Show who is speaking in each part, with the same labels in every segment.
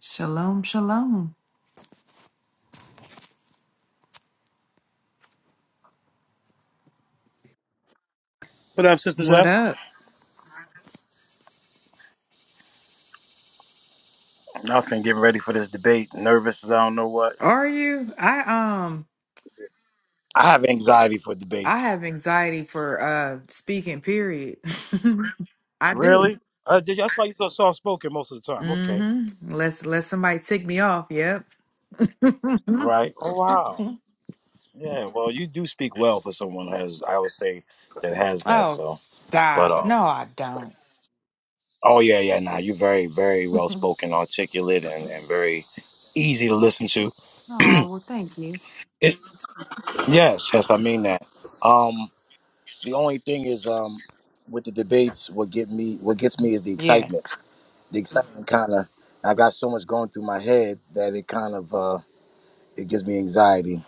Speaker 1: Shalom, shalom.
Speaker 2: What up, Sister
Speaker 1: What
Speaker 2: Zeph?
Speaker 1: up?
Speaker 2: Nothing. Getting ready for this debate. Nervous as I don't know what.
Speaker 1: Are you? I um
Speaker 2: I have anxiety for
Speaker 1: I
Speaker 2: debates.
Speaker 1: have anxiety for uh speaking period. I do.
Speaker 2: Really? Uh, did I saw you so soft spoken most of the time. Okay.
Speaker 1: Mm-hmm. Let's let somebody tick me off, yep.
Speaker 2: Right. Oh wow. Yeah. Well, you do speak well for someone who has. I would say that has that.
Speaker 1: oh,
Speaker 2: So. But
Speaker 1: stop.
Speaker 2: uh.
Speaker 1: No, I don't.
Speaker 2: Oh yeah, yeah. Nah, you're very, very well
Speaker 1: oh,
Speaker 2: spoken, articulate, and, and very easy to listen to.
Speaker 1: well thank you.
Speaker 2: It. Yes. Yes. I mean that. Um. The only thing is, um, with the debates, what get me, what gets me is the
Speaker 1: Yeah,
Speaker 2: excitement. the excitement kind of I got so much going through my head that it kind of uh, it gives me anxiety.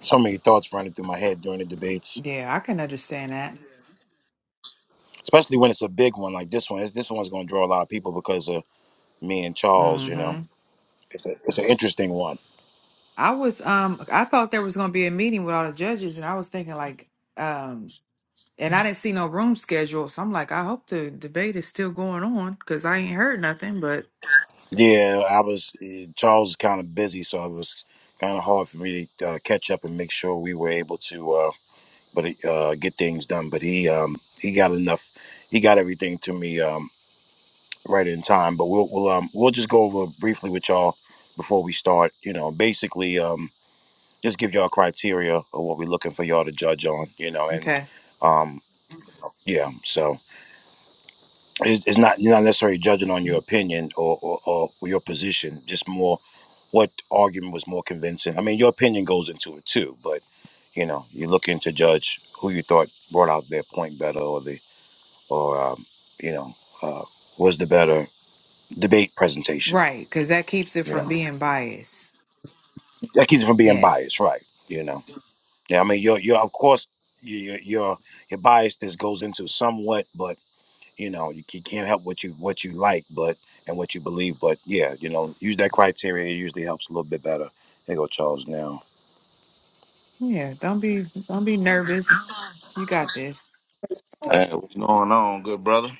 Speaker 2: So many thoughts running through my head during the debates,
Speaker 1: yeah, I can understand that.
Speaker 2: especially when it's a big one like this one. This one's going to draw a lot of people because of me and Charles. You know,
Speaker 1: Mm-hmm.
Speaker 2: it's a it's an interesting one.
Speaker 1: I was um I thought there was gonna be a meeting with all the judges and I was thinking like um, And I didn't see no room schedule, so I'm like, I hope the debate is still going on because I ain't heard nothing. But
Speaker 2: Yeah, I was eh, Charles is kind of busy, so it was kind of hard for me to uh, catch up and make sure we were able to, uh, but eh, uh, get things done. But he um, he got enough. He got everything to me. Um, right in time. But we'll we'll um we'll just go over briefly with y'all before we start. You know, basically um just give y'all criteria of what we're looking for y'all to judge on. You know, and
Speaker 1: okay,
Speaker 2: um yeah, so it's, it's not you're not necessarily judging on your opinion or, or or your position, just more what argument was more convincing. I mean, your opinion goes into it too, but you know, you're looking to judge who you thought brought out their point better or the or um you know uh was the better debate presentation.
Speaker 1: right, because that keeps it
Speaker 2: You
Speaker 1: from
Speaker 2: know.
Speaker 1: being biased.
Speaker 2: that keeps you from being biased,
Speaker 1: Yes,
Speaker 2: right? You know, yeah. I mean, you're you're of course your your your biasness goes into somewhat, but you know, you, you can't help what you what you like, but and what you believe, but yeah, you know, use that criteria. It usually helps a little bit better. There go Charles now.
Speaker 1: yeah. Don't be, don't be nervous. You got this.
Speaker 3: Hey, what's going on, good brother?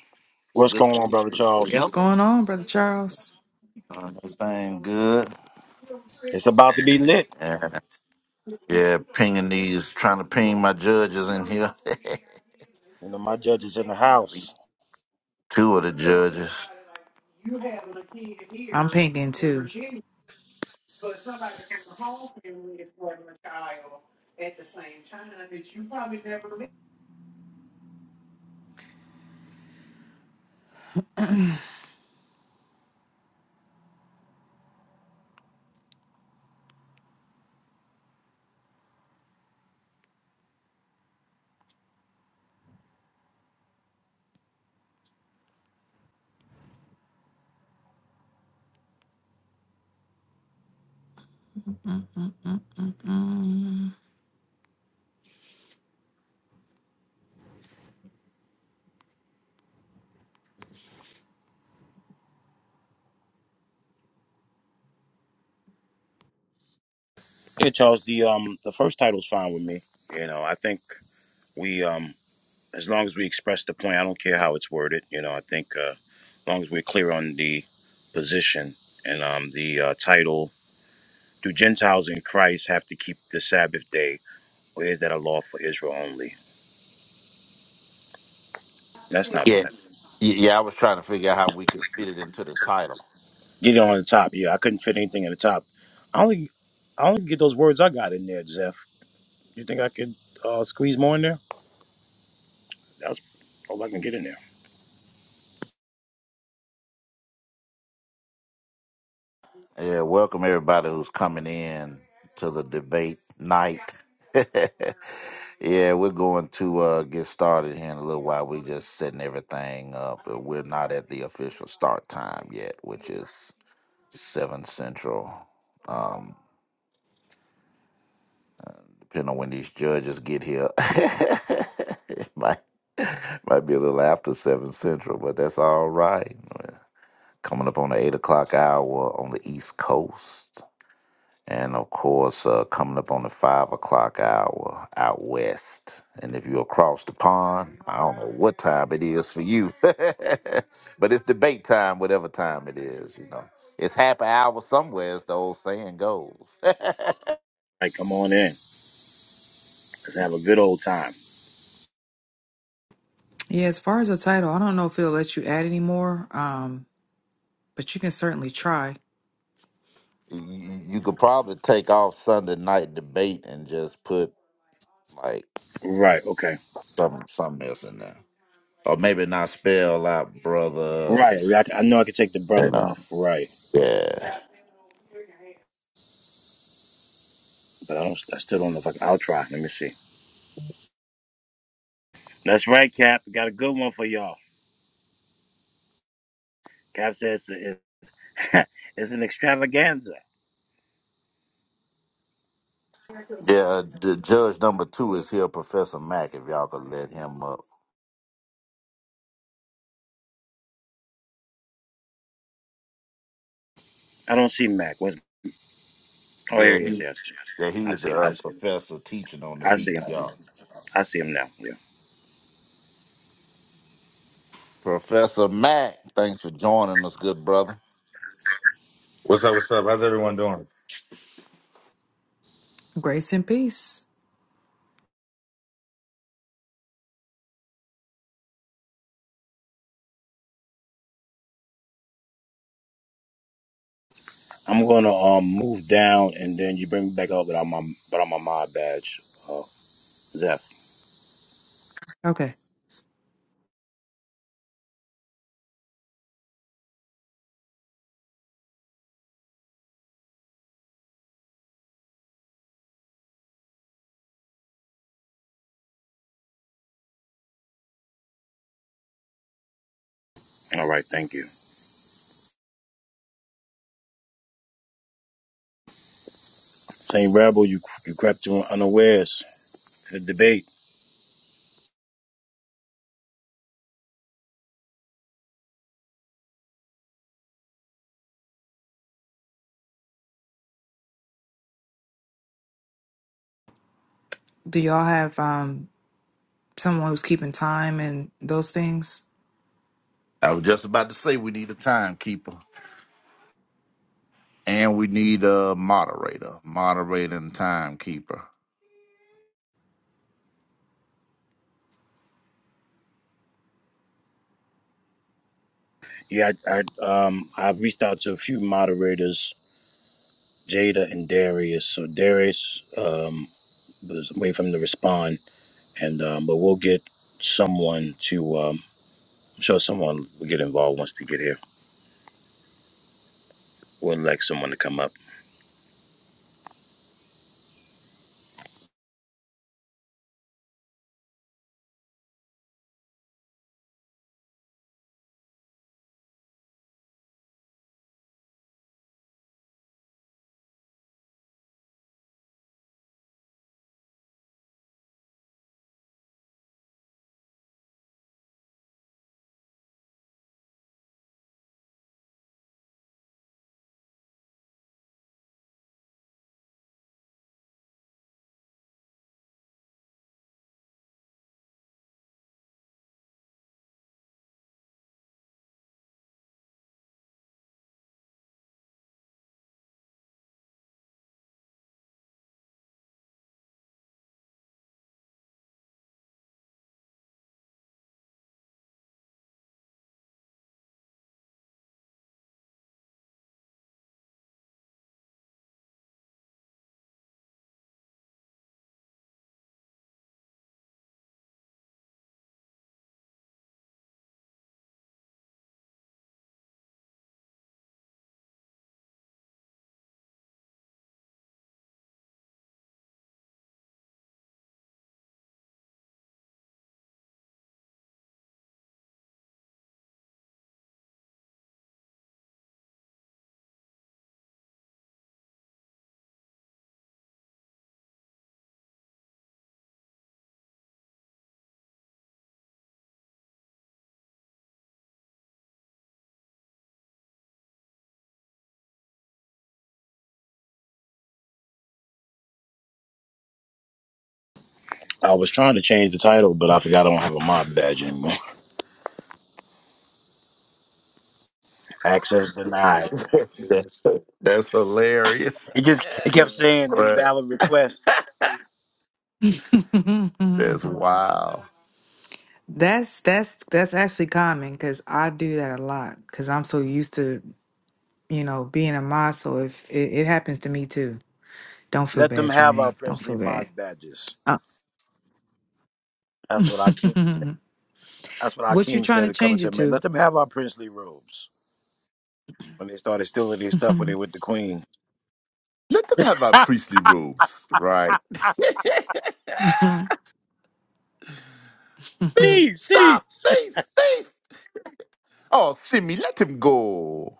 Speaker 2: What's
Speaker 3: Good
Speaker 2: going on, brother
Speaker 3: sisters.
Speaker 1: What's
Speaker 3: Yep.
Speaker 2: Charles?
Speaker 1: going on, brother Charles?
Speaker 3: Uh, everything good.
Speaker 2: It's about to be lit.
Speaker 3: Yeah, yeah, pinging these, trying to ping my judges in here. At
Speaker 2: You know, my judge is in the house.
Speaker 3: least two of the judges.
Speaker 1: I'm pinging too. Mm-mm-mm-mm.
Speaker 2: Yeah, Charles. The um the first title's fine with me. You know, I think we um as long as we express the point, I don't care how it's worded. You know, I think uh, as long as we're clear on the position and um, the uh, title, do Gentiles in Christ have to keep the Sabbath day, or is that a law for Israel only? That's not
Speaker 3: Yeah.
Speaker 2: bad.
Speaker 3: Y- Yeah, I was trying to figure out how we could fit it into the title.
Speaker 2: Get it on the top. Yeah, I couldn't fit anything in the top. I only, I only get those words I got in there, Jeff. You think I could uh, squeeze more in there? That's all I can get in there. All
Speaker 3: Yeah, welcome everybody who's coming in to the debate night. yeah, we're going to uh, get started here in a little while. We're just setting everything up. We're not at the official start time yet, which is seven central. Um, depending on when these judges get here, it might might be a little after seven central, but that's all right. Coming up on the eight o'clock hour on the East Coast, and of course, uh, coming up on the five o'clock hour out west. And if you're across the pond, I don't know what time it is for you, but it's debate time, whatever time it is. You know, it's happy hour somewhere, as the old saying goes.
Speaker 2: right, come on in. Let's have a good old time.
Speaker 1: Yeah, as far as the title, I don't know if it'll let you add any more, um, but you can certainly try.
Speaker 3: You, you you could probably take off Sunday night debate and just put like
Speaker 2: Right. Okay.
Speaker 3: some something else in there, or maybe not spell out brother.
Speaker 2: Right. I, I know I could take the
Speaker 3: You
Speaker 2: brother.
Speaker 3: know.
Speaker 2: Right.
Speaker 3: Yeah.
Speaker 2: but I don't. I still don't know if I can. I'll try. Let me see. That's right, Cap. We got a good one for y'all. Cap says it's, it's an extravaganza.
Speaker 3: Yeah. The judge number two is here, Professor Mack. If y'all could let him up.
Speaker 2: I don't see Mac. Where's, oh, here
Speaker 3: Yeah.
Speaker 2: he is.
Speaker 3: He,
Speaker 2: Yes,
Speaker 3: yeah.
Speaker 2: I
Speaker 3: He's
Speaker 2: see
Speaker 3: the
Speaker 2: him.
Speaker 3: uh,
Speaker 2: now.
Speaker 3: professor teaching on the
Speaker 2: I see him.
Speaker 3: PTR.
Speaker 2: I see him now. Yeah.
Speaker 3: Professor Mack, thanks for joining us, good brother.
Speaker 4: What's up? What's up? How's everyone doing?
Speaker 1: Grace and peace.
Speaker 2: I'm gonna um move down, and then you bring me back up without my without my mod badge. Uh, Zeph.
Speaker 1: Okay.
Speaker 2: All right. Thank you. Saint Rebel, you you crept in unawares. Good debate.
Speaker 1: Do y'all have um? someone who's keeping time and those things.
Speaker 3: I was just about to say we need a timekeeper and we need a moderator, moderator and timekeeper.
Speaker 2: Yeah, I, I um I have reached out to a few moderators, Jada and Darius. So Darius, um. was wait for him to respond, and um, but we'll get someone to. Um, I'm sure someone will get involved once they get here. We'll elect someone to come up. I was trying to change the title, but I forgot I don't have a mob badge anymore. Access denied.
Speaker 3: That's that's hilarious.
Speaker 2: It just it kept saying
Speaker 3: but
Speaker 2: invalid request.
Speaker 3: that's wow.
Speaker 1: that's that's that's actually common because I do that a lot because I'm so used to you know being a mod. So if it, it happens to me too, don't feel
Speaker 2: Let them
Speaker 1: bad,
Speaker 2: have our
Speaker 1: Jermaine. Don't
Speaker 2: princely
Speaker 1: feel bad.
Speaker 2: mob badges.
Speaker 1: Uh,
Speaker 2: That's what Akeem. That's what
Speaker 1: what you
Speaker 2: Akeem
Speaker 1: trying
Speaker 2: said
Speaker 1: to
Speaker 2: to coming
Speaker 1: change
Speaker 2: to
Speaker 1: it
Speaker 2: America.
Speaker 1: to?
Speaker 2: Let them have our princely robes. When they started stealing their stuff when they were with the Queen.
Speaker 3: Let them have our priestly robes. Right. thief,
Speaker 2: Thieves,
Speaker 3: stop,
Speaker 2: thieves.
Speaker 3: thief, thief. Oh, Simi, let him go.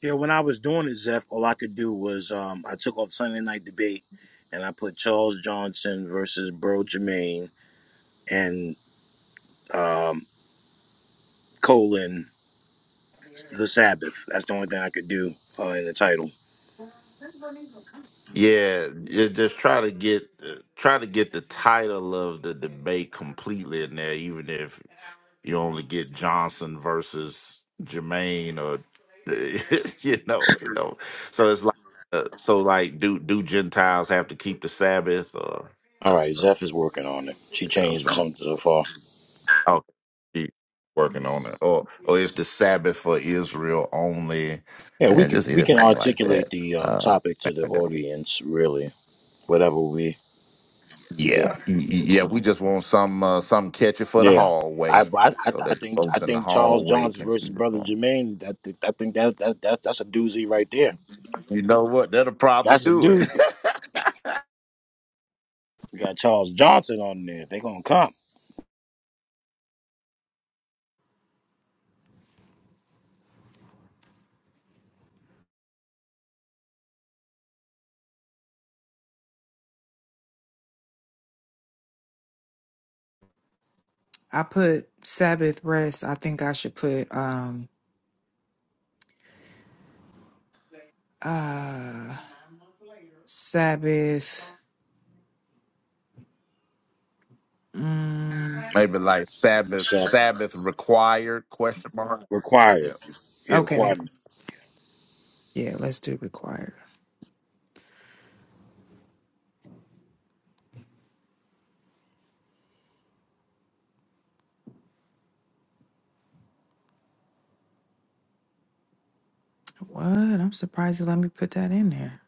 Speaker 2: Yeah, when I was doing it, Zeph, all I could do was um, I took off Sunday night debate and I put Charles Johnson versus Bro Jermaine and um, colon the Sabbath. That's the only thing I could do uh, in the title.
Speaker 3: Yeah, you just try to get try to get the title of the debate completely in there, even if You only get Johnson versus Jermaine, or you know, you know. So it's like, uh, so like, do do Gentiles have to keep the Sabbath, or
Speaker 2: All right, Zeph is working on it. She
Speaker 3: you know,
Speaker 2: changed
Speaker 3: something?
Speaker 2: something so far.
Speaker 3: Okay, keep working on it, or or is the Sabbath for Israel only,
Speaker 2: Yeah, we
Speaker 3: and
Speaker 2: can
Speaker 3: just
Speaker 2: we can
Speaker 3: anything like
Speaker 2: articulate
Speaker 3: that.
Speaker 2: the um,
Speaker 3: Uh,
Speaker 2: topic to the
Speaker 3: I do
Speaker 2: audience really. Whatever we yeah
Speaker 3: yeah, y- y- yeah. We just want some uh, some catchy for the
Speaker 2: yeah. I,
Speaker 3: hallway,
Speaker 2: I I
Speaker 3: so
Speaker 2: I
Speaker 3: that the
Speaker 2: think I
Speaker 3: folks in the
Speaker 2: think Charles
Speaker 3: hallway
Speaker 2: Johnson
Speaker 3: can see
Speaker 2: versus
Speaker 3: what's
Speaker 2: Brother
Speaker 3: going on.
Speaker 2: Jermaine. That I think that that, that that's a doozy right there.
Speaker 3: You know what? That'll probably
Speaker 2: That's a
Speaker 3: do it.
Speaker 2: doozy. We got Charles Johnson on there. They're gonna come.
Speaker 1: I put Sabbath rest. I think I should put um uh Sabbath. Mm,
Speaker 3: Maybe like Sabbath
Speaker 2: So
Speaker 3: Sabbath required question mark.
Speaker 2: require.
Speaker 3: Yeah.
Speaker 2: Yeah,
Speaker 1: okay.
Speaker 2: required.
Speaker 1: Yeah, let's do required. What? I'm surprised you let me put that in there.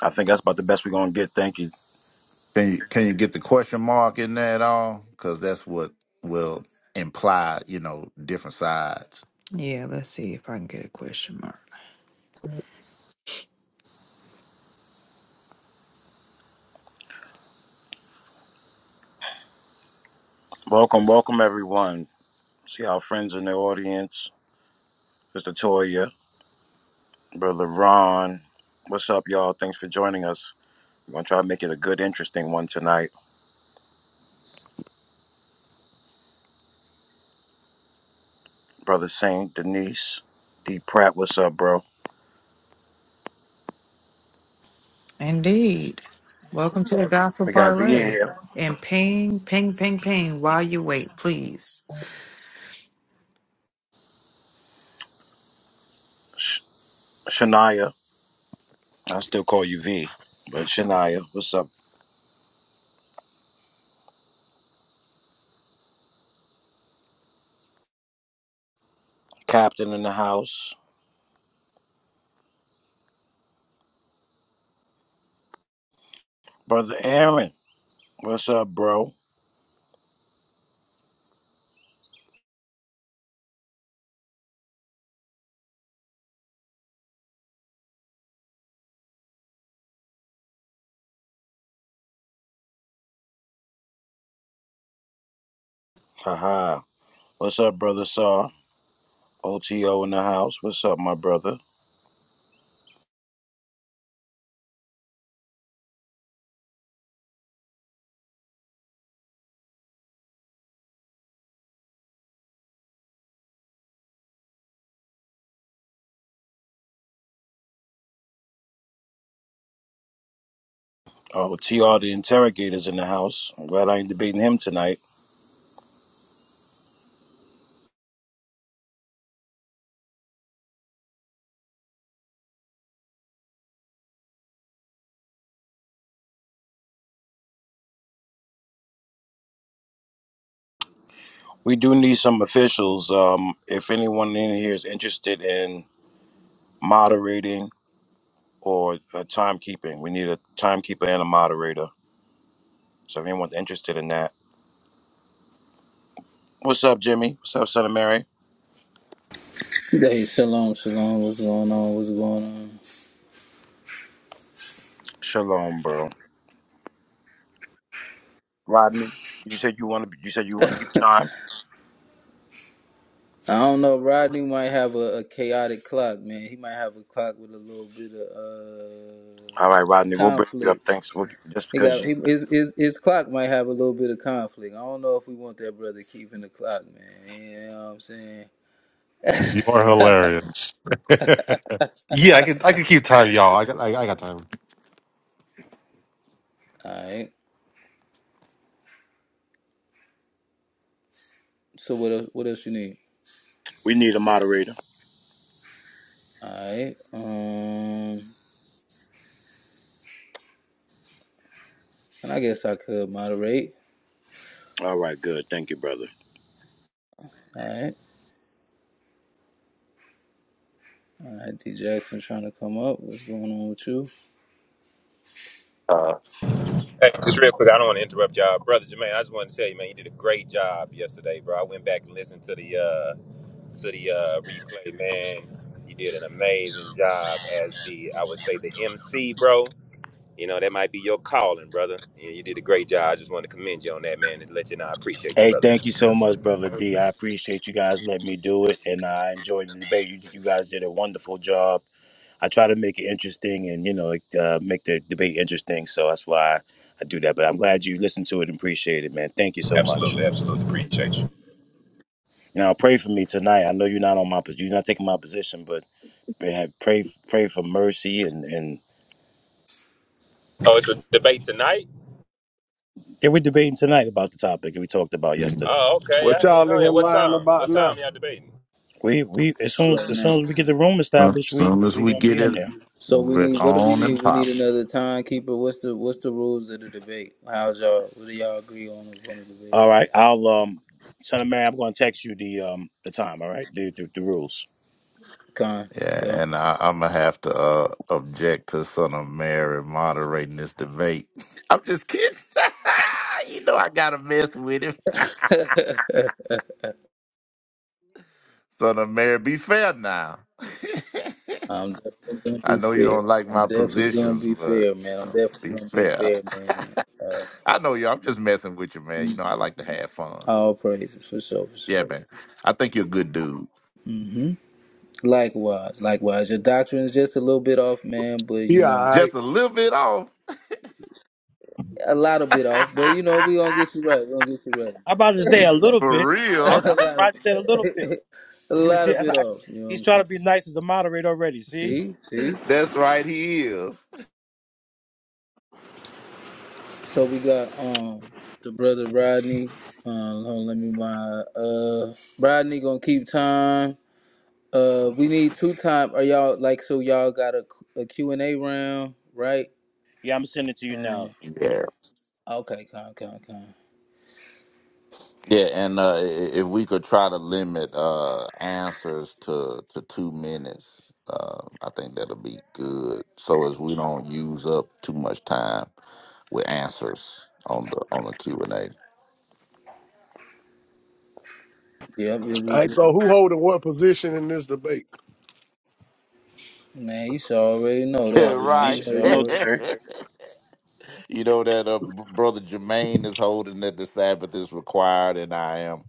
Speaker 2: I think that's about the best we're gonna get. Thank you.
Speaker 3: Can you can you get the question mark in there at all? Because that's what will imply, you know, different sides.
Speaker 1: Yeah, let's see if I can get a question mark.
Speaker 2: Welcome, welcome everyone. See our friends in the audience. Mr. Toya, Brother Ron. What's up, y'all? Thanks for joining us. We're gonna try to make it a good, interesting one tonight. Brother Saint, Denise, D Pratt, what's up, bro?
Speaker 1: Indeed. Welcome to the Gospel
Speaker 2: We got V
Speaker 1: Parlay.
Speaker 2: here.
Speaker 1: And ping, ping, ping, ping while you wait, please.
Speaker 2: Shania. I still call you V. But Shania, what's up? Captain in the house. Brother Aaron. What's up, bro? Haha. What's up, brother Saw? OTO in the house. What's up, my brother? Oh, TR the interrogator's in the house. I'm glad I ain't debating him tonight. We do need some officials. Um, if anyone in here is interested in moderating or uh, timekeeping, we need a timekeeper and a moderator. So if anyone's interested in that, what's up, Jimmy? What's up, Son of Mary?
Speaker 5: Hey, shalom, shalom. What's going on? What's going on?
Speaker 2: Shalom, bro. Rodney, you said you want to. You said you want to keep time.
Speaker 5: I don't know. Rodney might have a, a chaotic clock, man. He might have a clock with a little bit of
Speaker 2: All
Speaker 5: uh,
Speaker 2: right, Rodney, we'll bring you up.
Speaker 5: conflict.
Speaker 2: Thanks. We'll, just
Speaker 5: He
Speaker 2: because
Speaker 5: got
Speaker 2: you,
Speaker 5: he, his, his his clock might have a little bit of conflict. I don't know if we want that brother keeping the clock, man. You know what I'm saying?
Speaker 6: You are hilarious. yeah, I can I can keep time, y'all. I got I, I got time.
Speaker 5: All right. So what else, what else you need?
Speaker 2: we need a moderator.
Speaker 5: All right. Um, and I guess I could moderate.
Speaker 2: All right, good. Thank you, brother.
Speaker 5: All right. All right. D Jackson trying to come up. What's going on with you
Speaker 7: Hey, just real quick, I don't want to interrupt y'all, brother Jermaine. I just wanted to tell you, man, you did a great job yesterday, bro. I went back and listened to the uh, to the uh, replay, man. You did an amazing job as the, I would say, the MC, bro. You know that might be your calling, brother. Yeah, you did a great job. I just wanted to commend you on that, man, and let you know I appreciate you,
Speaker 2: Hey,
Speaker 7: brother.
Speaker 2: thank you so much, brother D. I appreciate you guys letting me do it, and I enjoyed the debate. You, you guys did a wonderful job. I try to make it interesting, and you know, like, uh, make the debate interesting. So that's why I do that. But I'm glad you listened to it and appreciate it, man. Thank you so much.
Speaker 7: Absolutely, absolutely appreciate you.
Speaker 2: Now pray for me tonight. I know you're not on my position. You're not taking my position, but man, pray pray for mercy and and
Speaker 7: Oh, it's a debate tonight.
Speaker 2: yeah, we're debating tonight about the topic that we talked about
Speaker 3: And
Speaker 2: yesterday.
Speaker 7: Oh, okay.
Speaker 8: What
Speaker 7: I didn't
Speaker 8: y'all in
Speaker 7: know
Speaker 8: here
Speaker 7: that. What
Speaker 8: lying
Speaker 7: time? What
Speaker 8: about
Speaker 7: time
Speaker 8: now?
Speaker 7: y'all debating?
Speaker 2: We we as soon
Speaker 5: right
Speaker 2: as as
Speaker 5: now?
Speaker 2: soon as we get the room
Speaker 3: Some,
Speaker 2: established, we
Speaker 3: some as
Speaker 2: we
Speaker 3: we
Speaker 2: gonna be
Speaker 3: get
Speaker 2: in
Speaker 3: it,
Speaker 2: there.
Speaker 5: So we
Speaker 3: we're
Speaker 5: need what do we
Speaker 3: on and
Speaker 5: need? We need
Speaker 3: pop.
Speaker 5: another timekeeper. What's the what's the rules of the debate? How's y'all what do y'all agree on on the debate?
Speaker 2: All right, I'll um, Son of Mary, I'm going to text you the um the time. All right, the the, the rules.
Speaker 5: Con. Yeah.
Speaker 3: Yeah, and I, I'm gonna have to uh, object to Son of Mary moderating this debate. I'm just kidding. you know I gotta mess with him. Son of Mary, be fair now.
Speaker 5: I'm definitely gonna
Speaker 3: I
Speaker 5: be
Speaker 3: know you
Speaker 5: fair.
Speaker 3: don't like
Speaker 5: I'm
Speaker 3: my
Speaker 5: definitely gonna
Speaker 3: positions,
Speaker 5: be
Speaker 3: but
Speaker 5: fair,
Speaker 3: you
Speaker 5: man. I'm
Speaker 3: know,
Speaker 5: definitely
Speaker 3: be
Speaker 5: gonna be
Speaker 3: fair.
Speaker 5: fair, man. Uh,
Speaker 3: I know you. I'm just messing with you, man. You know, I like to have fun.
Speaker 5: all praises for sure, for sure.
Speaker 3: Yeah, man. I think you're a good dude.
Speaker 5: hmm Likewise, likewise. Your doctrine is just a little bit off, man, but you
Speaker 8: Yeah, all
Speaker 5: know,
Speaker 8: right.
Speaker 3: Just a little bit off.
Speaker 5: a lot of bit off. But you know, we gonna get you right. We gonna get you right,
Speaker 2: I'm about to say a
Speaker 5: man.
Speaker 2: little bit.
Speaker 3: For
Speaker 2: I,
Speaker 3: real.
Speaker 5: a
Speaker 2: I'm
Speaker 5: lot of,
Speaker 2: surprised he said a little bit.
Speaker 5: a
Speaker 2: He was
Speaker 5: lot
Speaker 2: I,
Speaker 5: of bit
Speaker 2: I,
Speaker 5: off. You know what
Speaker 2: he's
Speaker 5: I'm
Speaker 2: trying to
Speaker 5: saying?
Speaker 2: be nice as a moderator already. See?
Speaker 5: See, see.
Speaker 3: That's right, he is.
Speaker 5: So we got um the brother Rodney. Um, hold on, let me mind. Uh, Rodney gonna keep time. Uh, we need two time. Are y'all like so? Y'all got a a Q and A round, right?
Speaker 2: Yeah, I'm sending it to you
Speaker 5: Um,
Speaker 2: now.
Speaker 3: Yeah.
Speaker 5: okay, con, con, con.
Speaker 3: Yeah, and uh, i- if we could try to limit uh, answers to, to two minutes, uh, I think that'll be good. So as we don't use up too much time with answers on the on the Q and A.
Speaker 5: Yep, it was,
Speaker 8: All right, so who holding what position in this debate?
Speaker 5: man, you should already know
Speaker 2: I'm
Speaker 3: Yeah,
Speaker 2: about
Speaker 5: that,
Speaker 2: to say
Speaker 5: man.
Speaker 2: you
Speaker 5: You
Speaker 2: should
Speaker 3: right.
Speaker 5: should
Speaker 2: already know,
Speaker 5: already.
Speaker 2: Terry.
Speaker 3: you know that uh, br- brother Jermaine is holding that the Sabbath is required, and I am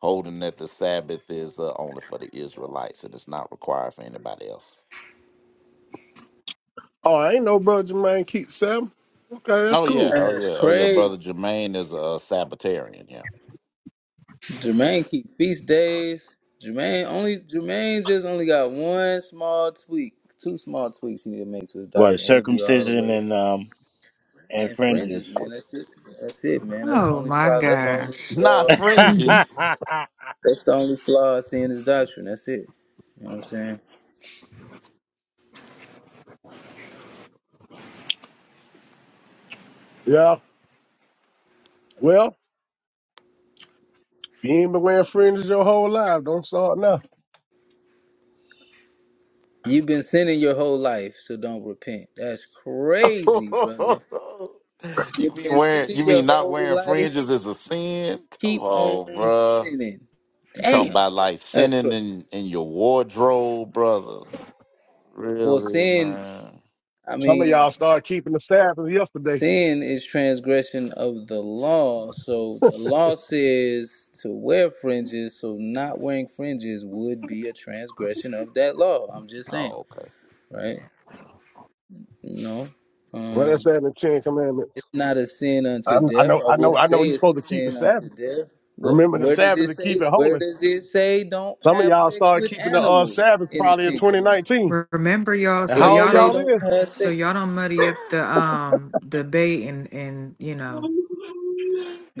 Speaker 3: holding that the Sabbath is uh, only for the Israelites and it's not required for anybody else.
Speaker 8: Oh, I ain't no brother Jermaine keep seven. Okay, that's
Speaker 3: Oh yeah,
Speaker 8: cool.
Speaker 3: oh
Speaker 5: That's
Speaker 3: yeah, oh yeah.
Speaker 5: crazy.
Speaker 3: Brother Jermaine is a Sabbatarian. Yeah.
Speaker 5: Jermaine keep feast days. Jermaine only Jermaine just only got one small tweak, two small tweaks he need to make to his
Speaker 2: What
Speaker 5: doctrine. He'll be all the
Speaker 2: circumcision
Speaker 5: way right.
Speaker 2: and um and
Speaker 5: And fringes, man.
Speaker 2: fringes?
Speaker 5: That's it. That's it, man. That's the
Speaker 1: Oh
Speaker 5: only
Speaker 1: my
Speaker 5: problem. That's the only
Speaker 1: gosh.
Speaker 3: Not
Speaker 5: flaw.
Speaker 1: Mhm.
Speaker 2: what
Speaker 3: fringes.
Speaker 5: That's the only flaw I see in his doctrine. That's it. You know what I'm saying?
Speaker 8: Yeah. Well, if you ain't been wearing fringes your whole life, don't start now.
Speaker 5: You've been sinning your whole life, so don't repent. That's crazy, brother. You've
Speaker 3: you mean
Speaker 5: been
Speaker 3: wearing?
Speaker 5: sinning
Speaker 3: You
Speaker 5: your
Speaker 3: mean not
Speaker 5: whole
Speaker 3: wearing
Speaker 5: life.
Speaker 3: fringes is a sin? Come
Speaker 5: Keep
Speaker 3: on,
Speaker 5: on
Speaker 3: bruh.
Speaker 5: sinning.
Speaker 3: You talking
Speaker 5: Damn.
Speaker 3: about like
Speaker 5: That's
Speaker 3: sinning
Speaker 5: crazy.
Speaker 3: in in your wardrobe, brother?
Speaker 5: Well,
Speaker 3: Really,
Speaker 5: sin.
Speaker 3: man?
Speaker 5: I
Speaker 8: Some of
Speaker 5: mean,
Speaker 8: y'all started keeping the Sabbath yesterday.
Speaker 5: Sin is transgression of the law. So the law says to wear fringes, so not wearing fringes would be a transgression of that law. I'm just saying,
Speaker 3: Oh, okay.
Speaker 5: right? You know,
Speaker 8: Well, that's
Speaker 5: um,
Speaker 8: that in the Ten Commandments.
Speaker 5: it's not a sin
Speaker 8: I,
Speaker 5: unto
Speaker 8: I
Speaker 5: death.
Speaker 8: know,
Speaker 5: I
Speaker 8: I
Speaker 5: wouldn't
Speaker 8: know, I know.
Speaker 5: say
Speaker 8: You're
Speaker 5: it's a
Speaker 8: supposed to keep the
Speaker 5: sin unto
Speaker 8: Sabbath.
Speaker 5: death. What?
Speaker 8: Remember the
Speaker 5: Where does
Speaker 8: Sabbath
Speaker 5: it
Speaker 8: and
Speaker 5: say?
Speaker 8: keep it
Speaker 5: Where
Speaker 8: holy.
Speaker 5: does it say? Don't
Speaker 8: Some of
Speaker 5: have
Speaker 8: y'all
Speaker 5: sex
Speaker 8: started
Speaker 5: with
Speaker 8: keeping the uh,
Speaker 5: animals
Speaker 8: Sabbath
Speaker 5: in the
Speaker 8: probably in
Speaker 5: Ten Commandments.
Speaker 8: 2019.
Speaker 1: Remember y'all,
Speaker 8: And
Speaker 5: It
Speaker 1: so
Speaker 8: how
Speaker 5: don't
Speaker 8: old
Speaker 1: y'all
Speaker 5: say
Speaker 8: y'all
Speaker 1: don't
Speaker 5: don't
Speaker 8: is?
Speaker 5: have
Speaker 1: so
Speaker 5: sex.
Speaker 1: y'all don't muddy up the um debate and and you know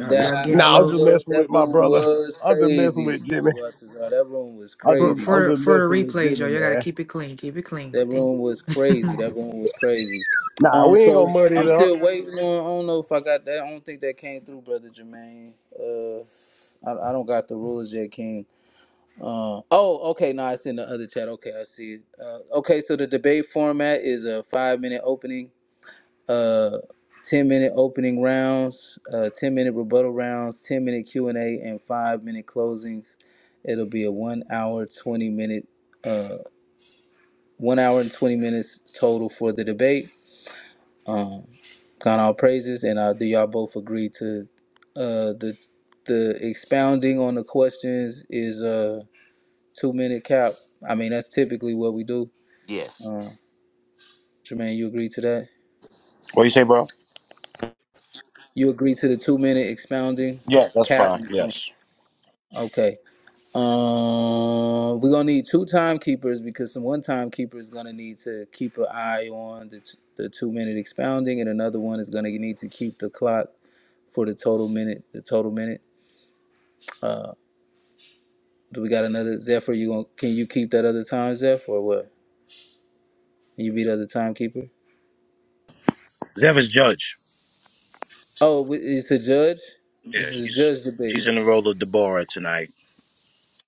Speaker 1: y'all, y'all
Speaker 5: I, I,
Speaker 1: getting a
Speaker 8: Nah, I'm
Speaker 5: that
Speaker 1: little
Speaker 8: just
Speaker 5: was
Speaker 8: messing with
Speaker 5: that
Speaker 8: my
Speaker 5: room
Speaker 8: brother.
Speaker 5: was
Speaker 8: I'm just messing
Speaker 5: crazy.
Speaker 8: with
Speaker 5: It
Speaker 8: Jimmy.
Speaker 5: was uh, that room was
Speaker 8: I'm
Speaker 1: for
Speaker 8: just
Speaker 5: crazy,
Speaker 8: I'm
Speaker 5: man.
Speaker 1: for
Speaker 8: just
Speaker 1: for the
Speaker 8: messing with
Speaker 1: replays,
Speaker 8: Jimmy,
Speaker 1: y'all. Y'all gotta
Speaker 8: man.
Speaker 1: keep it clean, keep it clean.
Speaker 5: That
Speaker 1: Thank
Speaker 5: room was crazy. That room was crazy.
Speaker 8: Nah,
Speaker 5: Um,
Speaker 8: we ain't gonna
Speaker 5: so
Speaker 8: muddy it
Speaker 5: I'm
Speaker 8: up.
Speaker 5: still waiting on. I don't know if I got that. I don't think that came through, brother Jermaine. Uh, I, I don't got the rules yet, King. Uh, oh, okay. No, it's in the other chat. Okay, I see it. Uh, okay, so the debate format is a five minute opening uh 10 minute opening rounds, uh 10 minute rebuttal rounds, 10 minute Q&A and A, and 5 minute closings. It'll be a 1 hour 20 minute uh 1 hour and 20 minutes total for the debate. Um God all praises and uh do y'all both agree to uh the the expounding on the questions is a 2 minute cap. I mean that's typically what we do.
Speaker 3: Yes.
Speaker 5: Uh Jermaine, you agree to that?
Speaker 2: you say, bro?
Speaker 5: You agree to the 2 minute expounding
Speaker 2: Yeah, that's
Speaker 5: cap?
Speaker 2: fine. Yes,
Speaker 5: Okay. Um, we're gonna need two timekeepers because some one timekeeper is gonna need to keep an eye on the, t- the two minute expounding, and another one is gonna need to keep the clock for the total minute. The total minute. Uh, do we got another Zephyr? You going to can you keep that other time, zephyr? or what? Can you be the other timekeeper?
Speaker 2: Zev is judge.
Speaker 5: Oh, wi- it's a judge.
Speaker 2: Yeah,
Speaker 5: This is a
Speaker 2: she's
Speaker 5: judge debate.
Speaker 2: she's in the role of Deborah tonight.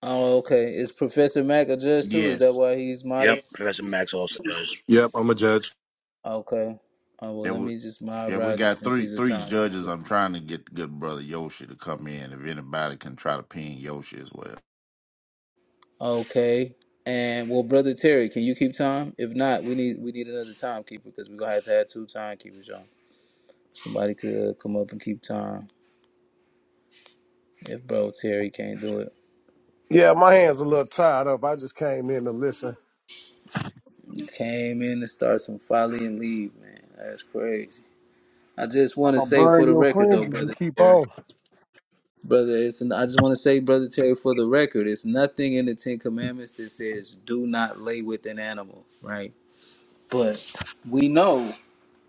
Speaker 5: Oh, okay. Is Professor Mack a judge too? Is that
Speaker 3: Yes.
Speaker 5: why he's
Speaker 2: Yep,
Speaker 5: modded?
Speaker 2: Professor Max also does.
Speaker 4: Yeah.
Speaker 5: Okay. Oh well,
Speaker 3: That
Speaker 5: let
Speaker 3: would.
Speaker 5: me just mod
Speaker 3: Yeah, we
Speaker 5: Rodney
Speaker 3: got
Speaker 5: since
Speaker 3: three
Speaker 5: he's a
Speaker 3: three
Speaker 5: timekeeper.
Speaker 3: judges. I'm trying to get the good brother Yoshi to come in. If anybody can try to pin Yoshi as well.
Speaker 5: Okay. And well, brother Terry, can you keep time? If not, we need we need another timekeeper because we're gonna have to have two timekeepers on. Somebody could uh, come up and keep time if bro Terry can't do it.
Speaker 8: Yeah, my hands a little tied up. I just came in to listen.
Speaker 5: Came in to start some folly and leave, man. That's crazy. I just
Speaker 8: I'm
Speaker 5: want to
Speaker 8: gonna
Speaker 5: say for
Speaker 8: burn
Speaker 5: the
Speaker 8: your
Speaker 5: record
Speaker 8: friends
Speaker 5: though,
Speaker 8: if you
Speaker 5: brother
Speaker 8: keep
Speaker 5: Terry,
Speaker 8: on.
Speaker 5: brother, it's I just want to say, brother Terry, for the record, it's nothing in the Ten Commandments that says do not lay with an animal, right? But we know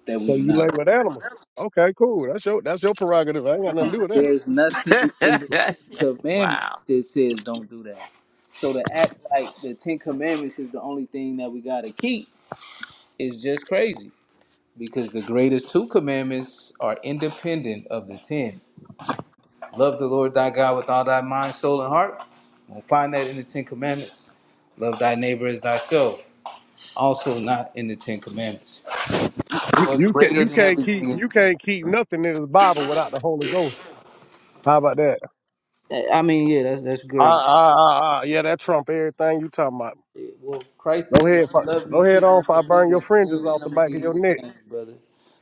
Speaker 5: that we
Speaker 8: So
Speaker 5: do
Speaker 8: you
Speaker 5: not.
Speaker 8: lay with animals. Okay, cool. That's your that's your prerogative. I ain't got nothing to do with that.
Speaker 5: There's nothing in the Ten
Speaker 3: wow.
Speaker 5: Commandments that says don't do that. So to act like the Ten Commandments is the only thing that we gotta keep is just crazy. Because the greatest two commandments are independent of the ten. Love the Lord thy God with all thy mind, soul, and heart. We'll find that in the Ten Commandments. Love thy neighbor as thyself. Also not in the Ten Commandments.
Speaker 8: You
Speaker 5: But
Speaker 8: you can
Speaker 5: greater
Speaker 8: you
Speaker 5: than
Speaker 8: can't
Speaker 5: everything
Speaker 8: keep
Speaker 5: in the
Speaker 8: you
Speaker 5: Ten.
Speaker 8: can't keep nothing in the Bible without the Holy Ghost. How about that?
Speaker 5: I mean, yeah, that's that's great.
Speaker 8: Ah ah ah ah. Yeah, that trump everything you talking about.
Speaker 5: Well, Christ
Speaker 8: Go
Speaker 5: said, if you
Speaker 8: ahead,
Speaker 5: love
Speaker 8: fu-
Speaker 5: me,
Speaker 8: go
Speaker 5: keep
Speaker 8: ahead on.
Speaker 5: my
Speaker 8: If I burn your
Speaker 5: commandments,
Speaker 8: fringes
Speaker 5: then
Speaker 8: off the
Speaker 5: I'm going to
Speaker 8: back
Speaker 5: give
Speaker 8: of
Speaker 5: you
Speaker 8: your
Speaker 5: the
Speaker 8: neck.
Speaker 5: thing, brother.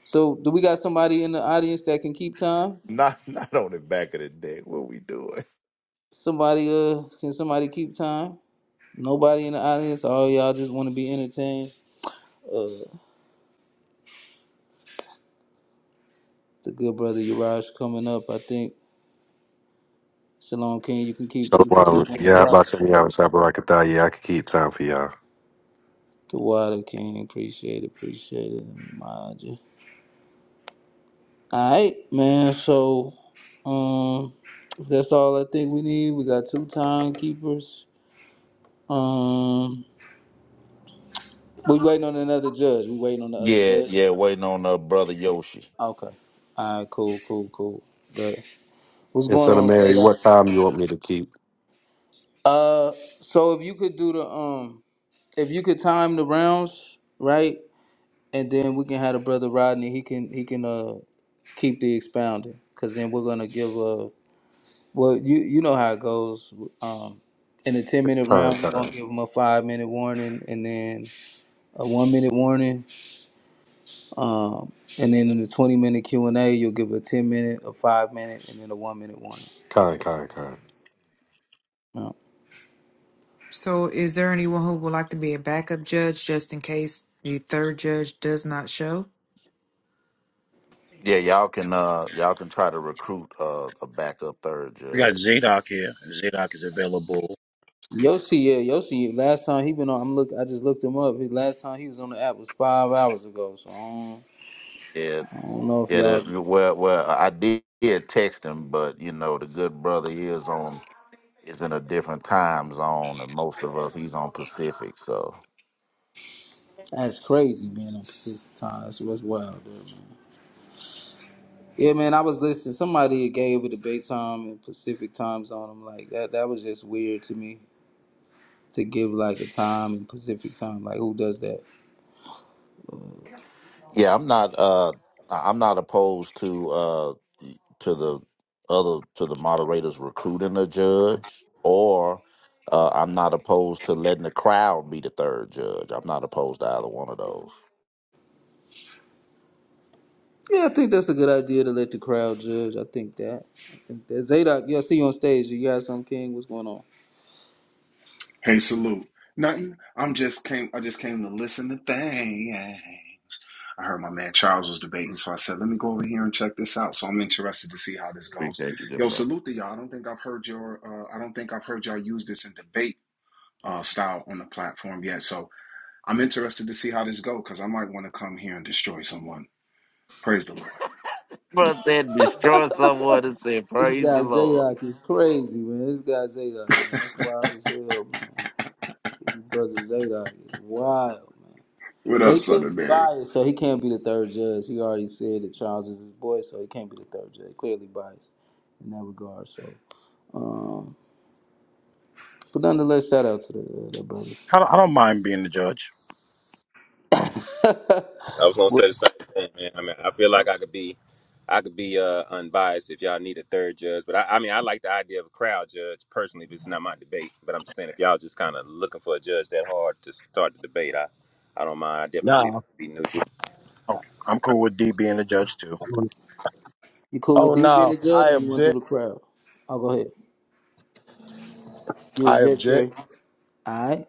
Speaker 5: So, do we got somebody in the audience that can keep time?
Speaker 3: Not not on the back of the deck. What we doing?
Speaker 5: Somebody, uh, can somebody keep time? Nobody in the audience? All y'all just want to be entertained? Uh, the good brother Yaraj coming up, I think. Shalom King, you can keep
Speaker 9: So,
Speaker 5: you can
Speaker 9: um,
Speaker 5: keep on the
Speaker 9: yeah, how
Speaker 5: clock.
Speaker 9: about you? Yeah, I could die. Yeah, I could keep time for y'all.
Speaker 5: The water king, appreciate it, appreciate it. Mind you. Alright, man, so um that's all I think we need. We got two timekeepers. Um, we waiting on another judge. We waiting on the other
Speaker 3: Yeah,
Speaker 5: judge.
Speaker 3: yeah, waiting on uh brother Yoshi.
Speaker 5: Okay. All right. Cool. Cool. Cool. Good. What's
Speaker 9: And
Speaker 5: going
Speaker 9: Son of
Speaker 5: on,
Speaker 9: Mary,
Speaker 5: Zeta?
Speaker 9: what time you want me to keep?
Speaker 5: Uh, so if you could do the um, if you could time the rounds right, and then we can have the brother Rodney. He can he can uh keep the expounding, cause then we're gonna give a well you you know how it goes. Um, in a ten minute
Speaker 9: Kind,
Speaker 5: round, we're gonna
Speaker 9: kind,
Speaker 5: give him a five minute warning, and then a one minute warning, Um, and then in the 20 minute Q and A, you'll give a 10 minute, a five minute, and then a one minute warning.
Speaker 9: kind, kind, kind.
Speaker 5: Um,
Speaker 1: So, is there anyone who would like to be a backup judge just in case your third judge does not show?
Speaker 3: Yeah, y'all can uh y'all can try to recruit uh a backup third
Speaker 2: We got
Speaker 3: judge.
Speaker 2: Zadok here. Zadok is available.
Speaker 5: Yoshi, yeah, Yoshi. Last time he been on, I'm look. I just looked him up. His last time he was on the app was five hours ago. So I don't,
Speaker 3: Yeah,
Speaker 5: I don't know if
Speaker 3: yeah.
Speaker 5: y'all.
Speaker 3: That, well, well, I did text him, but you know the good brother is on is in a different time zone than most of us. He's on Pacific, so
Speaker 5: That's crazy being on Pacific time. That's what's wild, dude. Man. Yeah, man. I was listening. Somebody gave it a debate time and Pacific time zone. I'm like that. That was just weird to me to give like a time in Pacific time. Like who does that?
Speaker 3: Yeah, I'm not. Uh, I- I'm not opposed to uh to the other to the moderators recruiting a judge, or uh, I'm not opposed to letting the crowd be the third judge. I'm not opposed to either one of those.
Speaker 5: Yeah, I think that's a good idea to let the crowd judge. I think that. I think that Zadok. Yeah, I see you on stage. You got some king. What's going on?
Speaker 10: Hey, salute. Nothing. I'm just came. I just came to listen to things. I heard my man Charles was debating, so I said, "Let me go over here and check this out." So I'm interested to see how this goes.
Speaker 3: Appreciate you, Jim.
Speaker 10: Yo,
Speaker 3: Dawes.
Speaker 10: salute to y'all. I don't think I've heard your. Uh, I don't think I've heard y'all use this in debate uh, style on the platform yet. So I'm interested to see how this goes because I might want to come here and destroy someone. Praise the Lord.
Speaker 3: But then destroy someone and say
Speaker 5: This
Speaker 3: Praise the
Speaker 5: guy
Speaker 3: Lord.
Speaker 5: Zadok is crazy, man. This guy Zadok, man, that's wild as hell, man. His brother Zadok is wild, man.
Speaker 10: What
Speaker 5: But
Speaker 10: up,
Speaker 5: he
Speaker 10: Son
Speaker 5: can't
Speaker 10: of
Speaker 5: be
Speaker 10: Mary?
Speaker 5: biased, so he can't be the third judge. He already said that Charles is his boy, so he can't be the third judge. Clearly biased in that regard. So, um, but nonetheless, shout out to the, uh, that brother.
Speaker 2: I don't, I don't mind being the judge.
Speaker 7: I was gonna say
Speaker 5: What,
Speaker 7: the same thing, man. I mean, I feel like I could be, I could be uh, unbiased if y'all need a third judge. But I, I mean, I like the idea of a crowd judge personally, but it's not my debate. But I'm just saying, if y'all just kind of looking for a judge that hard to start the debate, I, I don't mind. I definitely believe
Speaker 8: Nah.
Speaker 7: it could be neutral.
Speaker 2: Okay, I'm cool with D being the judge too.
Speaker 5: you cool with
Speaker 8: Oh
Speaker 5: D being
Speaker 8: no,
Speaker 5: the judge,
Speaker 8: I
Speaker 5: or you want to
Speaker 8: object.
Speaker 5: do the crowd? I'll go ahead. You
Speaker 8: I
Speaker 5: object there.
Speaker 8: object.
Speaker 5: All right.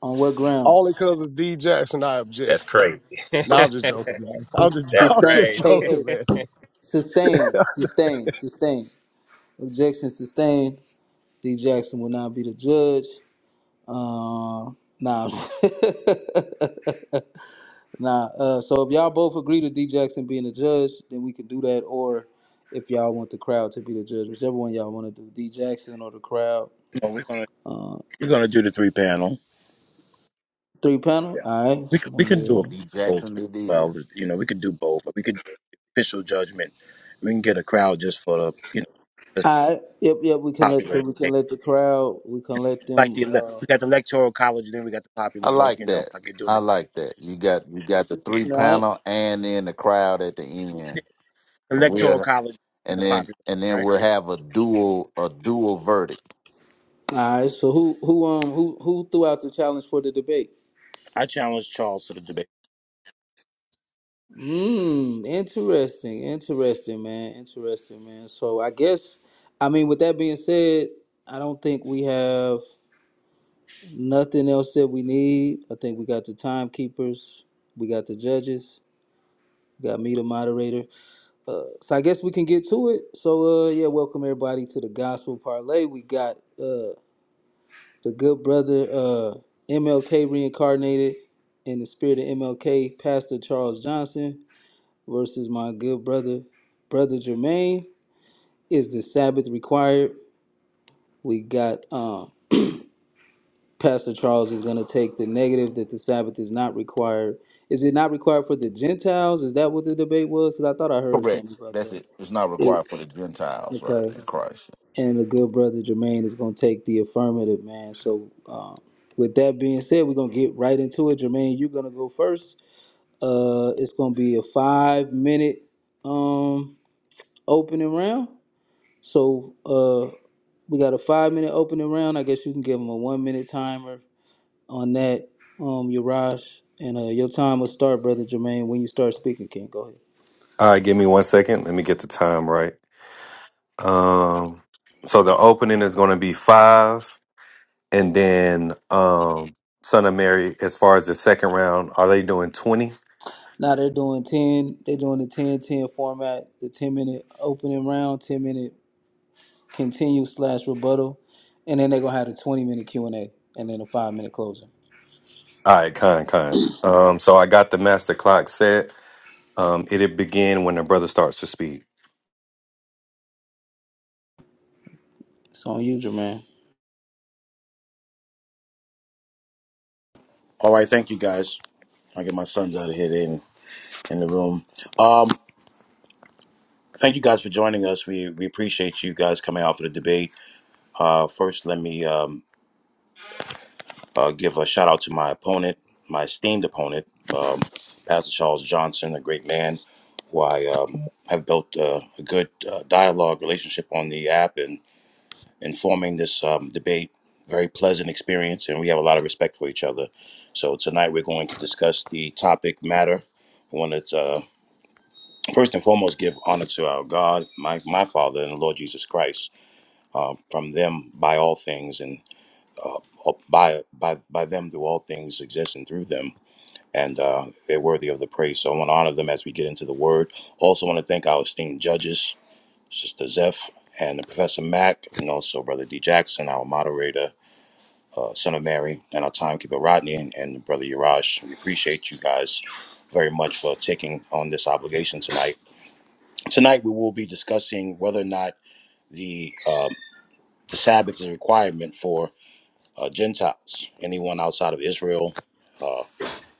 Speaker 5: On what grounds?
Speaker 8: Only because of D Jackson, I object.
Speaker 7: That's crazy.
Speaker 8: No, I'm just joking, man. I'm just,
Speaker 7: That's
Speaker 8: I'm
Speaker 5: Sustain.
Speaker 8: just
Speaker 7: crazy.
Speaker 5: Hey, hey.
Speaker 8: joking, man.
Speaker 5: Sustain. Sustain. Sustain. Objection sustained. D. Jackson will not be the judge. Um. Nah. nah. Uh, so if y'all both agree to D. Jackson being the judge, then we can do that. Or if y'all want the crowd to be the judge, whichever one y'all want to do, D. Jackson or the crowd.
Speaker 2: No, we're gonna
Speaker 5: Uh,
Speaker 2: we're gonna do the three panel.
Speaker 5: three panel.
Speaker 2: Yeah,
Speaker 5: All right.
Speaker 2: we
Speaker 5: So
Speaker 2: c-
Speaker 5: let
Speaker 2: we
Speaker 5: me.
Speaker 2: can do a
Speaker 3: D
Speaker 5: Uh,
Speaker 2: both.
Speaker 3: Jackson,
Speaker 2: too.
Speaker 3: it
Speaker 2: Well,
Speaker 3: is.
Speaker 2: you know, we could do both. But we could do official judgment. We can get a crowd just for the you know just
Speaker 5: all right. Yep. Yep. We can let. So
Speaker 2: popular.
Speaker 5: we can
Speaker 2: thing.
Speaker 5: let the crowd. We can let
Speaker 2: Like
Speaker 5: them.
Speaker 2: the ele-
Speaker 5: Uh,
Speaker 2: we got the electoral college, then we got the
Speaker 3: I
Speaker 2: popular vote.
Speaker 3: like
Speaker 2: You know,
Speaker 3: that.
Speaker 2: like you're doing
Speaker 3: I
Speaker 2: the
Speaker 3: like that. You got you got the
Speaker 2: yeah
Speaker 3: three
Speaker 5: Right.
Speaker 3: panel and then the crowd at the end.
Speaker 2: the
Speaker 3: and
Speaker 2: electoral
Speaker 3: we're.
Speaker 2: college and
Speaker 3: and
Speaker 2: the
Speaker 3: then
Speaker 2: popular
Speaker 3: and then
Speaker 2: right.
Speaker 3: we'll have a dual a dual verdict.
Speaker 5: All right. So who who um who who threw out the challenge for the debate?
Speaker 2: I challenge Charles to the debate.
Speaker 5: Hmm. Interesting. Interesting, man. Interesting, man. So I guess I mean with that being said, I don't think we have nothing else that we need. I think we got the timekeepers, we got the judges, we got me the moderator. Uh, so I guess we can get to it. So uh yeah, welcome everybody to the Gospel Parlay. We got uh, the good brother uh, MLK reincarnated in the spirit of MLK, Pastor Charles Johnson versus my good brother, brother Jermaine. Is the Sabbath required? We got um, Pastor Charles is going to take the negative that the Sabbath is not required. Is it not required for the Gentiles? Is that what the debate was? Because I thought I heard
Speaker 3: Correct.
Speaker 5: something about
Speaker 3: That's
Speaker 5: that.
Speaker 3: it. It's not
Speaker 5: It,
Speaker 3: required for the Gentiles, right?
Speaker 5: okay.
Speaker 3: In Christ.
Speaker 5: and the good brother Jermaine is going to take the affirmative, man. So, um, with that being said, we're going to get right into it. Jermaine, you're going to go first. Uh, it's going to be a five minute um, opening round. So, uh, we got a five minute opening round. I guess you can give them a one minute timer on that, um, Yaraj. And uh, your time will start, brother Jermaine, when you start speaking, King. Go ahead.
Speaker 9: All right, give me one second. Let me get the time right. Um, so the opening is going to be five, and then um, Son of Mary. As far as the second round, are they doing twenty?
Speaker 5: Now they're doing 10, they're doing the 10 10 format, the 10 minute opening round, 10 minute continue slash rebuttal, and then they're gonna have a twenty minute Q and A, and then a five minute closing.
Speaker 9: All right, kind, kind. Um, so I got the master clock set. Um, it'll begin when the brother starts to speak.
Speaker 5: It's on you, Jermaine.
Speaker 2: All right, thank you guys. I get my sons out of here. They in the room. Um, thank you guys for joining us. We we appreciate you guys coming out for the debate. Uh, first, let me um, uh, give a shout out to my opponent, my esteemed opponent, um, Pastor Charles Johnson, a great man who I um, have built uh, a good uh, dialogue relationship on the app and informing this um, debate. Very pleasant experience, and we have a lot of respect for each other. So tonight we're going to discuss the topic matter. I want to. First and foremost, give honor to our God, my, my Father, and the Lord Jesus Christ. Uh, from them, by all things, and all- by by by them, do all things exist, and through them, and uh, they're worthy of the praise. So I want to honor them as we get into the Word. Also, want to thank our esteemed judges, Sister Zeph and Professor Mack, and also Brother D Jackson, our moderator, uh, Son of Mary, and our timekeeper Rodney, and, and Brother Yarash. We appreciate you guys very much for taking on this obligation tonight Tonight, we will be discussing whether or not the um, the Sabbath is a requirement for uh, Gentiles, anyone outside of Israel,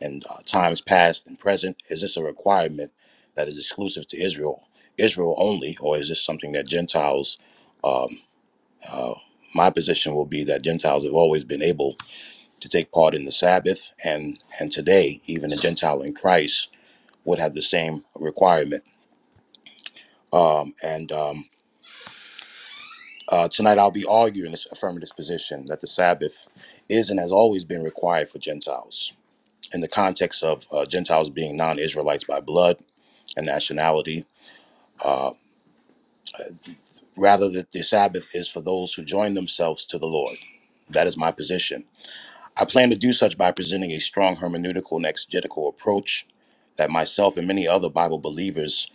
Speaker 2: and uh, times past and present. Is this a requirement that is exclusive to Israel, Israel only, or is this something that Gentiles? My position will be that Gentiles have always been able to take part in the Sabbath, and and today, even a Gentile in Christ would have the same requirement. Um, and um, Uh, tonight, I'll be arguing this affirmative position that the Sabbath is and has always been required for Gentiles in the context of uh, Gentiles being non Israelites by blood and nationality. Rather, that the Sabbath is for those who join themselves to the Lord. That is my position. I plan to do such by presenting a strong hermeneutical and exegetical approach that myself and many other Bible believers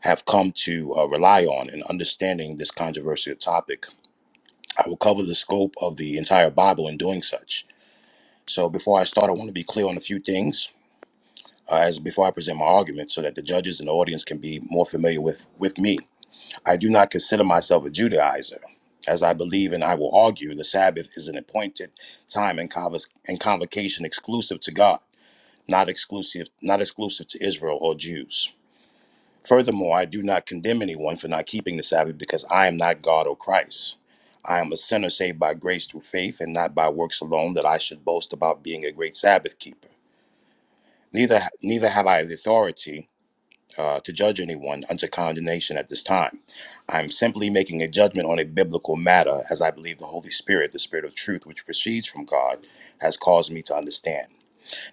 Speaker 2: have come to uh, rely on in understanding this controversial topic. I will cover the scope of the entire Bible in doing such So before I start, I want to be clear on a few things uh, as before I present my argument, so that the judges and the audience can be more familiar with with me. I do not consider myself a Judaizer, as I believe and I will argue the Sabbath is an appointed time and, convos- and convocation exclusive to God, not exclusive not exclusive to Israel or Jews. Furthermore, I do not condemn anyone for not keeping the Sabbath because I am not God or Christ. I am a sinner saved by grace through faith and not by works alone that I should boast about being a great Sabbath keeper. Neither neither have I the authority uh, to judge anyone unto condemnation at this time. I'm simply making a judgment on a biblical matter, as I believe the Holy Spirit, the Spirit of Truth, which proceeds from God, has caused me to understand.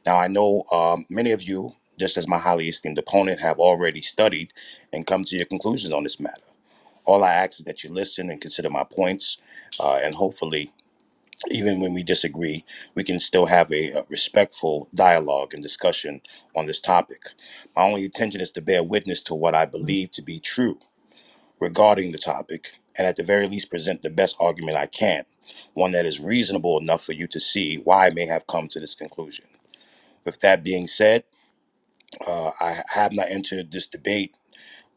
Speaker 2: Now I know um, many of you, just as my highly esteemed opponent, have already studied and come to your conclusions on this matter. All I ask is that you listen and consider my points, uh, and hopefully even when we disagree, we can still have a, uh respectful dialogue and discussion on this topic. My only intention is to bear witness to what I believe to be true regarding the topic, and at the very least, present the best argument I can, one that is reasonable enough for you to see why I may have come to this conclusion. With that being said, uh, I have not entered this debate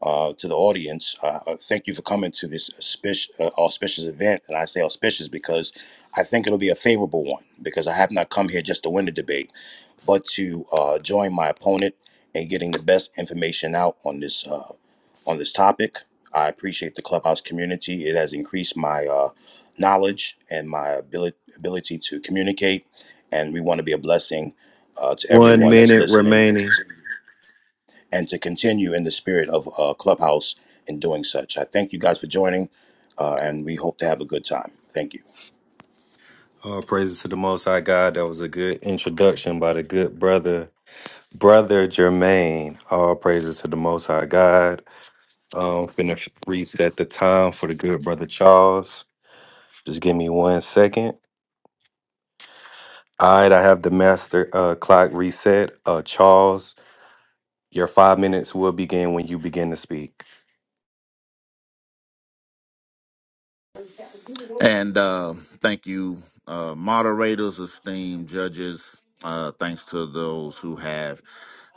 Speaker 2: uh, to the audience. Uh, uh, thank you for coming to this auspicious, uh, auspicious event. And I say auspicious because I think it'll be a favorable one because I have not come here just to win the debate, but to uh, join my opponent in getting the best information out on this uh, on this topic. I appreciate the clubhouse community. It has increased my uh, knowledge and my ability ability to communicate, and we want to be a blessing uh, to
Speaker 9: One
Speaker 2: everyone that's
Speaker 9: minute
Speaker 2: listening and
Speaker 9: remaining.
Speaker 2: considering and to continue in the spirit of uh, Clubhouse in doing such. I thank you guys for joining, uh, and we hope to have a good time. Thank you.
Speaker 9: All praises to the Most High God. That was a good introduction by the good brother, brother Jermaine. All praises to the Most High God. Um, finna reset the time for the good brother Charles. Just give me one second. All right, I have the master uh, clock reset. Uh, Charles, your five minutes will begin when you begin to speak.
Speaker 3: And uh, thank you, uh, moderators, esteemed judges. Uh, thanks to those who have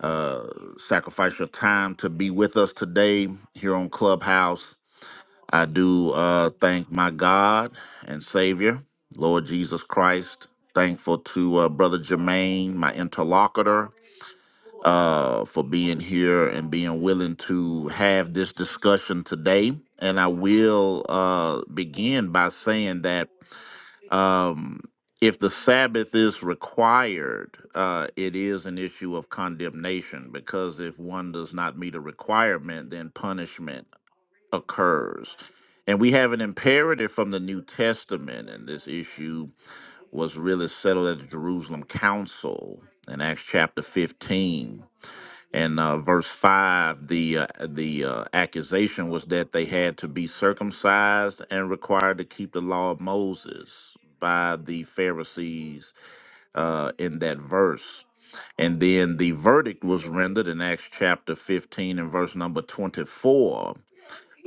Speaker 3: uh, sacrificed your time to be with us today here on Clubhouse. I do uh, thank my God and Savior, Lord Jesus Christ. Thankful to uh, Brother Jermaine, my interlocutor uh, for being here and being willing to have this discussion today. And I will uh, begin by saying that um, if the Sabbath is required, uh, it is an issue of condemnation because if one does not meet a requirement, then punishment occurs. And we have an imperative from the New Testament, and this issue was really settled at the Jerusalem Council in Acts chapter 15 and uh, verse five, the uh, the uh, accusation was that they had to be circumcised and required to keep the law of Moses by the Pharisees uh, in that verse. And then the verdict was rendered in Acts chapter 15 and verse number 24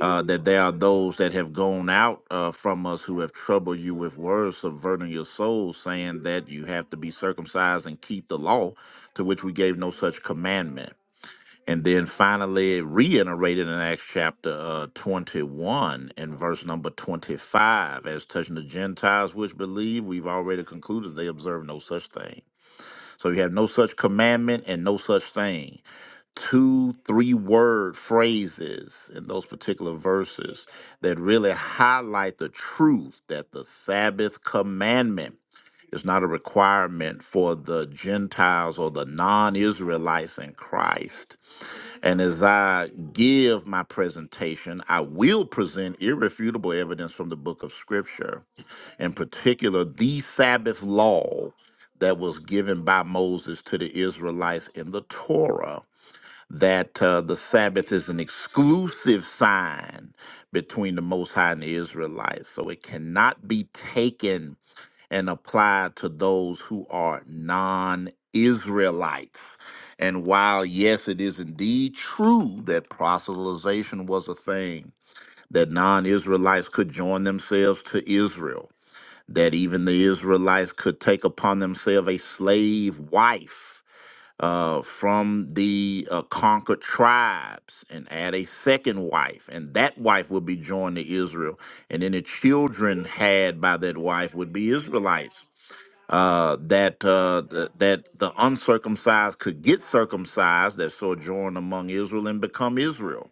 Speaker 3: uh, that there are those that have gone out uh, from us who have troubled you with words, subverting your souls, saying that you have to be circumcised and keep the law, to which we gave no such commandment. And then finally, reiterated in Acts chapter uh, 21 and verse number 25, as touching the Gentiles which believe, we've already concluded they observe no such thing. So you have no such commandment and no such thing. Two, three word phrases in those particular verses that really highlight the truth that the Sabbath commandment is not a requirement for the Gentiles or the non Israelites in Christ and as I give my presentation, I will present irrefutable evidence from the book of Scripture, in particular, the Sabbath law that was given by Moses to the Israelites in the Torah, that uh, the Sabbath is an exclusive sign between the Most High and the Israelites. So it cannot be taken and apply to those who are non Israelites. And while, yes, it is indeed true that proselytization was a thing, that non Israelites could join themselves to Israel, that even the Israelites could take upon themselves a slave wife uh, from the uh, conquered tribes and add a second wife, and that wife would be joined to Israel, and any children had by that wife would be Israelites uh, that uh, the, that the uncircumcised could get circumcised that sojourn among Israel and become Israel.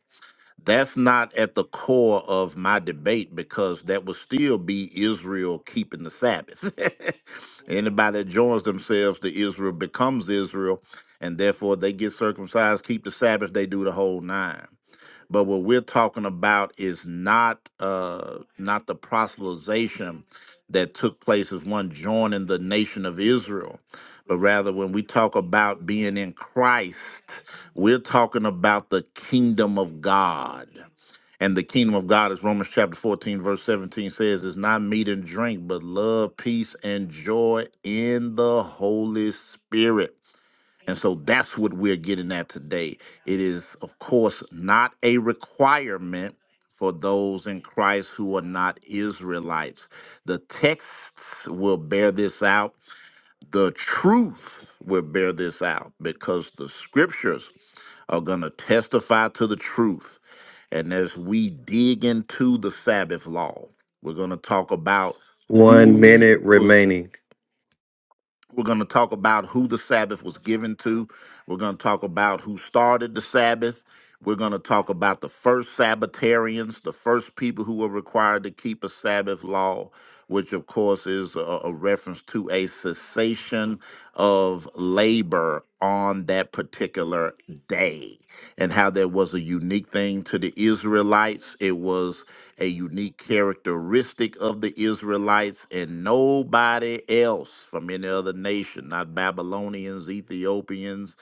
Speaker 3: That's not at the core of my debate because that would still be Israel keeping the Sabbath. Anybody that joins themselves to Israel becomes Israel, and therefore they get circumcised, keep the Sabbath, they do the whole nine. But what we're talking about is not uh, not the proselytization that took place as one joining the nation of Israel, but rather when we talk about being in Christ, we're talking about the kingdom of God. And the kingdom of God, as Romans chapter 14, verse 17 says, is not meat and drink, but love, peace, and joy in the Holy Spirit. And so that's what we're getting at today. It is, of course, not a requirement for those in Christ who are not Israelites. The texts will bear this out, the truth will bear this out because the scriptures are going to testify to the truth. And as we dig into the Sabbath law, we're going to talk about
Speaker 9: One minute
Speaker 3: who was
Speaker 9: remaining.
Speaker 3: we're going to talk about who the Sabbath was given to. We're going to talk about who started the Sabbath. We're going to talk about the first Sabbatarians, the first people who were required to keep a Sabbath law, which of course is a, a reference to a cessation of labor on that particular day, and how there was a unique thing to the Israelites. It was a unique characteristic of the Israelites and nobody else from any other nation, not Babylonians, Ethiopians,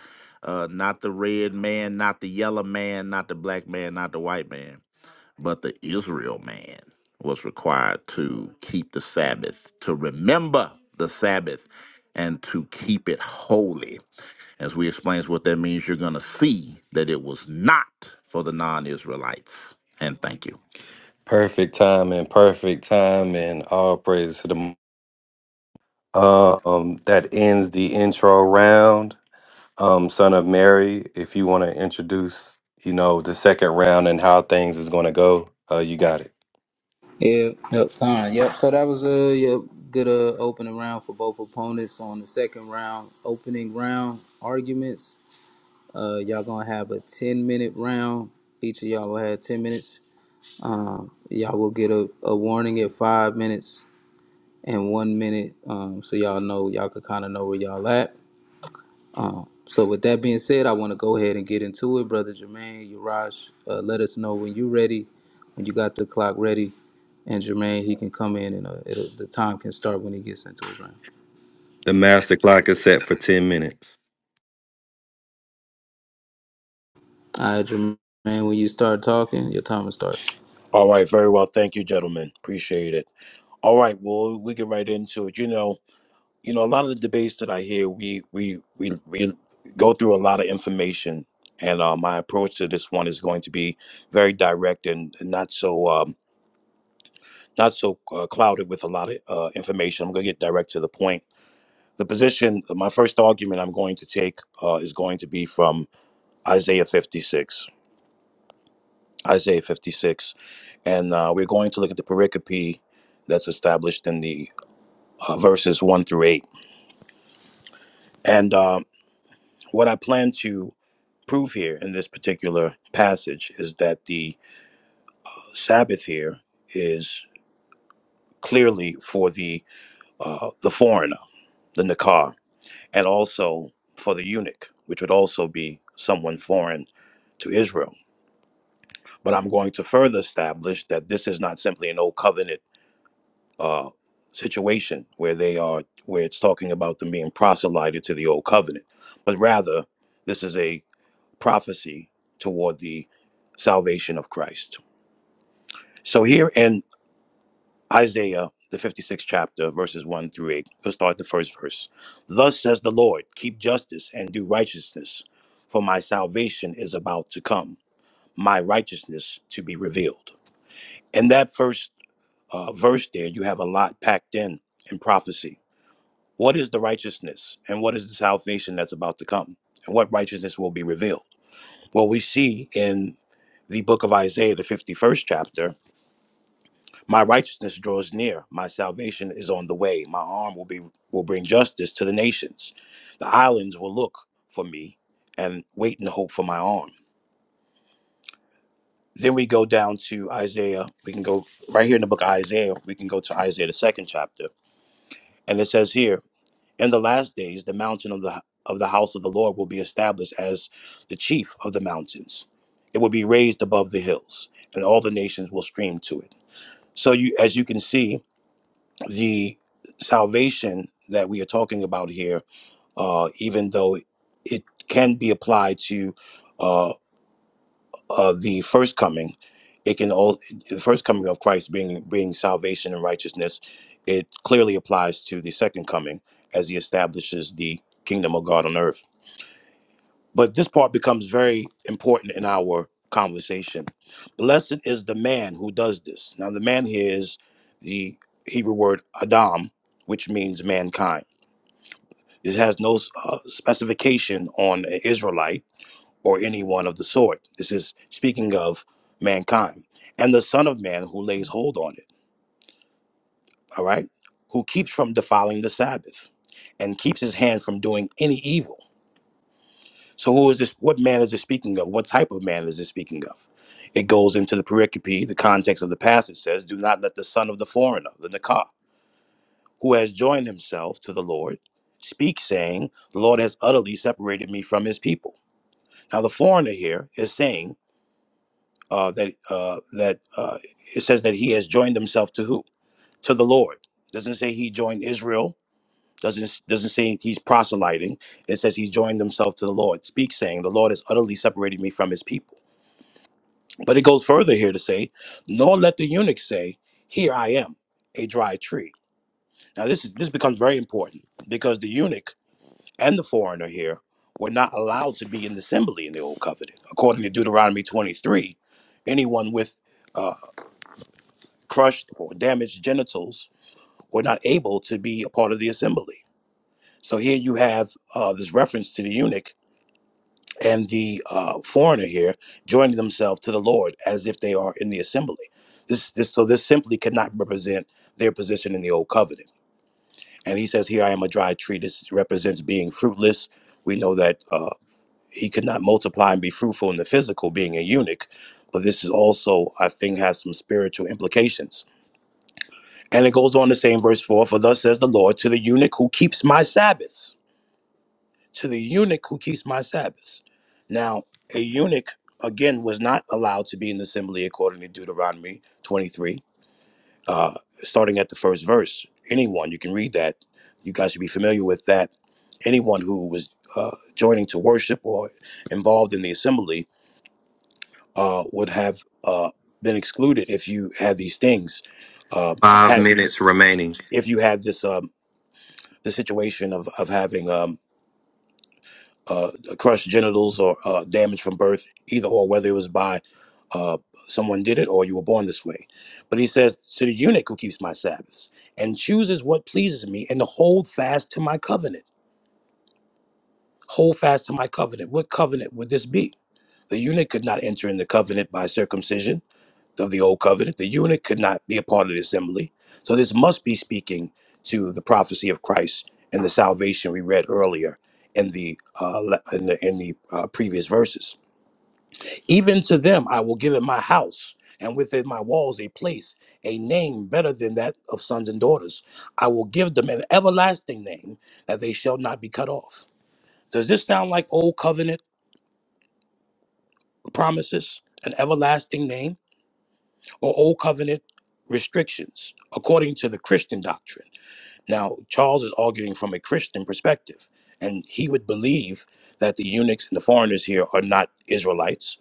Speaker 3: uh, not the red man, not the yellow man, not the black man, not the white man, but the Israel man was required to keep the Sabbath, to remember the Sabbath, and to keep it holy. As we explains what that means, you're going to see that it was not for the non Israelites. And thank you.
Speaker 9: Perfect time and perfect time and all praises to the. Uh, um, that ends the intro round. um, son of Mary, if you want to introduce, you know, the second round and how things is going to go, uh, you got it.
Speaker 5: Yep, yep, fine. Yep. So that was a yep, good uh, opening round for both opponents. On the second round, opening round arguments. Uh, y'all gonna have a ten minute round. Each of y'all will have ten minutes. Um, y'all will get a, a warning at five minutes and one minute, um, so y'all know y'all could kind of know where y'all at. Um, so with that being said, I want to go ahead and get into it, brother Jermaine. Uraj, uh, let us know when you're ready, when you got the clock ready, and Jermaine he can come in and uh, it'll, the time can start when he gets into his round.
Speaker 9: The master clock is set for 10 minutes.
Speaker 5: All right, Jermaine, when you start talking, your time will start.
Speaker 2: All right, very well. Thank you, gentlemen. Appreciate it. All right, well, we get right into it. You know, you know, a lot of the debates that I hear, we we we we go through a lot of information, and uh, my approach to this one is going to be very direct and not so um, not so uh, clouded with a lot of uh, information. I'm going to get direct to the point The position, my first argument I'm going to take uh, is going to be from Isaiah 56. Isaiah 56. And uh, we're going to look at the pericope that's established in the uh, verses 1 through 8. And uh, what I plan to prove here in this particular passage is that the Sabbath here is clearly for the, uh, the foreigner, the Nakar, and also for the eunuch, which would also be someone foreign to Israel. But I'm going to further establish that this is not simply an old covenant uh, situation where they are where it's talking about them being proselyted to the old covenant, but rather this is a prophecy toward the salvation of Christ. So here in Isaiah the 56th chapter, verses 1 through 8, we'll start the first verse. Thus says the Lord, keep justice and do righteousness, for my salvation is about to come, my righteousness to be revealed. In that first uh, verse there, you have a lot packed in in prophecy. What is the righteousness and what is the salvation that's about to come? And what righteousness will be revealed? Well, we see in the book of Isaiah, the 51st chapter, my righteousness draws near, my salvation is on the way, my arm will be will bring justice to the nations. The islands will look for me and wait and hope for my arm. Then we go down to Isaiah. We can go right here in the book of Isaiah. We can go to Isaiah, the second chapter. And it says here, In the last days, the mountain of the of the house of the Lord will be established as the chief of the mountains. It will be raised above the hills, and all the nations will stream to it. So you, as you can see, the salvation that we are talking about here, uh, even though it can be applied to uh, uh, the first coming, it can all the first coming of Christ being being salvation and righteousness. It clearly applies to the second coming as he establishes the kingdom of God on earth. But this part becomes very important in our conversation. Blessed is the man who does this. Now, the man here is the Hebrew word Adam, which means mankind. This has no uh, specification on an Israelite or anyone of the sort. This is speaking of mankind and the Son of Man who lays hold on it, all right? Who keeps from defiling the Sabbath and keeps his hand from doing any evil. So, who is this? What man is this speaking of? What type of man is this speaking of? It goes into the pericope, the context of the passage says, Do not let the son of the foreigner, the Nakah, who has joined himself to the Lord, speak, saying, The Lord has utterly separated me from his people. Now, the foreigner here is saying, uh, that uh, that uh, it says that he has joined himself to who? To the Lord. Doesn't say he joined Israel. Doesn't doesn't say he's proselyting. It says he joined himself to the Lord. Speaks saying, "The Lord has utterly separated me from His people." But it goes further here to say, "Nor let the eunuch say, Here I am, a dry tree." Now this is this becomes very important because the eunuch and the foreigner here were not allowed to be in the assembly in the old covenant, according to Deuteronomy 23. Anyone with uh, crushed or damaged genitals were not able to be a part of the assembly. So here you have uh, this reference to the eunuch and the uh, foreigner here joining themselves to the Lord as if they are in the assembly. This, this, so this simply cannot represent their position in the old covenant. And he says, "Here I am, a dry tree." This represents being fruitless. We know that uh, he could not multiply and be fruitful in the physical, being a eunuch. But this is also, I think, has some spiritual implications And it goes on to say in verse 4 For thus says the Lord to the eunuch who keeps my Sabbaths, to the eunuch who keeps my Sabbaths. Now, a eunuch, again, was not allowed to be in the assembly according to Deuteronomy 23, uh, starting at the first verse. Anyone, you can read that. You guys should be familiar with that. Anyone who was uh, joining to worship or involved in the assembly uh, would have uh, been excluded if you had these things. Uh,
Speaker 9: Five
Speaker 2: had,
Speaker 9: minutes remaining.
Speaker 2: if you had this. Um, the situation of of having um uh crushed genitals or uh damage from birth either or whether it was by uh someone did it or you were born this way but he says to the eunuch who keeps my sabbaths and chooses what pleases me and to hold fast to my covenant hold fast to my covenant what covenant would this be the eunuch could not enter in the covenant by circumcision of the old covenant, the eunuch could not be a part of the assembly. So this must be speaking to the prophecy of Christ and the salvation we read earlier in the uh, le- in the, in the uh, previous verses. Even to them I will give in my house and within my walls a place, a name better than that of sons and daughters. I will give them an everlasting name that they shall not be cut off. Does this sound like old covenant promises? An everlasting name? or old covenant restrictions according to the Christian doctrine. Now, Charles is arguing from a Christian perspective, and he would believe that the eunuchs and the foreigners here are not Israelites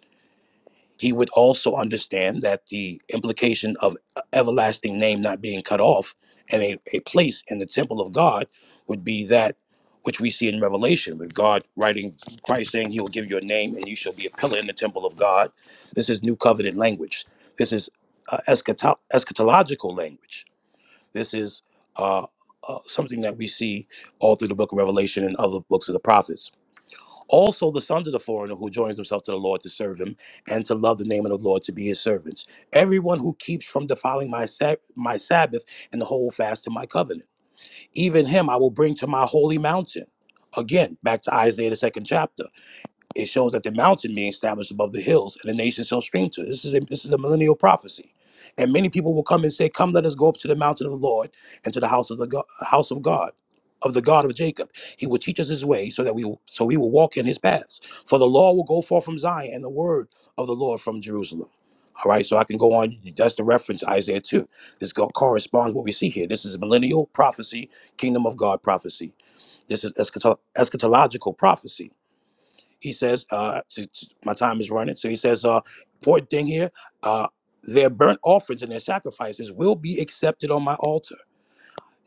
Speaker 2: he would also understand that the implication of uh, everlasting name not being cut off and a, a place in the temple of God would be that which we see in Revelation, with God writing, Christ saying, He will give you a name and you shall be a pillar in the temple of God. This is new covenant language. This is uh, eschato- eschatological language. This is uh, uh, something that we see all through the book of Revelation and other books of the prophets also the sons of the foreigner who joins himself to the Lord to serve him and to love the name of the Lord to be his servants. Everyone who keeps from defiling my sab- my Sabbath and the whole fast to my covenant, even him I will bring to my holy mountain. Again, back to Isaiah the second chapter. It shows that the mountain being established above the hills, and the nations shall stream to it. This is a, this is a millennial prophecy, and many people will come and say, "Come, let us go up to the mountain of the Lord and to the house of the God, house of God." Of the God of Jacob, He will teach us His way, so that we will, so we will walk in His paths. For the law will go forth from Zion, and the word of the Lord from Jerusalem. All right, so I can go on. That's the reference Isaiah two. This go- corresponds what we see here. This is millennial prophecy, kingdom of God prophecy. This is eschato- eschatological prophecy he says, uh, t- t- my time is running. So he says, uh, important thing here, uh, their burnt offerings and their sacrifices will be accepted on my altar.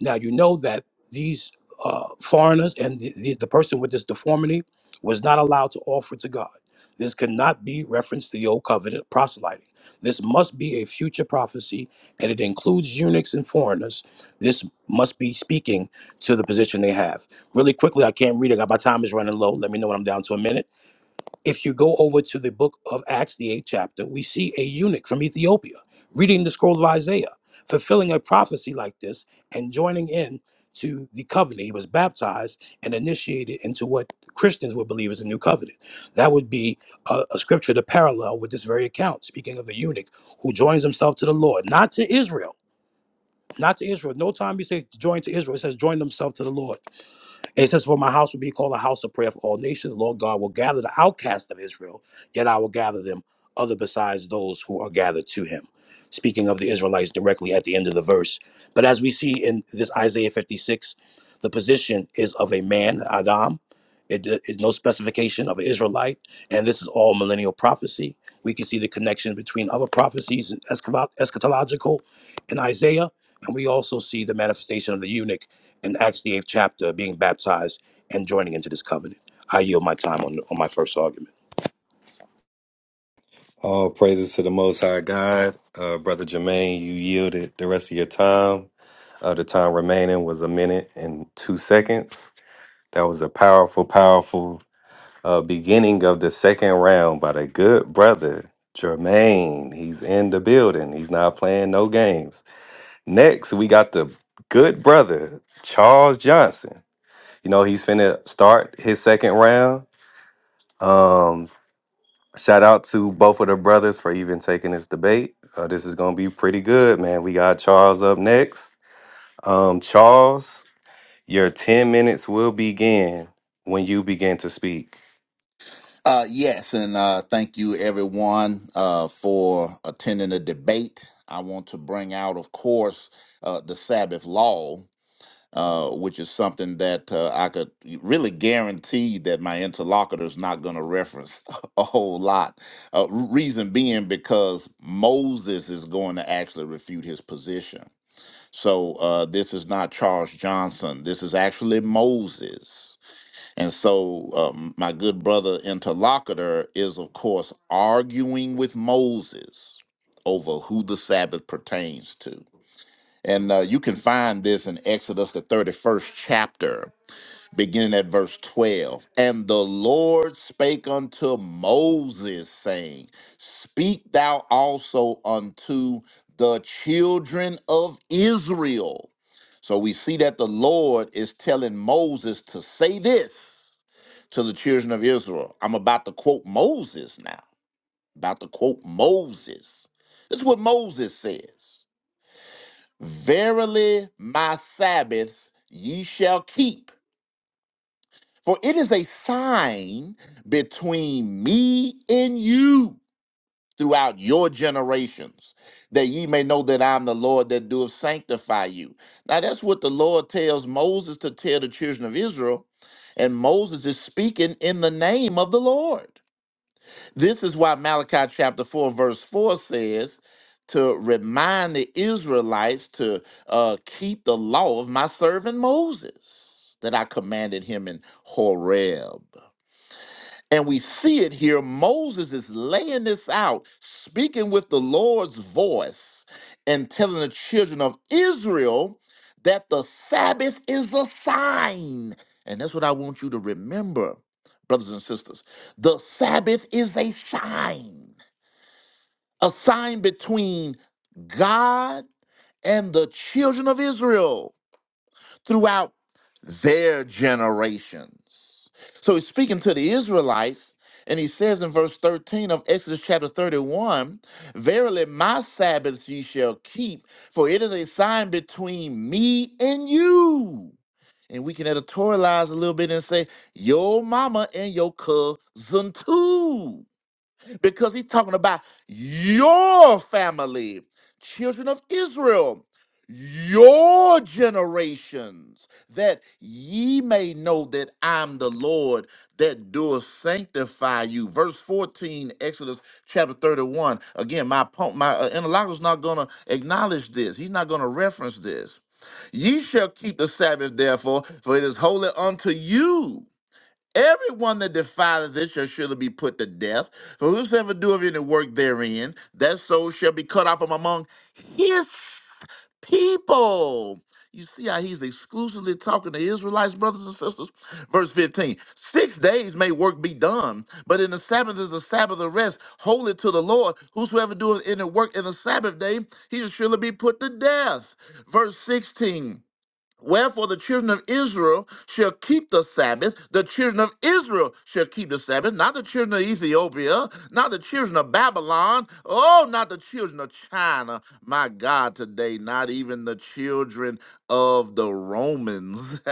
Speaker 2: Now, you know that these uh, foreigners and the, the, the person with this deformity was not allowed to offer to God. This could not be reference to the old covenant proselyting. This must be a future prophecy, and it includes eunuchs and foreigners. This must be speaking to the position they have. Really quickly, I can't read it. My time is running low. Let me know when I'm down to a minute if you go over to the book of Acts, the eighth chapter, we see a eunuch from Ethiopia reading the scroll of Isaiah, fulfilling a prophecy like this, and joining in to the covenant. He was baptized and initiated into what Christians would believe is the new covenant. That would be a, a scripture to parallel with this very account, speaking of a eunuch who joins himself to the Lord, not to Israel. Not to Israel. No time you say join to Israel, it says join themselves to the Lord. It says, For my house will be called a house of prayer for all nations. The Lord God will gather the outcasts of Israel, yet I will gather them, other besides those who are gathered to him. Speaking of the Israelites directly at the end of the verse. But as we see in this Isaiah 56, the position is of a man, Adam. it is no specification of an Israelite. And this is all millennial prophecy. We can see the connection between other prophecies, eschatological in Isaiah. And we also see the manifestation of the eunuch in Acts the eighth chapter being baptized and joining into this covenant. I yield my time on, on my first argument.
Speaker 9: All praises to the Most High God. Uh, Brother Jermaine, you yielded the rest of your time. Uh, the time remaining was a minute and two seconds. That was a powerful, powerful uh, beginning of the second round by the good brother, Jermaine. He's in the building. He's not playing no games. Next, we got the good brother, Charles Johnson. You know, he's finna start his second round. Um, shout out to both of the brothers for even taking this debate. Uh, this is gonna be pretty good, man. We got Charles up next. Um, Charles, your 10 minutes will begin when you begin to speak.
Speaker 3: Uh, yes, and uh, thank you everyone uh, for attending the debate. I want to bring out, of course, uh, the Sabbath law, uh, which is something that uh, I could really guarantee that my interlocutor is not going to reference a whole lot. Uh, reason being because Moses is going to actually refute his position. So uh, this is not Charles Johnson. This is actually Moses and so, um, my good brother interlocutor is, of course, arguing with Moses over who the Sabbath pertains to. And uh, you can find this in Exodus, the 31st chapter, beginning at verse 12. And the Lord spake unto Moses, saying, Speak thou also unto the children of Israel. So we see that the Lord is telling Moses to say this to the children of Israel. I'm about to quote Moses now. About to quote Moses. This is what Moses says Verily, my Sabbath ye shall keep, for it is a sign between me and you throughout your generations, that ye may know that I'm the Lord that doeth sanctify you. Now, that's what the Lord tells Moses to tell the children of Israel. And Moses is speaking in the name of the Lord. This is why Malachi chapter 4, verse 4 says, to remind the Israelites to uh, keep the law of my servant Moses that I commanded him in Horeb. And we see it here. Moses is laying this out, speaking with the Lord's voice and telling the children of Israel that the Sabbath is a sign. And that's what I want you to remember, brothers and sisters. The Sabbath is a sign, a sign between God and the children of Israel throughout their generations. So he's speaking to the Israelites, and he says in verse 13 of Exodus chapter 31 Verily, my Sabbaths ye shall keep, for it is a sign between me and you. And we can editorialize a little bit and say, Your mama and your cousin too because he's talking about your family, children of Israel, your generations, that ye may know that I'm the Lord that doeth sanctify you. Verse 14, Exodus chapter 31. Again, my po- my uh, interlocutor's not going to acknowledge this. He's not going to reference this. Ye shall keep the Sabbath, therefore, for it is holy unto you. Everyone that defileth this shall surely be put to death. For whosoever doeth any work therein, that soul shall be cut off from among his people. You see how he's exclusively talking to Israelites, brothers and sisters? Verse fifteen: Six days may work be done, but in the Sabbath is the Sabbath of rest, holy to the Lord. Whosoever doeth any work in the Sabbath day, he shall surely be put to death. Verse 16 Wherefore the children of Israel shall keep the Sabbath. The children of Israel shall keep the Sabbath, not the children of Ethiopia, not the children of Babylon, oh, not the children of China. My God, today, not even the children of the Romans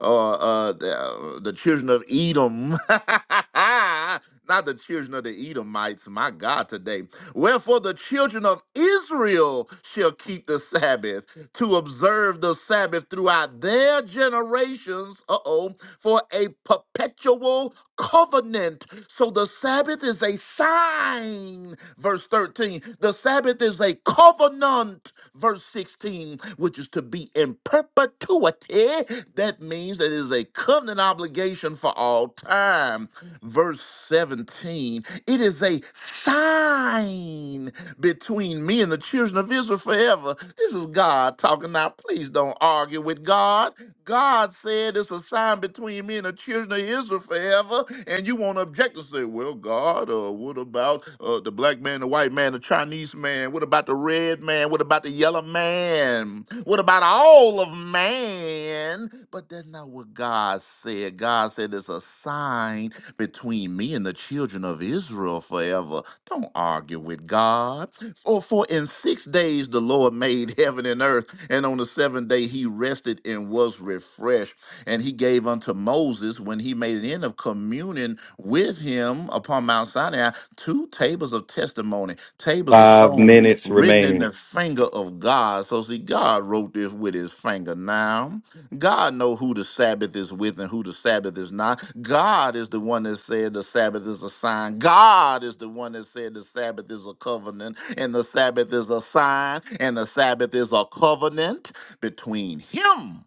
Speaker 3: or uh, the, uh, the children of Edom. Not the children of the Edomites, my God, today. Wherefore the children of Israel shall keep the Sabbath to observe the Sabbath throughout their generations, uh oh, for a perpetual covenant. So the Sabbath is a sign, verse 13. The Sabbath is a covenant, verse 16, which is to be in perpetuity. That means that it is a covenant obligation for all time. Verse 17, it is a sign between me and the children of Israel forever. This is God talking now. Please don't argue with God. God said it's a sign between me and the children of Israel forever, and you won't object to say, well, God, uh, what about uh, the black man, the white man, the Chinese man? What about the red man? What about the yellow man? What about all of man? But that's not what God said. God said it's a sign between me and the children of Israel forever. Don't argue with God. For, for in six days the Lord made heaven and earth and on the seventh day he rested and was refreshed. And he gave unto Moses, when he made an end of communing with him upon Mount Sinai, two tables of testimony, tables of
Speaker 9: Five
Speaker 3: stone
Speaker 9: minutes
Speaker 3: written in the
Speaker 9: remaining.
Speaker 3: finger of God. So see, God wrote this with his finger now God know who the Sabbath is with and who the Sabbath is not. God is the one that said the Sabbath is a sign. God is the one that said the Sabbath is a covenant and the Sabbath is a sign and the Sabbath is a covenant between him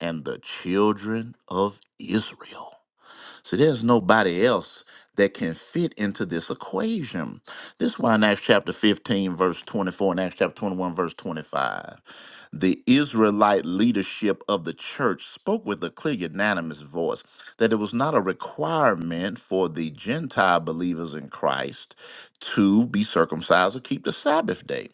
Speaker 3: and the children of Israel. So there's nobody else that can fit into this equation. This is why in Acts chapter 15, verse 24, and Acts chapter 21, verse 25, the Israelite leadership of the church spoke with a clear, unanimous voice that it was not a requirement for the Gentile believers in Christ to be circumcised or keep the Sabbath day.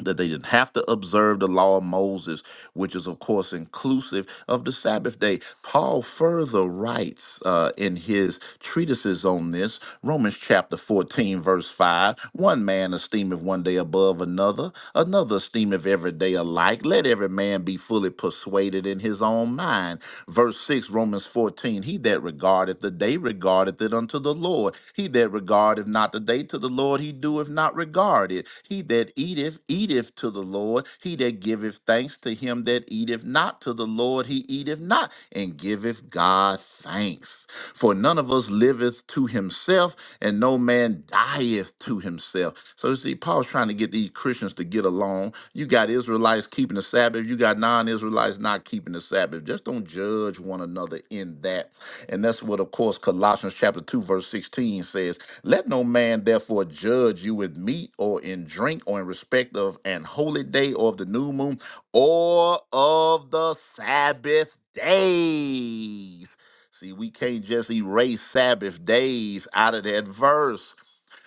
Speaker 3: That they didn't have to observe the law of Moses which is, of course, inclusive of the Sabbath day. Paul further writes uh, in his treatises on this, Romans chapter 14, verse 5 One man esteemeth one day above another, another esteemeth every day alike. Let every man be fully persuaded in his own mind. Verse 6, Romans 14 He that regardeth the day regardeth it unto the Lord. He that regardeth not the day to the Lord, he doeth not regard it. He that eateth, eateth to the Lord. He that giveth thanks thanks to him that eateth not, to the Lord he eateth not, and giveth God thanks. For none of us liveth to himself, and no man dieth to himself. So you see, Paul's trying to get these Christians to get along. You got Israelites keeping the Sabbath, you got non-Israelites not keeping the Sabbath. Just don't judge one another in that. And that's what, of course, Colossians chapter 2, verse 16 says. Let no man therefore judge you with meat or in drink or in respect of an holy day or of the new moon or of the Sabbath days. See, we can't just erase Sabbath days out of that verse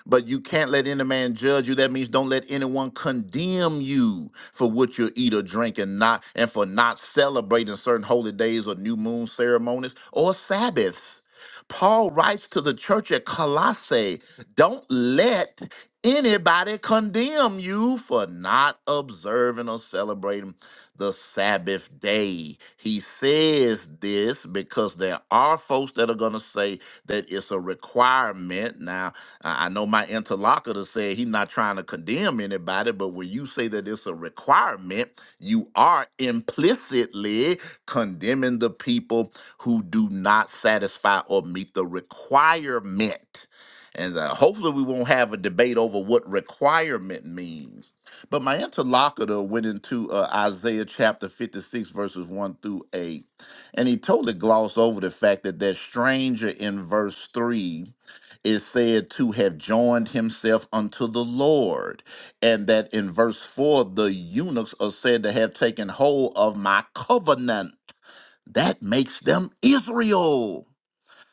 Speaker 3: but you can't let any man judge you. That means don't let anyone condemn you for what you eat or drink and not and for not celebrating certain holy days or new moon ceremonies or Sabbaths. Paul writes to the church at Colossae, don't let anybody condemn you for not observing or celebrating the Sabbath day. He says this because there are folks that are going to say that it's a requirement. Now, I I know my interlocutor said he's not trying to condemn anybody, but when you say that it's a requirement, you are implicitly condemning the people who do not satisfy or meet the requirement. And uh, hopefully, we won't have a debate over what requirement means. But my interlocutor went into uh, Isaiah chapter 56, verses 1 through 8, and he totally glossed over the fact that that stranger in verse 3 is said to have joined himself unto the Lord. And that in verse 4, the eunuchs are said to have taken hold of my covenant. That makes them Israel.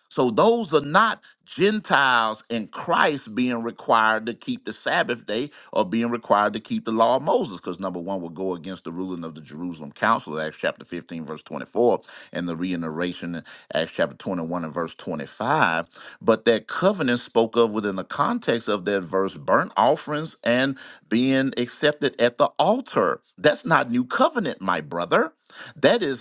Speaker 3: So those are not Gentiles in Christ being required to keep the Sabbath day or being required to keep the law of Moses, because number one would go against the ruling of the Jerusalem Council, Acts chapter 15, verse 24, and the reiteration in Acts chapter 21 and verse 25. But that covenant spoke of within the context of that verse, burnt offerings and being accepted at the altar. That's not new covenant, my brother. That is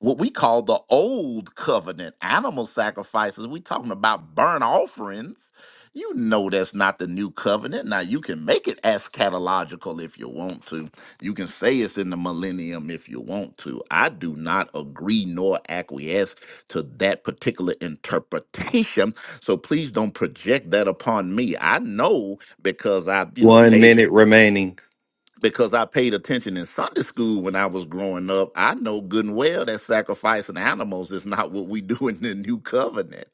Speaker 3: what we call the old covenant animal sacrifices we talking about burnt offerings you know that's not the new covenant now you can make it eschatological if you want to you can say it's in the millennium if you want to i do not agree nor acquiesce to that particular interpretation so please don't project that upon me i know because i you know
Speaker 9: One
Speaker 3: paid
Speaker 9: minute remaining.
Speaker 3: because I paid attention in Sunday school when I was growing up, I know good and well that sacrificing animals is not what we do in the new covenant.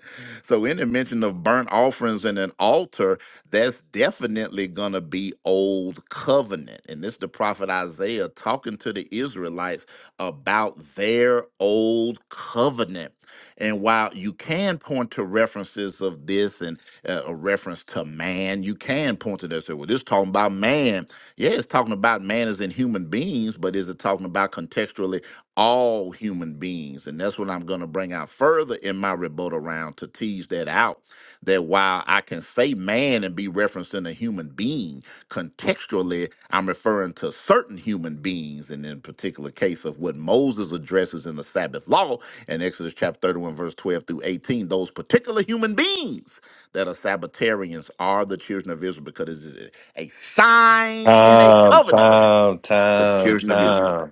Speaker 3: So, any mention of burnt offerings and an altar, that's definitely going to be old covenant. And this the prophet Isaiah talking to the Israelites about their old covenant. And while you can point to references of this and uh, a reference to man, you can point to that. Say, Well, this talking about man yeah, it's talking about manners in human beings, but is it talking about contextually all human beings? And that's what I'm going to bring out further in my rebuttal round to tease that out. That while I can say man and be referencing a human being, contextually, I'm referring to certain human beings. And in particular case of what Moses addresses in the Sabbath law in Exodus chapter 31, verse 12 through 18, those particular human beings that are Sabbatarians are the children of Israel because a sign and a
Speaker 9: Time,
Speaker 3: covenant
Speaker 9: time,
Speaker 3: with the
Speaker 9: time,
Speaker 3: children of Israel.
Speaker 9: time.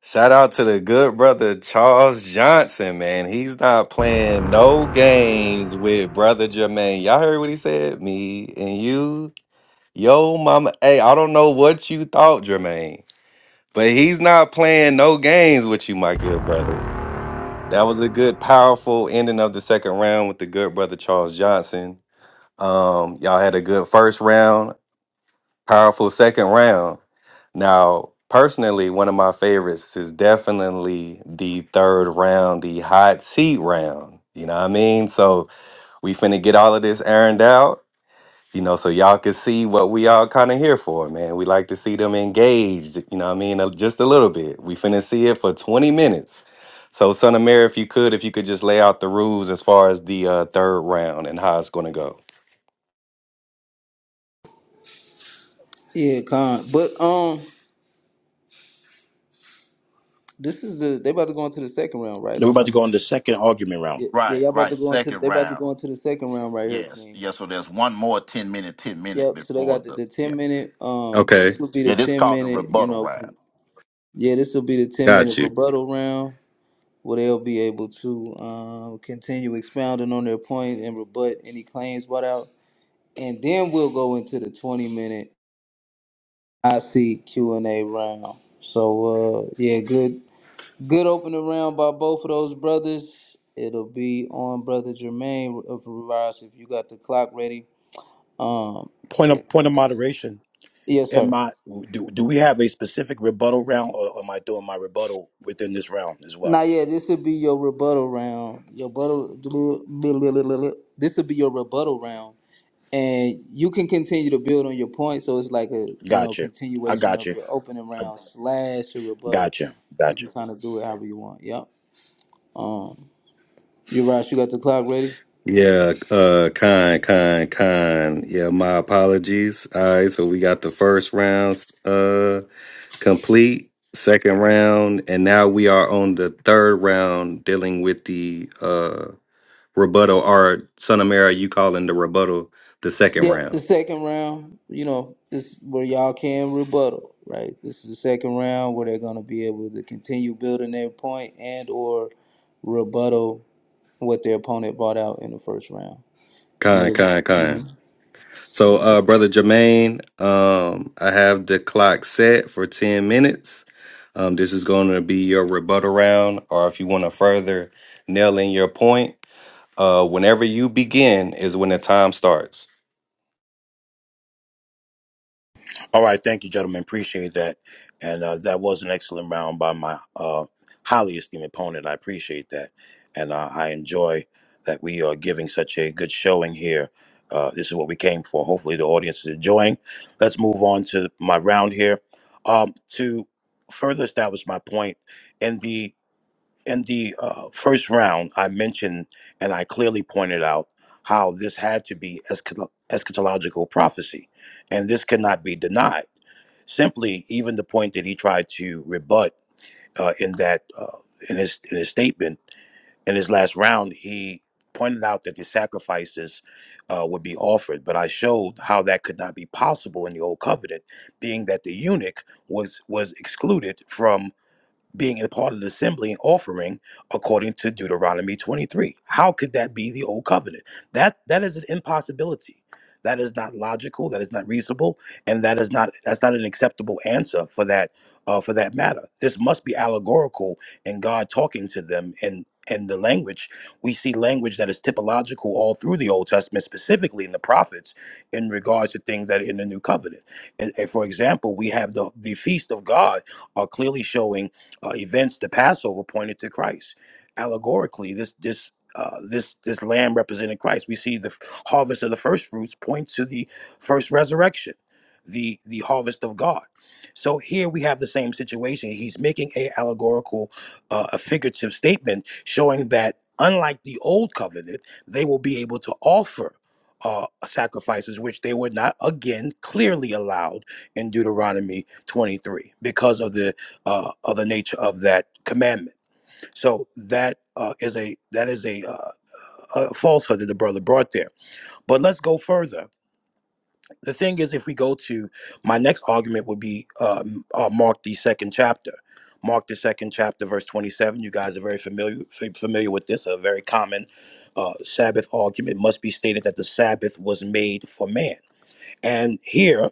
Speaker 9: Shout out to the good brother Charles Johnson, man. He's not playing no games with brother Jermaine. Y'all heard what he said? Me and you, yo, mama. Hey, I don't know what you thought, Jermaine, but he's not playing no games with you, my good brother. That was a good, powerful ending of the second round with the good brother Charles Johnson. Um, y'all had a good first round. Powerful second round. Now, personally, one of my favorites is definitely the third round, the hot seat round. You know what I mean? So we finna get all of this ironed out, you know, so y'all can see what we all kind of here for, man. We like to see them engaged, you know what I mean? uh, Just a little bit. We finna see it for 20 minutes. So, son of Mary, if you could, if you could just lay out the rules as far as the uh, third round and how it's gonna go.
Speaker 5: Yeah, con. But um, this is the they about to go into the second round, right?
Speaker 2: Now we're
Speaker 5: Or am
Speaker 2: about
Speaker 5: I
Speaker 2: to go on
Speaker 5: tripping?
Speaker 2: the second argument round.
Speaker 5: Yeah, yeah,
Speaker 3: Right,
Speaker 5: y'all about
Speaker 3: right.
Speaker 5: to go into the,
Speaker 3: Second
Speaker 5: they about to go
Speaker 3: round.
Speaker 5: into the second round right here,
Speaker 3: Yes,
Speaker 5: King.
Speaker 3: yes. So there's one more 10 minute, 10 minute
Speaker 5: Yep. So they
Speaker 3: before
Speaker 5: got the,
Speaker 3: the.
Speaker 5: the
Speaker 3: Yeah.
Speaker 5: ten minute. Um,
Speaker 9: Okay,
Speaker 5: this will be the
Speaker 3: Yeah, this
Speaker 5: ten
Speaker 3: called the
Speaker 5: minute. You
Speaker 3: rebuttal
Speaker 5: know,
Speaker 3: round.
Speaker 5: con- yeah, this will be the ten minute
Speaker 9: got you.
Speaker 5: rebuttal round. where they'll be able to um, continue expounding on their point and rebut any claims brought out. And then we'll go into the 20 minute IC Q&A round. So, uh, yeah, good good opening round by both of those brothers. It'll be on Brother Jermaine of Rise if you got the clock ready. Um,
Speaker 2: Point of point of moderation.
Speaker 5: yes,
Speaker 2: Am
Speaker 5: sir.
Speaker 2: I do, do we have a specific rebuttal round or am I doing my rebuttal within this round as well?
Speaker 5: Now, yeah, this would be your rebuttal round. Your rebuttal. This would be your rebuttal round and you can continue to build on your point. So it's like a you know
Speaker 2: Gotcha. I
Speaker 5: continuation of
Speaker 2: gotcha.
Speaker 5: your opening
Speaker 2: I
Speaker 5: round slash your rebuttal.
Speaker 2: gotcha.
Speaker 5: You
Speaker 2: Gotcha.
Speaker 5: can kind of do it however you want. Yep. Um, you're right. You got the clock ready.
Speaker 9: Yeah, uh, kind, kind, kind. Yeah, my apologies. All right, so we got the first round uh complete, second round, and now we are on the third round dealing with the uh rebuttal or son of Mary, you calling the rebuttal the second
Speaker 5: Yep. The
Speaker 9: round.
Speaker 5: second round. You know this is where y'all can rebuttal. Right. This is the second round where they're gonna be able to continue building their point and or rebuttal what their opponent brought out in the first round. and
Speaker 9: Kind,
Speaker 5: it'll.
Speaker 9: kind, kind. So uh brother Jermaine, um I have the clock set for ten minutes. Um this is gonna be your rebuttal round, or if you wanna further nail in your point Uh, whenever you begin is when the time starts.
Speaker 2: All right, thank you, gentlemen. Appreciate that. And uh, that was an excellent round by my uh, highly esteemed opponent. I appreciate that. And uh, I enjoy that we are giving such a good showing here. Uh, this is what we came for. Hopefully, the audience is enjoying. Let's move on to my round here. Um, to further establish my point, in the in the uh, first round, I mentioned and I clearly pointed out how this had to be eschat- eschatological prophecy, and this cannot be denied Simply, even the point that he tried to rebut uh, in that uh, in his in his statement in his last round, he pointed out that the sacrifices uh, would be offered. But I showed how that could not be possible in the old covenant, being that the eunuch was was excluded from being a part of the assembly and offering according to Deuteronomy 23. How could that be the old covenant? That that is an impossibility. That is not logical, that is not reasonable, and that is not that's not an acceptable answer for that uh, for that matter. This must be allegorical and God talking to them and and the language we see language that is typological all through the Old Testament, specifically in the prophets, in regards to things that are in the New Covenant. And, and for example, we have the the feast of God are clearly showing uh, events, the Passover pointed to Christ. Allegorically, this this uh, this this lamb represented Christ. We see the f- harvest of the first fruits point to the first resurrection, the the harvest of God. So here we have the same situation. He's making a allegorical, uh, a figurative statement showing that unlike the old covenant, they will be able to offer. Uh, sacrifices which they were not again clearly allowed in Deuteronomy 23 because of the uh, of the nature of that commandment. So that uh, is a that is a, uh, a falsehood that the brother brought there. But let's go further. The thing is, if we go to my next argument, would be um, uh, Mark the second chapter. Mark the second chapter, verse twenty-seven. You guys are very familiar fa- familiar with this. A very common uh, Sabbath argument must be stated that the Sabbath was made for man, and here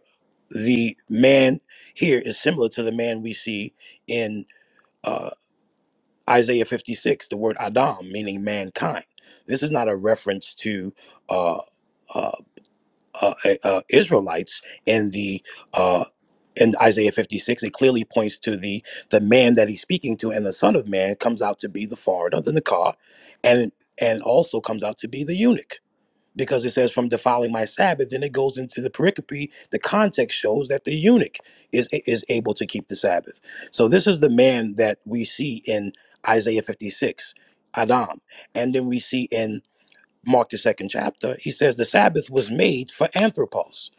Speaker 2: the man here is similar to the man we see in. uh, Isaiah 56, the word Adam, meaning mankind. This is not a reference to uh, uh, uh, uh, Israelites in the uh, in Isaiah 56. It clearly points to the the man that he's speaking to, and the Son of Man comes out to be the foreigner, the Nakar, and and also comes out to be the eunuch because it says from defiling my Sabbath. Then it goes into the pericope. The context shows that the eunuch is is able to keep the Sabbath. So this is the man that we see in Isaiah 56, Adam, and then we see in Mark the second chapter. He says the Sabbath was made for anthropos.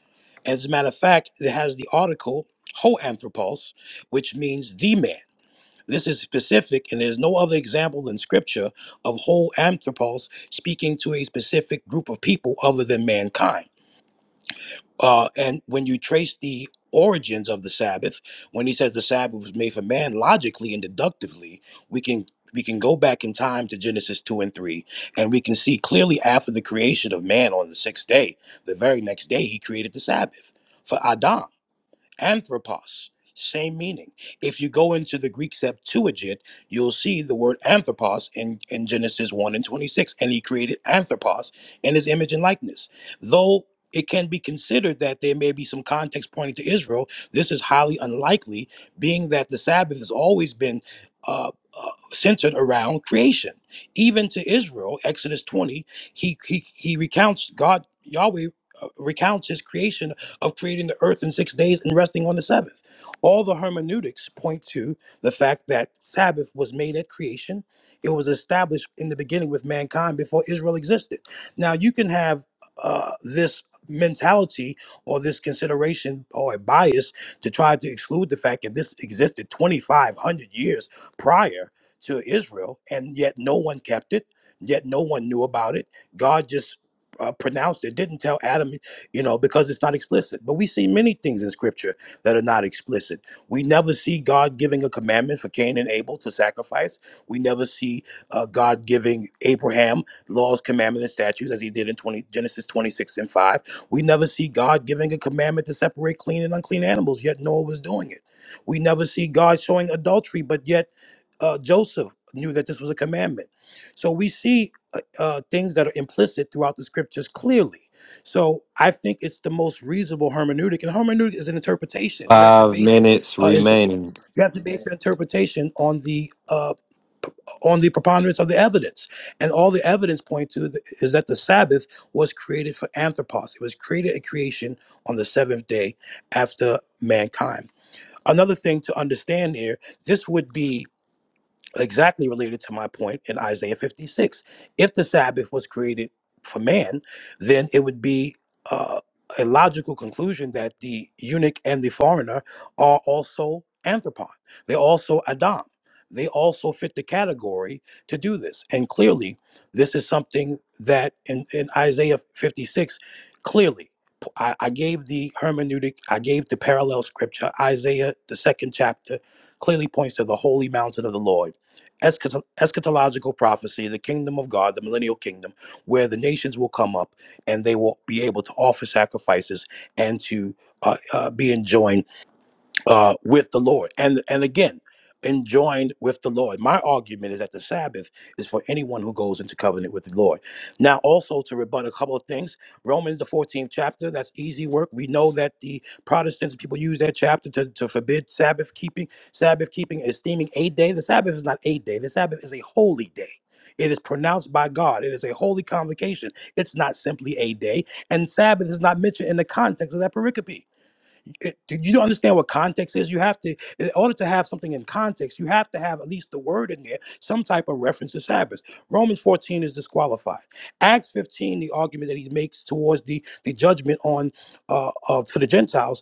Speaker 2: And as a matter of fact, it has the article ho anthropos, which means the man. This is specific, and there's no other example in scripture of whole anthropos speaking to a specific group of people other than mankind. Uh, and when you trace the origins of the Sabbath, when he says the Sabbath was made for man, logically and deductively, we can we can go back in time to Genesis two and three, and we can see clearly after the creation of man on the sixth day, the very next day he created the Sabbath for Adam anthropos same meaning if you go into the greek septuagint you'll see the word anthropos in, in genesis 1 and 26 and he created anthropos in his image and likeness though it can be considered that there may be some context pointing to israel this is highly unlikely being that the sabbath has always been uh, uh, centered around creation even to israel exodus 20 he he, he recounts god yahweh uh, recounts his creation of creating the earth in six days and resting on the seventh. All the hermeneutics point to the fact that Sabbath was made at creation. It was established in the beginning with mankind before Israel existed. Now, you can have uh, this mentality or this consideration or a bias to try to exclude the fact that this existed 2,500 years prior to Israel, and yet no one kept it, yet no one knew about it. God just uh, pronounced it, didn't tell Adam you know, because it's not explicit. But we see many things in scripture that are not explicit. We never see God giving a commandment for Cain and Abel to sacrifice. We never see uh, God giving Abraham laws, commandments, and statutes as he did in 20, Genesis 26 and 5. We never see God giving a commandment to separate clean and unclean animals, yet Noah was doing it. We never see God showing adultery, but yet uh, Joseph knew that this was a commandment. So we see uh, uh, things that are implicit throughout the scriptures clearly so I think it's the most reasonable hermeneutic, and hermeneutic is an interpretation. You have to
Speaker 9: Five
Speaker 2: base,
Speaker 9: minutes
Speaker 2: uh, inter-
Speaker 9: remaining.
Speaker 2: you have to base your interpretation on the uh, on the preponderance of the evidence, and all the evidence point to th- is that the Sabbath was created for anthropos. It was created a creation on the seventh day after mankind. Another thing to understand here: this would be exactly related to my point in Isaiah 56. If the Sabbath was created for man, then it would be uh, a logical conclusion that the eunuch and the foreigner are also anthropon. they also Adam. They also fit the category to do this. And clearly, this is something that in, in Isaiah 56, clearly, p- I, I gave the hermeneutic, I gave the parallel scripture, Isaiah, the second chapter, clearly points to the holy mountain of the Lord eschato- eschatological prophecy, the kingdom of God, the millennial kingdom, where the nations will come up and they will be able to offer sacrifices and to uh, uh, be enjoined uh, with the Lord. And and again, enjoined with the Lord. My argument is that the Sabbath is for anyone who goes into covenant with the Lord. Now, also to rebut a couple of things, Romans the 14th chapter, that's easy work. We know that the Protestants people use that chapter to, to forbid Sabbath keeping. Sabbath keeping is esteeming a day. The Sabbath is not a day, the Sabbath is a holy day. It is pronounced by God. It is a holy convocation. It's not simply a day. And Sabbath is not mentioned in the context of that pericope it, you don't understand what context is? You have to, in order to have something in context, you have to have at least the word in there, some type of reference to Sabbath. Romans 14 is disqualified. Acts 15, the argument that he makes towards the, the judgment on uh, of, for the Gentiles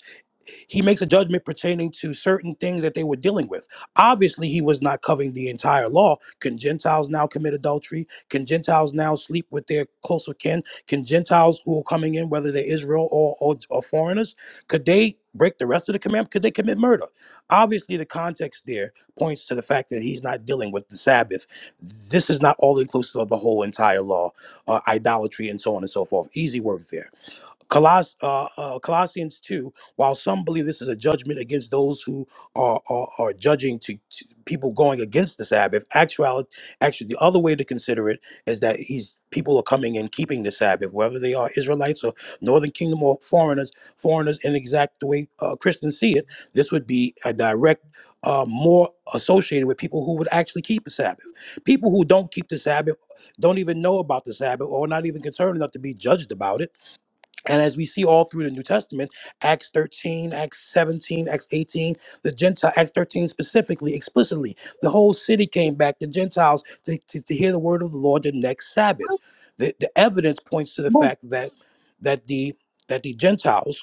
Speaker 2: he makes a judgment pertaining to certain things that they were dealing with. Obviously, he was not covering the entire law. Can Gentiles now commit adultery? Can Gentiles now sleep with their closer kin? Can Gentiles who are coming in, whether they're Israel or, or, or foreigners, could they break the rest of the commandment? Could they commit murder? Obviously, the context there points to the fact that he's not dealing with the Sabbath. This is not all inclusive of the whole entire law, uh, idolatry, and so on and so forth. Easy work there. Coloss- uh, uh, Colossians 2, while some believe this is a judgment against those who are, are, are judging to, to people going against the Sabbath, actually, actually, the other way to consider it is that he's people are coming and keeping the Sabbath, whether they are Israelites or Northern Kingdom or foreigners, foreigners in exact the way uh, Christians see it, this would be a direct, uh, more associated with people who would actually keep the Sabbath. People who don't keep the Sabbath don't even know about the Sabbath or not even concerned enough to be judged about it and as we see all through the New Testament, Acts 13, Acts 17, Acts 18, the Gentile, Acts 13 specifically, explicitly, the whole city came back, the Gentiles, to, to, to hear the word of the Lord the next Sabbath. The, the evidence points to the
Speaker 11: Bu
Speaker 2: fact that that the that the Gentiles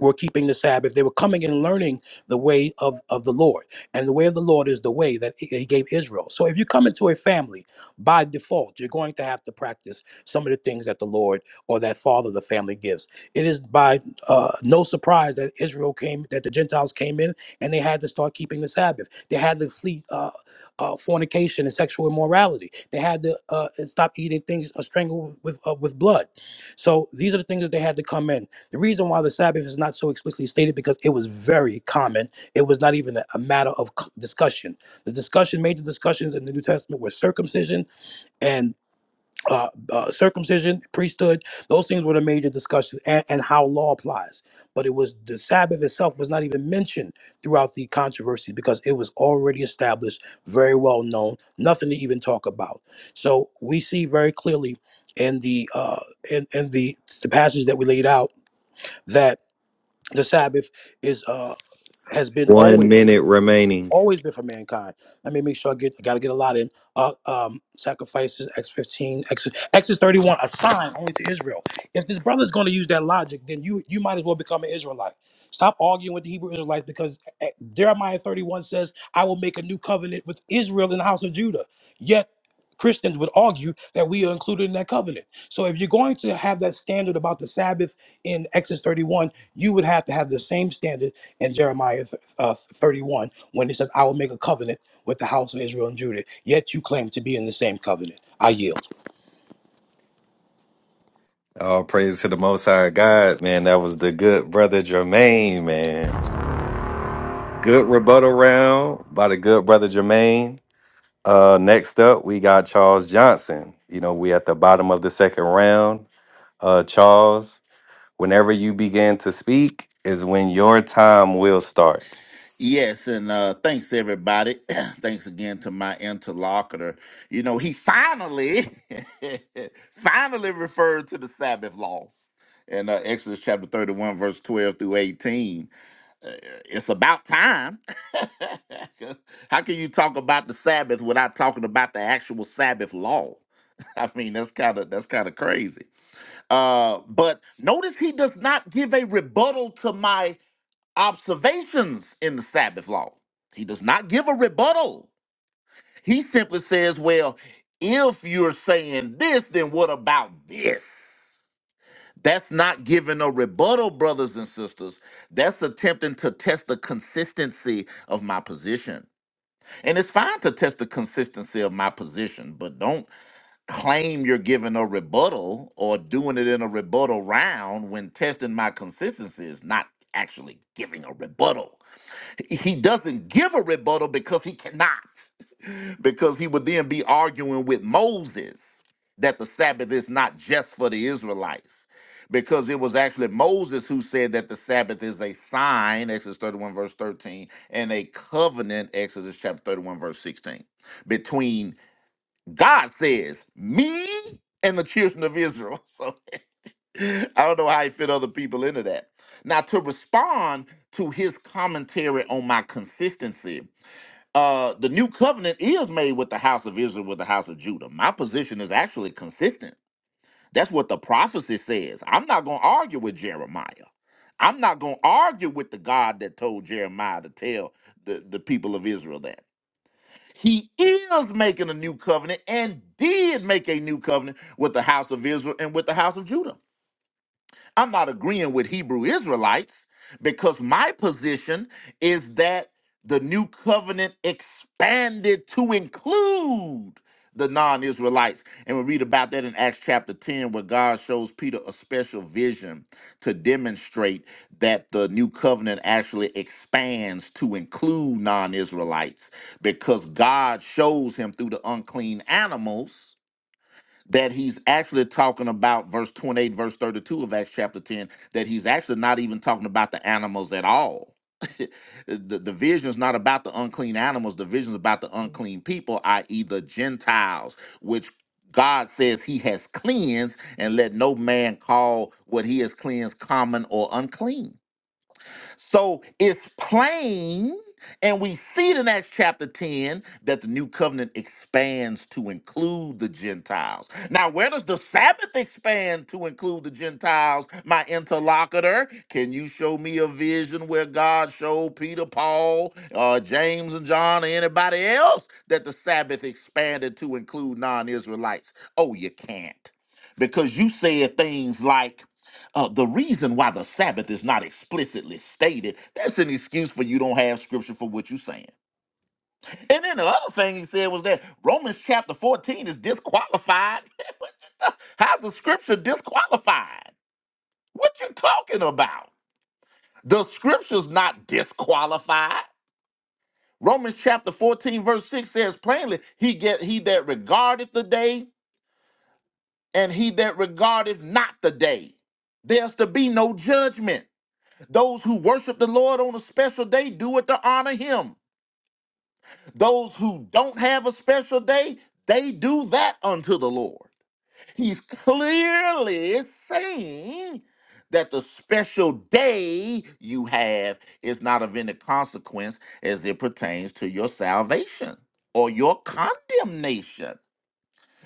Speaker 2: were keeping the Sabbath. They were coming and learning the way of, of the Lord. And the way of the Lord is the way that he gave Israel. So if you come into a family, by default, you're going to have to practice some of the things that the Lord or that father of the family gives. It is by uh, no surprise that Israel came, that the Gentiles came in and they had to start keeping the Sabbath. They had to flee uh, uh, fornication and sexual immorality. They had to uh, stop eating things uh, strangled with, uh, with blood. So these are the things that they had to come in. The reason why the Sabbath is not so explicitly stated because it was very common. It was not even a a matter of c- discussion. The discussion, major discussions in the New Testament, were circumcision and uh, uh, circumcision, priesthood. Those things were the major discussions, and, and how law applies. But it was the Sabbath itself was not even mentioned throughout the controversy because it was already established, very well known, nothing to even talk about. So we see very clearly in the uh, in, in the the passage that we laid out that the Sabbath is uh has been always
Speaker 9: One minute remaining.
Speaker 2: always been for mankind. Let me make sure I get I gotta get a lot in. Uh, um, sacrifices X fifteen, X Exodus thirty one, a sign only to Israel. If this brother's gonna use that logic, then you you might as well become an Israelite. Stop arguing with the Hebrew Israelites because eh, Jeremiah thirty one says, "I will make a new covenant with Israel in the house of Judah." Yet Christians would argue that we are included in that covenant. So if you're going to have that standard about the Sabbath in Exodus 31, you would have to have the same standard in Jeremiah th- uh, 31 when it says, I will make a covenant with the house of Israel and Judah, yet you claim to be in the same covenant. I yield.
Speaker 9: All praise to the Most High God, man. That was the good brother Jermaine, man. Good rebuttal round by the good brother Jermaine. Uh, next up, we got Charles Johnson. You know, we at the bottom of the second round. Uh, Charles, whenever you begin to speak is when your time will start.
Speaker 3: Yes, and uh, thanks everybody. thanks again to my interlocutor. You know, he finally, finally referred to the Sabbath law in uh, Exodus chapter 31, verse 12 through 18. uh, it's about time. 'Cause How can you talk about the Sabbath without talking about the actual Sabbath law? I mean, that's kind of that's kind of crazy. Uh, but notice he does not give a rebuttal to my observations in the Sabbath law. He does not give a rebuttal. He simply says, "Well, if you're saying this, then what about this?" That's not giving a rebuttal, brothers and sisters. That's attempting to test the consistency of my position. And it's fine to test the consistency of my position, but don't claim you're giving a rebuttal or doing it in a rebuttal round when testing my consistency is not actually giving a rebuttal he doesn't give a rebuttal because he cannot, because he would then be arguing with Moses that the Sabbath is not just for the Israelites, because it was actually Moses who said that the Sabbath is a sign, Exodus 31, verse 13, and a covenant, Exodus chapter 31, verse 16, between God says, me and the children of Israel. I don't know how he fit other people into that. Now, to respond to his commentary on my consistency, uh, the new covenant is made with the house of Israel, with the house of Judah. My position is actually consistent. That's what the prophecy says. I'm not going to argue with Jeremiah. I'm not going to argue with the God that told Jeremiah to tell the, the people of Israel that. He is making a new covenant and did make a new covenant with the house of Israel and with the house of Judah. I'm not agreeing with Hebrew Israelites because my position is that the new covenant expanded to include the non Israelites. And we read about that in Acts chapter 10, where God shows Peter a special vision to demonstrate that the new covenant actually expands to include non Israelites because God shows him through the unclean animals that he's actually talking about verse 28 verse 32 of acts chapter 10 that he's actually not even talking about the animals at all the, the vision is not about the unclean animals the vision is about the unclean people i.e the gentiles which god says he has cleansed and let no man call what he has cleansed common or unclean so it's plain, and we see it in Acts chapter 10 that the new covenant expands to include the Gentiles. Now, where does the Sabbath expand to include the Gentiles, my interlocutor? Can you show me a vision where God showed Peter, Paul, uh, James, and John, or anybody else that the Sabbath expanded to include non Israelites? Oh, you can't. Because you said things like, uh, the reason why the Sabbath is not explicitly stated, that's an excuse for you don't have scripture for what you're saying. And then the other thing he said was that Romans chapter 14 is disqualified. What you th- How's the scripture disqualified? What you talking about? The scripture's not disqualified. Romans chapter 14, verse 6 says plainly, he get he that regardeth the day and he that regardeth not the day. There's to be no judgment. Those who worship the Lord on a special day do it to honor him. Those who don't have a special day, they do that unto the Lord. He's clearly saying that the special day you have is not of any consequence as it pertains to your salvation or your condemnation.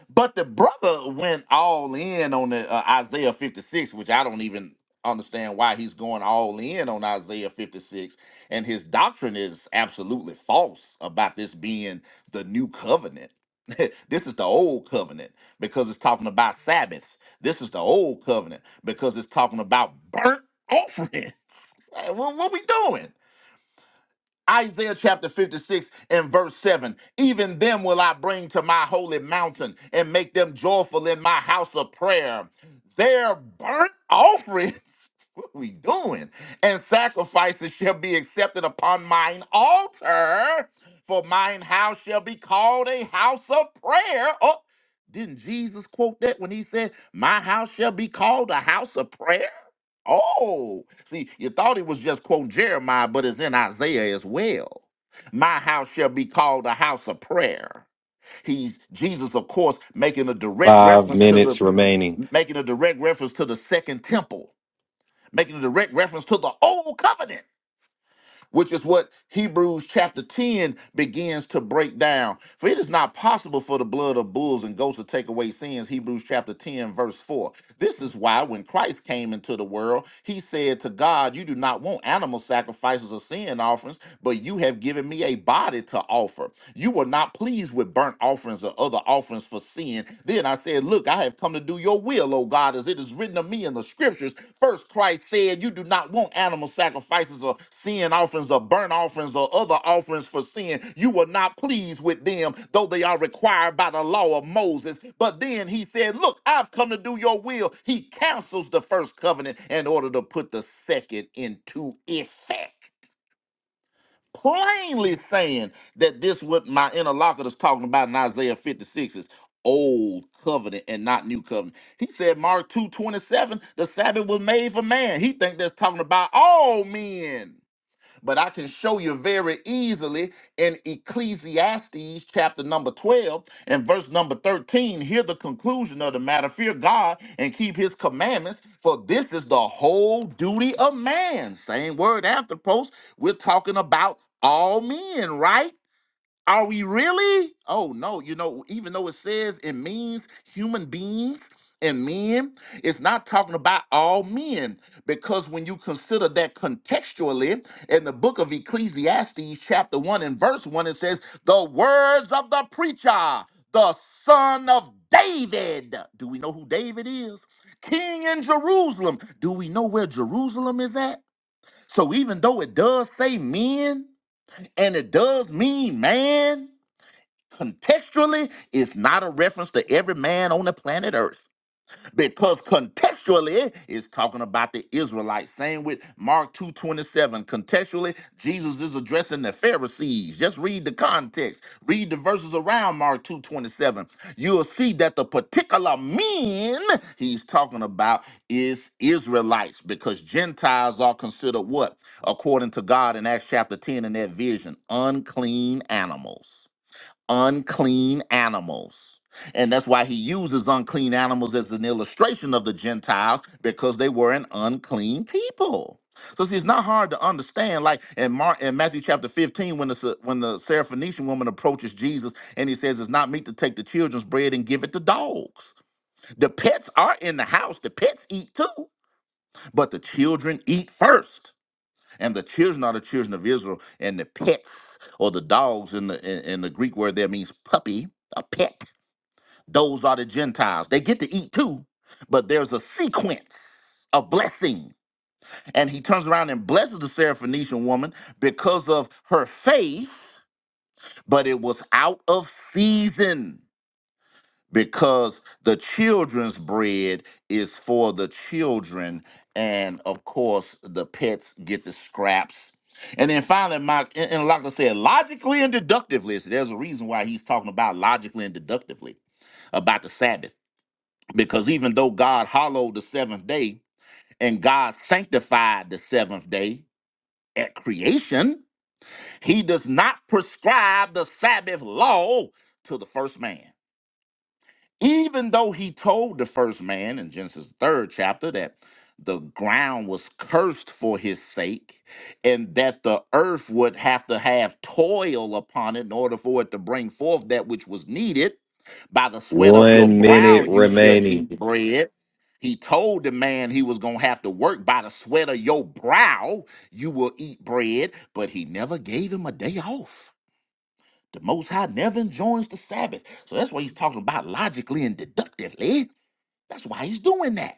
Speaker 3: But the brother went all in on the uh, Isaiah 56, which I don't even understand why he's going all in on Isaiah 56. And his doctrine is absolutely false about this being the new covenant. this is the old covenant because it's talking about Sabbaths. This is the old covenant because it's talking about burnt offerings. Like, What, what we doing? Isaiah chapter 56 and verse 7 Even them will I bring to my holy mountain and make them joyful in my house of prayer. Their burnt offerings, what we doing? And sacrifices shall be accepted upon mine altar, for mine house shall be called a house of prayer. Oh, didn't Jesus quote that when he said, My house shall be called a house of prayer? Oh, see, you thought he was just quoting Jeremiah, but it's in Isaiah as well. My house shall be called a house of prayer. He's Jesus, of course, making a direct
Speaker 9: Five
Speaker 3: reference to the
Speaker 9: minutes remaining.
Speaker 3: making a direct reference to the second temple, making a direct reference to the old covenant which is what Hebrews chapter 10 begins to break down. For it is not possible for the blood of bulls and goats to take away sins, Hebrews chapter 10, verse 4. This is why when Christ came into the world, he said to God, You do not want animal sacrifices or sin offerings, but you have given me a body to offer. You were not pleased with burnt offerings or other offerings for sin. Then I said, Look, I have come to do your will, O God, as it is written of me in the scriptures. First, Christ said, You do not want animal sacrifices or sin offerings or burnt offerings or other offerings for sin. You were not pleased with them, though they are required by the law of Moses. But then he said, Look, I've come to do your will. He cancels the first covenant in order to put the second into effect plainly saying that this what my interlocutor is talking about in Isaiah 56 is old covenant and not new covenant. He said Mark 2:27, the Sabbath was made for man. He think that's talking about all men. But I can show you very easily in Ecclesiastes chapter number 12 and verse number 13. Hear the conclusion of the matter fear God and keep his commandments, for this is the whole duty of man. Same word anthropos. We're talking about all men, right? Are we really? Oh no, you know, even though it says it means human beings and men, it's not talking about all men because when you consider that contextually in the book of Ecclesiastes, chapter 1 and verse 1, it says, The words of the preacher, the son of David. Do we know who David is? King in Jerusalem. Do we know where Jerusalem is at? So even though it does say men and it does mean man, Contextually is not a reference to every man on the planet Earth because contextually is talking about the Israelites. Same with Mark 2:27. Contextually, Jesus is addressing the Pharisees. Just read the context. Read the verses around Mark 2:27. You'll see that the particular men he's talking about is Israelites because Gentiles are considered what? According to God in Acts chapter 10 in that vision, unclean animals unclean animals. And that's why he uses unclean animals as an illustration of the Gentiles because they were an unclean people. So see, it's not hard to understand. Like in Mark, in Matthew chapter 15, when the Sa- when the Syrophoenician woman approaches Jesus and he says, "It's not meet to take the children's bread and give it to dogs." The pets are in the house. The pets eat too, but the children eat first and the children are the children of Israel, and the pets or the dogs in the in, in the Greek word there means puppy, a pet. Those are the Gentiles. They get to eat too, but there's a sequence of blessing. And he turns around and blesses the Syrophoenician woman because of her faith, but it was out of season because the children's bread is for the children and of course the pets get the scraps and then finally mike and and like i said logically and deductively so there's a reason why he's talking about logically and deductively about the sabbath because even though god hollowed the seventh day and god sanctified the seventh day at creation he does not prescribe the sabbath law to the first man Even though he told the first man in Genesis third chapter that the ground was cursed for his sake and that the earth would have to have toil upon it in order for it to bring forth that which was needed by the sweat of your
Speaker 9: One
Speaker 3: brow
Speaker 9: minute
Speaker 3: you shall
Speaker 9: remaining.
Speaker 3: eat bread he told the man he was going to have to work by the sweat of your brow you will eat bread but he never gave him a day off the Most High never enjoins the Sabbath. So that's why he's talking about logically and deductively. That's why he's doing that.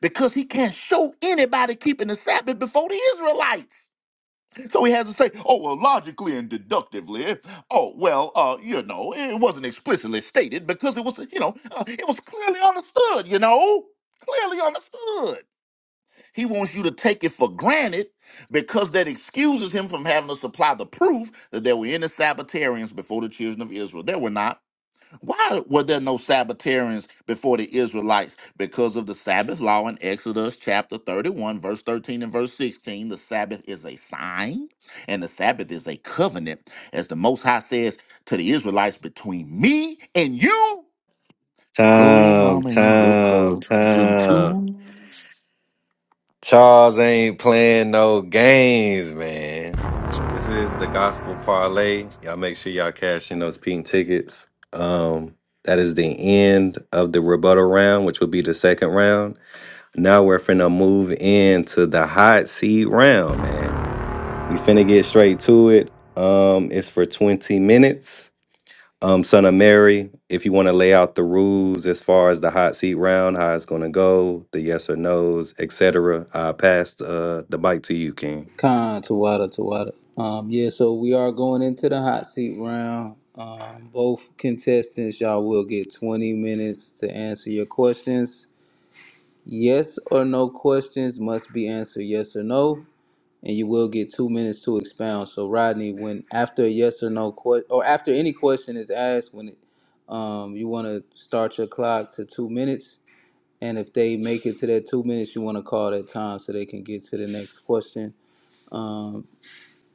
Speaker 3: Because he can't show anybody keeping the Sabbath before the Israelites. So he has to say, oh, well, logically and deductively. Oh, well, uh, you know, it wasn't explicitly stated because it was, you know, uh, it was clearly understood, you know, clearly understood. He wants you to take it for granted because that excuses him from having to supply the proof that there were any Sabbatarians before the children of Israel. There were not. Why were there no Sabbatarians before the Israelites? Because of the Sabbath law in Exodus chapter 31, verse 13 and verse 16. The Sabbath is a sign and the Sabbath is a covenant, as the Most High says to the Israelites, between me and you, your
Speaker 9: Time,
Speaker 3: mama and your
Speaker 9: time,
Speaker 3: cousin
Speaker 9: time.
Speaker 3: too.
Speaker 9: Charles ain't playing no games, man. This is the gospel parlay. Y'all make sure y'all cash in those pink tickets. Um, that is the end of the rebuttal round, which will be the second round. Now we're finna move into the hot seat round, man. We finna get straight to it. Um, it's for 20 minutes. um, son of Mary, if you want to lay out the rules as far as the hot seat round, how it's going to go, the yes or no's, etc., I pass uh, the mic to you, King.
Speaker 5: Con Tawada Tawada. Um, yeah, so we are going into the hot seat round. Um, both contestants, y'all will get 20 minutes to answer your questions. Yes or no questions must be answered yes or no, and you will get two minutes to expound. So Rodney, when after a yes or no question or after any question is asked, when it, um, you want to start your clock to two minutes, and if they make it to that two minutes, you want to call that time so they can get to the next question. Um,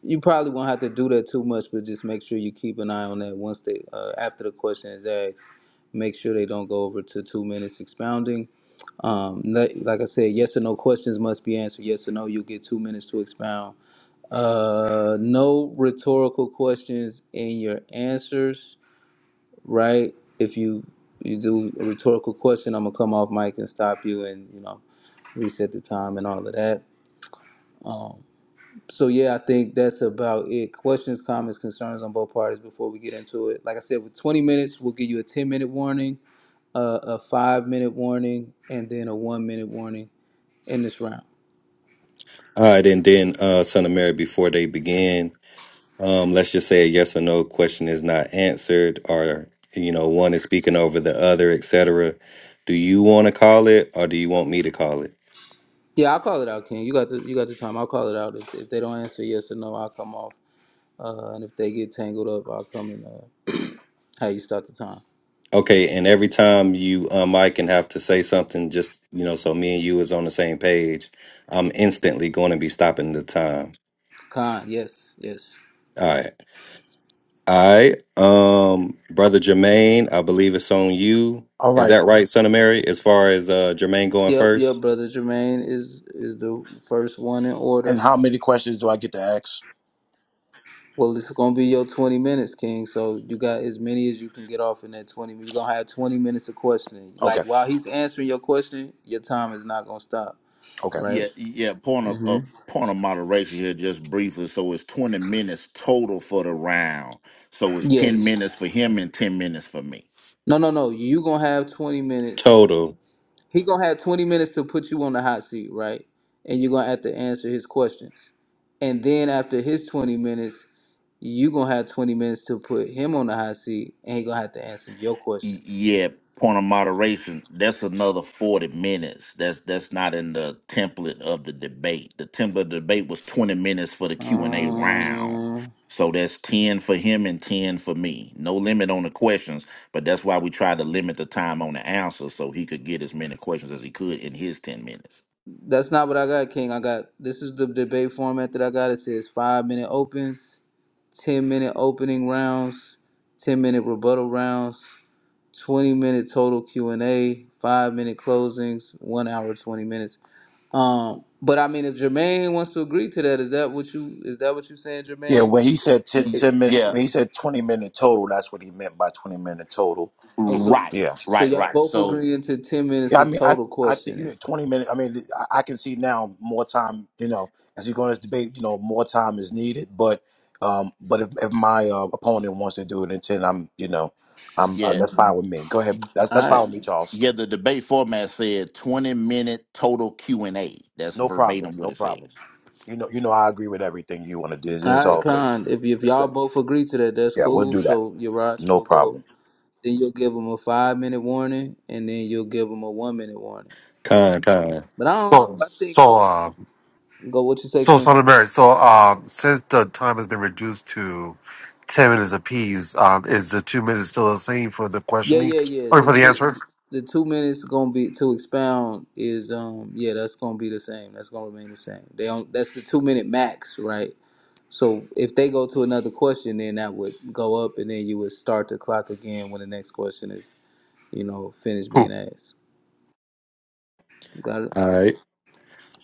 Speaker 5: you probably won't have to do that too much, but just make sure you keep an eye on that once they uh, after the question is asked. Make sure they don't go over to two minutes expounding. Um, like, like I said, yes or no questions must be answered. Yes or no, you'll get two minutes to expound. Uh, no rhetorical questions in your answers, right? If you you do a rhetorical question, I'm gonna come off mic and stop you and you know reset the time and all of that. Um, so yeah, I think that's about it. Questions, comments, concerns on both parties before we get into it. Like I said, with 20 minutes, we'll give you a 10 minute warning, uh, a five minute warning, and then a one minute warning in this round.
Speaker 9: All right, and then uh, son of Mary, before they begin, um, let's just say a yes or no question is not answered, or you know, one is speaking over the other, etc. Do you want to call it, or do you want me to call it?
Speaker 5: Yeah, I'll call it out, Ken. You got the you got the time. I'll call it out. If, if they don't answer yes or no, I'll come off. Uh, and if they get tangled up, I'll come and uh, hey, you start the time.
Speaker 9: Okay, and every time you unmic and have to say something, just you know, so me and you is on the same page, I'm instantly going to be stopping the time.
Speaker 5: Khan, yes, yes.
Speaker 9: All right, all right, um, brother Jermaine, I believe it's on you.
Speaker 2: All
Speaker 9: Is
Speaker 2: right.
Speaker 9: that right, son of Mary? As far as uh Jermaine going
Speaker 5: Yep, yep,
Speaker 9: first,
Speaker 5: brother Jermaine is is the first one in order.
Speaker 2: And how many questions do I get to ask?
Speaker 5: Well, it's gonna be your twenty minutes, King. So you got as many as you can get off in that twenty. You're gonna have twenty minutes of questioning. Like
Speaker 2: Okay.
Speaker 5: while he's answering your question, your time is not gonna stop,
Speaker 2: Okay.
Speaker 3: Yeah,
Speaker 5: right?
Speaker 3: yeah. Point of
Speaker 5: Mm-hmm.
Speaker 3: uh, point of moderation here, just briefly. So it's twenty minutes total for the round. So it's ten
Speaker 5: Yes.
Speaker 3: minutes for him and ten minutes for me.
Speaker 5: No, no, no. You gonna have twenty minutes.
Speaker 9: total
Speaker 5: He gonna have twenty minutes to put you on the hot seat, right? And you're gonna have to answer his questions. And then after his twenty minutes, you gonna have twenty minutes to put him on the hot seat, and he gonna have to answer your
Speaker 3: Y-
Speaker 5: questions.
Speaker 3: yeah. Point of moderation. That's another forty minutes. That's that's not in the template of the debate. The template of the debate was twenty minutes for the Q and A round.
Speaker 5: Um.
Speaker 3: So that's ten for him and ten for me. No limit on the questions, but that's why we tried to limit the time on the answer so he could get as many questions as he could in his ten minutes.
Speaker 5: That's not what I got, King. I got this is the debate format that I got. It says five minute opens, ten minute opening rounds, ten minute rebuttal rounds, twenty minute total Q and A, five minute closings, one hour twenty minutes. Um, but I mean, if Jermaine wants to agree to that, is that what you is that what you saying,
Speaker 2: Yeah.
Speaker 5: Jermaine?
Speaker 2: When he said 10,
Speaker 5: If,
Speaker 2: 10 minute,
Speaker 3: Yeah,
Speaker 2: when he said 20 minute total, that's what he meant by 20 minute total.
Speaker 5: oh, so
Speaker 3: right,
Speaker 2: Yeah.
Speaker 5: so
Speaker 3: right,
Speaker 5: y'all
Speaker 3: right.
Speaker 5: both
Speaker 3: So
Speaker 5: agreeing to ten minutes
Speaker 2: Yeah. I
Speaker 5: of
Speaker 2: mean, I,
Speaker 5: total
Speaker 2: I think you
Speaker 5: questioning.
Speaker 2: had 20 minutes. I mean, I, I can see now more time, you know, as you go in this debate, you know, more time is needed. But, um, but if, if my uh, opponent wants to do it in 10, I'm, you know, I'm, uh,
Speaker 3: yeah,
Speaker 2: that's fine with me. Go ahead. That's, that's
Speaker 5: All
Speaker 2: fine
Speaker 5: right,
Speaker 2: with me, Charles.
Speaker 3: yeah. The debate format said twenty minute total Q and A. That's
Speaker 2: No problem.
Speaker 3: verbatim what
Speaker 2: No
Speaker 3: it
Speaker 2: problem.
Speaker 3: says.
Speaker 2: You know, you know, I agree with everything you want to do. This
Speaker 5: all
Speaker 2: is
Speaker 5: right,
Speaker 2: all good.
Speaker 5: Con. If if
Speaker 2: Let's
Speaker 5: y'all
Speaker 2: go.
Speaker 5: both agree to that, that's
Speaker 2: Yeah, we'll
Speaker 5: cool.
Speaker 2: do that.
Speaker 5: So Yaraj
Speaker 2: No
Speaker 5: will go.
Speaker 2: problem.
Speaker 5: Then you'll give them a five minute warning, and then you'll give them a one minute warning.
Speaker 9: con con.
Speaker 5: But I don't know.
Speaker 6: So
Speaker 5: I think
Speaker 6: so uh,
Speaker 5: go what you say,
Speaker 6: so son
Speaker 5: King.
Speaker 6: of Mary. So um, since the time has been reduced to ten minutes apiece, um, is the two minutes still the same for the
Speaker 5: Yeah,
Speaker 6: questioning
Speaker 5: yeah, yeah.
Speaker 6: or
Speaker 5: The
Speaker 6: for the
Speaker 5: two,
Speaker 6: answer?
Speaker 5: the two minutes gonna be to expound is um yeah that's gonna be the same. That's gonna remain the same. They don't. That's the two minute max, right? So if they go to another question, then that would go up, and then you would start the clock again when the next question is you know finished
Speaker 6: Cool.
Speaker 5: being asked. Got it.
Speaker 9: All right,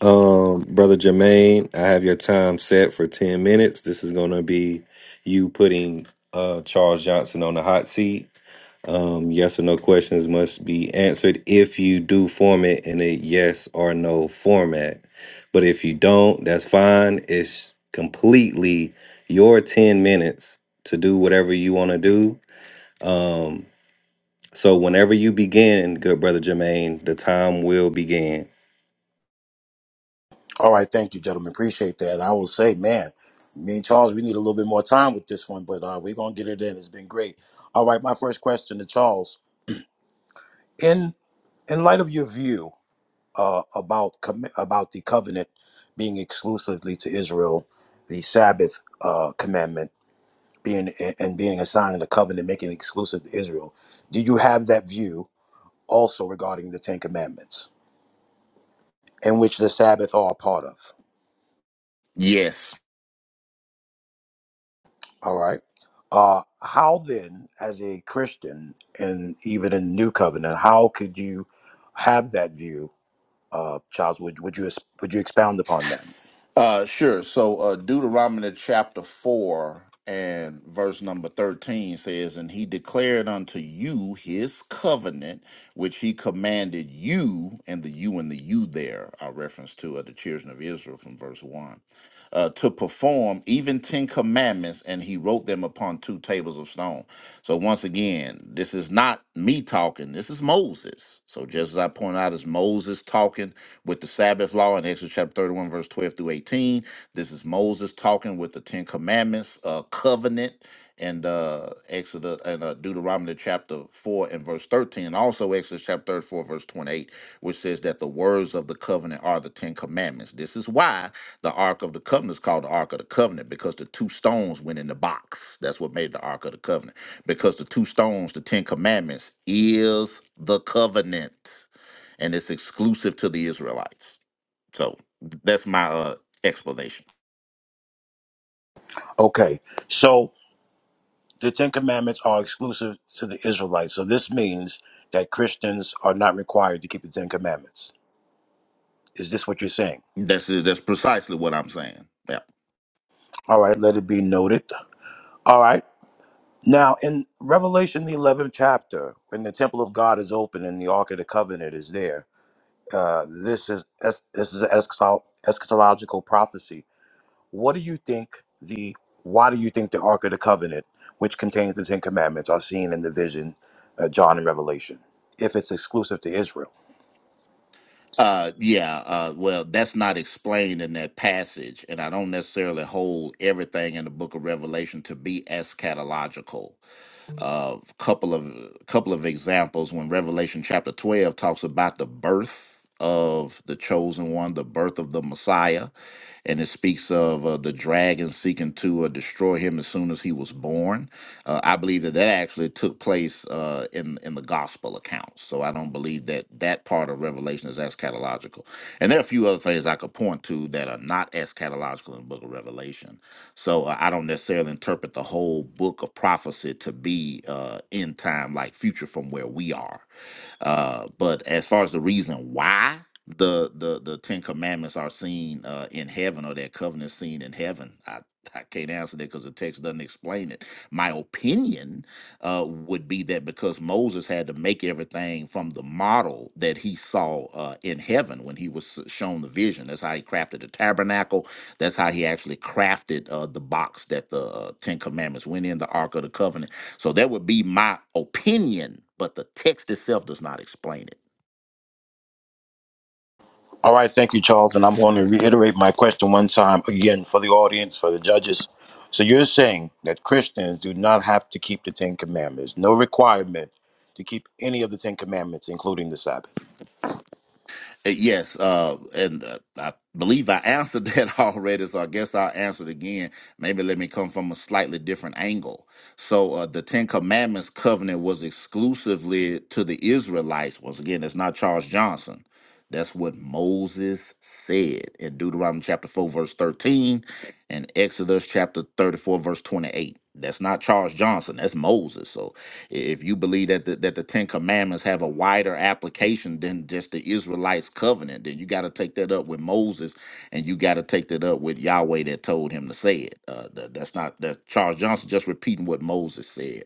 Speaker 9: um, brother Jermaine, I have your time set for ten minutes. This is going to be you putting uh Charles Johnson on the hot seat Um, yes or no questions must be answered if you do form it in a yes or no format. But if you don't, that's fine. It's completely your 10 minutes to do whatever you want to do. So whenever you begin, good brother Jermaine, the time will begin.
Speaker 2: All right. Thank you, gentlemen. Appreciate that. I will say, man, me and Charles, we need a little bit more time with this one, but uh, we're gonna get it in. It's been great. All right. My first question to Charles: in in light of your view uh, about commi- about the covenant being exclusively to Israel, the Sabbath uh, commandment being and being a sign of the covenant, making it exclusive to Israel, do you have that view? also regarding the Ten Commandments, in which the Sabbath are a part of.
Speaker 3: Yes.
Speaker 2: All right. Uh, how then, as a Christian and even in New Covenant, how could you have that view, uh, Charles? Would would you would you expound upon that?
Speaker 3: Uh, sure. So uh, Deuteronomy chapter four and verse number thirteen says, "And he declared unto you his covenant, which he commanded you, and the you and the you there are reference to uh, the children of Israel from verse one." uh, to perform even 10 commandments, and he wrote them upon two tables of stone. So, once again, this is not me talking, this is Moses. So, just as I point out, it's Moses talking with the Sabbath law in Exodus chapter 31, verse 12 through 18. This is Moses talking with the 10 commandments, uh, covenant and uh Exodus and uh, Deuteronomy chapter 4 and verse 13 and also Exodus chapter 34 verse 28 which says that the words of the covenant are the 10 commandments. This is why the ark of the covenant is called the ark of the covenant because the two stones went in the box. That's what made the ark of the covenant because the two stones, the 10 commandments is the covenant and it's exclusive to the Israelites. So th- that's my uh explanation.
Speaker 2: Okay, so the Ten Commandments are exclusive to the Israelites, so this means that Christians are not required to keep the Ten Commandments. Is this what you're saying?
Speaker 3: That's that's precisely what I'm saying. Yeah.
Speaker 2: All right, let it be noted. All right. Now, in Revelation, the 11th chapter, when the temple of God is open and the Ark of the Covenant is there, uh, this is es- this is an eschato- eschatological prophecy. What do you think the why do you think the Ark of the Covenant, which contains the Ten Commandments, are seen in the vision, uh, John and Revelation, if it's exclusive to Israel?
Speaker 3: Uh, yeah, uh, well, that's not explained in that passage, and I don't necessarily hold everything in the book of Revelation to be eschatological. A couple of couple of examples when Revelation chapter 12 talks about the birth of the chosen one, the birth of the Messiah and it speaks of uh, the dragon seeking to uh, destroy him as soon as he was born. Uh, I believe that that actually took place uh, in in the gospel accounts. So I don't believe that that part of Revelation is eschatological. And there are a few other things I could point to that are not eschatological in the Book of Revelation. So uh, I don't necessarily interpret the whole book of prophecy to be uh, end time, like future from where we are. Uh, but as far as the reason why the the the Ten Commandments are seen uh, in heaven, or that covenant seen in heaven. I I can't answer that because the text doesn't explain it. My opinion uh, would be that because Moses had to make everything from the model that he saw uh, in heaven when he was uh, shown the vision. That's how he crafted the tabernacle. That's how he actually crafted uh, the box that the uh, Ten Commandments went in, the Ark of the Covenant. So that would be my opinion, but the text itself does not explain it.
Speaker 2: All right, thank you, Charles, and I'm going to reiterate my question one time again for the audience, for the judges. So you're saying that Christians do not have to keep the Ten Commandments, no requirement to keep any of the Ten Commandments, including the Sabbath.
Speaker 3: Uh, Yes, uh, and uh, I believe I answered that already, so I guess I'll answer it again. Maybe let me come from a slightly different angle. So, uh, the Ten Commandments covenant was exclusively to the Israelites. Once again, that's not Charles Johnson. That's what Moses said in Deuteronomy chapter 4, verse 13, and Exodus chapter 34, verse 28. That's not Charles Johnson, that's Moses. So, if you believe that the, that the Ten Commandments have a wider application than just the Israelites' covenant, then you got to take that up with Moses, and you got to take that up with Yahweh that told him to say it. Uh, that, that's not that Charles Johnson just repeating what Moses said.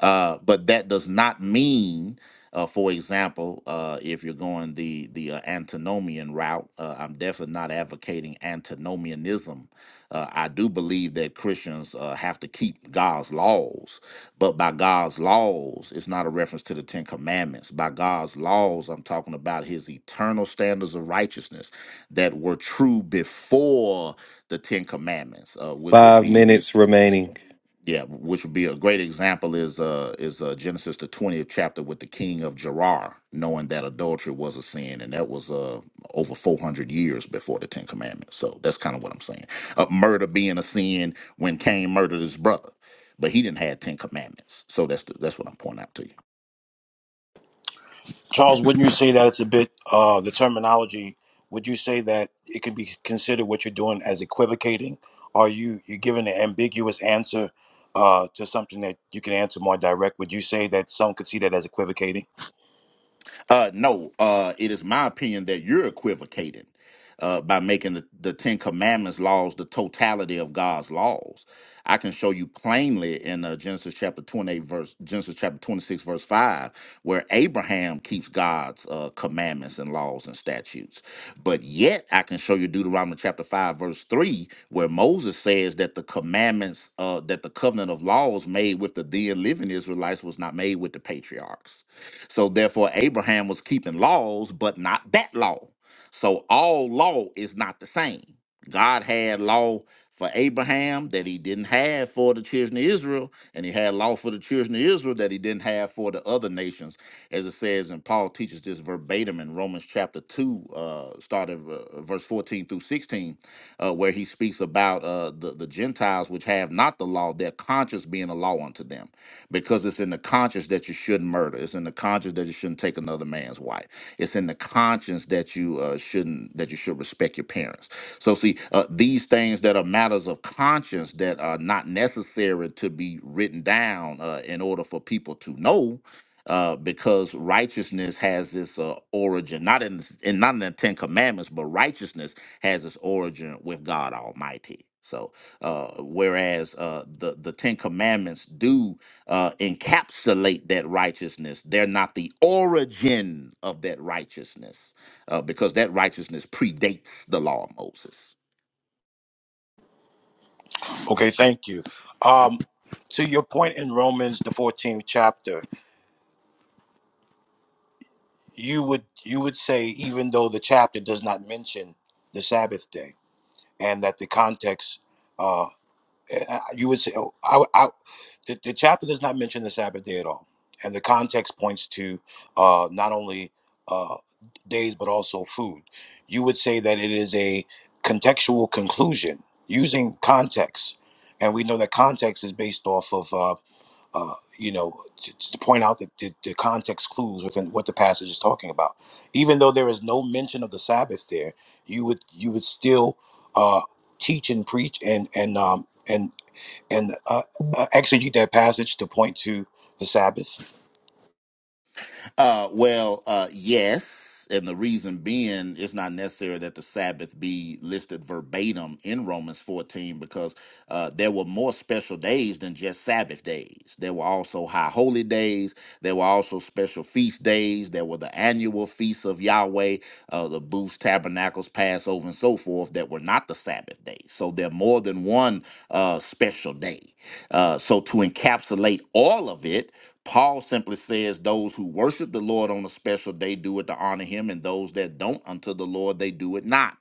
Speaker 3: Uh, but that does not mean uh, for example, uh, if you're going the the uh, antinomian route, uh, I'm definitely not advocating antinomianism. Uh, I do believe that Christians uh, have to keep God's laws, but by God's laws, it's not a reference to the Ten Commandments. By God's laws, I'm talking about his eternal standards of righteousness that were true before the Ten Commandments, uh, which would
Speaker 9: Five
Speaker 3: be
Speaker 9: minutes remaining.
Speaker 3: yeah, which would be a great example is uh is uh Genesis the twentieth chapter with the king of Gerar, knowing that adultery was a sin, and that was uh over four hundred years before the Ten Commandments. So that's kind of what I'm saying. Uh, murder being a sin when Cain murdered his brother, but he didn't have Ten Commandments. So that's the, that's what I'm pointing out to you.
Speaker 2: Charles, wouldn't you say that it's a bit, uh, the terminology, would you say that it could be considered what you're doing as equivocating? Are you, you're giving an ambiguous answer uh, to something that you can answer more direct? Would you say that some could see that as equivocating?
Speaker 3: Uh, no, uh, it is my opinion that you're equivocating uh, by making the, the Ten Commandments laws the totality of God's laws. I can show you plainly in uh, Genesis chapter 28, verse Genesis chapter 26, verse 5, where Abraham keeps God's uh, commandments and laws and statutes. But yet, I can show you Deuteronomy chapter 5, verse 3, where Moses says that the commandments, uh, that the covenant of laws made with the then living Israelites was not made with the patriarchs. So therefore, Abraham was keeping laws, but not that law. So all law is not the same. God had law for Abraham that he didn't have for the children of Israel, and he had law for the children of Israel that he didn't have for the other nations, as it says, and Paul teaches this verbatim in Romans chapter 2, uh, starting uh, verse 14 through 16, uh, where he speaks about uh, the, the Gentiles which have not the law, their conscience being a law unto them because it's in the conscience that you shouldn't murder. It's in the conscience that you shouldn't take another man's wife. It's in the conscience that you uh, shouldn't that you should respect your parents. So see, uh, these things that are matters of conscience that are not necessary to be written down uh, in order for people to know. Uh, because righteousness has this uh, origin, not in, in not in the Ten Commandments, but righteousness has its origin with God Almighty. So, uh, whereas uh, the the Ten Commandments do uh, encapsulate that righteousness. They're not the origin of that righteousness uh, because that righteousness predates the law of Moses.
Speaker 2: Okay, thank you. Um, to your point in Romans, the 14th chapter, you would you would say even though the chapter does not mention the Sabbath day and that the context uh uh, you would say oh, I, I, the, the chapter does not mention the Sabbath day at all and the context points to uh not only uh days but also food you would say that it is a contextual conclusion using context and we know that context is based off of uh, uh, you know, to, to point out the, the, the context clues within what the passage is talking about. Even though there is no mention of the Sabbath there, you would you would still uh, teach and preach and and um, and and uh, uh, exegete that passage to point to the Sabbath.
Speaker 3: Uh, well, uh, yes, and the reason being, it's not necessary that the Sabbath be listed verbatim in Romans 14 because uh, there were more special days than just Sabbath days. There were also high holy days. There were also special feast days. There were the annual feasts of Yahweh, uh, the booths, tabernacles, Passover, and so forth that were not the Sabbath days. So there are more than one uh, special day. Uh, so to encapsulate all of it, Paul simply says, Those who worship the Lord on a special day do it to honor him, and those that don't unto the Lord, they do it not.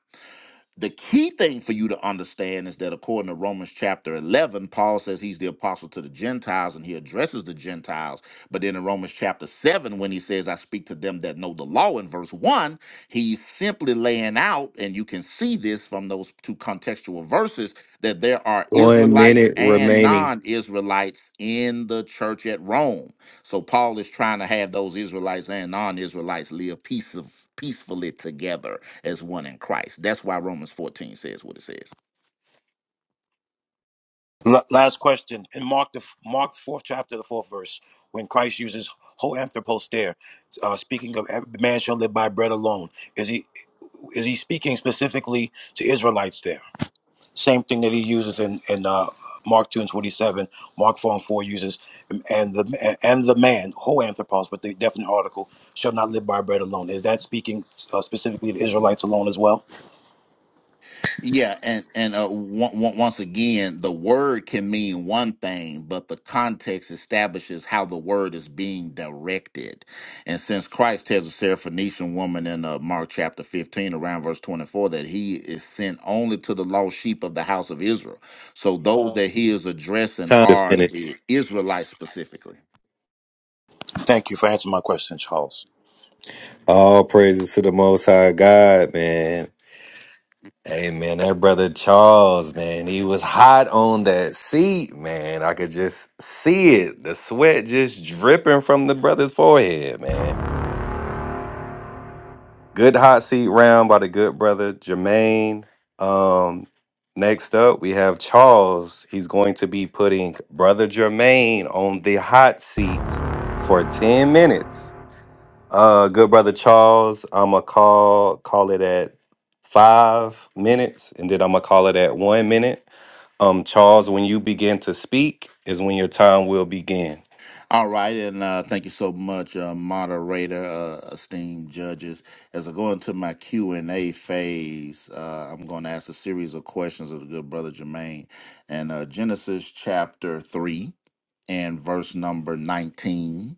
Speaker 3: The key thing for you to understand is that according to Romans chapter 11, Paul says he's the apostle to the Gentiles and he addresses the Gentiles. But then in Romans chapter 7, when he says, I speak to them that know the law in verse 1, he's simply laying out, and you can see this from those two contextual verses, that there are
Speaker 9: One
Speaker 3: Israelites
Speaker 9: minute
Speaker 3: and
Speaker 9: remaining.
Speaker 3: non Israelites in the church at Rome. So Paul is trying to have those Israelites and non Israelites live peace peacefully together as one in Christ. That's why Romans 14 says what it says.
Speaker 2: L- last question in Mark the f- Mark fourth chapter the fourth verse when Christ uses ho anthropos there, uh, speaking of every man shall live by bread alone. Is he is he speaking specifically to Israelites there? Same thing that he uses in in uh, Mark two and twenty seven. Mark four and four uses um, and the and the man whole anthropos, but the definite article shall not live by bread alone. Is that speaking uh, specifically to Israelites alone as well?
Speaker 3: Yeah, and and uh, on- once again, the word can mean one thing, but the context establishes how the word is being directed. And since Christ tells the Syrophoenician woman in uh, Mark chapter 15, around verse 24, that he is sent only to the lost sheep of the house of Israel. So those that he is addressing
Speaker 9: Time to
Speaker 3: are
Speaker 9: finish.
Speaker 3: the Israelites specifically.
Speaker 2: Thank you for answering my question, Charles.
Speaker 9: All praises to the Most High God, man. Hey man, that brother Charles, man, he was hot on that seat, man. I could just see it. The sweat just dripping from the brother's forehead, man. Good hot seat round by the good brother Jermaine. Um, next up we have Charles. He's going to be putting brother Jermaine on the hot seat for 10 minutes. Uh, good brother Charles, I'm gonna call call it at five minutes, and then I'm gonna call it at one minute. Um, Charles, when you begin to speak is when your time will begin.
Speaker 3: All right, and uh, thank you so much, uh, moderator, uh, esteemed judges. As I go into my Q and A phase, uh, I'm going to ask a series of questions of the good brother Jermaine, and uh, Genesis chapter three and verse number nineteen.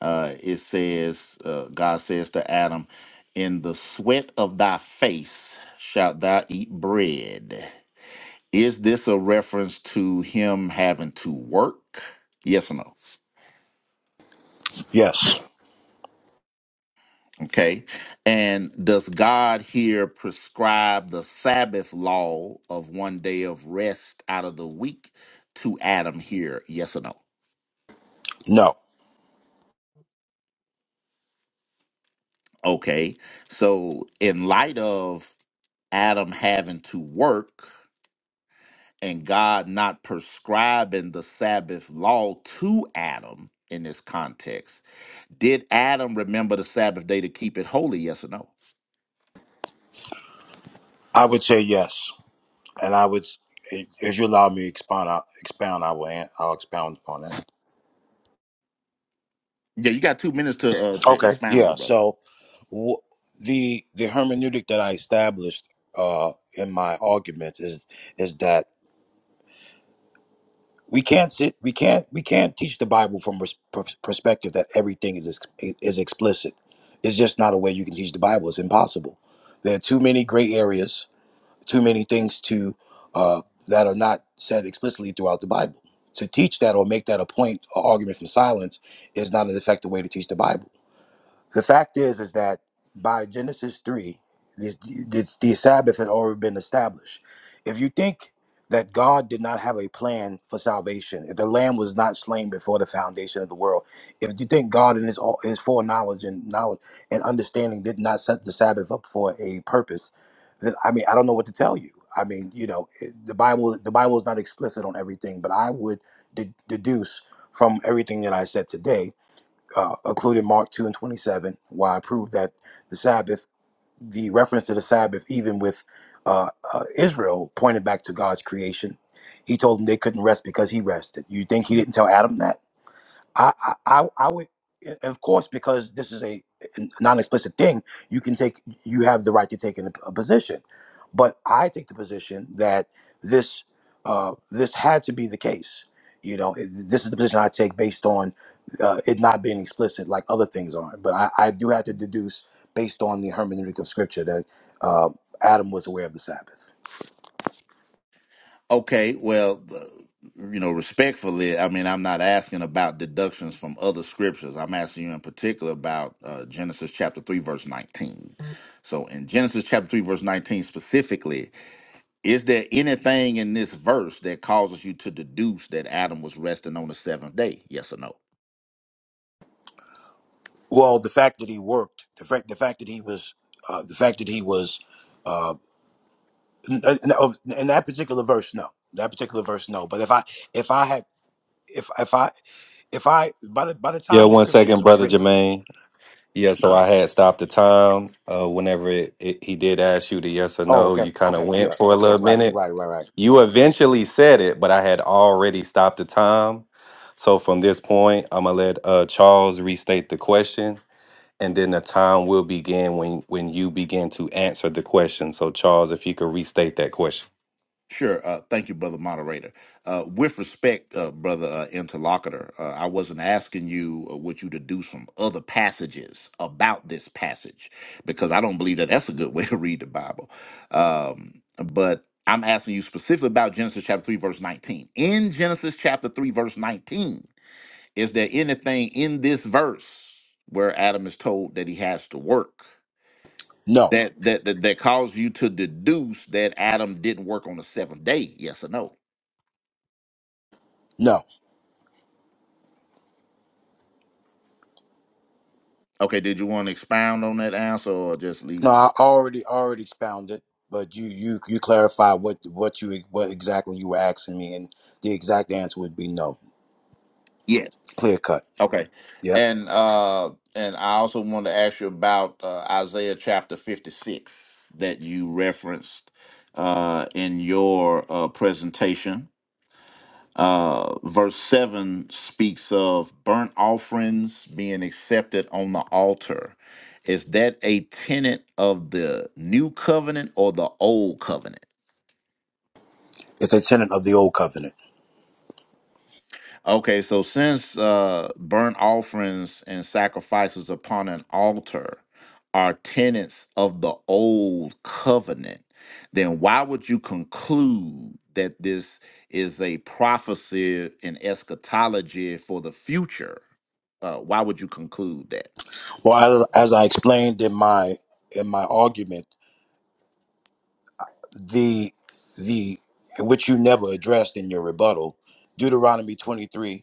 Speaker 3: Uh, it says, uh, God says to Adam, "In the sweat of thy face shalt thou eat bread." Is this a reference to him having to work? Yes or no?
Speaker 2: Yes.
Speaker 3: Okay. And does God here prescribe the Sabbath law of one day of rest out of the week to Adam here? Yes or no?
Speaker 2: No.
Speaker 3: Okay. So, in light of Adam having to work and God not prescribing the Sabbath law to Adam in this context, did Adam remember the Sabbath day to keep it holy? Yes or no?
Speaker 2: I would say yes, and I would. If you allow me to expound, I, expound, I will. an- I'll expound upon that.
Speaker 3: Yeah, you got two minutes to uh, to
Speaker 2: Okay.
Speaker 3: expound,
Speaker 2: Yeah.
Speaker 3: good brother.
Speaker 2: So w- the the hermeneutic that I established uh, in my arguments is is that we can't sit we can't we can't teach the bible from pers- pers- perspective that everything is ex- is explicit it's just not a way you can teach the bible it's impossible there are too many gray areas too many things to uh, that are not said explicitly throughout the bible to teach that or make that a point or argument from silence is not an effective way to teach the bible the fact is, is that by Genesis three, the, the, the Sabbath had already been established. If you think that God did not have a plan for salvation, if the Lamb was not slain before the foundation of the world, if you think God in His all- His foreknowledge and knowledge and understanding did not set the Sabbath up for a purpose, then I mean, I don't know what to tell you. I mean, you know, it- the Bible the Bible is not explicit on everything, but I would de- deduce from everything that I said today uh, including Mark 2 and 27, where I proved that the Sabbath, the reference to the Sabbath, even with uh, uh, Israel, pointed back to God's creation. He told them they couldn't rest because he rested. You think he didn't tell Adam that? I, I, I I would, of course, because this is a non-explicit thing. You can take, you have the right to take an, a position, but I take the position that this, uh, this had to be the case. You know, it- this is the position I take based on uh, it not being explicit, like other things aren't. But I, I do have to deduce based on the hermeneutic of Scripture that uh, Adam was aware of the Sabbath.
Speaker 3: Okay, well, uh, you know, respectfully, I mean, I'm not asking about deductions from other scriptures. I'm asking you in particular about uh, Genesis chapter 3, verse 19. So, in Genesis chapter 3, verse 19 specifically, is there anything in this verse that causes you to deduce that Adam was resting on the seventh day? Yes or no?
Speaker 2: Well, the fact that he worked, the fact, the fact that he was, uh, the fact that he was Uh, no, oh, in that particular verse no that particular verse no but if i if i had if if i if i by the by the
Speaker 9: Yeah,
Speaker 2: time the
Speaker 9: one second,
Speaker 2: scriptures were
Speaker 9: brother
Speaker 2: written
Speaker 9: Jermaine. Yeah,
Speaker 2: I'm
Speaker 9: so
Speaker 2: sorry
Speaker 9: I had stopped the time. Uh, whenever it, it, he did ask you the yes or
Speaker 2: oh
Speaker 9: no,
Speaker 2: okay
Speaker 9: you kind of
Speaker 2: okay yeah
Speaker 9: went for a little minute.
Speaker 2: right
Speaker 9: You eventually said it, but I had already stopped the time. So from this point, I'm gonna let uh, Charles restate the question, and then the time will begin when when you begin to answer the question. So, Charles, if you could restate that question.
Speaker 3: Sure. Uh, thank you, brother moderator. Uh, with respect, uh, brother uh, interlocutor, uh, I wasn't asking you uh, what you to do some other passages about this passage because I don't believe that that's a good way to read the Bible. Um, but I'm asking you specifically about Genesis chapter 3, verse 19. In Genesis chapter 3, verse 19, is there anything in this verse where Adam is told that he has to work?
Speaker 2: no
Speaker 3: That, that that that caused you to deduce that Adam didn't work on the seventh day? Yes or no?
Speaker 2: no
Speaker 3: Okay, did you want to expound on that answer or just leave?
Speaker 2: no i already already expounded but you you you clarify what what you what exactly you were asking me and the exact answer would be no
Speaker 3: Yes.
Speaker 2: clear cut
Speaker 3: Okay.
Speaker 2: yeah
Speaker 3: And uh and I also want to ask you about uh, Isaiah chapter 56 that you referenced uh in your uh presentation. Uh verse 7 speaks of burnt offerings being accepted on the altar. Is that a tenet of the new covenant or the old covenant?
Speaker 2: it's a tenant of the old covenant
Speaker 3: Okay, so since uh, burnt offerings and sacrifices upon an altar are tenets of the old covenant, then why would you conclude that this is a prophecy and eschatology for the future? Uh, why would you conclude that?
Speaker 2: well I, as i explained in my in my argument the the which you never addressed in your rebuttal deuteronomy 23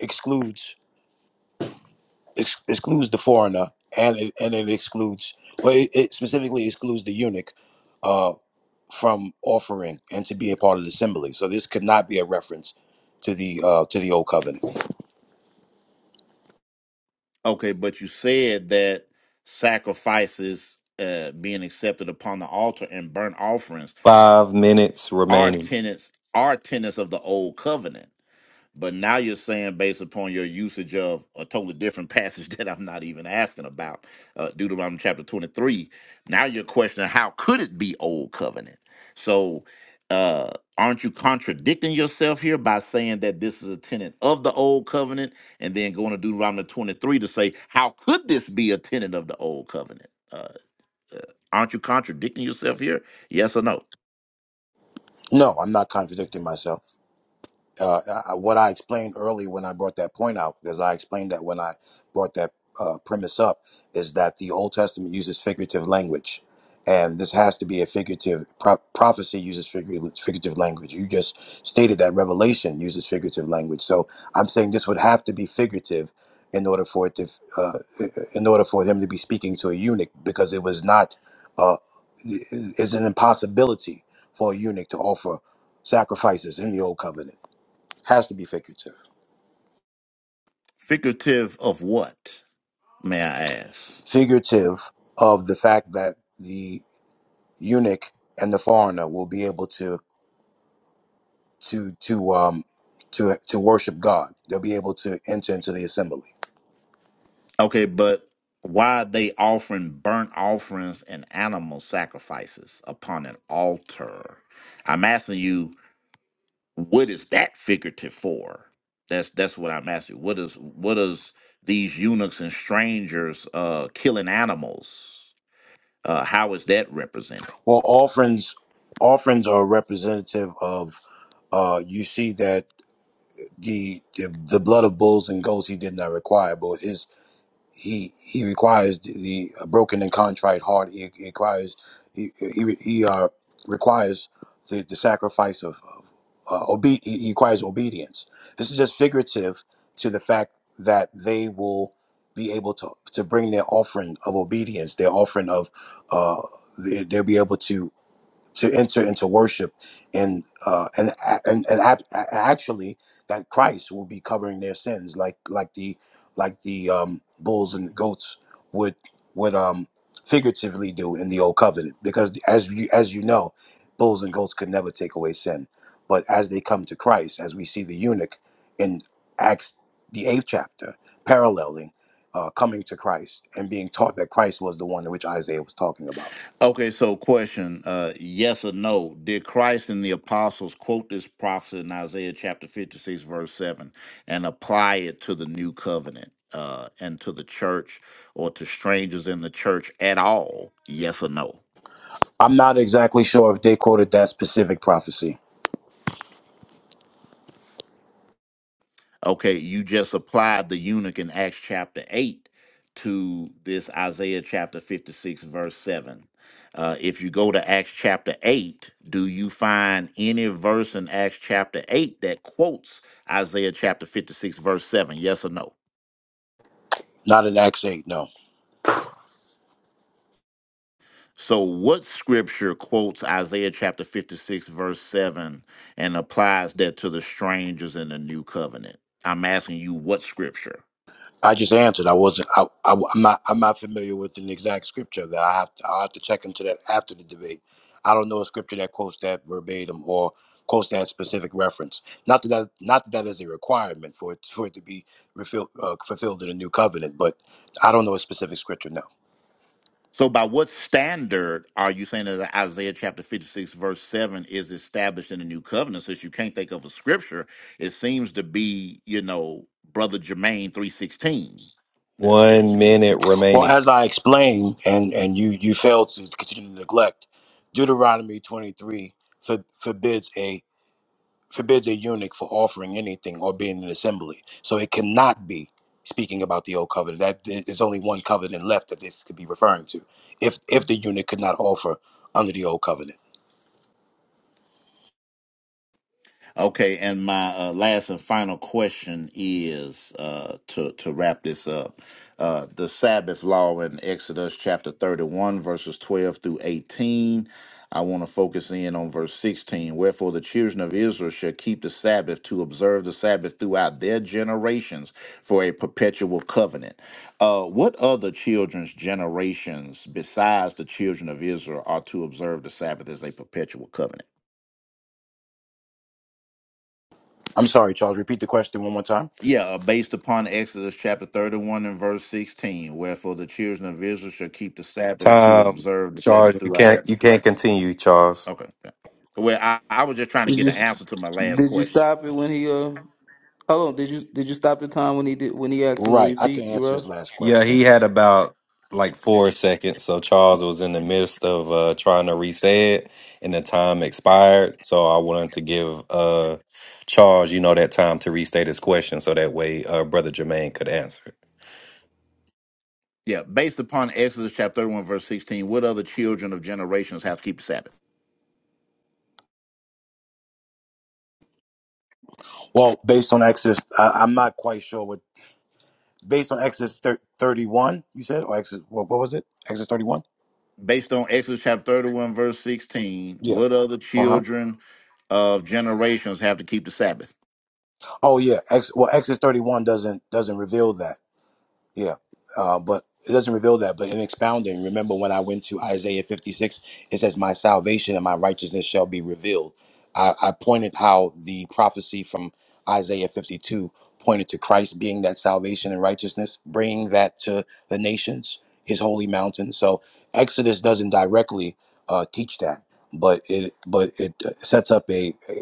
Speaker 2: excludes ex- excludes the foreigner and it, and it excludes well it, it specifically excludes the eunuch from offering and to be a part of the assembly so this could not be a reference to the uh to the old covenant
Speaker 3: Okay, but you said that sacrifices uh, being accepted upon the altar and burnt offerings
Speaker 9: Five minutes
Speaker 3: are
Speaker 9: remaining.
Speaker 3: tenets are tenets of the old covenant. But now you're saying, based upon your usage of a totally different passage that I'm not even asking about, uh, Deuteronomy chapter 23, now you're questioning how could it be old covenant? So, uh, aren't you contradicting yourself here by saying that this is a tenant of the old covenant and then going to Deuteronomy 23 to say, how could this be a tenant of the old covenant? Uh, uh, aren't you contradicting yourself here? Yes or no?
Speaker 2: no i'm not contradicting myself uh, I- what I explained earlier when I brought that point out, because I explained that when I brought that uh, premise up, is that the Old Testament uses figurative language. And this has to be a figurative pro- prophecy uses figurative, figurative language. You just stated that Revelation uses figurative language, so I'm saying this would have to be figurative in order for it to, f- uh, in order for him to be speaking to a eunuch, because it was not, uh, is an impossibility for a eunuch to offer sacrifices in the old covenant has to be figurative.
Speaker 3: Figurative of what, may I ask?
Speaker 2: Figurative of the fact that the eunuch and the foreigner will be able to to to um to to worship God. They'll be able to enter into the assembly.
Speaker 3: Okay, but why are they offering burnt offerings and animal sacrifices upon an altar? I'm asking you, what is that figurative for? That's that's what I'm asking. What is what is these eunuchs and strangers uh, killing animals? Uh, how is that represented?
Speaker 2: Well, offerings offerings are representative of uh you see that the the, the blood of bulls and goats he did not require, but is he he requires the, the a broken and contrite heart. He, he requires he he, he uh, requires the, the sacrifice of, of uh, obe- he he requires obedience. This is just figurative to the fact that they will be able to to bring their offering of obedience, their offering of uh, they, they'll be able to to enter into worship and uh and and, and ap- actually that christ will be covering their sins like like the like the um bulls and goats would would um figuratively do in the old covenant because as you as you know bulls and goats could never take away sin but as they come to christ as we see the eunuch in acts the eighth chapter paralleling uh, coming to christ and being taught that christ was the one in which isaiah was talking about
Speaker 3: Okay, so question, uh, yes or no? Did Christ and the apostles quote this prophecy in Isaiah chapter 56, verse 7, and apply it to the new covenant uh, and to the church or to strangers in the church at all? Yes or no?
Speaker 2: I'm not exactly sure if they quoted that specific prophecy.
Speaker 3: Okay, you just applied the eunuch in Acts chapter 8 to this Isaiah chapter 56, verse 7. Uh, if you go to Acts chapter 8, do you find any verse in Acts chapter 8 that quotes Isaiah chapter 56, verse 7? Yes or no?
Speaker 2: Not in Acts eight. No,
Speaker 3: So, what scripture quotes Isaiah chapter 56, verse 7 and applies that to the strangers in the new covenant? I'm asking you what scripture?
Speaker 2: I just answered. I wasn't. I, I, am not. I'm not familiar with an exact scripture that I have to. I will have to check into that after the debate. I don't know a scripture that quotes that verbatim or quotes that specific reference. Not that, that not that that is a requirement for it for it to be refilled, uh, fulfilled in the new covenant, but I don't know a specific scripture now.
Speaker 3: So, by what standard are you saying that Isaiah chapter 56, verse 7 is established in the new covenant? Since you can't think of a scripture, it seems to be, you know, Brother Jermaine 316. That's what it
Speaker 9: One
Speaker 3: seems.
Speaker 9: minute
Speaker 2: Well,
Speaker 9: remaining.
Speaker 2: as I explained, and and you you failed to continue to neglect Deuteronomy 23 for, forbids a forbids a eunuch for offering anything or being in an assembly. So it cannot be speaking about the old covenant. That there's only one covenant left that this could be referring to. If if the eunuch could not offer under the old covenant.
Speaker 3: Okay, and my uh, last and final question is uh, to to wrap this up. Uh, the Sabbath law in Exodus chapter 31, verses 12 through 18. I want to focus in on verse 16. Wherefore the children of Israel shall keep the Sabbath to observe the Sabbath throughout their generations for a perpetual covenant. Uh, what other children's generations besides the children of Israel are to observe the Sabbath as a perpetual covenant?
Speaker 2: I'm sorry, Charles. Repeat the question one more time.
Speaker 3: Yeah, uh, based upon Exodus chapter 31 and verse 16, wherefore the children of Israel shall keep the Sabbath to
Speaker 9: Time,
Speaker 3: observe the Sabbath
Speaker 9: Charles. You
Speaker 3: throughout.
Speaker 9: can't you can't continue, Charles.
Speaker 3: Okay. yeah. Well, I, I was just trying to
Speaker 5: Did
Speaker 3: get
Speaker 5: you
Speaker 3: an answer to my last
Speaker 5: did you
Speaker 3: question.
Speaker 5: stop it when he uh? Hold on, did you did you stop the time when he did when he asked him to
Speaker 2: Right, I can
Speaker 5: repeat, you
Speaker 2: answer his
Speaker 5: rush?
Speaker 2: last
Speaker 9: Yeah,
Speaker 2: question.
Speaker 9: he had about like four seconds. So Charles was in the midst of uh, trying to re-say it, and the time expired. So I wanted to give uh, Charles, you know, that time to restate his question, so that way, uh, brother Jermaine could answer.
Speaker 3: Yeah, based upon Exodus chapter 31, verse 16, what other children of generations have to keep the Sabbath?
Speaker 2: Well, based on Exodus, I, I'm not quite sure what. Based on Exodus thir- 31, you said, or Exodus, what, what was it? Exodus 31.
Speaker 3: Based on Exodus chapter 31, verse 16,
Speaker 2: Yeah.
Speaker 3: what other
Speaker 2: Uh huh.
Speaker 3: children of generations have to keep the Sabbath?
Speaker 2: Oh yeah. Ex- well, Exodus 31 doesn't doesn't reveal that. Yeah, uh, but it doesn't reveal that. But in expounding, remember when I went to Isaiah 56, it says, "My salvation and my righteousness shall be revealed." I, I pointed how the prophecy from Isaiah 52 pointed to Christ being that salvation and righteousness, bringing that to the nations, His holy mountain. So Exodus doesn't directly uh, teach that, but it but it uh, sets up a, a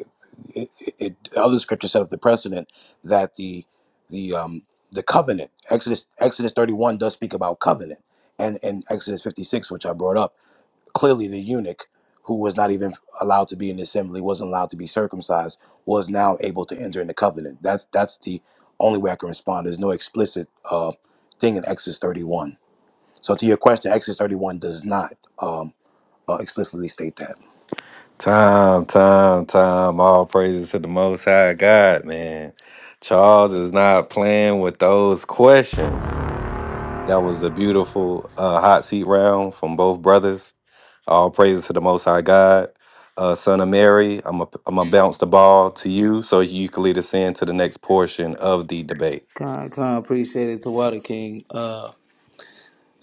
Speaker 2: it, it, it- other scriptures set up the precedent that the the um, the covenant. Exodus Exodus 31 does speak about covenant. And in Exodus 56, which I brought up, clearly the eunuch who was not even allowed to be in the assembly, wasn't allowed circumcised, was now able to enter in the covenant. That's that's the only way I can respond. There's no explicit uh, thing in Exodus 31. So to your question, Exodus 31 does not um, uh, explicitly state that.
Speaker 9: Time, time, time. All praises to the Most High God, man. Charles is not playing with those questions. That was a beautiful uh, hot seat round from both brothers. All praises to the Most High God. Uh, son of Mary, I'm going to bounce the ball to you so you can lead us into the next portion of the debate.
Speaker 5: Con con appreciate it to Water King. Uh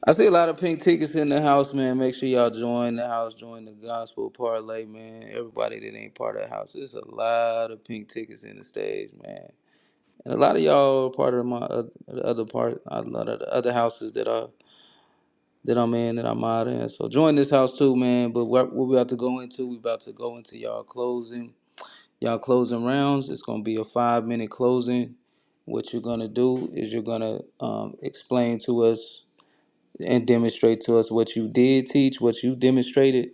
Speaker 5: I see a lot of pink tickets in the house, man. Make sure y'all join the house, join the gospel parlay, man. Everybody that ain't part of the house. There's a lot of pink tickets in the stage, man. And a lot of y'all are part of my oth- the other part, a lot of the other houses that are that I'm in, that I'm out in. So join this house too, man. But what, what we about to go into, we about to go into y'all closing. Y'all closing rounds. It's gonna be a five minute closing. What you're gonna do is you're gonna um, explain to us and demonstrate to us what you did teach, what you demonstrated,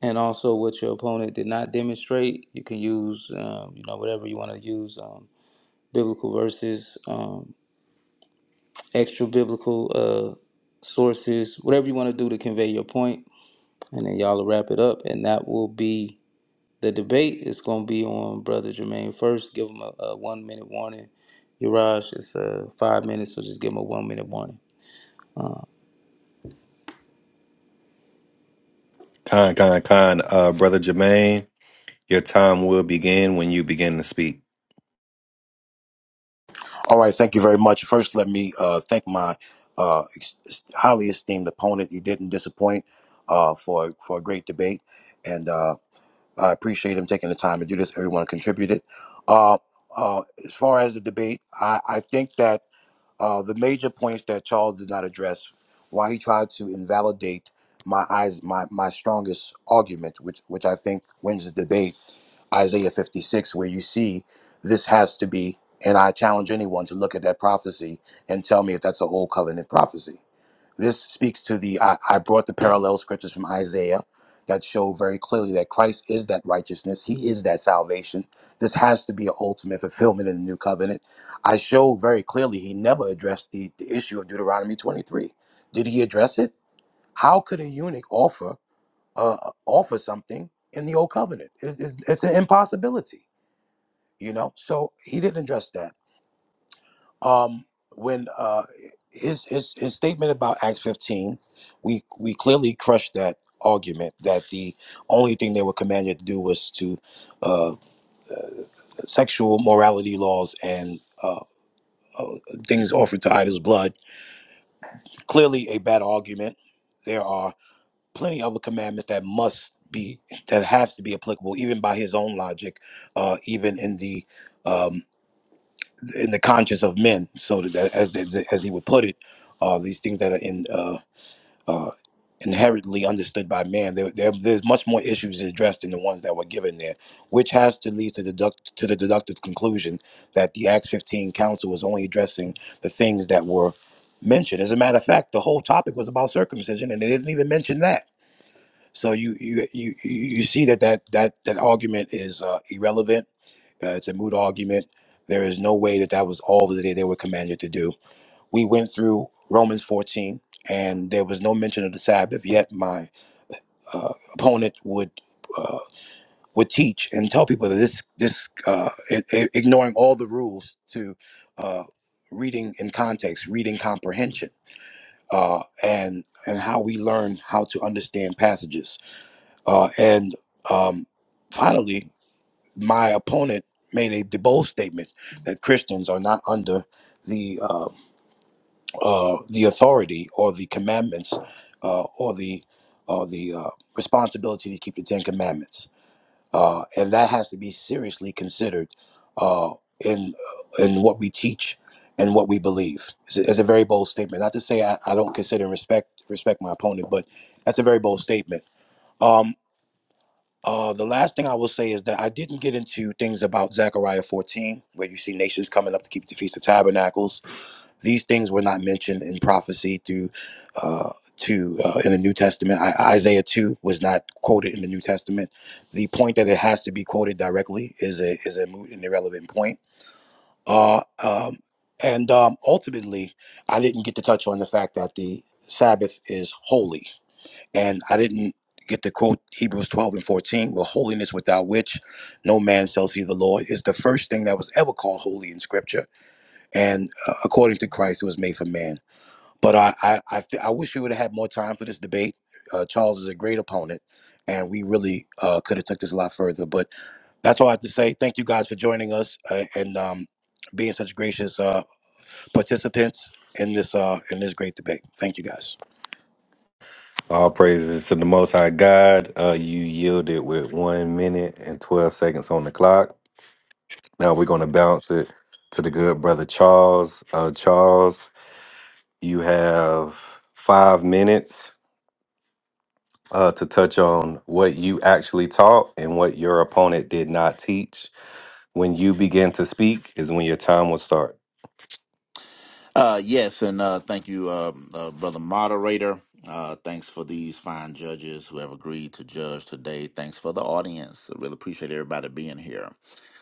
Speaker 5: and also what your opponent did not demonstrate. You can use, um, you know, whatever you want to use, um, biblical verses, um, extra biblical uh, sources, whatever you want to do to convey your point, and then y'all will wrap it up, and that will be The debate is going to be on Brother Jermaine first. Give him a, a one minute warning. Uraj, it's uh, five minutes, so just give him a one minute warning.
Speaker 9: Con, con, con. Uh, Brother Jermaine, your time will begin when you begin to speak.
Speaker 2: All right, thank you very much. First, let me uh, thank my uh, ex- highly esteemed opponent. He didn't disappoint uh, for for a great debate, and uh, I appreciate him taking the time to do this. Everyone contributed. Uh, uh, as far as the debate, I, I think that uh, the major points that Charles did not address, why he tried to invalidate my eyes, my my strongest argument, which which I think wins the debate Isaiah 56, where you see this has to be, and I challenge anyone to look at that prophecy and tell me if that's an old covenant prophecy. This speaks to the, I, I brought the parallel scriptures from Isaiah that show very clearly that Christ is that righteousness, He is that salvation. This has to be an ultimate fulfillment in the new covenant. I show very clearly He never addressed the, the issue of Deuteronomy 23. Did He address it? How could a eunuch offer uh, offer something in the old covenant? It, it, it's an impossibility you know so he didn't address that um when uh his his, his statement about acts 15 we we clearly crushed that argument that the only thing they were commanded to do was to uh sexual morality laws and uh, uh things offered to idols blood clearly a bad argument there are plenty of other commandments that must be that has to be applicable even by his own logic uh even in the um, in the conscience of men. So that, as as he would put it, uh, these things that are in uh, uh, inherently understood by man, there, there, there's much more issues addressed than the ones that were given there, which has to lead to deduct to the deductive conclusion that the Acts 15 council was only addressing the things that were mentioned. As a matter of fact, the whole topic was about circumcision, and they didn't even mention that. So you you you you see that that that that argument is uh, irrelevant uh, it's a moot argument. There is no way that that was all that they, they were commanded to do. We went through Romans 14, and there was no mention of the Sabbath. Yet my uh, opponent would uh, would teach and tell people that this this uh, i- i- ignoring all the rules to uh, reading in context, reading comprehension, uh, and and how we learn how to understand passages, uh, and um, finally. my opponent made a de- bold statement that Christians are not under the uh, uh, the authority or the commandments uh, or the or the uh, responsibility to keep the Ten Commandments, uh, and that has to be seriously considered uh, in uh, in what we teach and what we believe. It's a, it's a very bold statement. Not to say I, I don't consider and respect respect my opponent, but that's a very bold statement. Um, uh, the last thing I will say is that I didn't get into things about Zechariah 14, where you see nations coming up to keep the Feast of Tabernacles. These things were not mentioned in prophecy through, uh, to uh, in the New Testament. Isaiah 2 was not quoted in the New Testament. The point that it has to be quoted directly is a is a moot and irrelevant point. Uh, um, and um, ultimately, I didn't get to touch on the fact that the Sabbath is holy and I didn't get to quote Hebrews 12 and 14, well, holiness without which no man shall see the Lord is the first thing that was ever called holy in scripture. And uh, according to Christ, it was made for man. But I, I, I, th- I wish we would have had more time for this debate. Uh, Charles is a great opponent and we really uh, could have took this a lot further. But that's all I have to say. Thank you guys for joining us uh, and um, being such gracious uh, participants in this uh, in this great debate. Thank you guys.
Speaker 9: All praises to the Most High God. Uh, you yielded with one minute and 12 seconds on the clock. Now we're going to bounce it to the good brother Charles. Uh, Charles, you have five minutes uh, to touch on what you actually taught and what your opponent did not teach. When you begin to speak, is when your time will start.
Speaker 3: Uh, yes, and uh, thank you, uh, uh, brother moderator. Uh, thanks for these fine judges who have agreed to judge today. Thanks for the audience. I really appreciate everybody being here.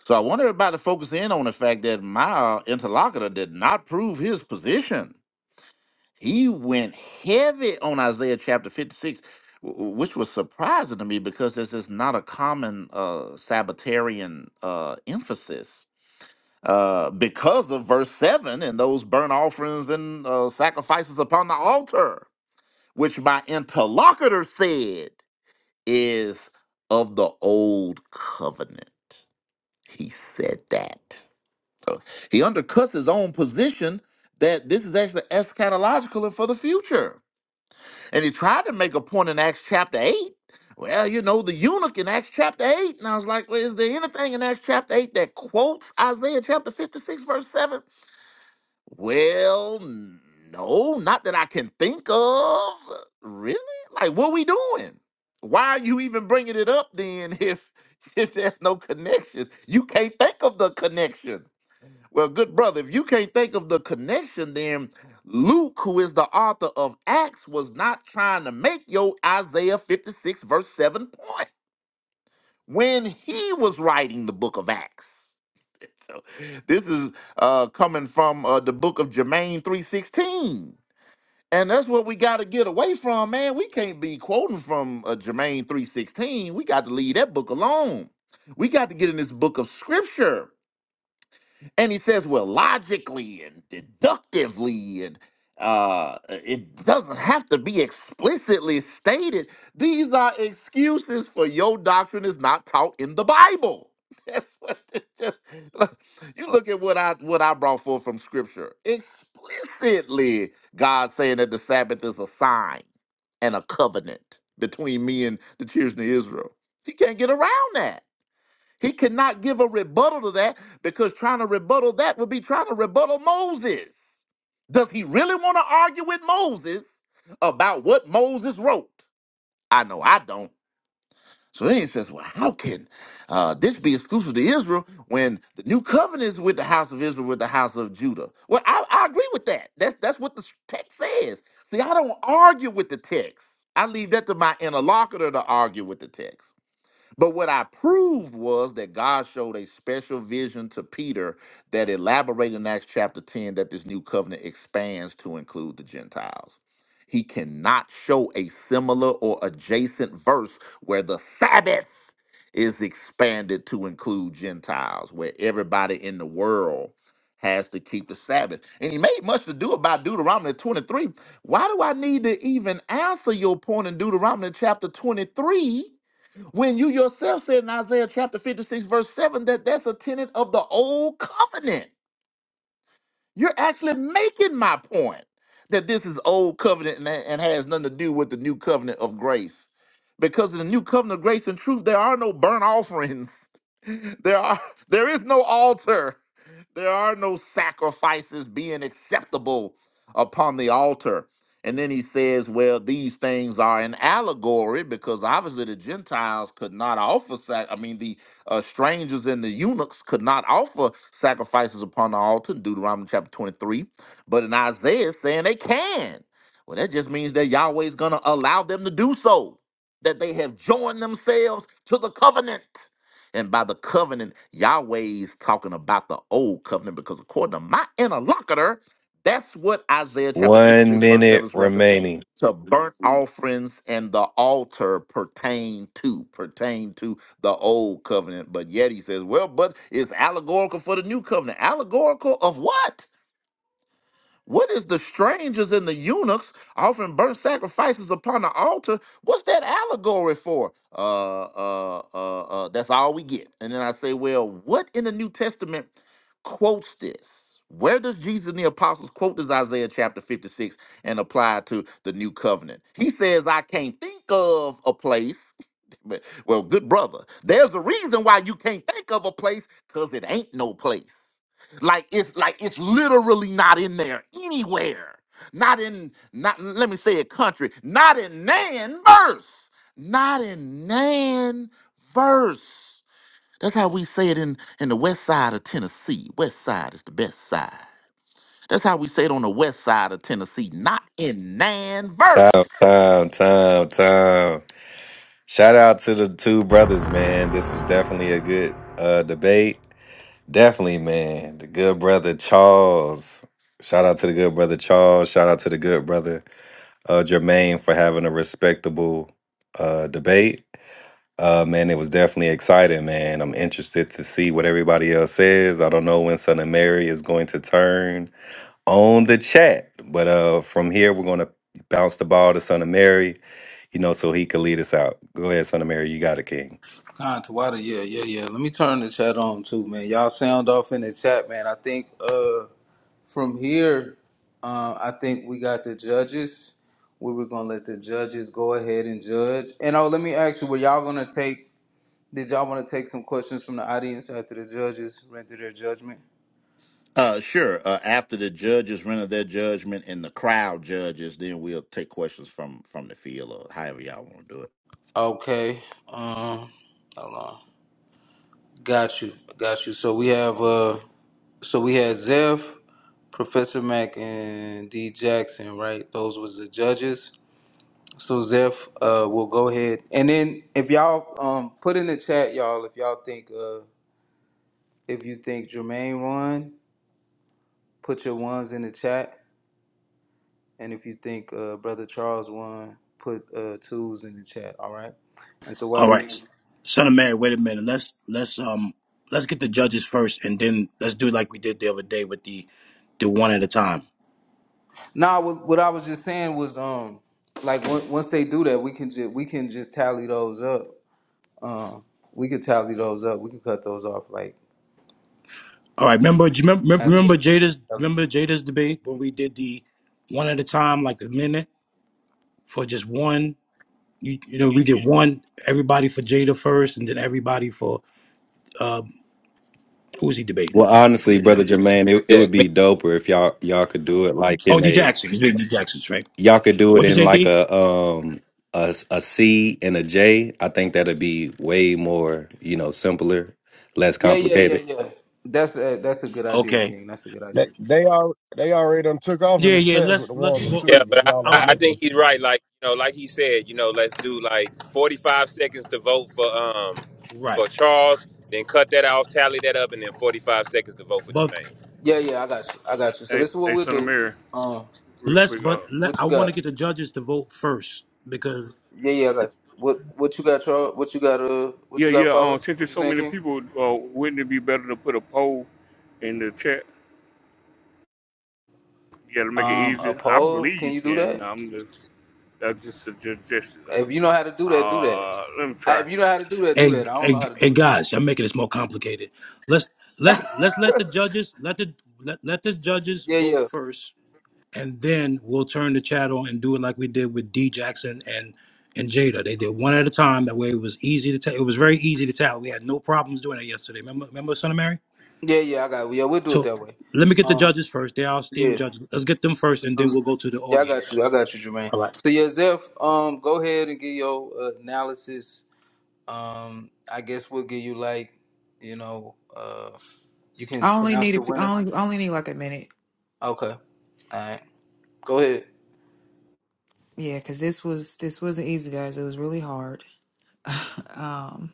Speaker 3: So I want everybody to focus in on the fact that my uh, interlocutor did not prove his position. He went heavy on Isaiah chapter 56, w- w- which was surprising to me because this is not a common uh, Sabbatarian uh, emphasis uh, because of verse 7 and those burnt offerings and uh, sacrifices upon the altar, which my interlocutor said is of the old covenant. He said that. So he undercuts his own position that this is actually eschatological and for the future. And he tried to make a point in Acts chapter 8. Well, you know, the eunuch in Acts chapter 8. And I was like, well, is there anything in Acts chapter 8 that quotes Isaiah chapter 56, verse 7? Well, no, not that I can think of. Really? Like, what we doing? Why are you even bringing it up then if if there's no connection? You can't think of the connection. Well, good brother, if you can't think of the connection, then Luke, who is the author of Acts, was not trying to make your Isaiah 56, verse 7 point when he was writing the book of Acts. So this is uh, coming from uh, the book of Jermaine 316. And that's what we got to get away from, man. We can't be quoting from uh, Jermaine 316. We got to leave that book alone. We got to get in this book of scripture and he says, well, logically and deductively, and uh, it doesn't have to be explicitly stated. These are excuses for your doctrine is not taught in the Bible. That's what it just- look, you look at what I what I brought forth from Scripture. Explicitly, God saying that the Sabbath is a sign and a covenant between me and the children of Israel. He can't get around that. He cannot give a rebuttal to that because trying to rebuttal that would be trying to rebuttal Moses. Does he really want to argue with Moses about what Moses wrote? I know I don't. So then he says, well, how can uh, this be exclusive to Israel when the new covenant is with the house of Israel, with the house of Judah? Well, I, I agree with that. That's, that's what the text says. See, I don't argue with the text. I leave that to my interlocutor to argue with the text. But what I proved was that God showed a special vision to Peter that elaborated in Acts chapter 10 that this new covenant expands to include the Gentiles. He cannot show a similar or adjacent verse where the Sabbath is expanded to include Gentiles, where everybody in the world has to keep the Sabbath. And he made much to do about Deuteronomy 23. Why do I need to even answer your point in Deuteronomy chapter 23? When you yourself said in Isaiah chapter 56, verse 7, that that's a tenet of the old covenant. You're actually making my point that this is old covenant and, and has nothing to do with the new covenant of grace. Because in the new covenant of grace and truth, there are no burnt offerings there are there is no altar. There are no sacrifices being acceptable upon the altar. And then he says, well, these things are an allegory because obviously the Gentiles could not offer sac- I mean, the uh, strangers and the eunuchs could not offer sacrifices upon the altar in Deuteronomy chapter 23. But in Isaiah it's saying they can. Well, that just means that Yahweh's going to allow them to do so, that they have joined themselves to the covenant. And by the covenant, Yahweh is talking about the old covenant because according to my interlocutor, that's what Isaiah chapter
Speaker 9: One
Speaker 3: 56, verse 7
Speaker 9: minute
Speaker 3: is reference
Speaker 9: remaining.
Speaker 3: to burnt offerings and the altar pertain to, pertain to the old covenant. But yet he says, well, but it's allegorical for the new covenant. Allegorical of what? What is the strangers and the eunuchs offering burnt sacrifices upon the altar? What's that allegory for? Uh, uh, uh, uh, that's all we get. And then I say, well, what in the New Testament quotes this? Where does Jesus and the apostles quote this Isaiah chapter 56 and apply it to the new covenant? He says, I can't think of a place. But, well, good brother, there's a reason why you can't think of a place because it ain't no place like it's like it's literally not in there anywhere not in not let me say a country not in nan verse not in nan verse that's how we say it in in the west side of tennessee west side is the best side that's how we say it on the west side of tennessee not in nan
Speaker 9: Time,
Speaker 3: verse
Speaker 9: time, time, time. Shout out to the two brothers, man. This was definitely a good uh debate. Definitely, man. The good brother Charles. Shout out to the good brother Charles. Shout out to the good brother uh Jermaine for having a respectable uh debate. Uh man, it was definitely exciting, man. I'm interested to see what everybody else says. I don't know when Son of Mary is going to turn on the chat. But uh, from here, we're going to bounce the ball to Son of Mary, you know, so he can lead us out. Go ahead, Son of Mary. You got it, King.
Speaker 5: Con Tawada, yeah, yeah, yeah. Let me turn the chat on too, man. Y'all sound off in the chat, man. I think uh from here, uh, I think we got the judges. We were gonna let the judges go ahead and judge. And oh, let me ask you, were y'all gonna take? Did y'all want to take some questions from the audience after the judges render their judgment?
Speaker 3: uh, sure. Uh, after the judges render their judgment and the crowd judges, then we'll take questions from from the field or however y'all want to do it.
Speaker 5: Okay. Um, hold on. Got you, got you. So we have uh, so we had Zev, Professor Mac, and D Jackson, right? Those was the judges. So Zev, uh, will go ahead, and then if y'all um put in the chat, y'all, if y'all think uh, if you think Jermaine won, put your ones in the chat, and if you think uh, Brother Charles won, put uh twos in the chat. All right. And so while
Speaker 2: All
Speaker 5: we,
Speaker 2: right, son of Mary. Wait a minute. Let's let's um let's get the judges first, and then let's do like we did the other day with the the one at a time.
Speaker 5: nah, what, what I was just saying was um, like on- once they do that, we can just we can just tally those up Um, we could tally those up. We can cut those off like
Speaker 2: All right. Remember? Do you remember,
Speaker 5: at the.
Speaker 2: remember Jada's remember Jada's debate when we did the one at a time, like a minute for just one. You you know we did one everybody for Jada first, and then everybody for uh, who was he debating?
Speaker 9: Well,
Speaker 2: I
Speaker 9: honestly,
Speaker 2: forget now.
Speaker 9: brother Jermaine, it, it would
Speaker 7: Yeah,
Speaker 9: be doper if y'all y'all could do it like
Speaker 2: Oh,
Speaker 9: in
Speaker 2: D
Speaker 9: a
Speaker 2: Jackson. He's doing D Jackson's right.
Speaker 9: y'all could do it
Speaker 2: What'd
Speaker 9: in
Speaker 2: you say,
Speaker 9: like
Speaker 2: D?
Speaker 9: a um a, a C and a J. I think that'd be way more you know simpler, less
Speaker 5: Yeah, yeah, yeah,
Speaker 9: complicated.
Speaker 5: yeah. That's a, that's a good idea,
Speaker 2: Okay.
Speaker 5: King. That's a good
Speaker 8: They
Speaker 5: idea.
Speaker 8: they are they already done took off in
Speaker 2: Yeah,
Speaker 8: the
Speaker 2: yeah.
Speaker 8: chats with
Speaker 2: Let's
Speaker 8: the
Speaker 2: let
Speaker 8: ones and
Speaker 2: well.
Speaker 7: Yeah,
Speaker 5: So,
Speaker 8: twos. If
Speaker 7: but I,
Speaker 8: y'all
Speaker 2: All
Speaker 7: I
Speaker 8: ain't
Speaker 7: I
Speaker 2: right.
Speaker 7: think
Speaker 8: looking,
Speaker 7: he's right. Like you know, like he said, you know, let's do like forty-five seconds to vote for um
Speaker 2: Right.
Speaker 7: for Charles, then cut that off, tally that up, and then forty-five seconds to vote for
Speaker 2: But
Speaker 7: Jermaine.
Speaker 5: yeah, yeah, I got you. I got you. So
Speaker 12: Hey,
Speaker 5: this is what
Speaker 12: hey,
Speaker 5: we'll
Speaker 12: son of
Speaker 5: do.
Speaker 12: Mary,
Speaker 5: Um,
Speaker 12: real
Speaker 2: Let's,
Speaker 12: quick. Uh,
Speaker 2: but let,
Speaker 5: what
Speaker 2: I
Speaker 5: you
Speaker 2: want to
Speaker 5: got?
Speaker 2: get the judges to vote first because,
Speaker 5: Yeah, yeah, I got you. What what you got, Charles? What you got? Uh, what
Speaker 12: yeah,
Speaker 5: you
Speaker 12: yeah.
Speaker 5: got?
Speaker 12: Um,
Speaker 5: Follow?
Speaker 12: since
Speaker 5: What
Speaker 12: there's
Speaker 5: you
Speaker 12: so
Speaker 5: saying,
Speaker 12: many
Speaker 5: King?
Speaker 12: people, uh, wouldn't it be better to put a poll in the chat? Yeah, to make it
Speaker 5: Um, a
Speaker 12: easier. I
Speaker 5: poll?
Speaker 12: believe
Speaker 5: Can
Speaker 12: you
Speaker 5: you do
Speaker 12: can.
Speaker 5: that?
Speaker 12: No, I'm just that's just a suggestion.
Speaker 5: If you know how to do that, do that.
Speaker 12: Uh, let me
Speaker 5: I,
Speaker 12: try.
Speaker 5: if you know how to do that, do
Speaker 2: hey,
Speaker 5: that. I don't
Speaker 2: hey,
Speaker 5: know how to
Speaker 2: hey,
Speaker 5: do that.
Speaker 2: guys, I'm making this more complicated. Let's let's let's let the judges let the let, let the judges
Speaker 5: Yeah,
Speaker 2: vote
Speaker 5: yeah,
Speaker 2: first, and then we'll turn the chat on and do it like we did with D Jackson and and Jada. They did one at a time. That way, it was easy to tell. It was very easy to tell. We had no problems doing that yesterday. Remember, remember, son of Mary.
Speaker 5: yeah, yeah. I got. Yeah, we'll do it
Speaker 2: So
Speaker 5: that way.
Speaker 2: let me get the
Speaker 5: Um,
Speaker 2: judges first. They are esteemed
Speaker 5: yeah.
Speaker 2: judges. Let's get them first, and then we'll go to the
Speaker 5: Yeah, I got
Speaker 2: audience.
Speaker 5: you. I got you, Jermaine. So yeah, Zeph, um, go ahead and give your uh, analysis. Um, I guess we'll give you like, you know, uh, you can
Speaker 1: I only
Speaker 5: pronounce
Speaker 1: need a
Speaker 5: the
Speaker 1: few, I
Speaker 5: winner.
Speaker 1: only I only need like a minute.
Speaker 5: Okay. All right. Go ahead.
Speaker 1: Yeah, because this was this wasn't easy, guys. It was really hard. um,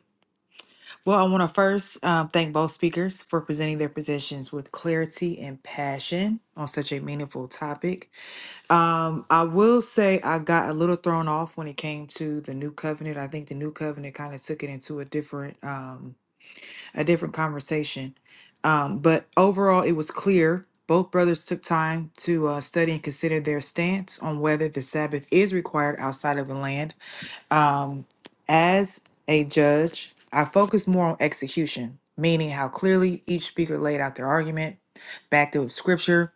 Speaker 1: well, I want to first um, thank both speakers for presenting their positions with clarity and passion on such a meaningful topic. Um, I will say I got a little thrown off when it came to the new covenant. I think the new covenant kind of took it into a different. um, a different conversation. Um, but overall, it was clear both brothers took time to uh, study and consider their stance on whether the Sabbath is required outside of the land. Um, as a judge, I focused more on execution, meaning how clearly each speaker laid out their argument, backed it with scripture,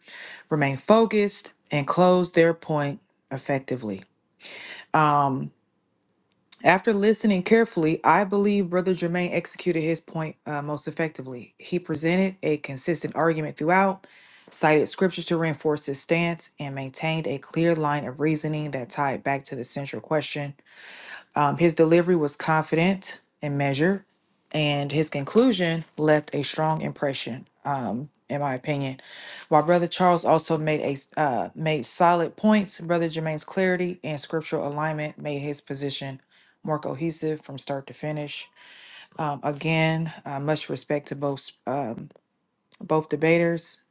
Speaker 1: remained focused, and closed their point effectively. Um, after listening carefully, I believe Brother Germain executed his point uh, most effectively. He presented a consistent argument throughout, cited scripture to reinforce his stance, and maintained a clear line of reasoning that tied back to the central question um, his delivery was confident and measured, and his conclusion left a strong impression, um, in my opinion. While Brother Charles also made a s- uh, made solid points, Brother Jermaine's clarity and scriptural alignment made his position more cohesive from start to finish. Um, again, uh, much respect to both um, both debaters.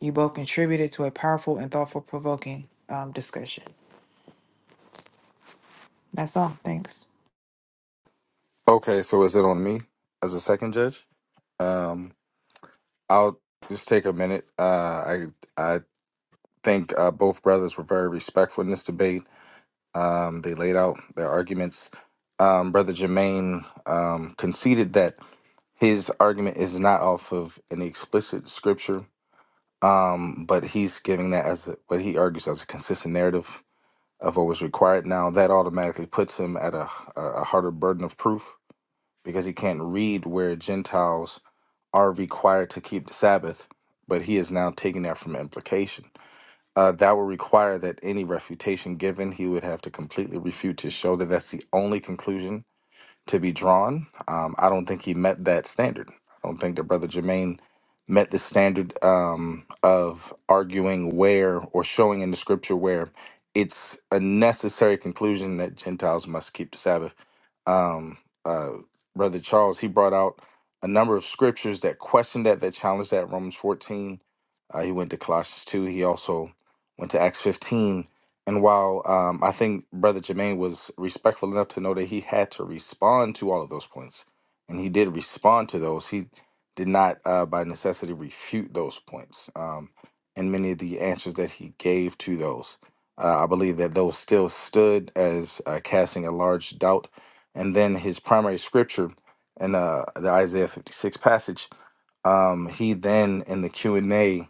Speaker 1: You both contributed to a powerful and thoughtful, provoking um, discussion. That's all. Thanks.
Speaker 4: Okay, so is it on me as a second judge? Um, I'll just take a minute. Uh, I I think uh, both brothers were very respectful in this debate. Um, they laid out their arguments. Um, Brother Jermaine um, conceded that his argument is not off of any explicit scripture, um, but he's giving that as a, what he argues as a consistent narrative of what was required. Now that automatically puts him at a, a a harder burden of proof because he can't read where Gentiles are required to keep the Sabbath, but he is now taking that from implication. Uh, that would require that any refutation given, he would have to completely refute to show that that's the only conclusion to be drawn. Um, I don't think he met that standard. I don't think that Brother Jermaine met the standard um, of arguing where or showing in the scripture where it's a necessary conclusion that Gentiles must keep the Sabbath. Um, uh, Brother Charles, he brought out a number of scriptures that questioned that, that challenged that. Romans 14, uh, he went to Colossians 2. He also went to Acts 15 and while um, I think Brother Jermaine was respectful enough to know that he had to respond to all of those points, and he did respond to those, he did not, uh, by necessity, refute those points. Um, and many of the answers that he gave to those, uh, I believe that those still stood as uh, casting a large doubt. And then his primary scripture in uh, the Isaiah 56 passage um, he then in the Q and A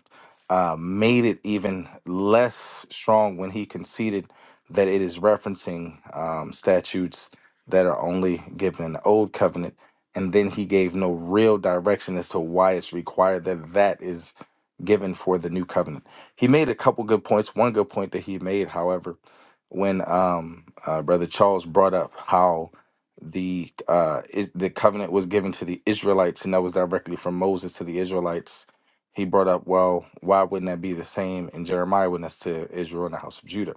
Speaker 4: uh, made it even less strong when he conceded that it is referencing um, statutes that are only given in the Old Covenant, and then he gave no real direction as to why it's required that that is given for the New Covenant. He made a couple good points. One good point that he made, however, when um, uh, Brother Charles brought up how the uh is, the covenant was given to the Israelites and that was directly from Moses to the Israelites. He brought up, well, why wouldn't that be the same in Jeremiah when that's to Israel and the house of Judah?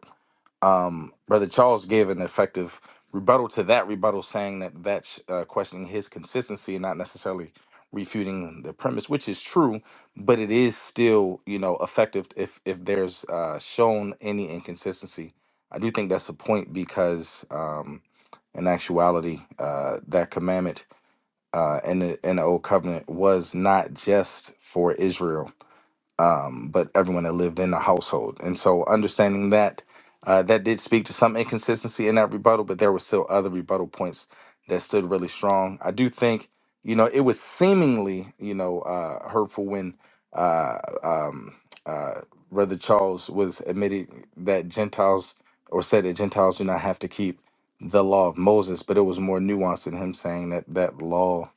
Speaker 4: Um, Brother Charles gave an effective rebuttal to that rebuttal, saying that that's uh, questioning his consistency and not necessarily refuting the premise, which is true, but it is still, you know, effective if if there's uh, shown any inconsistency. I do think that's a point because. Um, in actuality, uh, that commandment uh, in the in the old covenant was not just for Israel um, but everyone that lived in the household. And so understanding that, uh, that did speak to some inconsistency in that rebuttal, but there were still other rebuttal points that stood really strong. I do think, you know, it was seemingly, you know, uh, hurtful when uh, um, uh, Brother Charles was admitted that Gentiles or said that Gentiles do not have to keep the law of Moses, but it was more nuanced in him saying that that law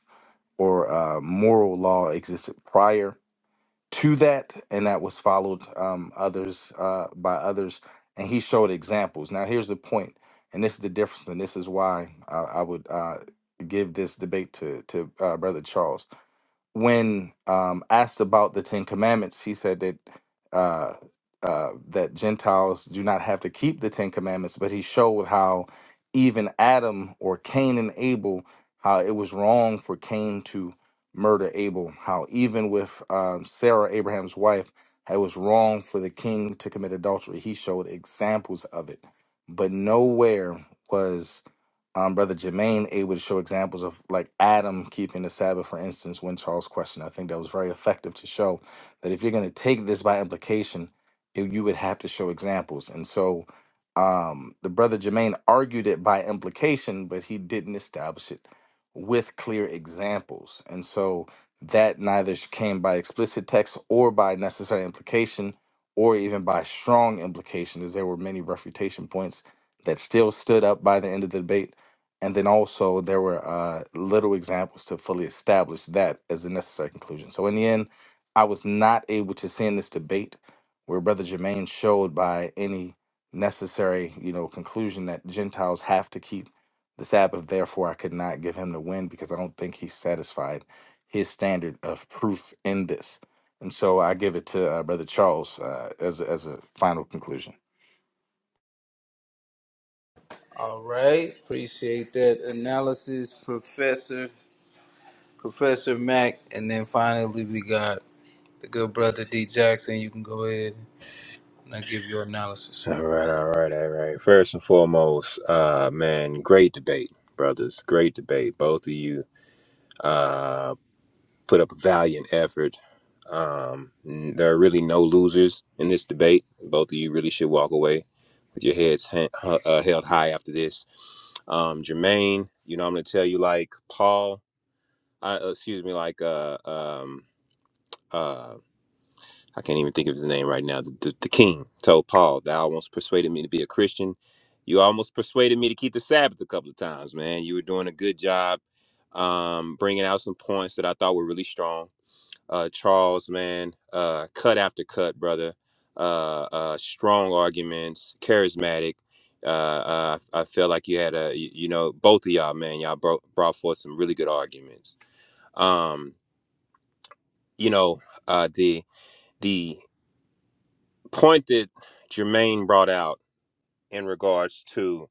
Speaker 4: or uh, moral law existed prior to that, and that was followed um, others uh, by others, and he showed examples. Now, here's the point, and this is the difference, and this is why I, I would uh, give this debate to to uh, Brother Charles when um, asked about the Ten Commandments, he said that uh, uh, that Gentiles do not have to keep the Ten Commandments, but he showed how even Adam or Cain and Abel, how it was wrong for Cain to murder Abel, how even with um, Sarah, Abraham's wife, it was wrong for the king to commit adultery. He showed examples of it, but nowhere was um, Brother Jermaine able to show examples of like Adam keeping the Sabbath, for instance, when Charles questioned. I think that was very effective to show that if you're going to take this by implication, it, you would have to show examples. And so um, the Brother Jermaine argued it by implication, but he didn't establish it with clear examples. And so that neither sh- came by explicit text or by necessary implication or even by strong implication, as there were many refutation points that still stood up by the end of the debate and then also there were uh, little examples to fully establish that as a necessary conclusion. So in the end, I was not able to see in this debate where Brother Jermaine showed by any necessary, you know, conclusion that Gentiles have to keep the Sabbath. Therefore, I could not give him the win because I don't think he satisfied his standard of proof in this. And so I give it to uh, Brother Charles uh, as a, as a final conclusion.
Speaker 5: All right. Appreciate that analysis, Professor Professor Mac, and then finally we got the good brother D Jackson. You can go ahead and I give your analysis.
Speaker 7: All right, all right, all right. First and foremost, uh, man, great debate, brothers. Great debate. Both of you uh, put up a valiant effort. Um, n- there are really no losers in this debate. Both of you really should walk away with your heads ha- hu- uh, held high after this. um, Jermaine. You know, I'm gonna tell you like Paul. I, uh, excuse me, like uh, um, uh, I can't even think of his name right now. The, the, the king told Paul, "Thou almost persuaded me to be a Christian. You almost persuaded me to keep the Sabbath a couple of times, man. You were doing a good job, um, bringing out some points that I thought were really strong." uh, Charles, man, uh, cut after cut, brother. Uh, uh, strong arguments, charismatic. Uh, uh, I I felt like you had a, you you know, both of y'all, man, y'all brought brought forth some really good arguments. Um, you know, uh, the the point that Jermaine brought out in regards to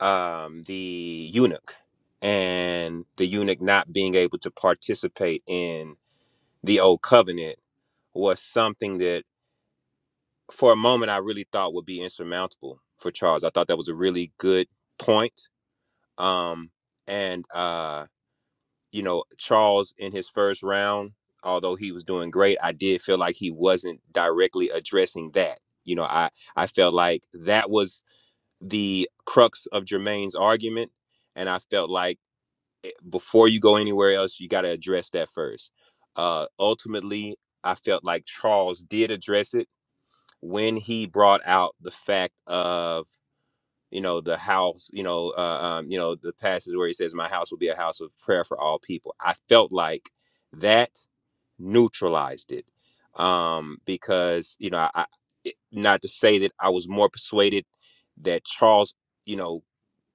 Speaker 7: um, the eunuch and the eunuch not being able to participate in the old covenant was something that for a moment I really thought would be insurmountable for Charles. I thought that was a really good point. Um, and uh, you know, Charles in his first round, although he was doing great, I did feel like he wasn't directly addressing that. You know, I I felt like that was the crux of Jermaine's argument, and I felt like eh, before you go anywhere else, you got to address that first. Uh, ultimately, I felt like Charles did address it when he brought out the fact of you know the house you know uh, um, you know the passage where he says my house will be a house of prayer for all people i felt like that neutralized it um because you know i I- it, not to say that i was more persuaded that charles you know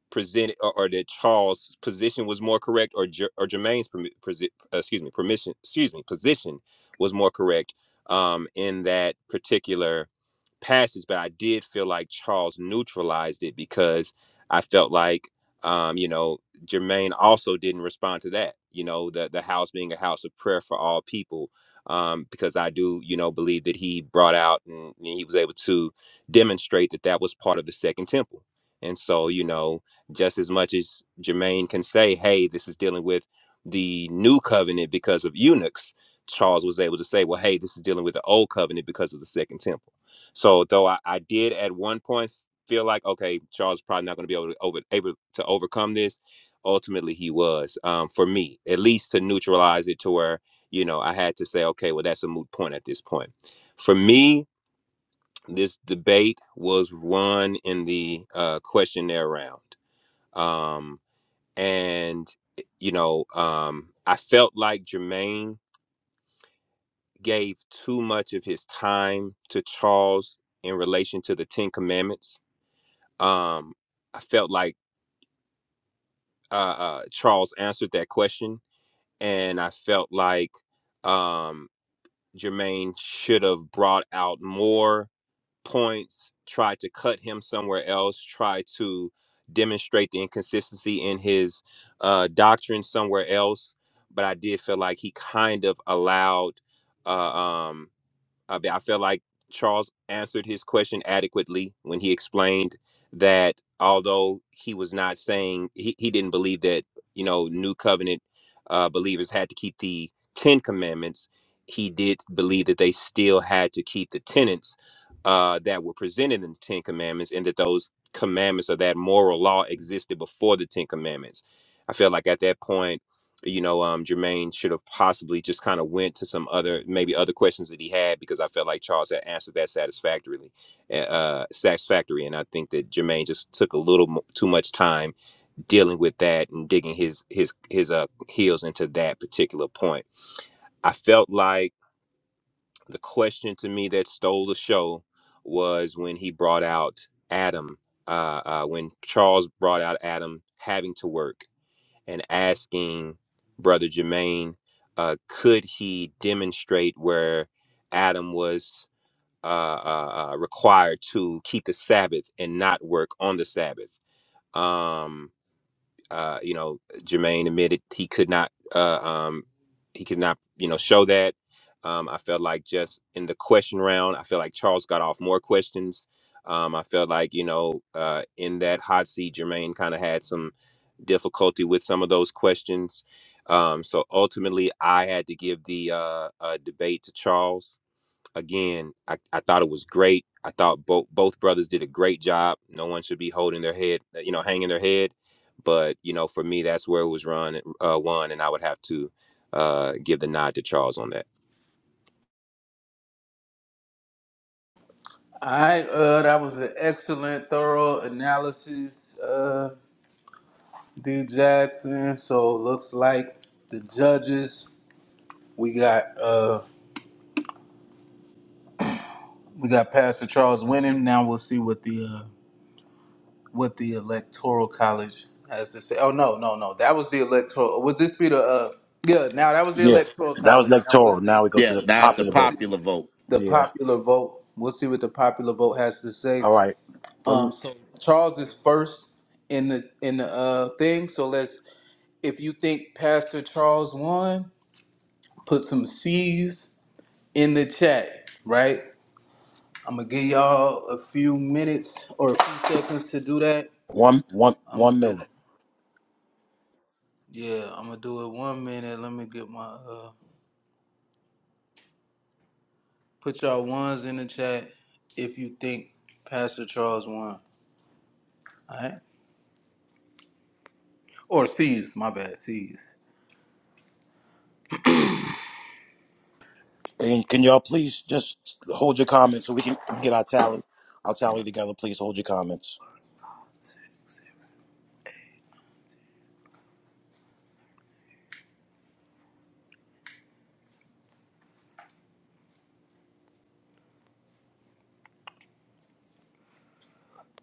Speaker 7: presented or, or that Charles' position was more correct or Jer- or Jermaine's permi- presi- uh, excuse me permission excuse me position was more correct um, in that particular passage, but I did feel like Charles neutralized it because I felt like um, you know Jermaine also didn't respond to that. You know the the house being a house of prayer for all people. Um, because I do, you know, believe that he brought out and, and he was able to demonstrate that that was part of the second temple. And so, you know, just as much as Jermaine can say, hey, this is dealing with the new covenant because of eunuchs. Charles was able to say, well, hey, this is dealing with the old covenant because of the second temple. So, though I, I did at one point feel like, okay, Charles is probably not going to be able to, over, able to overcome this, ultimately he was, um, for me, at least to neutralize it to where, you know, I had to say, okay, well, that's a moot point at this point. For me, this debate was won in the uh, questionnaire round. Um, and you know um i felt like jermaine gave too much of his time to charles in relation to the ten commandments um i felt like uh, uh charles answered that question and i felt like um jermaine should have brought out more points, Try to cut him somewhere else, Try to demonstrate the inconsistency in his uh, doctrine somewhere else. But I did feel like he kind of allowed. Uh, um. I mean, I felt like Charles answered his question adequately when he explained that although he was not saying he, he didn't believe that you know new covenant uh, believers had to keep the Ten Commandments, he did believe that they still had to keep the tenets uh, that were presented in the Ten Commandments, and that those commandments or that moral law existed before the Ten Commandments. I feel like at that point you know, um, Jermaine should have possibly just kind of went to some other, maybe other questions that he had because I felt like Charles had answered that satisfactorily, uh, uh, satisfactory, and I think that Jermaine just took a little mo- too much time dealing with that and digging his his his uh, heels into that particular point. I felt like the question to me that stole the show was when he brought out Adam, uh, uh, when Charles brought out Adam having to work and asking Brother Jermaine, uh, could he demonstrate where Adam was uh, uh, uh, required to keep the Sabbath and not work on the Sabbath? Um, uh, you know, Jermaine admitted he could not. Uh, um, he could not, you know, show that. Um, I felt like just in the question round, I feel like Charles got off more questions. Um, I felt like, you know, uh, in that hot seat, Jermaine kind of had some difficulty with some of those questions. Um, so ultimately, I had to give the uh, uh, debate to Charles. Again, I, I thought it was great. I thought both both brothers did a great job. No one should be holding their head, uh, you know, hanging their head. But you know, for me, that's where it was run uh, won, and I would have to uh, give the nod to Charles on that.
Speaker 5: All right, uh, that was an excellent, thorough analysis. Uh. D Jackson. So it looks like the judges we got uh we got Pastor Charles winning. Now we'll see what the uh, what the electoral college has to say. Oh no no no that was the electoral. Would this be the uh yeah now that was the
Speaker 2: Yeah,
Speaker 5: electoral
Speaker 2: that was
Speaker 5: college. Now we'll
Speaker 2: electoral. Now
Speaker 5: see
Speaker 2: we go to
Speaker 3: Yeah,
Speaker 2: the
Speaker 3: that's the
Speaker 2: popular
Speaker 5: we'll
Speaker 2: vote.
Speaker 5: see
Speaker 3: popular vote.
Speaker 5: the
Speaker 2: Yeah.
Speaker 5: popular vote. We'll see what the popular vote has to say.
Speaker 2: All right. One, Well,
Speaker 5: Um
Speaker 2: one,
Speaker 5: so Charles is first in the in the uh thing. So let's if you think Pastor Charles won, put some C's in the chat, right? I'm gonna give y'all a few minutes or a few seconds to do that.
Speaker 2: one, one
Speaker 5: I'm gonna do
Speaker 2: minute.
Speaker 5: yeah, I'm gonna do it one minute. Let me get my uh put y'all ones in the chat if you think Pastor Charles won. Alright? Or C's, my bad, C's.
Speaker 2: And can y'all please just hold your comments so we can get our tally, our tally together. Please hold your comments.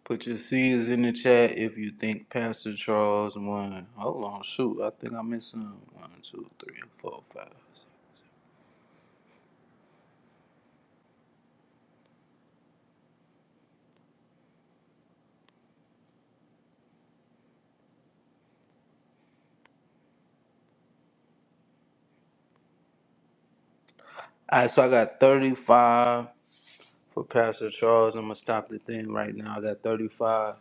Speaker 5: Put your C's in the chat if you think Pastor Charles won. Hold on, shoot, I think I missed some. One, two, three, four, five. six. Alright, so I got thirty-five. For Pastor Charles, I'm gonna stop the thing right now. I got 35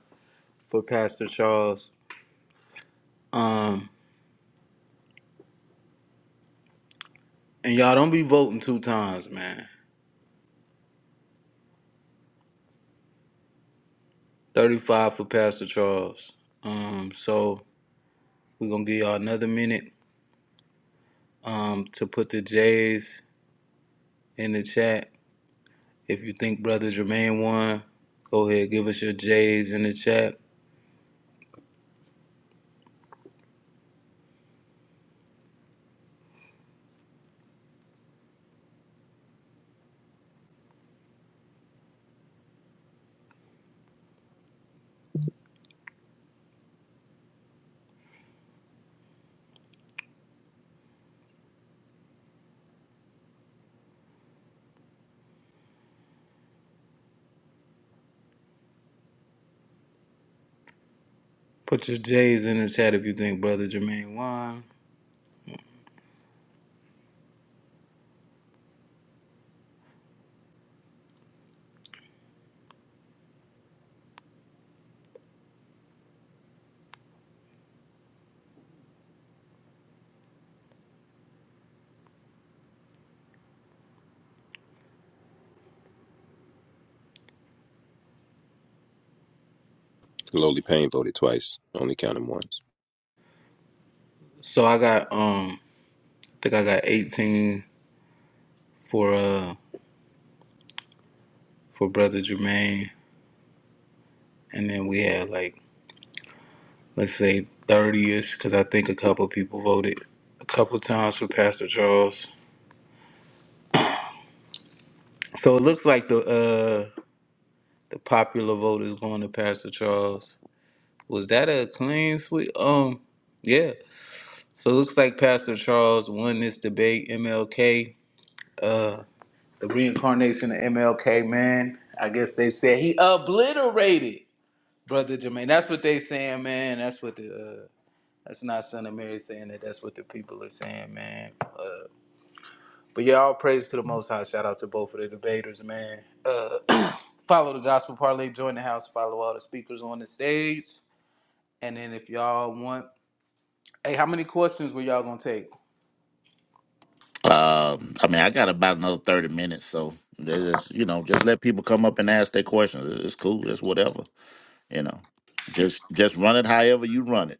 Speaker 5: for Pastor Charles. Um, and y'all don't be voting two times, man. 35 for Pastor Charles. Um, so we're gonna give y'all another minute um to put the J's in the chat. If you think Brother Jermaine won, go ahead, give us your J's in the chat. Put your J's in the chat if you think Brother Jermaine won.
Speaker 7: Lowly Payne voted twice, only counted once.
Speaker 5: So I got um I think I got 18 for uh for Brother Jermaine. and then we had like let's say 30ish because i think a couple people voted a couple times for pastor charles so it looks like the uh the popular vote is going to pastor charles was that a clean sweep um yeah so it looks like pastor charles won this debate mlk uh the reincarnation of mlk man i guess they said he obliterated brother jermaine that's what they saying man that's what the uh, That's not Son of Mary saying that. That's what the people are saying, man. Uh, but yeah, all praise to the Most High. Shout out to both of the debaters, man. Uh, follow the Gospel Parlay. Join the house. Follow all the speakers on the stage. And then if y'all want, hey, how many questions were y'all gonna take?
Speaker 3: Um, I mean, I got about another thirty minutes, so there's just you know, just let people come up and ask their questions. It's cool. It's whatever. You know, just just run it however you run it,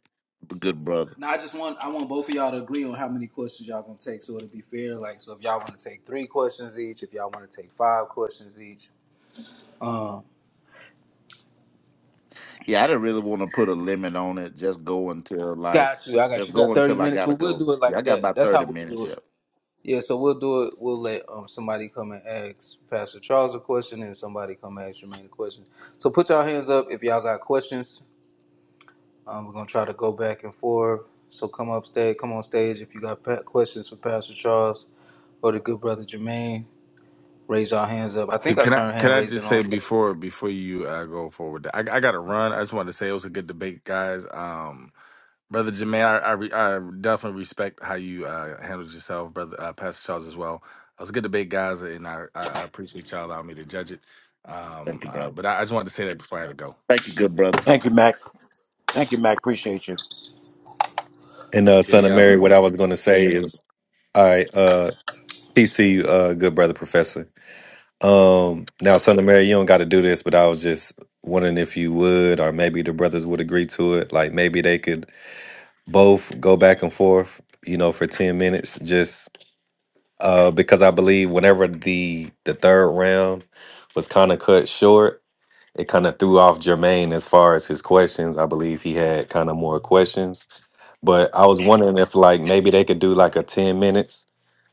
Speaker 3: good brother.
Speaker 5: No, I just want I want both of y'all to agree on how many questions y'all gonna take, so it'll be fair. Like, so if y'all want to take three questions each, if y'all want to take five questions each, um,
Speaker 3: Yeah, I didn't really want to put a limit on it. Just go until like,
Speaker 5: got you. I got
Speaker 3: just
Speaker 5: you.
Speaker 3: go
Speaker 5: Got thirty
Speaker 3: until I
Speaker 5: minutes, but
Speaker 3: gotta
Speaker 5: we'll
Speaker 3: go.
Speaker 5: do it
Speaker 3: Yeah,
Speaker 5: like
Speaker 3: I got
Speaker 5: that.
Speaker 3: about
Speaker 5: That's how
Speaker 3: thirty
Speaker 5: we'll
Speaker 3: minutes.
Speaker 5: do
Speaker 3: Yeah.
Speaker 5: it. Yeah, so we'll do it. We'll let um, somebody come and ask Pastor Charles a question, and somebody come and ask Jermaine a question. So put y'all hands up if y'all got questions. Um, we're gonna try to go back and forth. So come up stage, come on stage if you got pa- questions for Pastor Charles or the good brother Jermaine. Raise y'all hands up. I think I
Speaker 4: Can I
Speaker 5: turned
Speaker 4: can
Speaker 5: hand
Speaker 4: I
Speaker 5: raising
Speaker 4: just say
Speaker 5: on.
Speaker 4: before before you uh, go forward? I I gotta run. I just wanted to say it was a good debate, guys. Um, brother Jermaine, I I, re, I definitely respect how you uh, handled yourself, brother uh, Pastor Charles as well. It was a good debate, guys, and I I I appreciate y'all allowing me to judge it. Um,
Speaker 3: Thank you,
Speaker 4: uh,
Speaker 3: brother.
Speaker 4: but I, I just wanted to say that before I had to go.
Speaker 3: Thank you, good brother.
Speaker 2: Thank you, Mac. Thank you, Mac. Appreciate you.
Speaker 9: And uh,
Speaker 4: Yeah,
Speaker 9: Son of
Speaker 4: yeah, have a
Speaker 9: Mary, what
Speaker 4: go.
Speaker 9: I was going to say is, all right, uh, peace to you, uh, good brother professor. Um, now, Son of Mary, you don't got to do this, but I was just wondering if you would, or maybe the brothers would agree to it. Like maybe they could both go back and forth, you know, for ten minutes, just uh, because I believe whenever the the third round was kind of cut short, it kind of threw off Jermaine as far as his questions. I believe he had kind of more questions. But I was wondering if like maybe they could do like a 10 minutes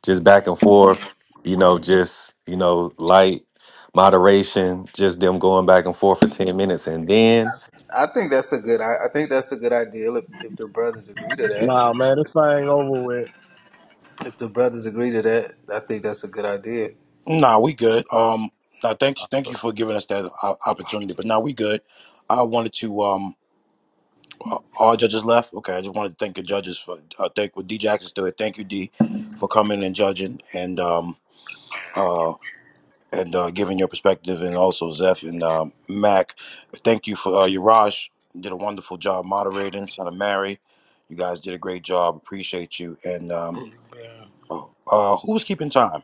Speaker 9: just back and forth, you know, just, you know, light moderation, just them going back and forth for 10 minutes and then
Speaker 5: I think that's a good. I, I think that's a good idea. If, if the brothers agree to that,
Speaker 8: nah, man, this thing over with.
Speaker 5: if the brothers agree to that, I think that's a good idea.
Speaker 2: Nah, we good. Um, now thank you, thank you for giving us that o- opportunity. But now we good. I wanted to um, uh, all judges left. Okay, I just wanted to thank the judges for uh, thank With D Jackson did. Thank you, D, for coming and judging. And um, uh, and uh, giving your perspective, and also Zeph and um, Mac. Thank you for uh, Yaraj. You did a wonderful job moderating. Son of Mary, you guys did a great job. Appreciate you. And um, oh, uh, who was keeping time?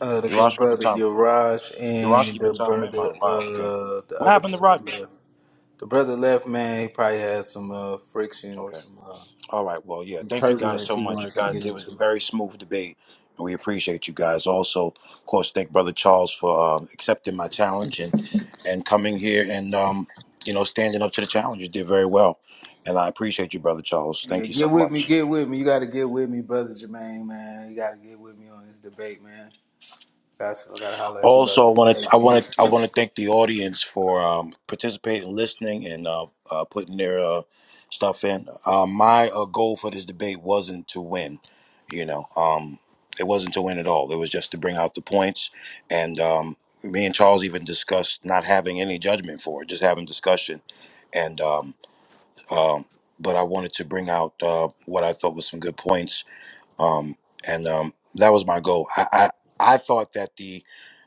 Speaker 5: Uh, the
Speaker 2: Yaraj
Speaker 5: good
Speaker 2: keeping
Speaker 5: brother
Speaker 2: time.
Speaker 5: Yaraj
Speaker 2: Yaraj
Speaker 5: and
Speaker 2: keeping
Speaker 5: the
Speaker 2: time. and
Speaker 5: brother,
Speaker 2: mine. Wow. Okay.
Speaker 5: uh, the
Speaker 2: What
Speaker 5: other
Speaker 2: happened to
Speaker 5: brother
Speaker 2: Rodney?
Speaker 5: left. The brother left, man. He probably had some uh, friction or
Speaker 2: Okay.
Speaker 5: some uh,
Speaker 2: All right. Well, yeah.
Speaker 5: some
Speaker 2: Thank you guys
Speaker 5: turbulence
Speaker 2: so
Speaker 5: he
Speaker 2: much. You
Speaker 5: wanted to
Speaker 2: guys,
Speaker 5: get
Speaker 2: it was a
Speaker 5: into.
Speaker 2: very smooth debate, and we appreciate you guys. Also, of course, thank Brother Charles for um, accepting my challenge and and coming here and um, you know standing up to the challenge. You did very well, and I appreciate you, Brother Charles.
Speaker 5: Yeah,
Speaker 2: Thank you so
Speaker 5: get with
Speaker 2: much.
Speaker 5: me, get with me. You got to get with me, brother Jermaine, man. You got to get with me on this debate, man. That's I got to holler at you about
Speaker 2: Also,
Speaker 5: this
Speaker 2: I want to
Speaker 5: debate.
Speaker 2: I
Speaker 5: But
Speaker 2: want to I
Speaker 5: yeah.
Speaker 2: want to thank the audience for um, participating, listening, and uh, uh, putting their uh, stuff in. Uh, my uh, goal for this debate wasn't to win, you know. Um, it wasn't to win at all. It was just to bring out the points. And um, me and Charles even discussed not having any judgment for it, just having discussion. And um, um, but I wanted to bring out uh, what I thought was some good points um, and um, that was my goal. I, I I thought that the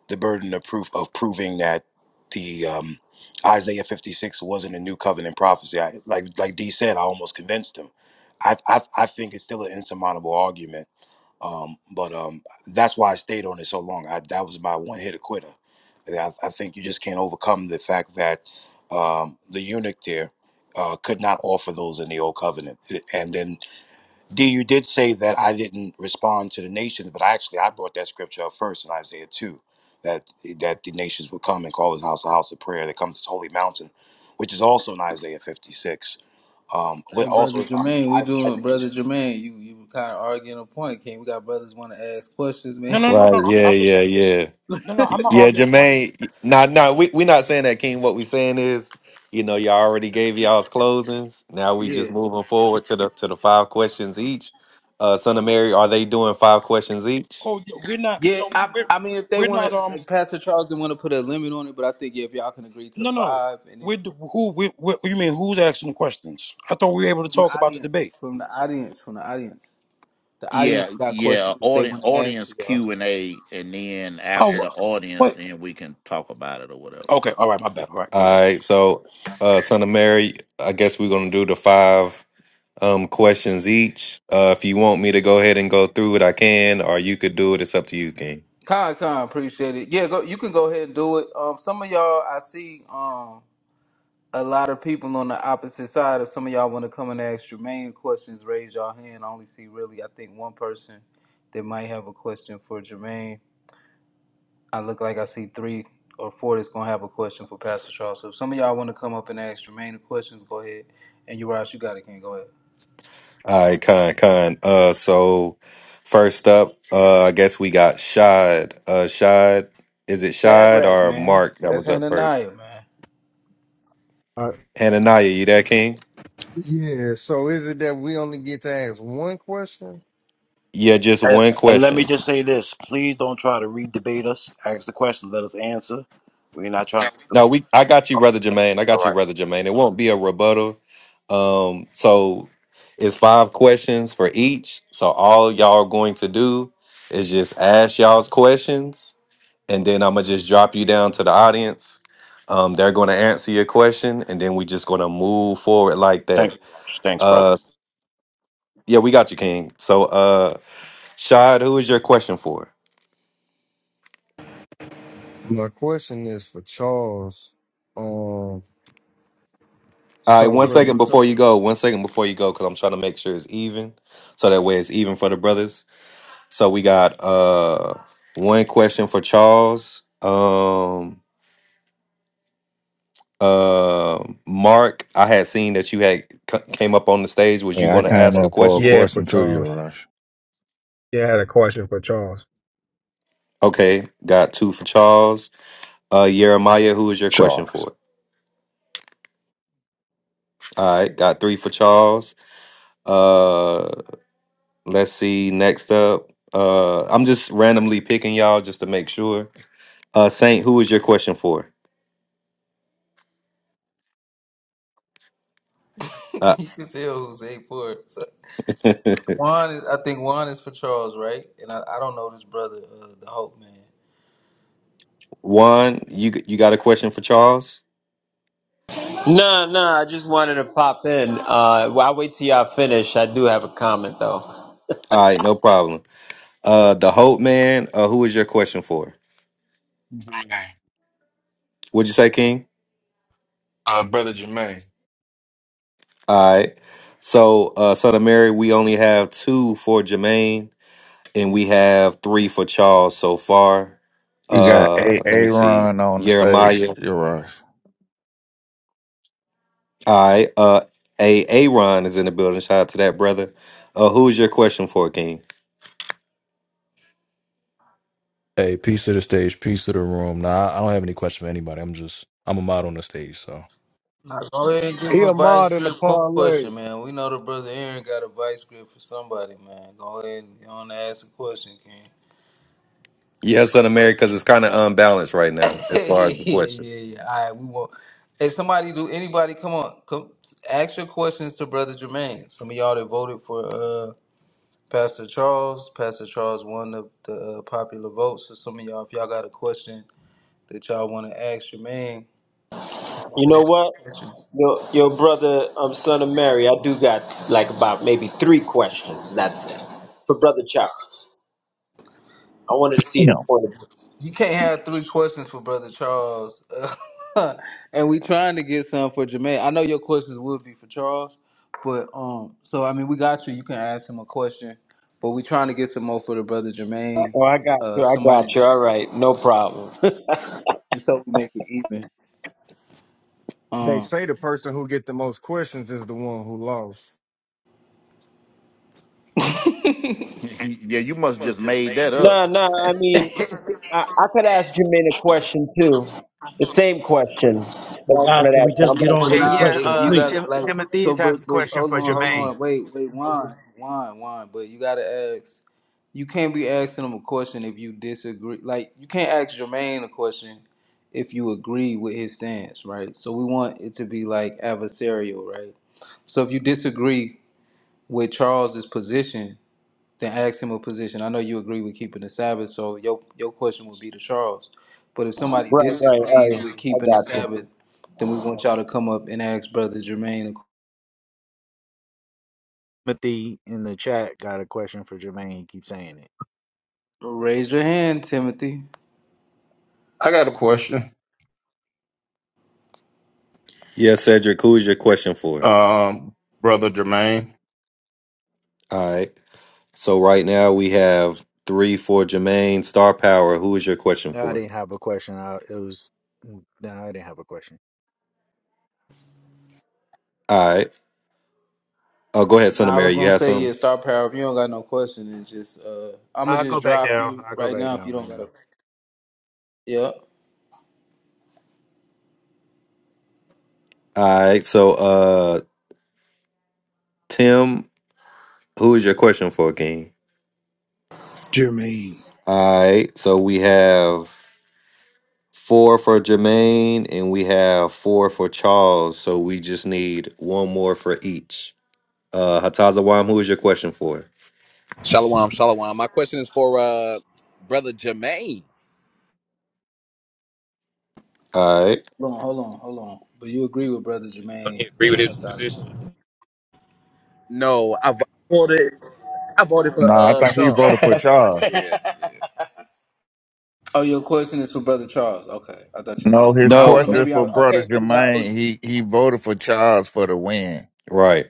Speaker 2: the burden of proof of proving that the um, Isaiah 56 wasn't a new covenant prophecy. I, like like D said, I almost convinced him. I I, I think it's still an insurmountable argument. Um, but um, that's why I stayed on it so long. I, that was my one hit quitter. And I, I think you just can't overcome the fact that um, the eunuch there uh, could not offer those in the old covenant, and then D, you did say that I didn't respond to the nations, but actually I brought that scripture up first in Isaiah 2, that that the nations would come and call his house a house of prayer that comes this holy mountain, which is also in Isaiah 56. Um, but
Speaker 5: Hey, brother
Speaker 2: also in I-
Speaker 5: Jermaine, we
Speaker 2: I-
Speaker 5: doing,
Speaker 2: Isaiah 2.
Speaker 5: brother Jermaine. You you kind of arguing a point, King. We got brothers want to ask questions, man.
Speaker 2: No, no, no,
Speaker 9: Right,
Speaker 2: no. I'm,
Speaker 9: yeah,
Speaker 2: I'm just
Speaker 9: yeah, yeah.
Speaker 2: no, no. I'm not
Speaker 9: Yeah,
Speaker 2: arguing a point.
Speaker 9: Jermaine, y- nah, nah, we we not saying that King. What we saying is, you know, y'all already gave y'all's closings. Now we just
Speaker 5: Yeah.
Speaker 9: moving forward to the to the five questions each. Uh Son of Mary, are they doing five questions each?
Speaker 2: Oh, yeah, we're not.
Speaker 5: Yeah,
Speaker 2: No,
Speaker 5: I,
Speaker 2: we're
Speaker 5: I mean, if they
Speaker 2: we're
Speaker 5: want
Speaker 2: not.
Speaker 5: to,
Speaker 2: Um,
Speaker 5: like Pastor Charles didn't want to put a limit on it, but I think yeah, if y'all can agree to
Speaker 2: no, no.
Speaker 5: five, and then
Speaker 2: We're
Speaker 5: if you,
Speaker 2: d- who? We, we, you mean who's asking the questions? I thought we were able to
Speaker 5: from the
Speaker 2: talk about the
Speaker 5: audience,
Speaker 2: debate.
Speaker 5: from the audience, from the audience, the audience
Speaker 3: Yeah,
Speaker 5: got questions
Speaker 3: yeah.
Speaker 5: that they
Speaker 3: Audience,
Speaker 5: want to ask
Speaker 3: audience
Speaker 5: to y'all.
Speaker 3: Q and A, and then
Speaker 2: Oh,
Speaker 3: after the audience,
Speaker 2: wait.
Speaker 3: then we can talk about it or whatever.
Speaker 2: Okay. All right. My bad. All right. Go
Speaker 9: All
Speaker 2: ahead.
Speaker 9: right, so uh son of Mary, I guess we're gonna do the five um questions each. Uh if you want me to go ahead and go through it, I can, or you could do it. It's up to you, King.
Speaker 5: Con, con, appreciate it. Yeah, go. You can go ahead and do it. Um, some of y'all, I see, um, a lot of people on the opposite side. If some of y'all want to come and ask Jermaine questions, raise your hand. I only see really, I think one person that might have a question for Jermaine. I look like I see three or four that's gonna have a question for Pastor Charles. So if some of y'all want to come up and ask Jermaine the questions, go ahead. And Uriah, you got it, can go ahead.
Speaker 9: All right, kind, kind. Uh so first up, uh I guess we got Shad. Uh Shad, is it Shad
Speaker 5: Shadrach,
Speaker 9: or
Speaker 5: man,
Speaker 9: Mark that
Speaker 5: that's
Speaker 9: was up first?
Speaker 5: Hananiah, man.
Speaker 13: Uh,
Speaker 9: Hananiah, you there, King?
Speaker 14: Yeah, so is it that we only get to ask one question?
Speaker 9: Yeah, just
Speaker 2: And,
Speaker 9: one
Speaker 2: and let me
Speaker 9: question.
Speaker 2: just say this: please don't try to re-debate us. Ask the question, let us answer. We're not trying. To...
Speaker 9: No, we. I got you, brother Jermaine. I
Speaker 2: All
Speaker 9: got you,
Speaker 2: right.
Speaker 9: brother Jermaine. It won't be a rebuttal. Um, so it's five questions for each. So all y'all are going to do is just ask y'all's questions, and then I'm gonna just drop you down to the audience. Um, they're going to answer your question, and then we just going to move forward like
Speaker 2: Thank
Speaker 9: that.
Speaker 2: you, Raj. Thanks, brother.
Speaker 9: Uh, s- yeah, we got you, King. So, uh, Shad, who is your question for?
Speaker 14: My question is for Charles. Um,
Speaker 9: All right,
Speaker 14: so
Speaker 9: one
Speaker 14: brother,
Speaker 9: second before you go. One second before you go, because I'm trying to make sure it's even, so that way it's even for the brothers. So we got uh one question for Charles. Um uh Mark, I had seen that you had c- came up on the stage. Was you
Speaker 15: Yeah, I
Speaker 9: going to
Speaker 15: came
Speaker 9: ask a
Speaker 15: up for a
Speaker 9: question?
Speaker 13: yeah, for
Speaker 15: question to you,
Speaker 13: Charles.
Speaker 15: Rush.
Speaker 13: Yeah, I had a question for Charles.
Speaker 9: Okay, got two for Charles. Uh Jeremiah, who is your question
Speaker 15: Charles.
Speaker 9: for? All right, got three for Charles. Uh let's see next up. Uh I'm just randomly picking y'all just to make sure. Uh Saint, who is your question for? Uh,
Speaker 5: you can tell who's eight for it. So Juan, is, I think Juan is for Charles, right? And I, I don't know this brother, uh, the Hope man.
Speaker 9: one, you you got a question for Charles?
Speaker 16: No, no, I just wanted to pop in. Uh, well, I'll wait till y'all finish. I do have a comment though.
Speaker 9: All right, no problem. Uh, the Hope Man. Uh, who is your question for?
Speaker 17: Jermaine.
Speaker 9: Would you say King?
Speaker 17: Uh, brother Jermaine.
Speaker 9: All right. So, uh, Son of Mary, we only have two for Jermaine, and we have three for Charles so far.
Speaker 15: You got
Speaker 9: Uh,
Speaker 15: A
Speaker 9: let me see.
Speaker 15: Aaron on the stage,
Speaker 9: Jeremiah.
Speaker 15: you Rush.
Speaker 9: All right. Uh, a Aaron is in the building. Shout out to that brother. Uh, who is your question for, King?
Speaker 18: Hey, peace to the stage, peace to the room. Nah, I I don't have any question for anybody. I'm just I'm a mod on the stage, so
Speaker 5: Now go ahead and give
Speaker 8: He
Speaker 5: a
Speaker 8: a
Speaker 5: vice
Speaker 8: mod in the
Speaker 5: grip qu-
Speaker 8: parlay.
Speaker 5: question, man. We know the brother Aaron got a vice grip for somebody, man. Go ahead and you want to ask a question, King.
Speaker 9: Yeah, Son of Mary, because it's kind of unbalanced right now
Speaker 5: yeah,
Speaker 9: as far
Speaker 5: yeah,
Speaker 9: as the questions.
Speaker 5: yeah, yeah. All right, we won't. Hey, somebody, do anybody come on? Come ask your questions to Brother Jermaine. Some of y'all that voted for uh Pastor Charles. Pastor Charles won the, the uh, popular vote. So some of y'all, if y'all got a question that y'all want to ask Jermaine,
Speaker 16: You
Speaker 5: open
Speaker 16: know what?
Speaker 5: it.
Speaker 16: Your, your brother, um, son of Mary, I do got like about maybe three questions. That's it. For Brother Charles. I wanted to see his
Speaker 15: No.
Speaker 16: point of view.
Speaker 5: You can't have three questions for Brother Charles. and we trying to get some for Jermaine. I know your questions would be for Charles, but um so I mean we got you. You can ask him a question. But we trying to get some more for the brother Jermaine.
Speaker 16: Oh, I got
Speaker 5: Uh
Speaker 16: you.
Speaker 5: if
Speaker 16: I got
Speaker 5: somebody
Speaker 16: you. All right. No problem.
Speaker 5: and so we make it even.
Speaker 14: they
Speaker 5: Um,
Speaker 14: say the person who get the most questions is the one who lost.
Speaker 3: yeah, you must just made that up.
Speaker 16: no, no, I mean, I, I could ask Jermaine a question too. The same question that I
Speaker 2: Guys,
Speaker 16: wanted to
Speaker 2: can
Speaker 16: ask.
Speaker 2: we
Speaker 16: you.
Speaker 2: just
Speaker 16: I'm
Speaker 2: get
Speaker 16: gonna,
Speaker 2: on
Speaker 5: Well,
Speaker 2: with
Speaker 19: Hey,
Speaker 2: the
Speaker 5: nah,
Speaker 19: yeah,
Speaker 2: questions,
Speaker 5: it, you
Speaker 19: uh,
Speaker 5: gotta
Speaker 2: please?
Speaker 19: Tim-
Speaker 5: like so,
Speaker 19: Timothy's has
Speaker 5: but
Speaker 19: a
Speaker 5: but
Speaker 19: question
Speaker 5: hold on,
Speaker 19: for
Speaker 5: hold
Speaker 19: Jermaine.
Speaker 5: on, wait, wait, wine, wine, wine. But you gotta ask. You can't be asking him a question if you disagree. Like you can't ask Jermaine a question if you agree with his stance, right? So we want it to be like adversarial, right? So if you disagree with Charles's position, then ask him a position. I know you agree with keeping the Sabbath, so your your question would be to Charles. But if somebody
Speaker 16: right, right, All
Speaker 5: disagrees with
Speaker 16: right. I
Speaker 5: keeping the
Speaker 16: got you.
Speaker 5: Sabbath, then we want y'all to come up and ask Brother Jermaine. a-
Speaker 19: Timothy in the chat got a question for Jermaine. He keeps saying it.
Speaker 5: Raise your hand, Timothy.
Speaker 20: I got a question,
Speaker 9: Yeah, Cedric, who is your question for?
Speaker 20: um, brother Jermaine.
Speaker 9: All right. So right now we have three for Jermaine Star Power. Who is your question
Speaker 19: No, I
Speaker 9: for?
Speaker 19: didn't have a question. I, it was no, I didn't have a question.
Speaker 9: All right. Oh, go ahead, Son of
Speaker 5: Now I
Speaker 9: Mary.
Speaker 5: was
Speaker 9: You
Speaker 5: gonna
Speaker 9: have
Speaker 5: say
Speaker 9: some.
Speaker 5: yeah, star power. If you don't got no question, it's just uh, I'm gonna
Speaker 19: I'll go
Speaker 5: just
Speaker 19: back
Speaker 5: drop
Speaker 19: down.
Speaker 5: you
Speaker 19: I'll go
Speaker 5: right
Speaker 19: back
Speaker 5: now. If
Speaker 19: down
Speaker 5: you
Speaker 19: right
Speaker 5: don't
Speaker 19: now.
Speaker 5: got a yeah,
Speaker 9: All right. So, uh, Tim, who is your question for, King?
Speaker 21: Jermaine.
Speaker 9: All right. So we have four for Jermaine, and we have four for Charles. So we just need one more for each. Uh, Hatazawam, who is your question for?
Speaker 22: Shalom, shalom. My question is for uh brother Jermaine.
Speaker 9: All right.
Speaker 5: hold on, hold on, hold on. But you agree with Brother
Speaker 7: Don't he
Speaker 5: Jermaine
Speaker 7: agree with
Speaker 5: uh,
Speaker 7: his position?
Speaker 5: Hatazamon.
Speaker 22: No, I v- voted. I voted for
Speaker 15: No, I
Speaker 22: uh
Speaker 15: think he
Speaker 22: Charles.
Speaker 15: voted for Charles.
Speaker 23: Hey,
Speaker 22: Yeah, yeah.
Speaker 5: Oh, your question is for Brother Charles. Okay, I thought you said.
Speaker 15: No,
Speaker 5: it.
Speaker 15: his
Speaker 5: I
Speaker 9: No.
Speaker 5: don't know.
Speaker 15: question
Speaker 5: Maybe I.
Speaker 15: for
Speaker 5: Okay,
Speaker 15: brother
Speaker 5: then we got
Speaker 15: Jermaine.
Speaker 5: OG.
Speaker 15: He he voted for Charles for the win.
Speaker 9: Right.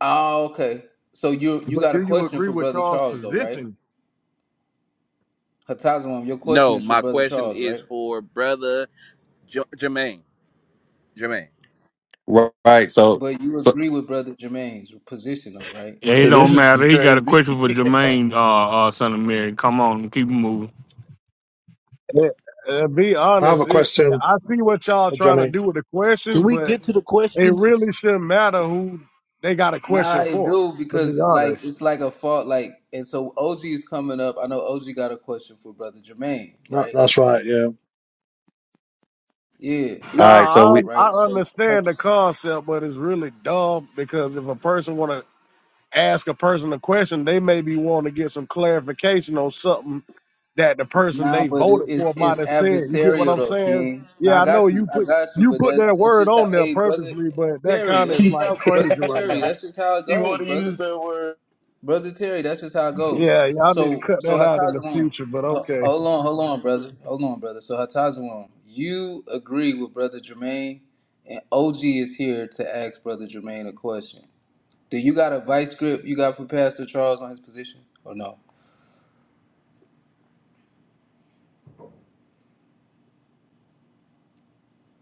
Speaker 5: Oh, okay. So you you
Speaker 14: But
Speaker 5: got a
Speaker 14: do you
Speaker 5: question
Speaker 14: agree
Speaker 5: for
Speaker 14: with
Speaker 5: Brother
Speaker 14: Charles'
Speaker 5: Charles though, right?
Speaker 14: position?
Speaker 5: Hatazamam, your question
Speaker 22: No,
Speaker 5: is for
Speaker 22: my
Speaker 5: Brother
Speaker 22: question
Speaker 5: Charles,
Speaker 22: is
Speaker 5: right?
Speaker 22: for brother J- Jermaine. Jermaine.
Speaker 9: Right. So.
Speaker 5: But you
Speaker 9: So.
Speaker 5: agree with Brother Jermaine's position though, right?
Speaker 12: It
Speaker 23: this
Speaker 12: don't
Speaker 23: is
Speaker 12: matter. He got a
Speaker 23: crazy.
Speaker 12: question for Jermaine, uh, uh, son of Mary. Come on, keep it moving.
Speaker 8: Yeah, uh, be
Speaker 24: I have a
Speaker 8: honest, it, yeah,
Speaker 24: question
Speaker 8: I see what y'all
Speaker 24: for
Speaker 8: trying to
Speaker 24: Jamin.
Speaker 8: do with the questions,
Speaker 21: Can we
Speaker 8: but
Speaker 21: get to the
Speaker 8: it
Speaker 21: questions?
Speaker 8: really shouldn't matter who they got a
Speaker 5: Nah,
Speaker 8: question
Speaker 5: I
Speaker 8: for.
Speaker 5: do
Speaker 8: To be
Speaker 5: because
Speaker 8: honest.
Speaker 5: like it's like a fault like and so OG is coming up. I know OG got a question for Brother Jermaine,
Speaker 24: That,
Speaker 5: right?
Speaker 24: that's right. Yeah,
Speaker 5: Yeah,
Speaker 9: All right. So we.
Speaker 8: Nah, I,
Speaker 5: right.
Speaker 8: I
Speaker 5: So
Speaker 8: understand the concept, but it's really dumb because if a person want to ask a person a question, they may be wanting to get some clarification on something that the person
Speaker 5: nah,
Speaker 8: they
Speaker 5: but it,
Speaker 8: voted for
Speaker 5: it's
Speaker 8: might
Speaker 5: it's
Speaker 8: have said. You get what
Speaker 5: adversarial
Speaker 8: I'm
Speaker 5: though,
Speaker 8: saying?
Speaker 5: King. Nah,
Speaker 8: Yeah,
Speaker 5: I
Speaker 8: I
Speaker 5: got
Speaker 8: know
Speaker 5: you,
Speaker 8: you
Speaker 5: I
Speaker 8: put
Speaker 5: got you.
Speaker 8: you
Speaker 5: But
Speaker 8: put
Speaker 5: that's
Speaker 8: that
Speaker 5: that's
Speaker 8: word
Speaker 5: just how.
Speaker 8: on there
Speaker 5: Hey, brother
Speaker 8: purposely, but that
Speaker 5: Terry,
Speaker 8: kind of
Speaker 5: that's
Speaker 8: is
Speaker 5: just
Speaker 8: like
Speaker 5: how. Brother
Speaker 8: crazy right
Speaker 5: Terry,
Speaker 8: now.
Speaker 5: that's just how it
Speaker 23: he
Speaker 5: goes,
Speaker 23: want to
Speaker 5: brother.
Speaker 23: use that word.
Speaker 5: Brother Terry, that's just how it goes.
Speaker 8: Yeah, y'all need to
Speaker 5: So
Speaker 8: cut
Speaker 5: so
Speaker 8: that out in the
Speaker 5: Hatazalon,
Speaker 8: future, but
Speaker 5: uh,
Speaker 8: okay.
Speaker 5: hold on, hold on, brother, hold on, brother. So Hatazalon, you agree with Brother Jermaine, and OG is here to ask Brother Jermaine a question. Do you got a vice grip you got for Pastor Charles on his position, or no?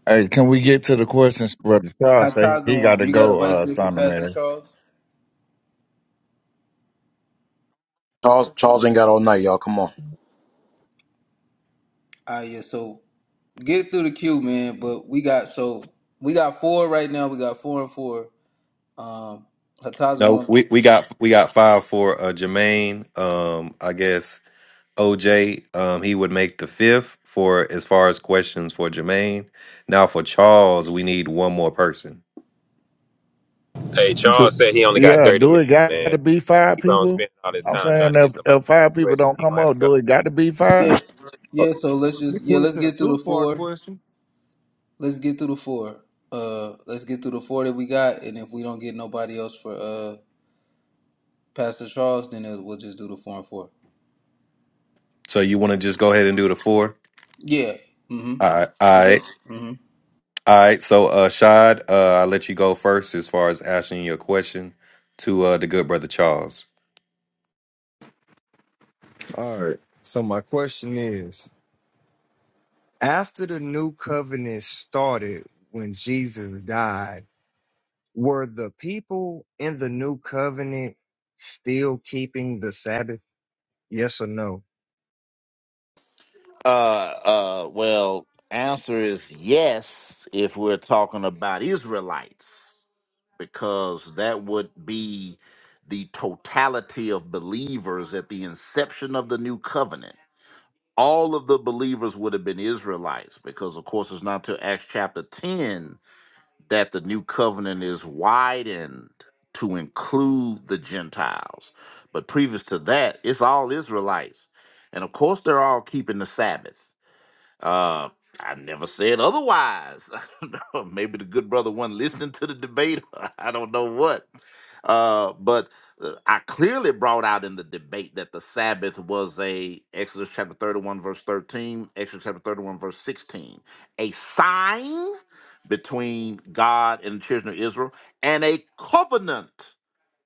Speaker 15: Hey, can we get to the questions, brother Charles? Say he got
Speaker 5: Hatazalon,
Speaker 15: to
Speaker 5: you got a
Speaker 15: go,
Speaker 5: vice
Speaker 15: uh,
Speaker 5: grip for
Speaker 15: son of
Speaker 5: Pastor
Speaker 15: Mary.
Speaker 5: Charles?
Speaker 2: Charles, Charles ain't got all night, y'all. Come on.
Speaker 5: Ah, yeah. So get through the queue, man. But we got so we got four right now. We got four and four. Um,
Speaker 9: No,
Speaker 5: Hatazalon.
Speaker 9: we, we got we got five for uh, Jermaine. Um, I guess OJ. Um, he would make the fifth for as far as questions for Jermaine. Now for Charles, we need one more person.
Speaker 7: Hey,
Speaker 15: Do,
Speaker 7: Charles said he only got
Speaker 15: yeah,
Speaker 7: thirty
Speaker 15: do it
Speaker 7: minutes,
Speaker 15: got
Speaker 7: man.
Speaker 15: to be five
Speaker 7: Keep on
Speaker 15: people?
Speaker 7: spending all this
Speaker 15: I'm
Speaker 7: time trying
Speaker 15: saying
Speaker 7: to
Speaker 15: if
Speaker 7: get somebody
Speaker 15: if
Speaker 7: to answer
Speaker 15: five
Speaker 7: the
Speaker 15: people
Speaker 7: question.
Speaker 15: don't
Speaker 7: He
Speaker 15: come
Speaker 7: gonna have to
Speaker 15: up,
Speaker 7: go.
Speaker 15: do it got to be
Speaker 5: Yeah,
Speaker 15: five?
Speaker 5: yeah. So let's
Speaker 14: The
Speaker 5: just yeah, let's
Speaker 14: question, a
Speaker 5: get through the
Speaker 14: two-part
Speaker 5: four.
Speaker 14: question.
Speaker 5: Let's get through the four. Uh, let's get through the four that we got, and if we don't get nobody else for uh Pastor Charles, then it, we'll just do the four and four.
Speaker 9: So you want to just go ahead and do the four?
Speaker 5: Yeah. Mm-hmm.
Speaker 9: All right, all
Speaker 5: And
Speaker 9: right,
Speaker 5: that's
Speaker 9: all right. So uh, Shad, uh, I will let you go first as far as asking your question to uh the good brother Charles.
Speaker 14: All right. So my question is: After the new covenant started, when Jesus died, were the people in the new covenant still keeping the Sabbath? Yes or no?
Speaker 3: Uh, uh, well, answer is yes if we're talking about Israelites, because that would be the totality of believers at the inception of the new covenant. All of the believers would have been Israelites, because of course it's not till Acts chapter 10 that the new covenant is widened to include the Gentiles. But previous to that, it's all Israelites. And of course, they're all keeping the Sabbath uh, I never said otherwise. Maybe the good brother wasn't listening to the debate. I don't know what. Uh, but uh, I clearly brought out in the debate that the Sabbath was a Exodus chapter 31 verse 13, Exodus chapter 31 verse 16, a sign between God and the children of Israel and a covenant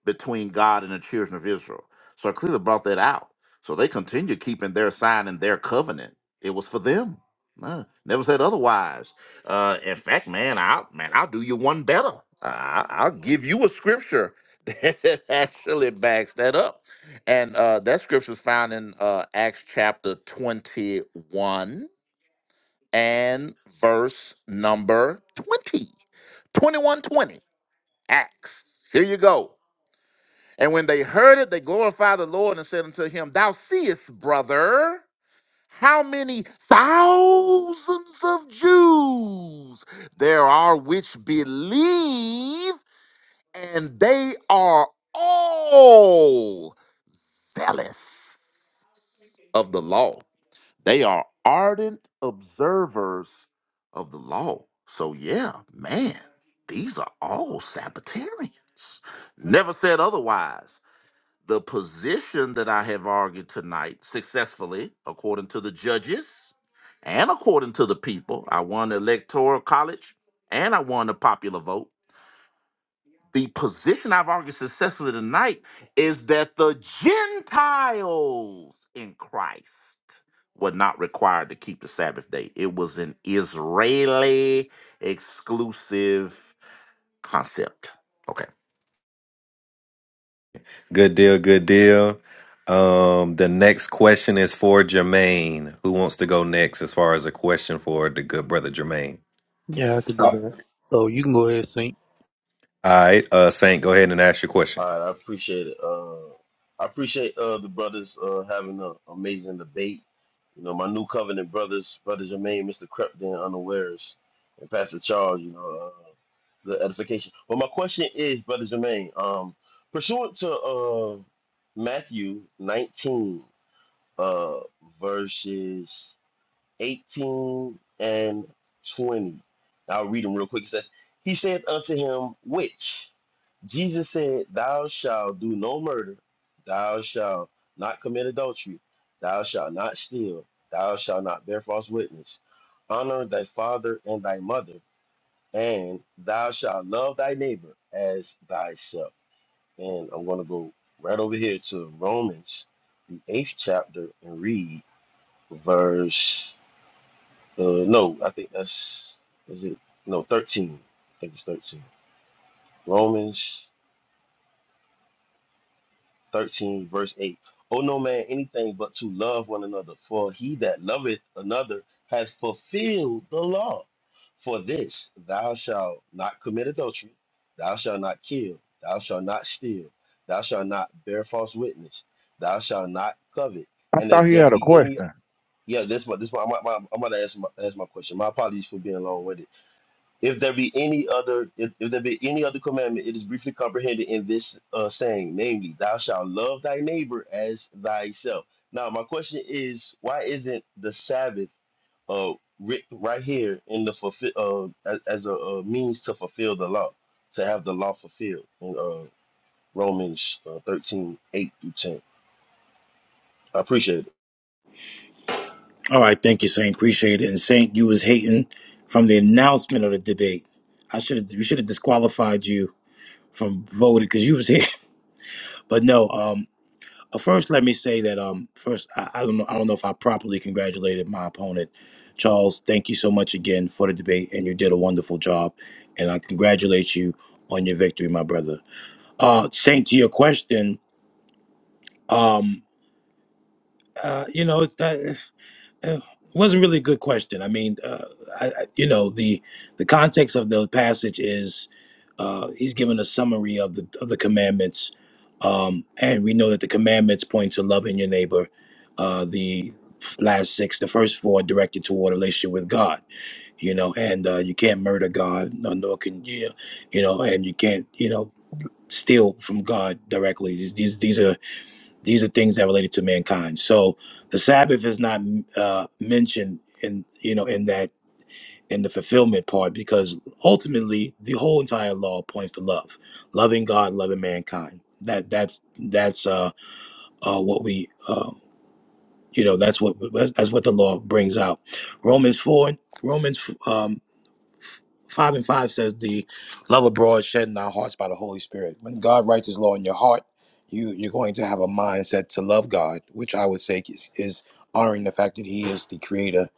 Speaker 3: between God and the children of Israel. So it clearly brought that out. So they continue keeping their sign and their covenant. It was for them. Uh, never said otherwise. Uh, in fact, man, I'll man, I'll do you one better. I, I'll give you a scripture that actually backs that up, and uh, that scripture is found in uh, Acts chapter twenty-one and verse number 20. 2120. Acts. Here you go. And when they heard it, they glorified the Lord and said unto him, Thou seest, brother, how many thousands of Jews there are which believe, and they are all zealous of the law. They are ardent observers of the law. So, yeah, man, these are all Sabbatarians. Never said otherwise The position that I have argued tonight successfully, according to the judges and according to the people, I won the electoral college and I won the popular vote. The position I've argued successfully tonight is that the Gentiles in Christ were not required to keep the Sabbath day. It was an Israeli exclusive concept. Okay.
Speaker 9: Good deal, good deal. Um, the next question is for Jermaine. Who wants to go next as far as a question for the good brother Jermaine?
Speaker 21: Yeah, I could do
Speaker 23: Uh,
Speaker 21: that. Oh, you can go ahead, Saint.
Speaker 9: All right, uh, Saint, go ahead and ask your question.
Speaker 23: All right, I appreciate it. Uh, I appreciate uh, the brothers uh, having an amazing debate. You know, my new covenant brothers, Brother Jermaine, Mr. Crepton, unawares, and Pastor Charles, you know, uh, the edification. But my question is, Brother Jermaine, um, pursuant to uh, Matthew 19, uh, verses. 18 and 20. I'll read them real quick. It says, He said unto him, Which? Jesus said, Thou shalt do no murder, thou shalt not commit adultery, thou shalt not steal, thou shalt not bear false witness, honor thy father and thy mother, and thou shalt love thy neighbor as thyself. And I'm going to go right over here to Romans, the eighth chapter, and read verse uh, no, I think that's is it. No, thirteen. I think it's thirteen. Romans thirteen, verse eight. Oh no man, anything but to love one another, for he that loveth another has fulfilled the law. For this, thou shalt not commit adultery, thou shalt not kill, thou shalt not steal, thou shalt not bear false witness, thou shalt not covet.
Speaker 15: I
Speaker 23: And
Speaker 15: thought
Speaker 23: if
Speaker 15: he
Speaker 23: there
Speaker 15: had a
Speaker 23: be any,
Speaker 15: question.
Speaker 23: yeah, this one, this one, I'm, I'm, I'm about to ask my, ask my question. My apologies for being long-winded. If there be any other, if, if there be any other commandment, it is briefly comprehended in this uh, saying, namely, thou shalt love thy neighbor as thyself. Now, my question is, why isn't the Sabbath uh, writ right here in the fulfill uh, as, as a, uh means to fulfill the law, to have the law fulfilled in uh, Romans uh, 13, eight through 10? I appreciate it.
Speaker 2: All right, thank you, Saint. Appreciate it. And Saint, you was hating from the announcement of the debate. I should have. We should have disqualified you from voting because you was here. But no. um, Uh, First, let me say that um, first I, I don't know I don't know if I properly congratulated my opponent, Charles. Thank you so much again for the debate, and you did a wonderful job, and I congratulate you on your victory, my brother. Uh, Saint, to your question, um, uh, you know that. Eh, It wasn't really a good question. I mean, uh, I, I, you know, the the context of the passage is uh, he's given a summary of the of the commandments, um, and we know that the commandments point to loving your neighbor. Uh, the last six, the first four, are directed toward a relationship with God. You know, and uh, you can't murder God, nor, nor can you, you know, and you can't, you know, steal from God directly. These these, these are these are things that related to mankind. So the Sabbath is not uh, mentioned in you know in that in the fulfillment part because ultimately the whole entire law points to love, loving God, loving mankind. That that's that's uh, uh, what we uh, you know that's what that's what the law brings out. Romans four Romans. um, Five and five says the love abroad shed in our hearts by the Holy Spirit. When God writes His law in your heart, you you're going to have a mindset to love God, which I would say is, is honoring the fact that He is the Creator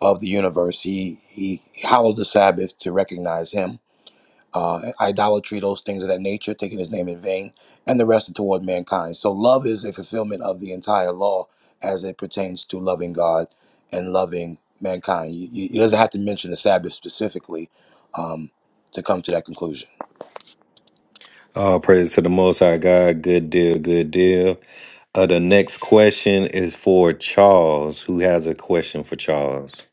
Speaker 2: of the universe. He He hallowed the Sabbath to recognize Him uh, idolatry, those things of that nature, taking his name in vain, and the rest are toward mankind. So love is a fulfillment of the entire law as it pertains to loving God and loving mankind. You, you, it doesn't have to mention the Sabbath specifically um, to come to that conclusion.
Speaker 9: All praise to the Most High God. Good deal, good deal. Uh, the next question is for Charles. Who has a question for Charles?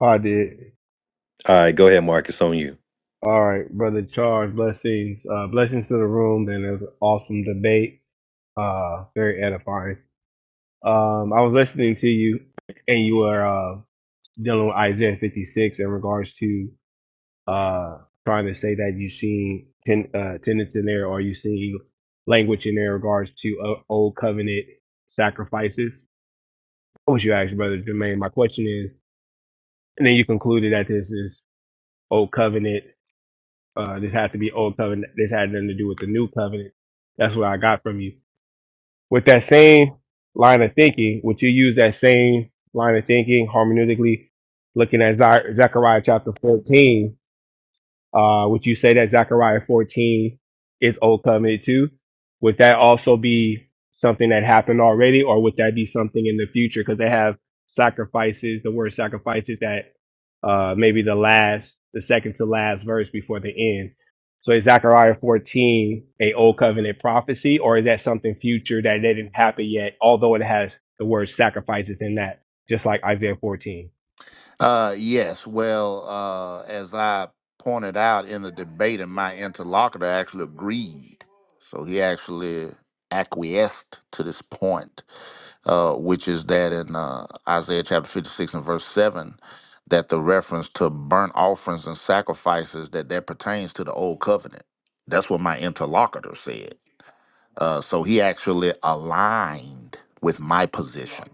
Speaker 13: I did.
Speaker 9: All right, go ahead, Marcus. On you.
Speaker 13: All right, brother Charles. Blessings, uh, blessings to the room. And it was an awesome debate. Uh, very edifying. Um, I was listening to you, and you were uh, dealing with Isaiah 56 in regards to uh, trying to say that you seen ten, uh, tenets in there, or you see language in there in regards to uh, old covenant sacrifices. What was you asked, brother Jermaine? My question is, and then you concluded that this is old covenant. Uh, this had to be old covenant. This had nothing to do with the new covenant. That's what I got from you. With that same line of thinking, would you use that same line of thinking hermeneutically, looking at Zi- Zechariah chapter 14? Uh, would you say that Zechariah 14 is Old Covenant too? Would that also be something that happened already, or would that be something in the future? Because they have sacrifices, the word sacrifices that uh, maybe the last, the second to last verse before the end. So is Zechariah 14 a Old Covenant prophecy, or is that something future that didn't happen yet, although it has the word sacrifices in that, just like Isaiah 14?
Speaker 3: Uh, yes. Well, uh, as I pointed out in the debate, and my interlocutor actually agreed. So he actually acquiesced to this point, uh, which is that in uh, Isaiah chapter 56 and verse 7, that the reference to burnt offerings and sacrifices, that that pertains to the old covenant. That's what my interlocutor said. Uh, so he actually aligned with my position.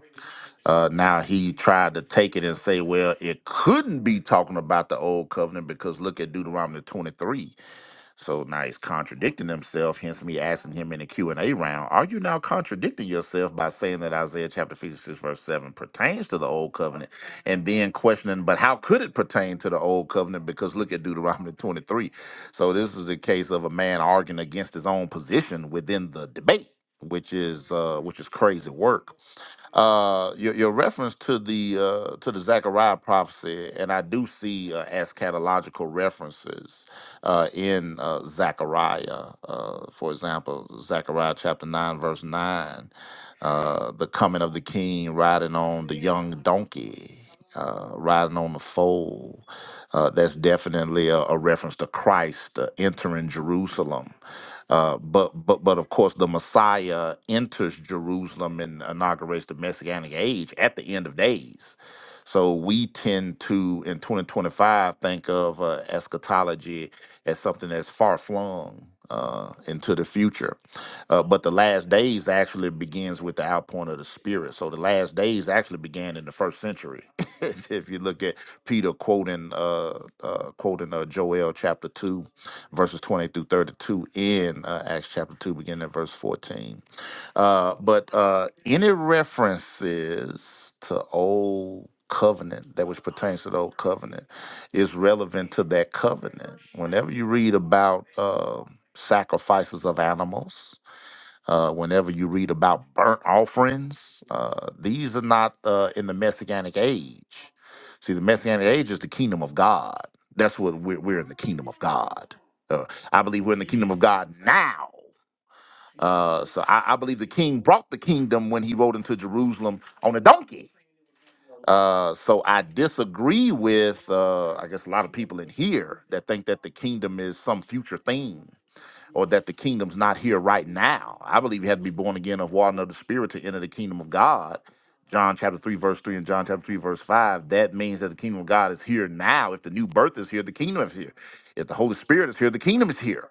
Speaker 3: Uh, now he tried to take it and say, well, it couldn't be talking about the old covenant because look at Deuteronomy 23. So now he's contradicting himself, hence me asking him in the Q&A round, are you now contradicting yourself by saying that Isaiah chapter 56 verse 7 pertains to the old covenant and then questioning, but how could it pertain to the old covenant? Because look at Deuteronomy 23. So this is a case of a man arguing against his own position within the debate, which is uh, which is crazy work. Uh, your, your reference to the uh, to the Zechariah prophecy, and I do see uh, eschatological references uh, in uh, Zechariah. Uh, for example, Zechariah chapter nine, verse nine, uh, the coming of the King riding on the young donkey, uh, riding on the foal. Uh, that's definitely a, a reference to Christ uh, entering Jerusalem uh, but but but of course, the Messiah enters Jerusalem and inaugurates the Messianic age at the end of days. So we tend to, in 2025, think of uh, eschatology as something that's far flung uh, into the future. Uh, but the last days actually begins with the outpouring of the Spirit. So the last days actually began in the first century. if you look at Peter quoting uh, uh, quoting uh, Joel chapter two verses twenty through 32 in uh, Acts chapter 2, beginning at verse 14. Uh, but uh, any references to old covenant, that which pertains to the old covenant, is relevant to that covenant. Whenever you read about um sacrifices of animals, uh, whenever you read about burnt offerings, uh, these are not uh, in the Messianic age. See, the Messianic age is the kingdom of God. That's what we're, we're in the kingdom of God. Uh, I believe we're in the kingdom of God now. Uh, so I, I believe the king brought the kingdom when he rode into Jerusalem on a donkey. Uh, so I disagree with, uh, I guess, a lot of people in here that think that the kingdom is some future thing or that the kingdom's not here right now. I believe you had to be born again of water and of the spirit to enter the kingdom of God. John chapter 3, verse 3 and John chapter 3, verse 5. That means that the kingdom of God is here now. If the new birth is here, the kingdom is here. If the Holy Spirit is here, the kingdom is here.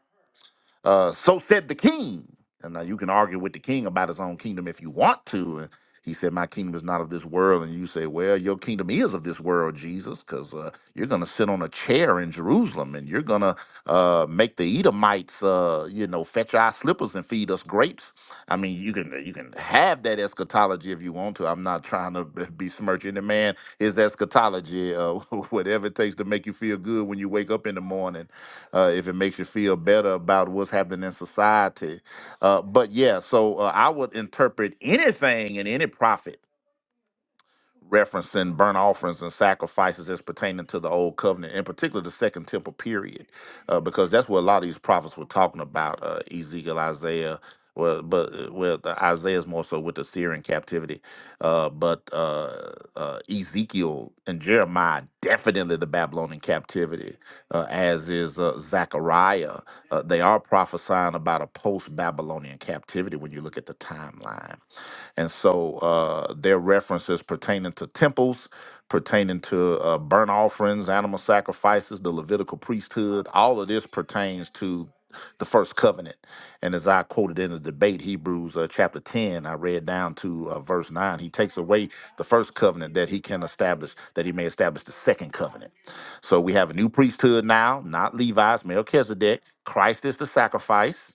Speaker 3: Uh, so said the king. And now you can argue with the king about his own kingdom if you want to. And he said, My kingdom is not of this world. And you say, Well, your kingdom is of this world, Jesus, because uh, you're going to sit on a chair in Jerusalem and you're going to uh, make the Edomites, uh, you know, fetch our slippers and feed us grapes. I mean, you can you can have that eschatology if you want to. I'm not trying to be- besmirch any man. His eschatology, uh, whatever it takes to make you feel good when you wake up in the morning uh, if it makes you feel better about what's happening in society. Uh, but yeah, so uh, I would interpret anything in any prophet referencing burnt offerings and sacrifices as pertaining to the old covenant, in particular the second temple period, uh, because that's what a lot of these prophets were talking about uh, Ezekiel, Isaiah. Well, but uh, well, the Isaiah's more so with the Syrian captivity, uh, but uh, uh, Ezekiel and Jeremiah definitely the Babylonian captivity, uh, as is uh, Zechariah. Uh, they are prophesying about a post-Babylonian captivity when you look at the timeline and so uh, their references pertaining to temples, pertaining to uh, burnt offerings, animal sacrifices, the Levitical priesthood, all of this pertains to the first covenant. And as I quoted in the debate, Hebrews uh, chapter 10, I read down to uh, verse 9, he takes away the first covenant that he can establish, that he may establish the second covenant. So we have a new priesthood now, not Levi's, Melchizedek. Christ is the sacrifice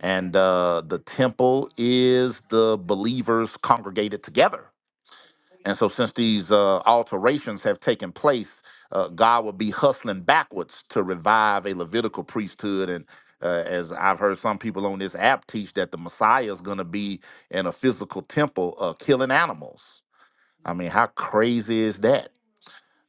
Speaker 3: and uh, the temple is the believers congregated together. And so, since these uh, alterations have taken place, uh, God will be hustling backwards to revive a Levitical priesthood. And uh, as I've heard some people on this app teach, that the Messiah is going to be in a physical temple uh, killing animals. I mean, how crazy is that?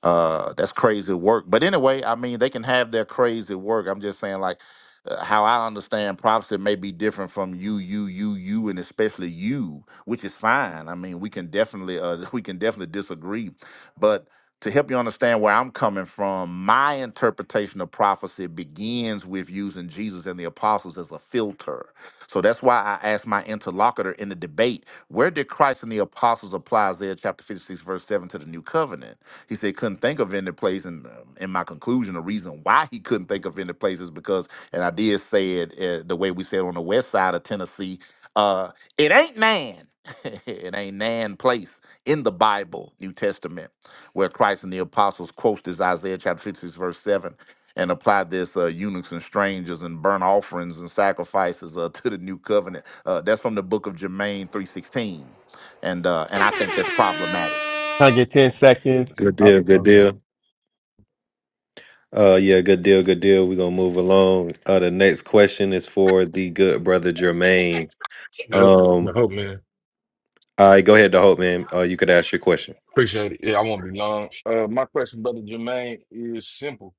Speaker 3: Uh, that's crazy work. But anyway, I mean, they can have their crazy work. I'm just saying, like, uh, how I understand prophecy may be different from you, you, you, you, and especially you, which is fine. I mean, we can definitely, uh, we can definitely disagree, but to help you understand where I'm coming from, my interpretation of prophecy begins with using Jesus and the apostles as a filter. So that's why I asked my interlocutor in the debate, where did Christ and the apostles apply Isaiah chapter 56, verse 7 to the new covenant? He said he couldn't think of any place, and um, in my conclusion, the reason why he couldn't think of any place is because, and I did say it uh, the way we said on the west side of Tennessee, uh, it ain't Nan, it ain't Nan place in the Bible, New Testament, where Christ and the apostles quotes this Isaiah chapter 56 verse seven. And applied this uh, eunuchs and strangers and burnt offerings and sacrifices uh, to the new covenant. Uh, that's from the book of Jermaine three sixteen, and uh, and I think that's problematic.
Speaker 13: Can I get 10 seconds?
Speaker 9: Good
Speaker 13: Oh,
Speaker 9: deal, good
Speaker 13: oh, good.
Speaker 9: deal. Uh, yeah, good deal, good deal. We're gonna move along. Uh, the next question is for the good brother Jermaine.
Speaker 17: Yep.
Speaker 9: Um.
Speaker 17: I hope, man.
Speaker 9: All right, go ahead, the hope, man. Uh, you could ask your question.
Speaker 17: Appreciate it. Yeah, I won't be long. Uh, my question, brother Jermaine, is simple.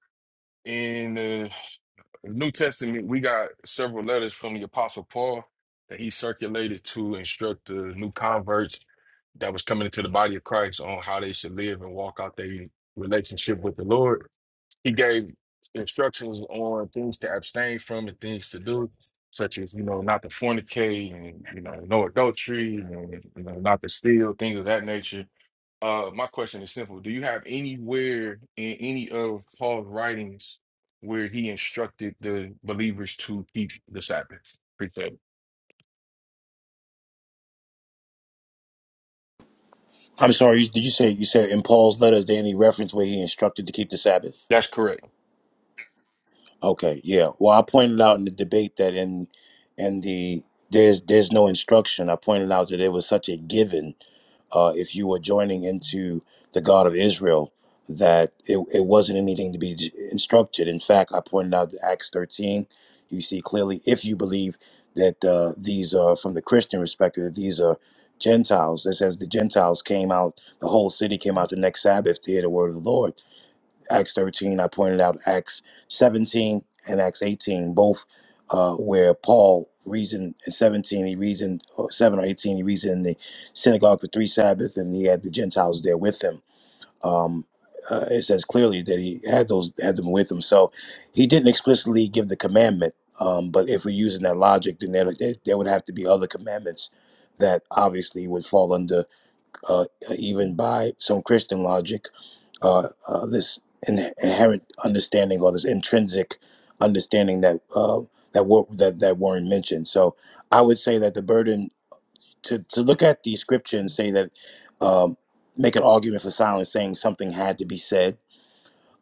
Speaker 17: In the New Testament, we got several letters from the Apostle Paul that he circulated to instruct the new converts that was coming into the body of Christ on how they should live and walk out their relationship with the Lord. he gave instructions on things to abstain from and things to do, such as you know not to fornicate and you know no adultery and you know not to steal things of that nature. Uh, my question is simple: Do you have anywhere in any of Paul's writings where he instructed the believers to keep the Sabbath? Appreciate it.
Speaker 2: I'm sorry, you- did you say you said in Paul's letters there any reference where he instructed to keep the Sabbath?
Speaker 17: That's correct.
Speaker 2: Okay, yeah. Well, I pointed out in the debate that in in the there's there's no instruction. I pointed out that it was such a given uh, if you were joining into the God of Israel that it, it wasn't anything to be instructed. In fact, I pointed out that Acts 13. You see clearly if you believe that uh, these are from the Christian perspective, that these are Gentiles. It says the Gentiles came out, the whole city came out the next Sabbath to hear the word of the Lord Acts 13. I pointed out Acts 17 and Acts 18, both uh, where Paul reasoned in 17, he reasoned, or 7 or 18, he reasoned in the synagogue for three Sabbaths, and he had the Gentiles there with him. Um, uh, it says clearly that he had those had them with him. So he didn't explicitly give the commandment. Um, but if we're using that logic, then there, there, there would have to be other commandments that obviously would fall under uh, even by some Christian logic uh, uh, this in- inherent understanding or this intrinsic understanding that uh, that wor- that that Warren mentioned. So I would say that the burden to to look at the scripture and say that um, make an argument for silence, saying something had to be said,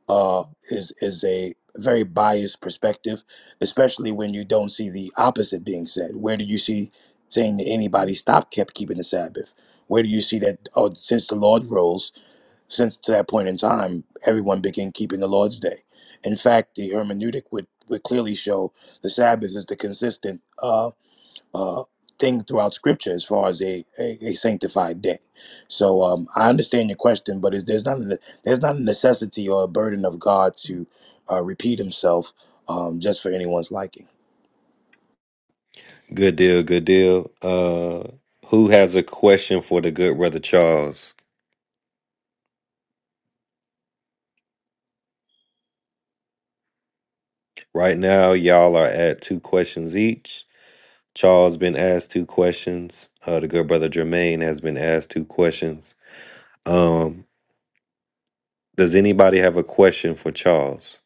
Speaker 2: uh, is is a very biased perspective, especially when you don't see the opposite being said. Where do you see saying that anybody stop kept keeping the Sabbath? Where do you see that? Oh, since the Lord rules since that point in time, everyone began keeping the Lord's Day. In fact, the hermeneutic would, would clearly show the Sabbath is the consistent uh, uh, thing throughout Scripture as far as a, a, a sanctified day. So um, I understand your question, but is, there's not a, there's not a necessity or a burden of God to uh, repeat Himself um, just for anyone's liking.
Speaker 9: Good deal, good deal. Uh, who has a question for the good brother Charles? Right now, y'all are at two questions each. Charles been asked two questions. Uh, the good brother Jermaine has been asked two questions. Um, does anybody have a question for Charles?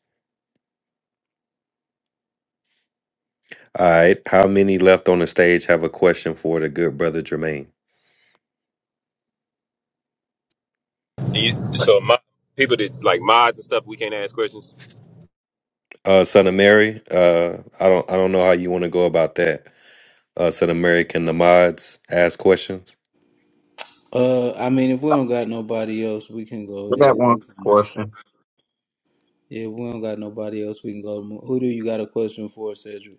Speaker 9: All right, how many left on the stage have a question for the good brother Jermaine?
Speaker 7: You, so my people that like mods and stuff, we can't ask questions.
Speaker 9: Uh, son of Mary. Uh, I don't, I don't know how you want to go about that. us an American nomads ask questions.
Speaker 5: uh, I mean, if we don't got nobody else, we can go
Speaker 20: I got
Speaker 5: ahead.
Speaker 20: one
Speaker 5: We can move.
Speaker 20: question,
Speaker 5: Yeah, if we don't got nobody else, we can go. Move. Who do you got a question for, Cedric?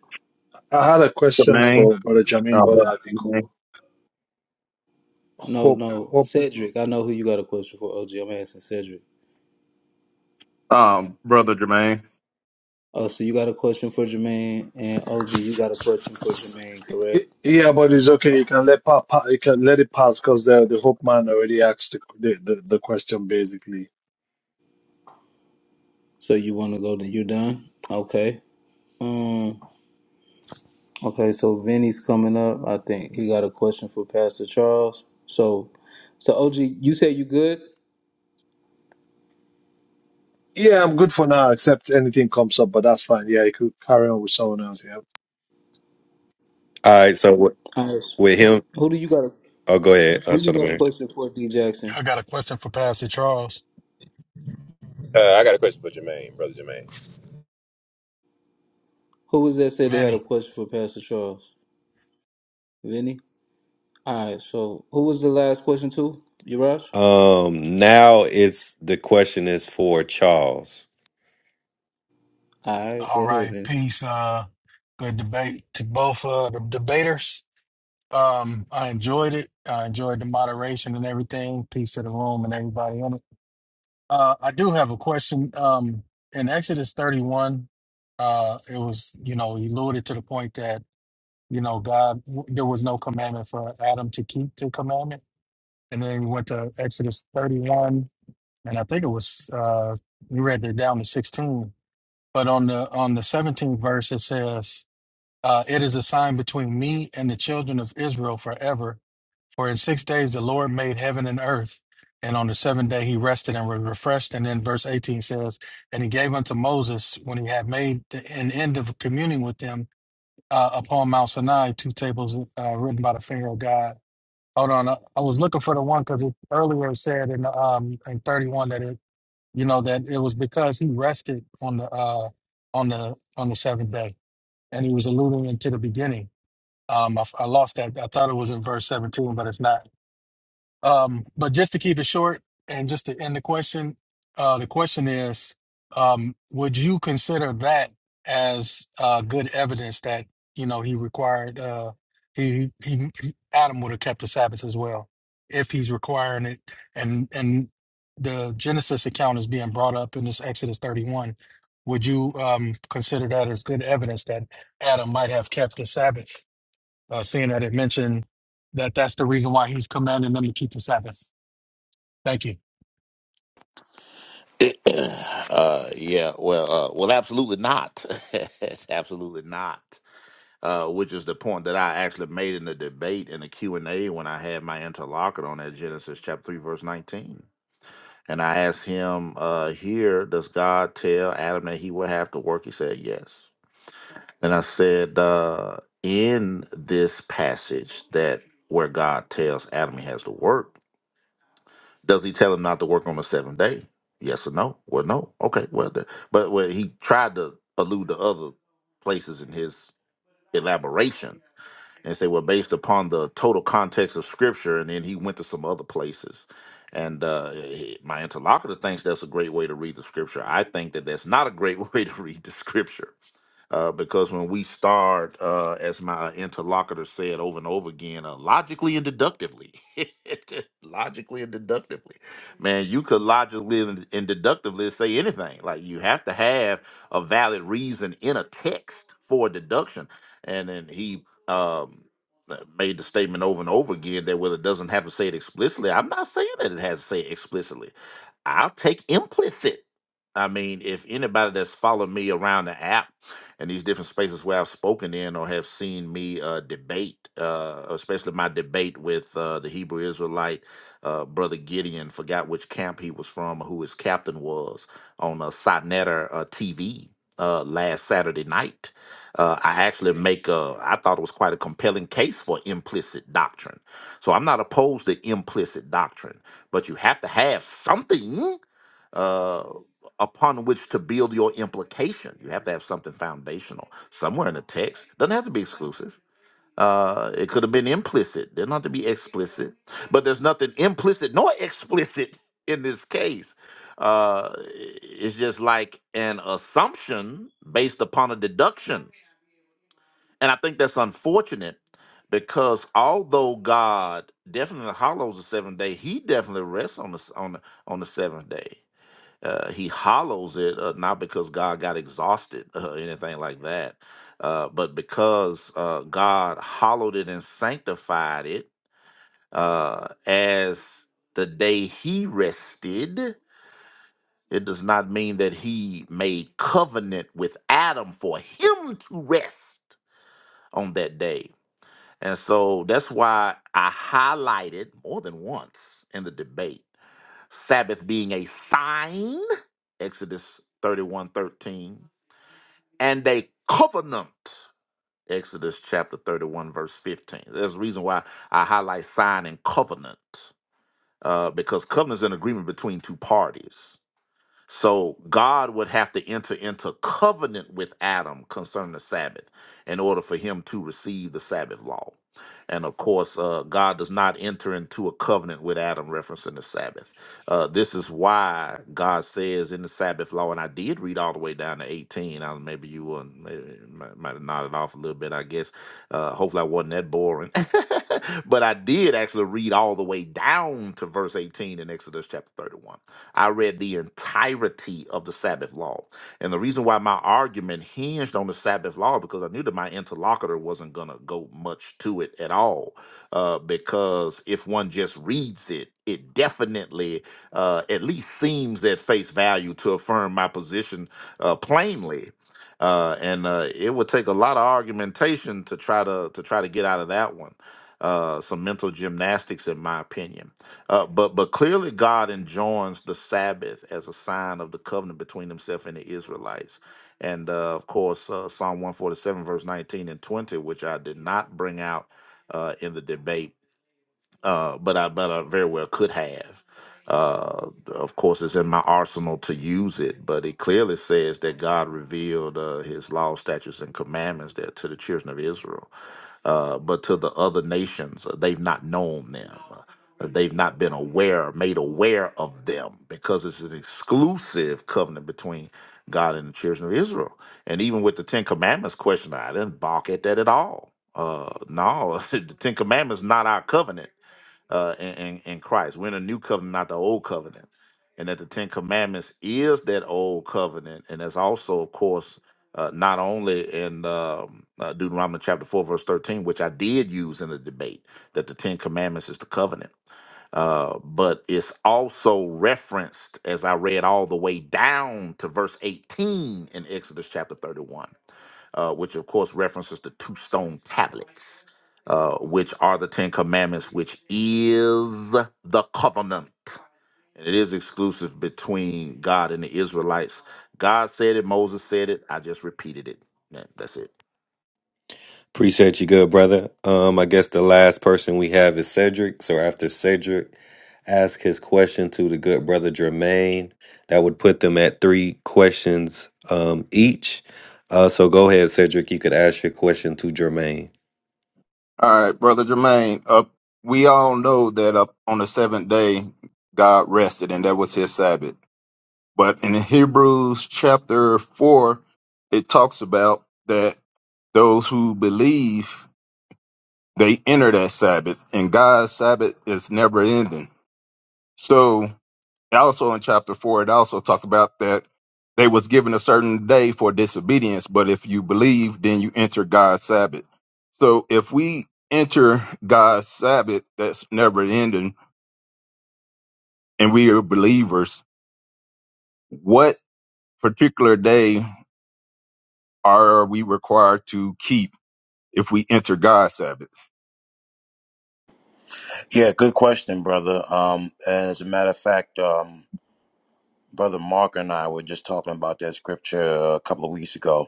Speaker 24: I had a question
Speaker 20: Jermaine.
Speaker 24: for Brother Jamin,
Speaker 20: Uh,
Speaker 24: but
Speaker 20: brother
Speaker 24: I think
Speaker 20: Jermaine.
Speaker 5: No,
Speaker 24: hope,
Speaker 5: no,
Speaker 24: hope.
Speaker 5: Cedric. I know who you got a question for. OG, I'm asking Cedric.
Speaker 20: Um, brother Jermaine.
Speaker 5: Oh, so you got a question for Jermaine, and OG, you got a question for Jermaine, correct?
Speaker 24: Yeah, but it's okay. You can let pa, pa, you can let it pass because the the hope man already asked the, the the the question basically.
Speaker 5: So you want to go to you done? Okay. Um. Okay. So Vinny's coming up. I think he got a question for Pastor Charles. So, so OG, you say you good?
Speaker 24: Yeah, I'm good for now, except anything comes up, but that's fine. Yeah, you could carry on with someone else. Yeah.
Speaker 9: All right, so wi-
Speaker 5: All right.
Speaker 9: with him,
Speaker 5: Who do you got? A,
Speaker 9: oh, go ahead,
Speaker 5: who
Speaker 9: us
Speaker 5: you
Speaker 9: an
Speaker 5: got a
Speaker 9: American.
Speaker 5: question for? D Jackson.
Speaker 25: I got a question for Pastor Charles.
Speaker 7: Uh, I got a question for Jermaine, brother Jermaine.
Speaker 5: Who was that said they had a
Speaker 25: Vinny.
Speaker 5: question for Pastor Charles? Vinny. All right. So who was the last question to? You Raj?
Speaker 9: Um, now it's the question is for Charles.
Speaker 5: All right. Go
Speaker 25: All
Speaker 5: ahead,
Speaker 25: right.
Speaker 5: Vinny.
Speaker 25: Peace. Uh, good debate to both uh, the debaters. Um, I enjoyed it. I enjoyed the moderation and everything. Peace to the room and everybody in it. Uh, I do have a question. Um, in Exodus 31, uh, it was, you know, he alluded to the point that, you know, God, there was no commandment for Adam to keep the commandment. And then we went to Exodus 31, and I think it was, uh, we read it down to 16 But on the on the 17th verse it says, uh, "It is a sign between me and the children of Israel forever. For in six days the Lord made heaven and earth, and on the seventh day He rested and was refreshed." And then verse 18 says, "And He gave unto Moses when He had made the, an end of communing with them uh, upon Mount Sinai two tables uh, written by the finger of God." Hold on, I, I was looking for the one because earlier it said in um in 31 that it you know that it was because he rested on the uh on the on the seventh day and he was alluding into the beginning um I, I lost that i thought it was in verse 17 but it's not um, but just to keep it short and just to end the question, uh, the question is, um, would you consider that as uh, good evidence that, you know, he required, uh, he, he, he, Adam would have kept the Sabbath as well, if he's requiring it. And, and the Genesis account is being brought up in this Exodus 31. Would you um, consider that as good evidence that Adam might have kept the Sabbath? uh, seeing that it mentioned that that's the reason why he's commanding them to keep the Sabbath. Thank you.
Speaker 3: uh, yeah, well, uh, well, absolutely not. absolutely not. Uh, which is the point that I actually made in the debate in the Q and A when I had my interlocutor on that Genesis chapter three verse nineteen, and I asked him uh, here, does God tell Adam that he will have to work? He said yes. And I said uh, in this passage that where God tells Adam he has to work does he tell him not to work on the seventh day? Yes or no? Well, no. Okay. Well, the, but well, he tried to allude to other places in his elaboration and say, well, based upon the total context of Scripture, and then he went to some other places. And uh, he- my interlocutor thinks that's a great way to read the Scripture. I think that that's not a great way to read the Scripture uh, because when we start, uh, as my interlocutor said over and over again, uh, logically and deductively, logically and deductively man, you could logically and, and deductively say anything. Like you have to have a valid reason in a text for deduction. And then he um, uh, made the statement over and over again that well, it doesn't have to say it explicitly. I'm not saying that it has to say it explicitly. I'll take implicit. I mean, if anybody that's followed me around the app and these different spaces where I've spoken in or have seen me uh, debate, uh, especially my debate with uh, the Hebrew Israelite uh, brother Gideon, forgot which camp he was from, who his captain was on uh, Sotnetter uh, TV uh, last Saturday night. Uh, I actually make a, I thought it was quite a compelling case for implicit doctrine. So I'm not opposed to implicit doctrine but you have to have something uh, upon which to build your implication. You have to have something foundational somewhere in the text. Doesn't have to be exclusive. Uh, it could have been implicit. Doesn't have to be explicit. But there's nothing implicit nor explicit in this case. Uh, i- it's just like an assumption based upon a deduction, and I think that's unfortunate because although God definitely hollows the seventh day, He definitely rests on the s- on the, on the seventh day. Uh, he hollows it uh, not because God got exhausted uh, anything like that, uh, but because uh, God hollowed it and sanctified it uh, as the day He rested. It does not mean that He made covenant with Adam for him to rest on that day and so that's why I highlighted more than once in the debate Sabbath being a sign, Exodus 31 13 and a covenant, Exodus chapter 31, verse 15. There's a reason why I highlight sign and covenant, uh, because covenant is an agreement between two parties. So God would have to enter into covenant with Adam concerning the Sabbath in order for him to receive the Sabbath law. And of course, uh, God does not enter into a covenant with Adam referencing the Sabbath. Uh, this is why God says in the Sabbath law, and I did read all the way down to 18. I, maybe you were, maybe, might might have nodded off a little bit, I guess. Uh, hopefully, I wasn't that boring. but I did actually read all the way down to verse 18 in Exodus chapter 31 I read the entirety of the Sabbath law. And the reason why my argument hinged on the Sabbath law because I knew that my interlocutor wasn't going to go much to it at all. Uh, because if one just reads it, it definitely uh, at least seems at face value to affirm my position uh, plainly. Uh, and uh, it would take a lot of argumentation to try to to try to get out of that one. Uh, some mental gymnastics, in my opinion. Uh, but but clearly God enjoins the Sabbath as a sign of the covenant between Himself and the Israelites, and uh, of course uh, Psalm one forty seven verse nineteen and twenty, which I did not bring out uh, in the debate, uh, but I but I very well could have. Uh, of course, it's in my arsenal to use it, but it clearly says that God revealed uh, His law, statutes, and commandments there to the children of Israel uh, but to the other nations, uh, they've not known them. Uh, They've not been aware, made aware of them, because it's an exclusive covenant between God and the children of Israel. And even with the Ten Commandments question, I didn't balk at that at all. Uh, no, the Ten Commandments not our covenant uh, in, in, in Christ. We're in a new covenant, not the old covenant. And that the Ten Commandments is that old covenant. And that's also, of course, uh, not only in um, uh, Deuteronomy chapter 4, verse 13, which I did use in the debate, that the Ten Commandments is the covenant. Uh, but it's also referenced, as I read all the way down to verse 18 in Exodus chapter 31 uh, which of course references the two stone tablets, uh, which are the Ten Commandments, which is the covenant. And it is exclusive between God and the Israelites. God said it, Moses said it, I just repeated it. That- That's it.
Speaker 9: Appreciate you, good brother. Um, I guess the last person we have is Cedric. So after Cedric, ask his question to the good brother Jermaine. That would put them at three questions um each. Uh, so go ahead, Cedric. You could ask your question to Jermaine.
Speaker 20: All right, brother Jermaine. Uh, we all know that uh, on the seventh day, God rested, and that was His Sabbath. But in Hebrews chapter four, it talks about that those who believe they enter that Sabbath, and God's Sabbath is never ending. So And also in chapter four, it also talked about that they was given a certain day for disobedience, but if you believe, then you enter God's Sabbath. So if we enter God's Sabbath that's never ending, and we are believers, what particular day are we required to keep if we enter God's Sabbath?
Speaker 2: Yeah, good question, brother. Um, and as a matter of fact, um, brother Mark and I were just talking about that scripture a couple of weeks ago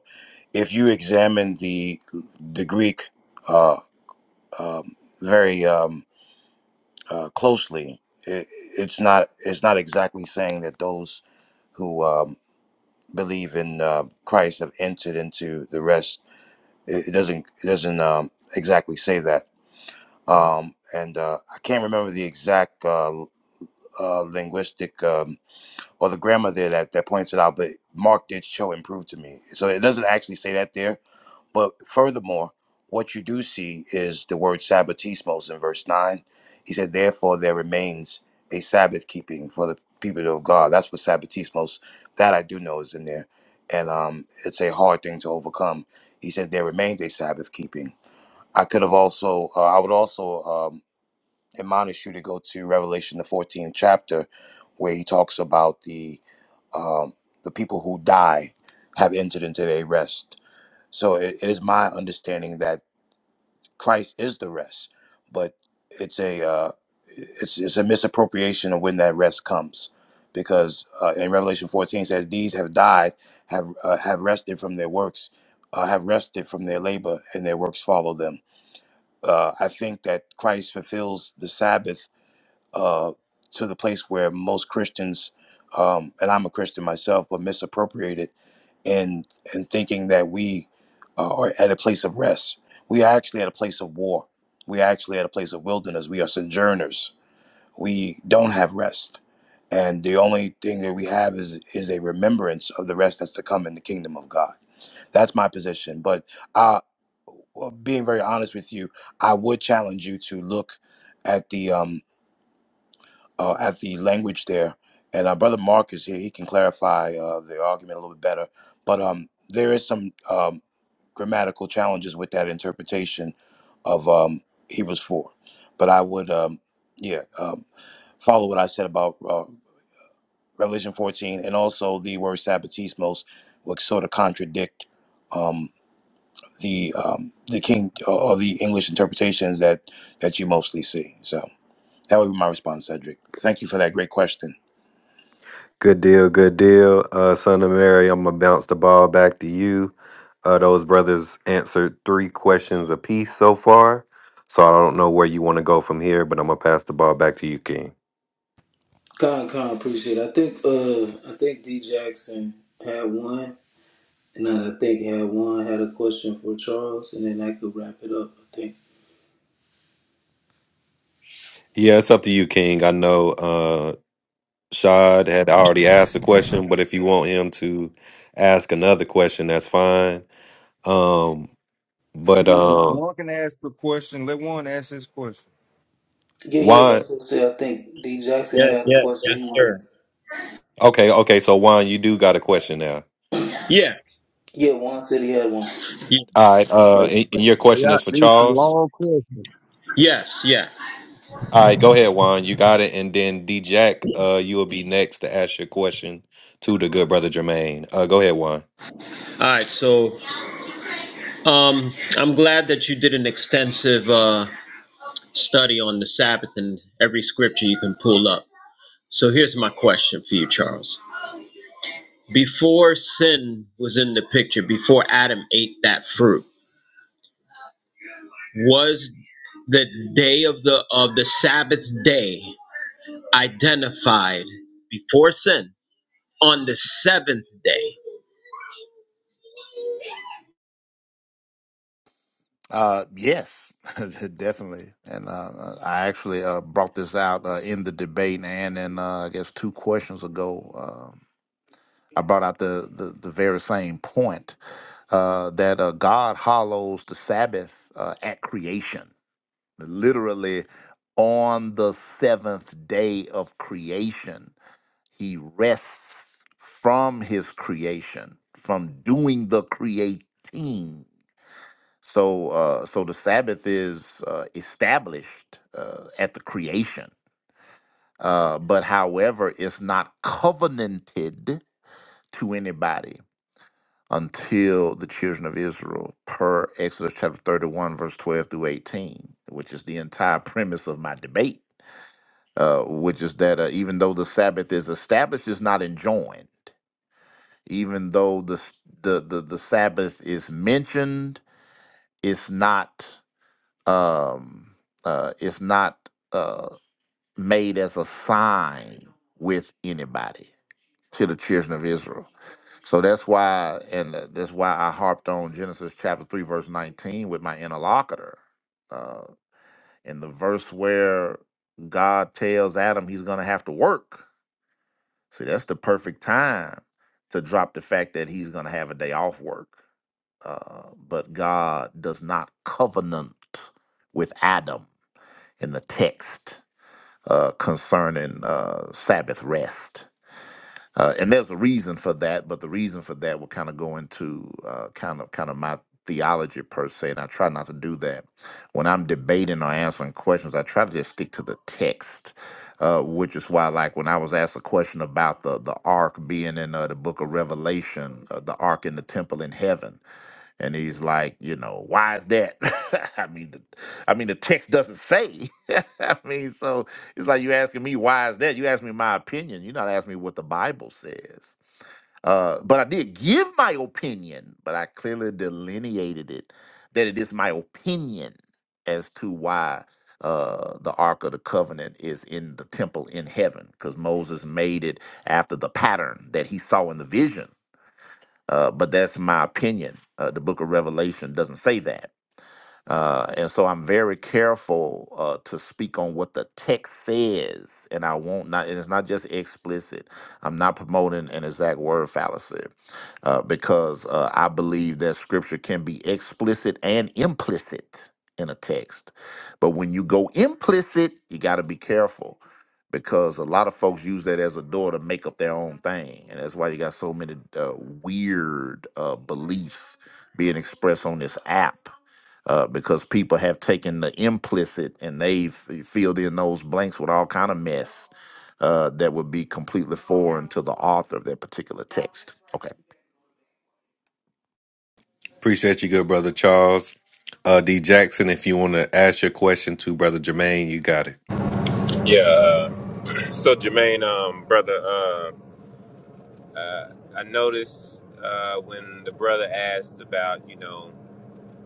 Speaker 2: if you examine the the Greek uh, um, very um, uh, closely, it, it's not it's not exactly saying that those who um, believe in uh, Christ have entered into the rest. It, it doesn't it doesn't um, exactly say that. Um, and uh, I can't remember the exact uh, uh, linguistic um, or the grammar there that, that points it out, but Mark did show and prove to me. So it doesn't actually say that there But furthermore, what you do see is the word sabbatismos in verse 9. He said, Therefore, there remains a Sabbath keeping for the people of God. That's what sabbatismos, that I do know is in there. And um, it's a hard thing to overcome. He said, There remains a Sabbath keeping. I could have also, uh, I would also um, admonish you to go to Revelation, the 14th chapter, where he talks about the um, the people who die have entered into their rest so it, it is my understanding that Christ is the rest, but it's a uh, it's it's a misappropriation of when that rest comes, because uh, in Revelation 14 it says these have died, have uh, have rested from their works, uh, have rested from their labor, and their works follow them. Uh, I think that Christ fulfills the Sabbath uh, to the place where most Christians, um, and I'm a Christian myself, but misappropriated and and thinking that we uh, are at a place of rest. We are actually at a place of war. We are actually at a place of wilderness. We are sojourners. We don't have rest, and the only thing that we have is is a remembrance of the rest that's to come in the kingdom of God. That's my position. But I, well, being very honest with you, I would challenge you to look at the um uh, at the language there. And our brother Mark is here; he can clarify uh, the argument a little bit better. But um, there is some um, grammatical challenges with that interpretation of um, Hebrews four. But I would, um, yeah, um, follow what I said about uh, Revelation fourteen, and also the word Sabbatismos, which sort of contradict um, the um, the King uh, or the English interpretations that that you mostly see. So that would be my response, Cedric. Thank you for that great question.
Speaker 9: Good deal, good deal. Uh, Son of Mary, I'm gonna bounce the ball back to you. Uh, those brothers answered three questions apiece so far, so I don't know where you want to go from here, but I'm gonna pass the ball back to you, King.
Speaker 5: Con, con, appreciate it. I think, uh, I think D Jackson had one. And I think I had one had a question for Charles, and then I could wrap it up. I think.
Speaker 9: Yeah, it's up to you, King. I know uh, Shad had already asked a question, but if you want him to ask another question, that's fine. Um, but
Speaker 14: No, no
Speaker 9: um,
Speaker 14: one can ask the question. Let one ask his question.
Speaker 5: Yeah, yeah,
Speaker 9: Juan,
Speaker 5: that's what I said. I think D Jackson had
Speaker 16: Yeah,
Speaker 5: had a
Speaker 16: yeah,
Speaker 5: question.
Speaker 16: yes,
Speaker 5: He wanted.
Speaker 16: sir.
Speaker 9: okay, okay. So Juan, you do got a question now.
Speaker 16: Yeah.
Speaker 5: Yeah, Juan said he had one.
Speaker 9: All right, uh,
Speaker 8: But,
Speaker 9: and
Speaker 8: but,
Speaker 9: and your
Speaker 8: but
Speaker 9: question
Speaker 8: y'all,
Speaker 9: is for
Speaker 8: need some
Speaker 9: Charles.
Speaker 8: long questions.
Speaker 16: Yes, yeah.
Speaker 9: All right, go ahead, Juan. You got it. And then D Jack, uh, you will be next to ask your question to the good brother Jermaine. Uh, go ahead, Juan.
Speaker 16: All right, so um, I'm glad that you did an extensive uh, study on the Sabbath and every scripture you can pull up. So here's my question for you, Charles. Before sin was in the picture, before Adam ate that fruit, was the day of the of the Sabbath day identified before sin on the seventh day?
Speaker 3: Uh, yes, definitely. And uh, I actually uh, brought this out uh, in the debate, and in uh, I guess two questions ago, um I brought out the, the the very same point. uh, that uh, God hollows the Sabbath uh, at creation, literally on the seventh day of creation. He rests from his creation, from doing the creating. So, uh, so the Sabbath is uh, established uh, at the creation, uh, but however, it's not covenanted to anybody until the children of Israel, per Exodus chapter 31, verse 12 through 18, which is the entire premise of my debate, uh, which is that uh, even though the Sabbath is established, it's not enjoined. Even though the, s- the, the, the Sabbath is mentioned, it's not, um, uh, it's not uh, made as a sign with anybody to the children of Israel So that's why, and uh, that's why I harped on Genesis chapter three, verse nineteen, with my interlocutor. Uh, in the verse where God tells Adam he's going to have to work. See, that's the perfect time to drop the fact that he's going to have a day off work. Uh, but God does not covenant with Adam in the text uh, concerning uh, Sabbath rest. uh, and there's a reason for that but the reason for that will kind of go into uh, kind of kind of my theology per se and i try not to do that when i'm debating or answering questions i try to just stick to the text uh, which is why like when i was asked a question about the the ark being in uh, the book of revelation uh, the ark in the temple in heaven and he's like, you know, why is that? I mean, the, I mean, the text doesn't say. I mean, so it's like you asking me why is that? You ask me my opinion. You're not asking me what the Bible says. Uh, but I did give my opinion, but I clearly delineated it that it is my opinion as to why uh, the Ark of the Covenant is in the temple in heaven, because Moses made it after the pattern that he saw in the vision uh, but that's my opinion. Uh, the book of Revelation doesn't say that. Uh, and so I'm very careful uh, to speak on what the text says, and I won't not. And it's not just explicit. I'm not promoting an exact word fallacy uh, because uh, I believe that Scripture can be explicit and implicit in a text. But when you go implicit, you got to be careful because a lot of folks use that as a door to make up their own thing, and that's why you got so many uh, weird uh, beliefs being expressed on this app uh, because people have taken the implicit and they've filled in those blanks with all kind of mess uh, that would be completely foreign to the author of that particular text. Okay.
Speaker 9: Appreciate you, good brother Charles. Uh, D Jackson, if you want to ask your question to brother Jermaine, you got it.
Speaker 7: Yeah. Uh, so Jermaine, um, brother, uh, uh, I noticed uh, when the brother asked about, you know,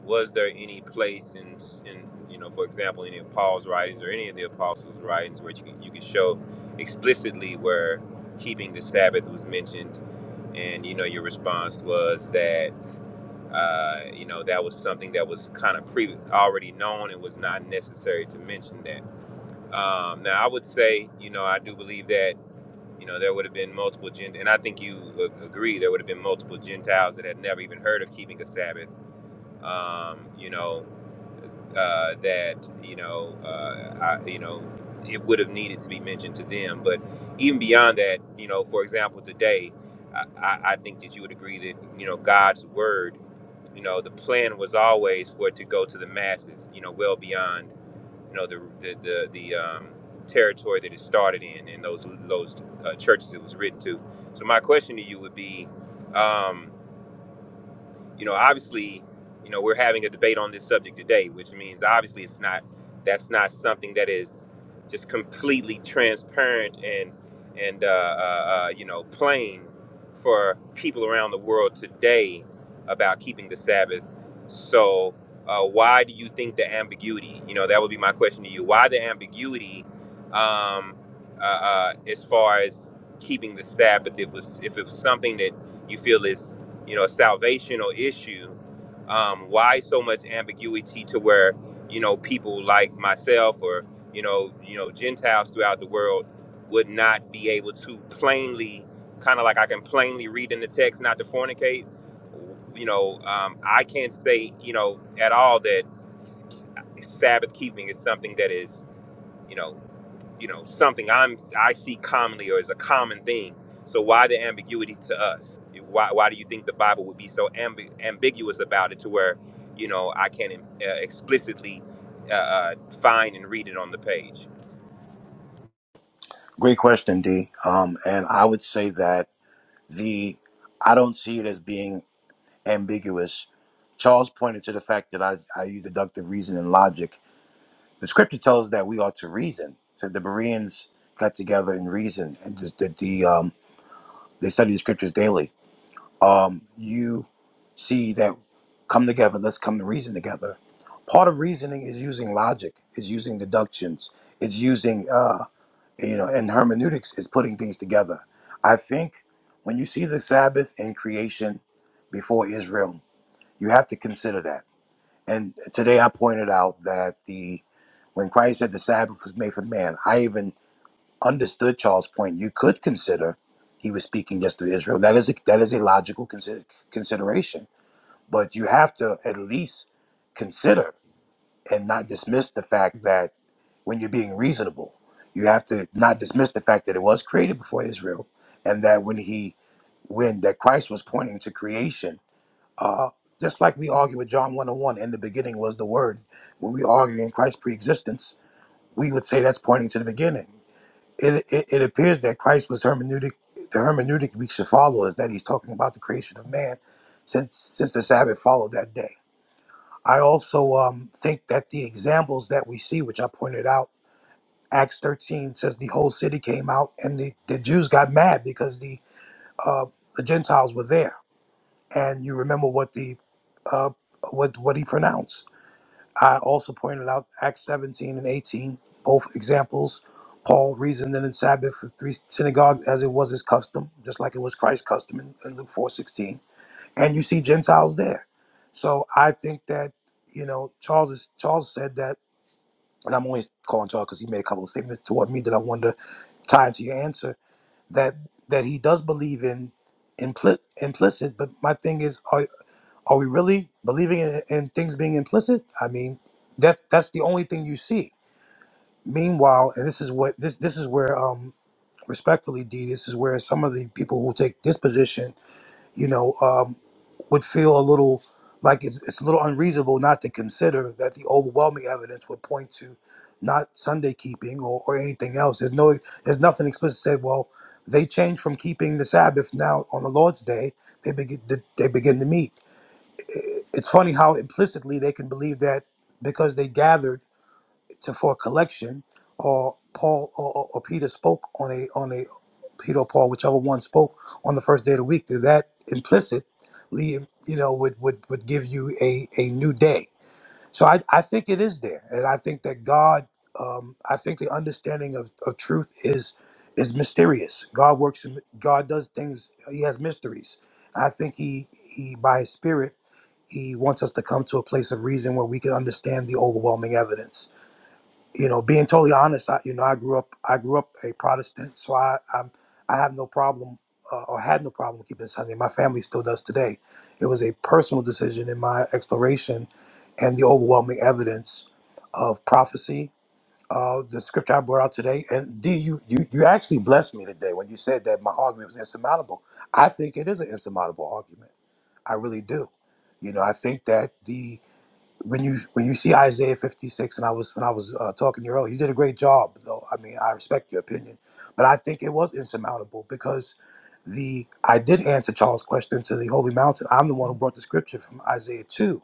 Speaker 7: was there any place in, in you know, for example, any of Paul's writings or any of the apostles' writings where you can, you can show explicitly where keeping the Sabbath was mentioned, and you know, your response was that. Uh, you know, that was something that was kind of pre already known and was not necessary to mention that. Um, now, I would say, you know, I do believe that, you know, there would have been multiple gent, and I think you a- agree, there would have been multiple Gentiles that had never even heard of keeping a Sabbath. Um, you know, uh, that you know, uh, I, you know, it would have needed to be mentioned to them. But even beyond that, you know, for example, today, I, I I think that you would agree that you know God's word. You know, the plan was always for it to go to the masses. You know, well beyond you know the the the, the um, territory that it started in and those those uh, churches it was written to. So my question to you would be. Um, you know, obviously, you know, we're having a debate on this subject today, which means obviously it's not that's not something that is just completely transparent and and uh, uh, uh, you know plain for people around the world today about keeping the Sabbath. So, uh, why do you think the ambiguity? You know, that would be my question to you. Why the ambiguity um, uh, uh, as far as keeping the Sabbath? If it was if it was something that you feel is you know, a salvational issue, um, why so much ambiguity to where, you know, people like myself or, you know, you know, Gentiles throughout the world would not be able to plainly, kind of like I can plainly read in the text not to fornicate. You know, um, I can't say, you know, at all that Sabbath keeping is something that is, you know, you know something I'm I see commonly or is a common thing. So why the ambiguity to us? Why why do you think the Bible would be so ambi- ambiguous about it to where you know I can uh, explicitly uh, uh, find and read it on the page?
Speaker 2: Great question, D. Um, and I would say that the I don't see it as being ambiguous. Charles pointed to the fact that I, I use deductive reason and logic. The scripture tells us that we are to reason. So the Bereans got together and reasoned, and just that the um, they study the scriptures daily. Um, you see that come together. Let's come to reason together. Part of reasoning is using logic. Is using deductions. Is using. uh you know and hermeneutics is putting things together i think when you see the sabbath in creation before israel you have to consider that and today i pointed out that the when christ said the sabbath was made for man i even understood charles point you could consider he was speaking just to israel that is a, that is a logical consider, consideration but you have to at least consider and not dismiss the fact that when you're being reasonable. You have to not dismiss the fact that it was created before Israel, and that when he when that Christ was pointing to creation, uh, just like we argue with John one and one, in the beginning was the Word. When we argue in Christ's preexistence, we would say that's pointing to the beginning. It, it, it appears that Christ was hermeneutic. The hermeneutic we should follow is that he's talking about the creation of man, since since the Sabbath followed that day. I also um, think that the examples that we see, which I pointed out Acts 13 says the whole city came out and the, the Jews got mad because the uh, the Gentiles were there. And you remember what the uh, what what he pronounced. I also pointed out Acts 17 and 18, both examples. Paul reasoned in the Sabbath for three synagogues as it was his custom, just like it was Christ's custom in, in Luke 4:16. And you see Gentiles there. So I think that you know Charles is, Charles said that, and I'm only calling Charles because he made a couple of statements toward me that I wonder tied to your answer that that he does believe in impli- implicit but my thing is are, are we really believing in, in things being implicit i mean that that's the only thing you see meanwhile and this is what this this is where um respectfully d this is where some of the people who take this position you know um, would feel a little like it's, it's a little unreasonable not to consider that the overwhelming evidence would point to not Sunday keeping or, or anything else. There's no there's nothing explicit said. Well, they changed from keeping the Sabbath now on the Lord's day. They begin they begin to meet. I- It's funny how implicitly they can believe that because they gathered to for a collection or Paul or, or or Peter spoke on a on a Peter or Paul, whichever one spoke on the first day of the week, that that implicitly, you know, would, would, would give you a, a new day. So I, I think it is there. And I think that God, um, I think the understanding of, of truth is is mysterious. God works in, God does things, he has mysteries. I think he, he, by his spirit, he wants us to come to a place of reason where we can understand the overwhelming evidence you know, being totally honest, I, you know, I grew up, I grew up a Protestant, so I, I'm, I have no problem, uh, or had no problem keeping Sunday. My family still does today. It was a personal decision in my exploration, and the overwhelming evidence of prophecy, uh, the scripture I brought out today. And D, you, you, you actually blessed me today when you said that my argument was insurmountable. I think it is an insurmountable argument. I really do. You know, I think that the when you when you see Isaiah 56, and I was when I was uh, talking to you earlier, you did a great job. Though I mean, I respect your opinion, but I think it was insurmountable because the I did answer Charles' question to the holy mountain. I'm the one who brought the scripture from Isaiah 2,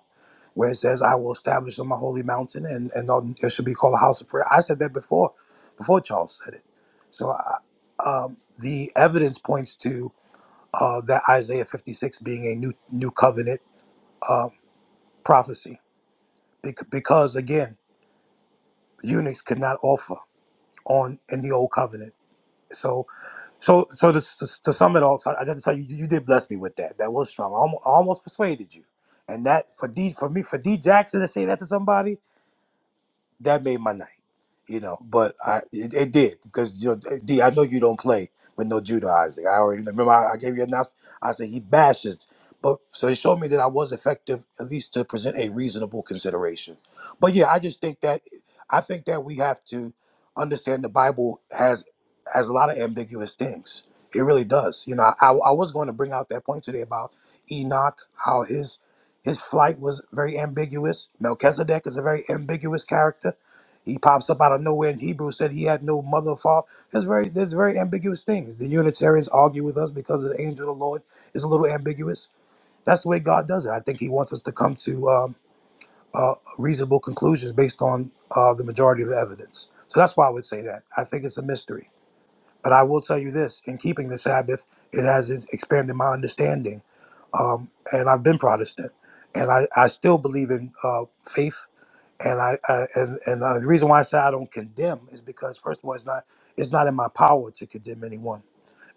Speaker 2: where it says, "I will establish on my holy mountain, and and on, it should be called a house of prayer." I said that before, before Charles said it. So I, um, the evidence points to uh, that Isaiah 56 being a new new covenant uh, prophecy Bec- because again. eunuchs could not offer on in the old covenant. So, so, so to, to, to sum it all, so I just tell you, you did bless me with that. That was strong. I almost, I almost persuaded you, and that for D for me for D Jackson to say that to somebody, that made my night, you know. But I it, it did because you know, D, I know you don't play with no Judah Isaac. I already remember I, I gave you an announcement. I said he bashes, but so it showed me that I was effective at least to present a reasonable consideration. But yeah, I just think that I think that we have to understand the Bible has has a lot of ambiguous things. It really does. You know, I, I was going to bring out that point today about Enoch, how his his flight was very ambiguous. Melchizedek is a very ambiguous character. He pops up out of nowhere in Hebrew, said he had no mother or father. There's very there's very ambiguous things. The Unitarians argue with us because of the angel of the Lord is a little ambiguous. That's the way God does it. I think He wants us to come to um, uh, reasonable conclusions based on uh, the majority of the evidence. So that's why I would say that. I think it's a mystery. But I will tell you this: in keeping the Sabbath, it has it's expanded my understanding um, and I've been Protestant, and I, I still believe in uh, faith. And I, I and and uh, the reason why I say I don't condemn is because first of all, it's not it's not in my power to condemn anyone,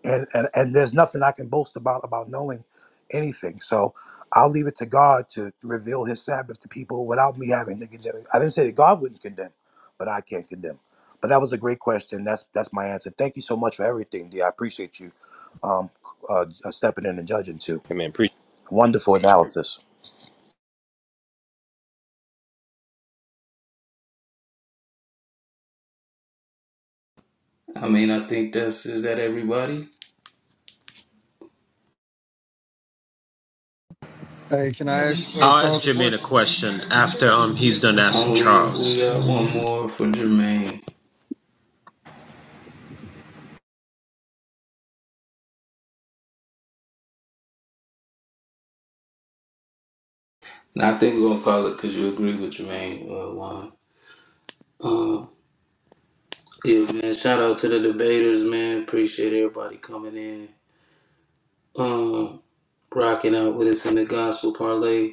Speaker 2: and and, and there's nothing I can boast about about knowing anything. So I'll leave it to God to reveal His Sabbath to people without me having to condemn. I didn't say that God wouldn't condemn, but I can't condemn. But that was a great question. That's that's my answer. Thank you so much for everything, D. I appreciate you um, uh, stepping in and judging too.
Speaker 7: Amen. Appreciate. it.
Speaker 2: Wonderful analysis.
Speaker 5: I mean, I think that's is that everybody.
Speaker 14: Hey, can I ask uh,
Speaker 16: I'll ask
Speaker 14: Charles a
Speaker 16: Jermaine a
Speaker 14: question?
Speaker 16: question after um he's done asking
Speaker 5: Only if we
Speaker 16: Charles.
Speaker 5: got one more for Jermaine. And I think we're gonna call it because you agree with Jermaine. Uh, Juan. Um, yeah, man. Shout out to the debaters, man. Appreciate everybody coming in. Um, rocking out with us in the gospel parlay.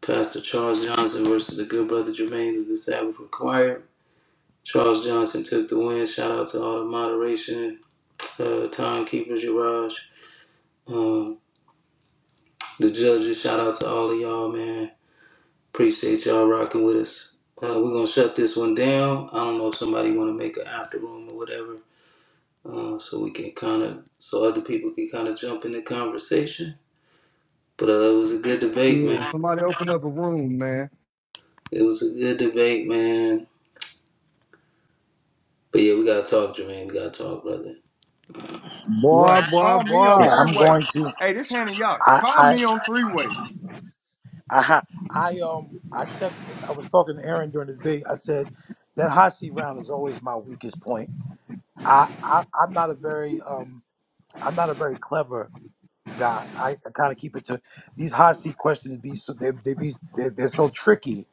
Speaker 5: Pastor Charles Johnson versus the Good Brother Jermaine of the Sabbath Choir. Charles Johnson took the win. Shout out to all the moderation, uh, timekeepers, Yaraj, um, the judges. Shout out to all of y'all, man. Appreciate y'all rocking with us. Uh, we're gonna shut this one down. I don't know if somebody want to make an after room or whatever, uh, so we can kind of, so other people can kind of jump in the conversation. But uh, it was a good debate,
Speaker 14: Yeah,
Speaker 5: man.
Speaker 14: somebody open up a room, man.
Speaker 5: It was a good debate, man. But yeah, we gotta talk, Jermaine. We gotta talk, brother.
Speaker 8: Boy,
Speaker 14: Right.
Speaker 8: boy,
Speaker 14: Call me on
Speaker 2: Yeah,
Speaker 8: boy.
Speaker 14: three
Speaker 2: I'm
Speaker 14: way.
Speaker 2: going to.
Speaker 14: Hey, this Hannah Yacht.
Speaker 2: I
Speaker 14: Call
Speaker 2: I
Speaker 14: me on three way.
Speaker 2: I ha- I um I text. I was talking to Aaron during the debate. I said that hot seat round is always my weakest point. I, I I'm not a very um I'm not a very clever guy. I, I kind of keep it to these hot seat questions. Be so they they be they're, they're so tricky.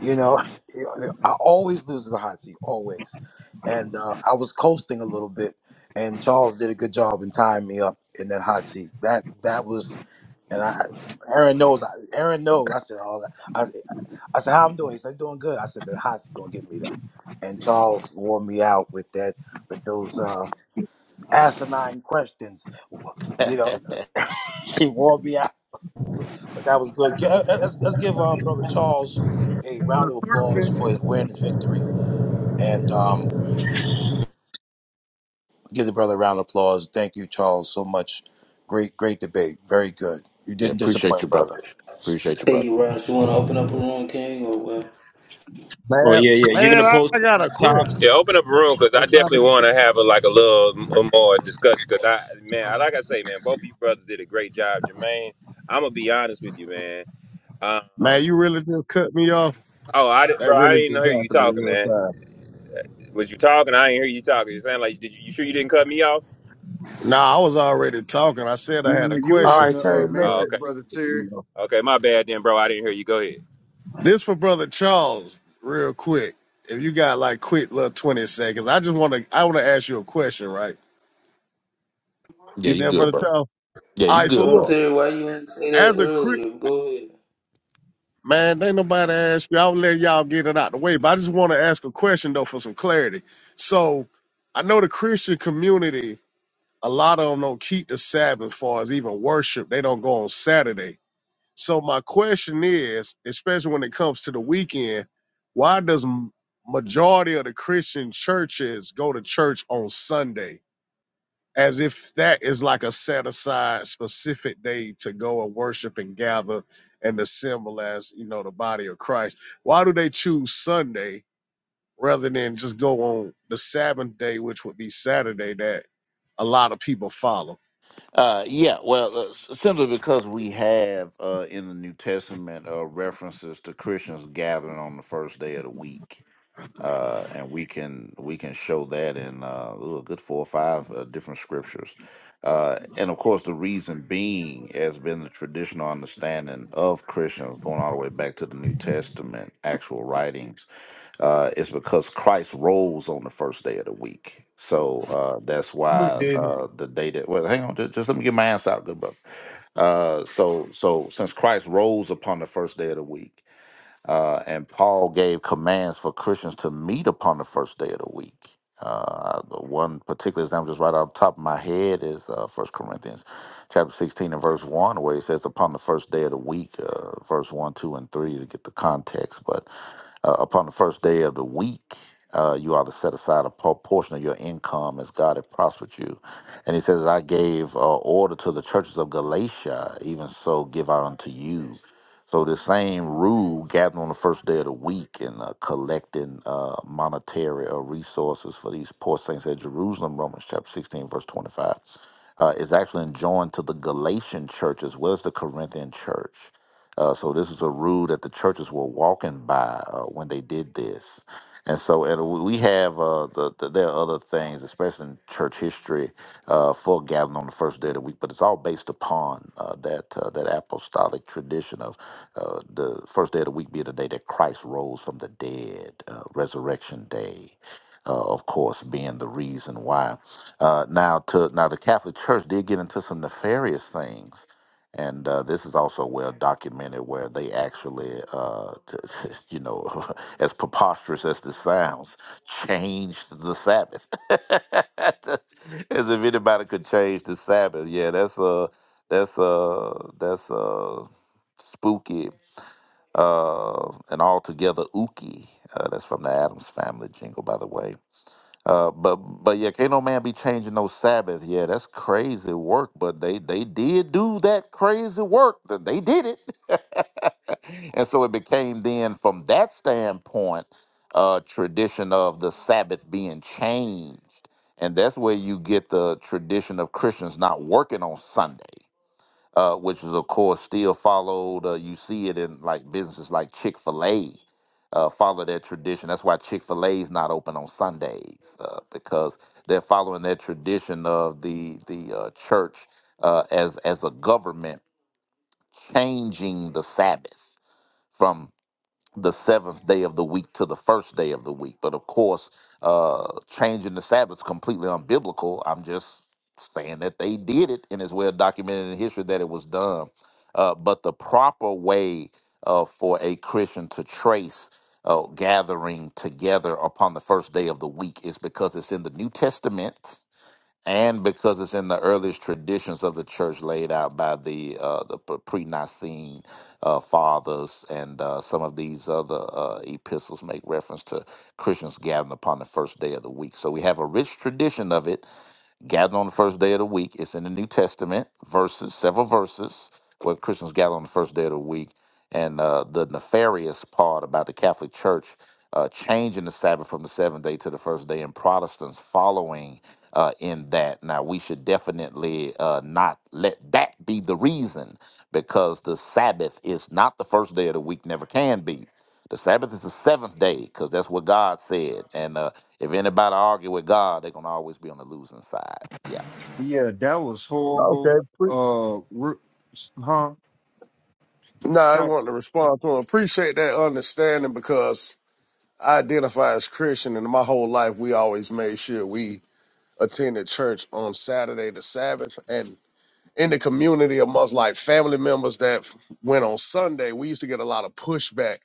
Speaker 2: You know, I always lose the hot seat always, and uh, I was coasting a little bit. And Charles did a good job in tying me up in that hot seat. That that was And I, Aaron knows. I, Aaron knows. I said, "Oh, I, I said, how I'm doing?" He said, I'm "Doing good." I said, "The hot seat gonna get me though." And Charles wore me out with that, with those uh, asinine questions. You know,
Speaker 3: yeah,
Speaker 2: he wore me out, but that was good. Gi- uh, uh, Let's, let's give uh, brother Charles a round of applause
Speaker 14: Serpent.
Speaker 2: for his win, his victory, and um, give the brother a round of applause. Thank you, Charles, so much. Great, great debate. Very good. You didn't
Speaker 3: appreciate
Speaker 2: disappoint,
Speaker 3: you, brother.
Speaker 2: brother.
Speaker 3: Appreciate you,
Speaker 5: Hey,
Speaker 3: brother.
Speaker 5: Ross, you want to open up a room, King, or what?
Speaker 16: Oh
Speaker 8: Man,
Speaker 16: yeah, yeah. You're gonna
Speaker 8: man,
Speaker 16: post
Speaker 8: I
Speaker 16: it
Speaker 8: got
Speaker 16: on
Speaker 8: a
Speaker 16: the top.
Speaker 7: Yeah,
Speaker 8: question.
Speaker 7: open up a room because
Speaker 8: I'm
Speaker 7: I
Speaker 8: trying to
Speaker 7: definitely want to have a, like a little m- a more discussion. Because I man, I, like I say, man, both of you brothers did a great job, Jermaine. I'm gonna be honest with you, man.
Speaker 8: Man,
Speaker 7: Um,
Speaker 8: you really just cut me off.
Speaker 7: oh, I did,
Speaker 8: That
Speaker 7: bro, I
Speaker 8: really
Speaker 7: didn't even
Speaker 8: just
Speaker 7: hear you
Speaker 8: happened in
Speaker 7: talking,
Speaker 8: real
Speaker 7: man.
Speaker 8: time.
Speaker 7: Was you talking? I didn't hear you talking. You sound like did you, you sure you didn't cut me off?
Speaker 8: Nah, I was already talking. I said I had
Speaker 14: Nah,
Speaker 8: a
Speaker 14: You was
Speaker 2: All
Speaker 8: question,
Speaker 14: in
Speaker 2: right,
Speaker 14: the uh,
Speaker 2: Terry. Look,
Speaker 8: but
Speaker 7: Oh,
Speaker 14: Matrix,
Speaker 7: okay.
Speaker 14: brother Terry.
Speaker 8: you know,
Speaker 7: Okay, my bad then, bro. I didn't hear you. Go ahead.
Speaker 8: this for brother Charles, real quick. If you got like quick little twenty seconds, I just want to. I want to ask you a question, right?
Speaker 3: Yeah,
Speaker 8: You
Speaker 3: you
Speaker 8: there,
Speaker 3: good,
Speaker 8: brother
Speaker 3: brother.
Speaker 8: Charles?
Speaker 3: Yeah,
Speaker 8: All
Speaker 3: you
Speaker 8: right. So
Speaker 3: good,
Speaker 5: Bro,
Speaker 3: brother.
Speaker 8: look,
Speaker 5: Terry, why you didn't say
Speaker 8: as
Speaker 5: that
Speaker 8: a crit,
Speaker 5: earlier? Go ahead.
Speaker 8: man, ain't nobody ask you. I'll let y'all get it out the way, but I just want to ask a question though for some clarity. So, I know the Christian community a lot of them don't keep the Sabbath As far as even worship. They don't go on Saturday. So my question is, especially when it comes to the weekend, why does m- majority of the Christian churches go to church on Sunday? As if that is like a set aside specific day to go and worship and gather and assemble as, you know, the body of Christ. Why do they choose Sunday rather than just go on the Sabbath day, which would be Saturday that a lot of people follow?
Speaker 3: Uh, yeah, well, uh, s- simply because we have uh, in the New Testament uh, references to Christians gathering on the first day of the week uh, and we can we can show that in uh, ooh, a good four or five uh, different scriptures. Uh, and of course, the reason being has been the traditional understanding of Christians going all the way back to the New Testament actual writings. Uh, it's because Christ rose on the first day of the week, so uh, that's
Speaker 14: You
Speaker 3: why
Speaker 14: didn't.
Speaker 3: uh, the day that well, hang on, just, just let me get my answer out, good brother. Uh, so so since Christ rose upon the first day of the week uh, and Paul gave commands for Christians to meet upon the first day of the week. Uh, one particular example, just right off the top of my head, is uh, 1 Corinthians chapter 16 and verse 1, where it says, Upon the first day of the week, uh, verse 1, 2, and 3 to get the context. But uh, upon the first day of the week, uh, you ought to set aside a por- portion of your income as God had prospered you. And he says, I gave uh, order to the churches of Galatia, even so give I unto you. So the same rule gathering on the first day of the week and uh, collecting uh, monetary or resources for these poor saints at Jerusalem, Romans chapter 16, verse 25, uh, is actually enjoined to the Galatian church as well as the Corinthian church. Uh, so this is a rule that the churches were walking by uh, when they did this. And so and we we have, uh, the, the, there are other things, especially in church history, uh, for gathering on the first day of the week, but it's all based upon uh, that uh, that apostolic tradition of uh, the first day of the week being the day that Christ rose from the dead, uh, Resurrection Day, uh, of course, being the reason why. Uh, now, to now the Catholic Church did get into some nefarious things, and uh, this is also well documented, where they actually, uh, t- you know, as preposterous as this sounds, changed the Sabbath, as if anybody could change the Sabbath. Yeah, that's uh, that's uh, that's uh, spooky uh, and all together Uki. Uh, that's from the Adams Family jingle, by the way. Uh, but but yeah, can't no man be changing no Sabbath. Yeah, that's crazy work. But they they did do that crazy work. Th- They did it, and so it became then from that standpoint uh, tradition of the Sabbath being changed, and that's where you get the tradition of Christians not working on Sundays uh, which is of course still followed. Uh, you see it in like businesses like Chick Fil A uh, follow that tradition. That's why Chick Fil A is not open on Sundays uh, because they're following that tradition of the the uh, church uh, as as a government changing the Sabbath. From the seventh day of the week to the first day of the week. But of course, uh, changing the Sabbath is completely unbiblical. I'm just saying that they did it, and it's well documented in history that it was done. Uh, but the proper way uh, for a Christian to trace uh, gathering together upon the first day of the week is because it's in the New Testament and because it's in the earliest traditions of the church laid out by the uh, the p- pre-Nicene uh, fathers, and uh, some of these other uh, epistles make reference to Christians gathering upon the first day of the week. So we have a rich tradition of it, gathered on the first day of the week. It's in the New Testament, verses, several verses where Christians gather on the first day of the week. And uh, the nefarious part about the Catholic Church uh, changing the Sabbath from the seventh day to the first day, and Protestants following uh, in that. Now, we should definitely uh, not let that be the reason because the Sabbath is not the first day of the week, never can be. The Sabbath is the seventh day because that's what God said. And uh, if anybody argue with God, they're gonna always be on the losing side. Yeah.
Speaker 14: Yeah, that was
Speaker 8: Okay.
Speaker 14: horrible.
Speaker 8: Pre-
Speaker 14: Uh, re- huh?
Speaker 8: no, I
Speaker 14: Can't-
Speaker 8: want to respond to appreciate that understanding because I identify as Christian, and my whole life we always made sure we attended church on Saturday the Sabbath, and in the community amongst like family members that went on Sunday, we used to get a lot of pushback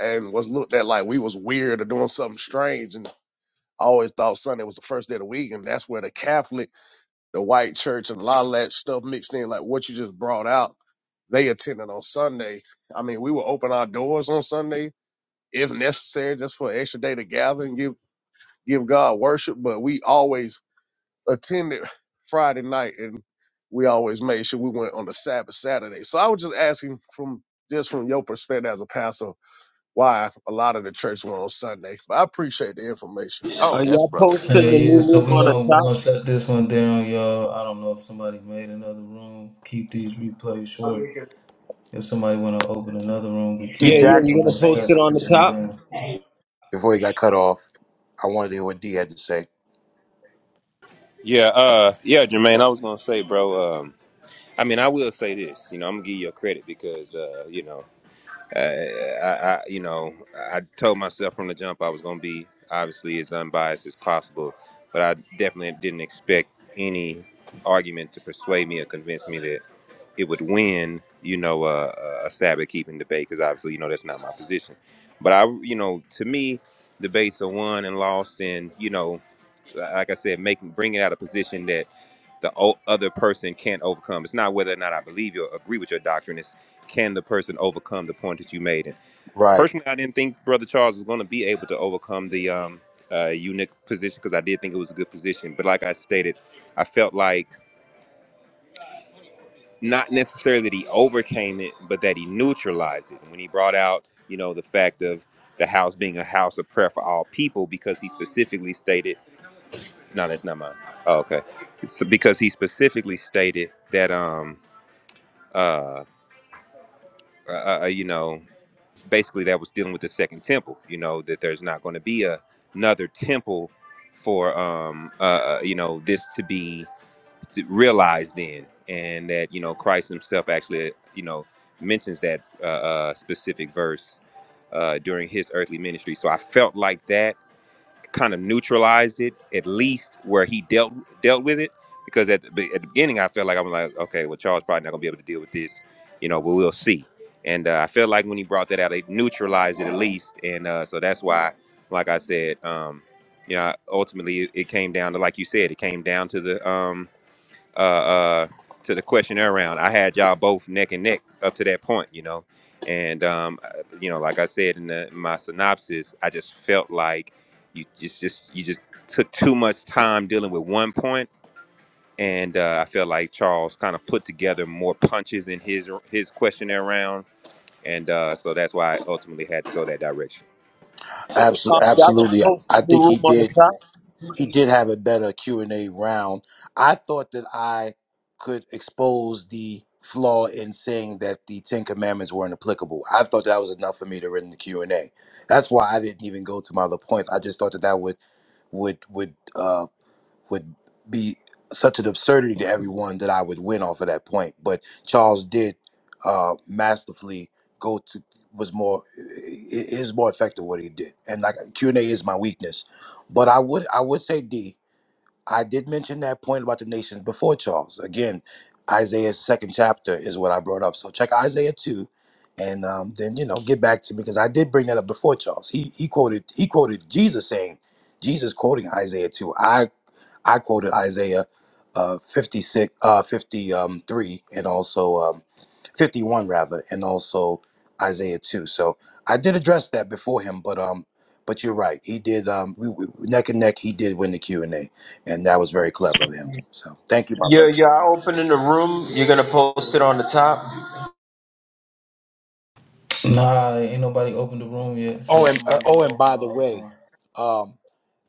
Speaker 8: and was looked at like we was weird or doing something strange, and I always thought Sunday was the first day of the week, and that's where the Catholic the white church and a lot of that stuff mixed in, like what you just brought out, they attended on Sunday. I mean, we will open our doors on Sunday if necessary, just for an extra day to gather and give give God worship. But we always attended Friday night and we always made sure we went on the Sabbath Saturday. So I was just asking from just from your perspective as a pastor, why a lot of the church went on Sunday. But I appreciate the information.
Speaker 3: Oh
Speaker 16: Are
Speaker 3: yes,
Speaker 16: y'all
Speaker 3: brother.
Speaker 16: posting
Speaker 3: Yeah,
Speaker 16: the
Speaker 5: Hey, yeah,
Speaker 16: new
Speaker 5: so
Speaker 16: room
Speaker 5: we're
Speaker 16: on
Speaker 14: So
Speaker 5: going
Speaker 16: the
Speaker 5: to we
Speaker 16: top?
Speaker 5: gonna shut this one down, y'all. I don't know if somebody made another room. Keep these replays short. If somebody want to open another room, we
Speaker 2: D.
Speaker 16: Yeah,
Speaker 5: can,
Speaker 16: yeah.
Speaker 5: but
Speaker 2: Jackson
Speaker 5: we're
Speaker 16: You're
Speaker 5: going
Speaker 16: gonna
Speaker 2: was
Speaker 5: to
Speaker 16: post
Speaker 2: saying
Speaker 16: it
Speaker 5: shut
Speaker 16: on
Speaker 2: something
Speaker 5: this
Speaker 16: the
Speaker 2: to me.
Speaker 5: one
Speaker 16: top.
Speaker 5: down.
Speaker 2: before he got cut off. I wanted to hear what D had to say.
Speaker 7: Yeah, uh yeah, Jermaine, I was gonna say, bro, um I mean I will say this, you know, I'm gonna give you a credit because uh, you know, uh, I, I you know, I told myself from the jump I was gonna be obviously as unbiased as possible, but I definitely didn't expect any argument to persuade me or convince me that it would win, you know, uh, a Sabbath keeping debate because obviously, you know, that's not my position. But I, you know, to me, debates are won and lost, and you know, like I said, making bringing out a position that the o- other person can't overcome. It's not whether or not I believe you or agree with your doctrine. It's can the person overcome the point that you made? And
Speaker 2: Right.
Speaker 7: personally, I didn't think Brother Charles was going to be able to overcome the um, uh, eunuch position because I did think it was a good position. But like I stated, I felt like not necessarily that he overcame it, but that he neutralized it. When he brought out, you know, the fact of the house being a house of prayer for all people, because he specifically stated, no, that's not mine. Oh, okay. So because he specifically stated that, um, uh, uh, uh, you know, basically that was dealing with the second temple. You know that there's not going to be a, another temple for, um, uh, uh, you know, this to be. realized then, and that you know Christ Himself actually you know mentions that uh, uh, specific verse uh, during His earthly ministry. So I felt like that kind of neutralized it, at least where He dealt dealt with it. Because at the, be- at the beginning, I felt like I'm like, okay, well Charles probably not gonna be able to deal with this, you know, but we'll see. And uh, I felt like when he brought that out, it neutralized it at least, and uh, so that's why, like I said, um, you know, ultimately it, it came down to, like you said, it came down to the um, uh, uh, to the questionnaire round, I had y'all both neck and neck up to that point, you know. And um, uh, you know, like I said in, the, in my synopsis, I just felt like you just just you just took too much time dealing with one point, and uh, I felt like Charles kind of put together more punches in his his questionnaire round, and uh, so that's why I ultimately had to go that direction.
Speaker 16: Um,
Speaker 2: Absolutely.
Speaker 16: y'all gonna
Speaker 2: Absolutely.
Speaker 16: post the
Speaker 2: I
Speaker 16: new
Speaker 2: think
Speaker 16: room
Speaker 2: he
Speaker 16: on
Speaker 2: did.
Speaker 16: the top.
Speaker 2: He did have a better Q and A round. I thought that I could expose the flaw in saying that the Ten Commandments weren't applicable. I thought that was enough for me to win the Q and A. That's why I didn't even go to my other points. I just thought that that would would would uh. would be such an absurdity to everyone that I would win off of that point. But Charles did uh, masterfully go to was more i- i- is more effective what he did, and like Q and A is my weakness. But I would I would say D. I did mention that point about the nations before Charles. Again, Isaiah's second chapter is what I brought up. So check Isaiah two, and um, then you know get back to me because I did bring that up before Charles. He he quoted he quoted Jesus saying Jesus quoting Isaiah 2. I. I quoted Isaiah uh, 56, uh, 53, and also um, 51, rather, and also Isaiah 2. So I did address that before him, but um, but you're right. He did um, we, we, neck and neck. He did win the Q and A, and that was very clever of him. So thank you, my
Speaker 16: Yeah,
Speaker 2: brother.
Speaker 16: y'all opening the room. You're gonna post it on the top.
Speaker 5: Nah, ain't nobody opened the room yet, so
Speaker 2: Oh,
Speaker 5: if
Speaker 2: and uh,
Speaker 5: somebody want
Speaker 2: oh,
Speaker 5: to
Speaker 2: and
Speaker 5: open
Speaker 2: by the
Speaker 5: one, open
Speaker 2: way,
Speaker 5: one.
Speaker 2: um,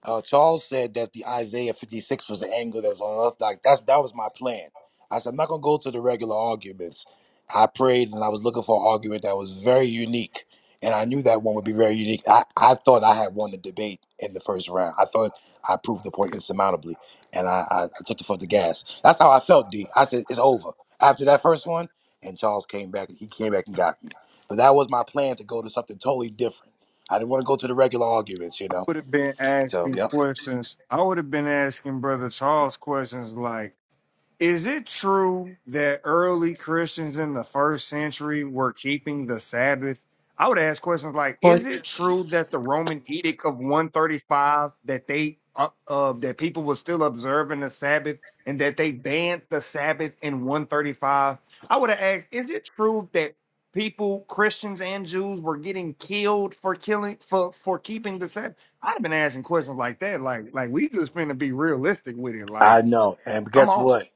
Speaker 2: uh, Charles said that the Isaiah 56 was an angle that was on the left. Like that's that was my plan. I said I'm not gonna go to the regular arguments. I prayed and I was looking for an argument that was very unique, and I knew that one would be very unique. I, I thought I had won the debate in the first round. I thought I proved the point insurmountably, and I I, I took the foot the gas. That's how I felt, D. I said it's over after that first one, and Charles came back. He came back and got me. But that was my plan to go to something totally different. I didn't want to go to the regular arguments, you
Speaker 14: I
Speaker 2: know.
Speaker 14: would have been
Speaker 2: So
Speaker 14: asking
Speaker 2: yep.
Speaker 14: questions. I would have been asking Brother Charles questions like. Is it true that early Christians in the first century were keeping the Sabbath? I would ask questions like, is it true that the Roman edict of 135 that they up of that people were still observing the Sabbath and that they banned the Sabbath in 135? I would have asked, is it true that people, Christians and Jews, were getting killed for killing for for keeping the Sabbath? I'd have been asking questions like that. Like, like we just finna be realistic with it.
Speaker 2: I
Speaker 14: Like,
Speaker 2: know. And
Speaker 14: come
Speaker 2: guess
Speaker 14: on.
Speaker 2: what?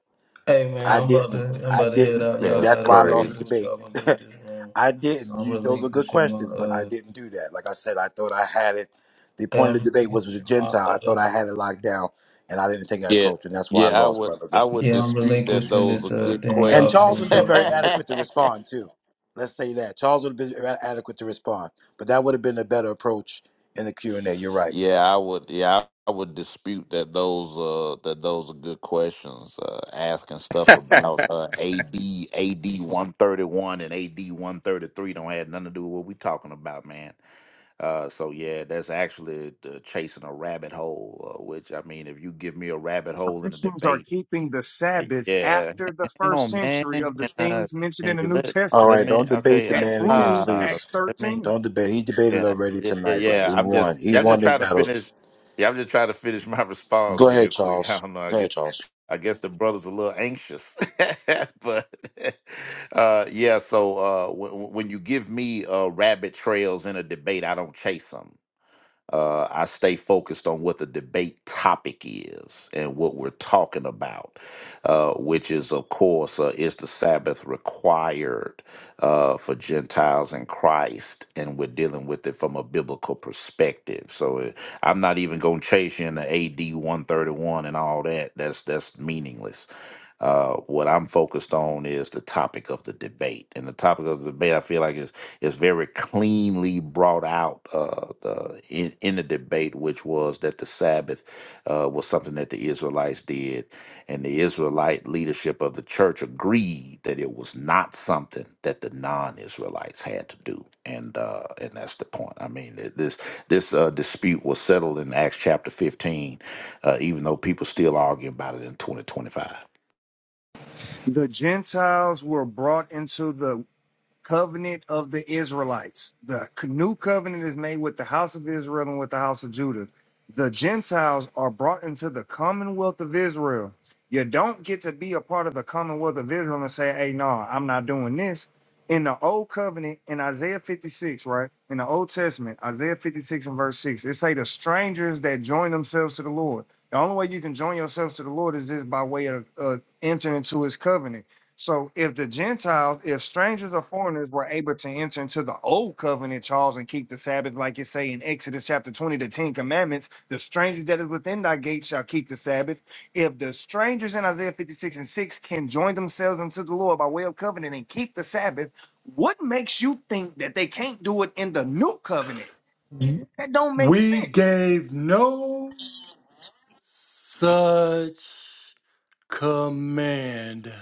Speaker 5: Hey, man,
Speaker 2: I
Speaker 5: I'm about to
Speaker 2: didn't.
Speaker 5: I'm
Speaker 2: I
Speaker 5: about to head
Speaker 2: didn't.
Speaker 5: out.
Speaker 2: And
Speaker 5: Y'all
Speaker 3: That's
Speaker 2: that's
Speaker 5: got
Speaker 2: why
Speaker 5: it.
Speaker 2: I
Speaker 5: Y'all
Speaker 2: lost
Speaker 5: can
Speaker 2: the
Speaker 5: do
Speaker 3: crazy.
Speaker 5: what
Speaker 2: debate.
Speaker 5: y'all going to do with this room.
Speaker 2: I
Speaker 5: So
Speaker 2: didn't.
Speaker 5: I'm
Speaker 2: You, those are good
Speaker 5: relinquishing my,
Speaker 2: questions, but I
Speaker 5: uh,
Speaker 2: didn't do that. Like I said, I thought I had it. The
Speaker 5: hey,
Speaker 2: point of
Speaker 5: I'm
Speaker 2: the debate was with the
Speaker 5: relinquishing my,
Speaker 2: Gentile. I thought
Speaker 5: uh,
Speaker 2: I had it locked down, and I didn't take that
Speaker 3: Yeah,
Speaker 2: approach, and that's why I
Speaker 3: yeah, I
Speaker 2: lost,
Speaker 3: would
Speaker 2: brother. But
Speaker 3: I would
Speaker 5: Yeah, I'm
Speaker 3: dispute that
Speaker 5: relinquishing
Speaker 3: those are
Speaker 5: this uh
Speaker 3: good
Speaker 5: thing.
Speaker 2: and
Speaker 5: Y'all can
Speaker 3: questions.
Speaker 5: do
Speaker 2: Charles would
Speaker 5: what
Speaker 2: have been
Speaker 5: y'all
Speaker 2: very
Speaker 5: gonna do.
Speaker 2: adequate to respond too. Let's say that Charles would have been a- adequate to respond, but that would have been a better approach in the Q and A. You're right.
Speaker 3: yeah, I would yeah, I would dispute that those uh that those are good questions. Uh asking stuff about uh AD AD one thirty one thirty-one, and AD one thirty three don't have nothing to do with what we talking about, man. Uh, so yeah, that's actually the chasing a rabbit hole. Uh, which I mean, if you give me a rabbit
Speaker 14: So
Speaker 3: hole in a
Speaker 14: Christians are
Speaker 3: debate,
Speaker 14: keeping the
Speaker 3: eh,
Speaker 14: Sabbath
Speaker 3: yeah,
Speaker 14: after the
Speaker 3: hang
Speaker 14: first
Speaker 3: on, man,
Speaker 14: century of the
Speaker 3: can uh,
Speaker 14: things mentioned
Speaker 3: can
Speaker 14: in the
Speaker 3: you
Speaker 14: New
Speaker 3: let
Speaker 2: All
Speaker 3: let
Speaker 2: right,
Speaker 14: Testament
Speaker 3: me?
Speaker 2: don't debate
Speaker 3: Okay,
Speaker 2: the
Speaker 14: that
Speaker 2: man again,
Speaker 14: proves
Speaker 3: uh,
Speaker 2: please.
Speaker 14: Acts
Speaker 3: let me.
Speaker 14: 13.
Speaker 2: Don't debate. He debated
Speaker 3: Yeah,
Speaker 2: already
Speaker 3: yeah, yeah.
Speaker 2: tonight, brother.
Speaker 3: yeah,
Speaker 2: He
Speaker 3: I'm
Speaker 2: won.
Speaker 3: just,
Speaker 2: He
Speaker 3: yeah, I'm
Speaker 2: won
Speaker 3: just
Speaker 2: this
Speaker 3: trying to
Speaker 2: battle.
Speaker 3: finish. Yeah, I'm just trying to finish my response
Speaker 2: Go
Speaker 3: real
Speaker 2: ahead,
Speaker 3: quick. I
Speaker 2: Charles.
Speaker 3: don't know. I
Speaker 2: Go
Speaker 3: guess,
Speaker 2: ahead, Charles.
Speaker 3: I guess the brother's a little anxious, but uh, yeah. So uh, when when you give me uh rabbit trails in a debate, I don't chase chase them. Uh, I stay focused on what the debate topic is and what we're talking about, uh, which is, of course, uh, is the Sabbath required uh, for Gentiles in Christ? And we're dealing with it from a biblical perspective. So uh, I'm not even going to chase you into AD 131 and all that. That's that's meaningless uh, what I'm focused on is the topic of the debate, and the topic of the debate I feel like is is very cleanly brought out uh, the, in in the debate, which was that the Sabbath uh, was something that the Israelites did, and the Israelite leadership of the church agreed that it was not something that the non-Israelites had to do, and uh, and that's the point. I mean, th- this this uh, dispute was settled in Acts chapter 15, uh, even though people still argue about it in 2025.
Speaker 14: The Gentiles were brought into the covenant of the Israelites. The new covenant is made with the house of Israel and with the house of Judah. The Gentiles are brought into the commonwealth of Israel. You don't get to be a part of the commonwealth of Israel and say, hey, no, I'm not doing this. In the old covenant, in Isaiah 56, right? In the Old Testament, Isaiah 56 and verse 6, it say the strangers that join themselves to the Lord. The only way you can join yourselves to the Lord is this by way of uh, entering into his covenant so if the Gentiles, if strangers or foreigners were able to enter into the old covenant, Charles, and keep the Sabbath, like it say in Exodus chapter 20, the Ten Commandments, the strangers that is within thy gates shall keep the Sabbath. If the strangers in Isaiah 56 and 6 can join themselves unto the Lord by way of covenant and keep the Sabbath, what makes you think that they can't do it in the new covenant? That don't make
Speaker 26: We
Speaker 14: sense.
Speaker 26: gave no such command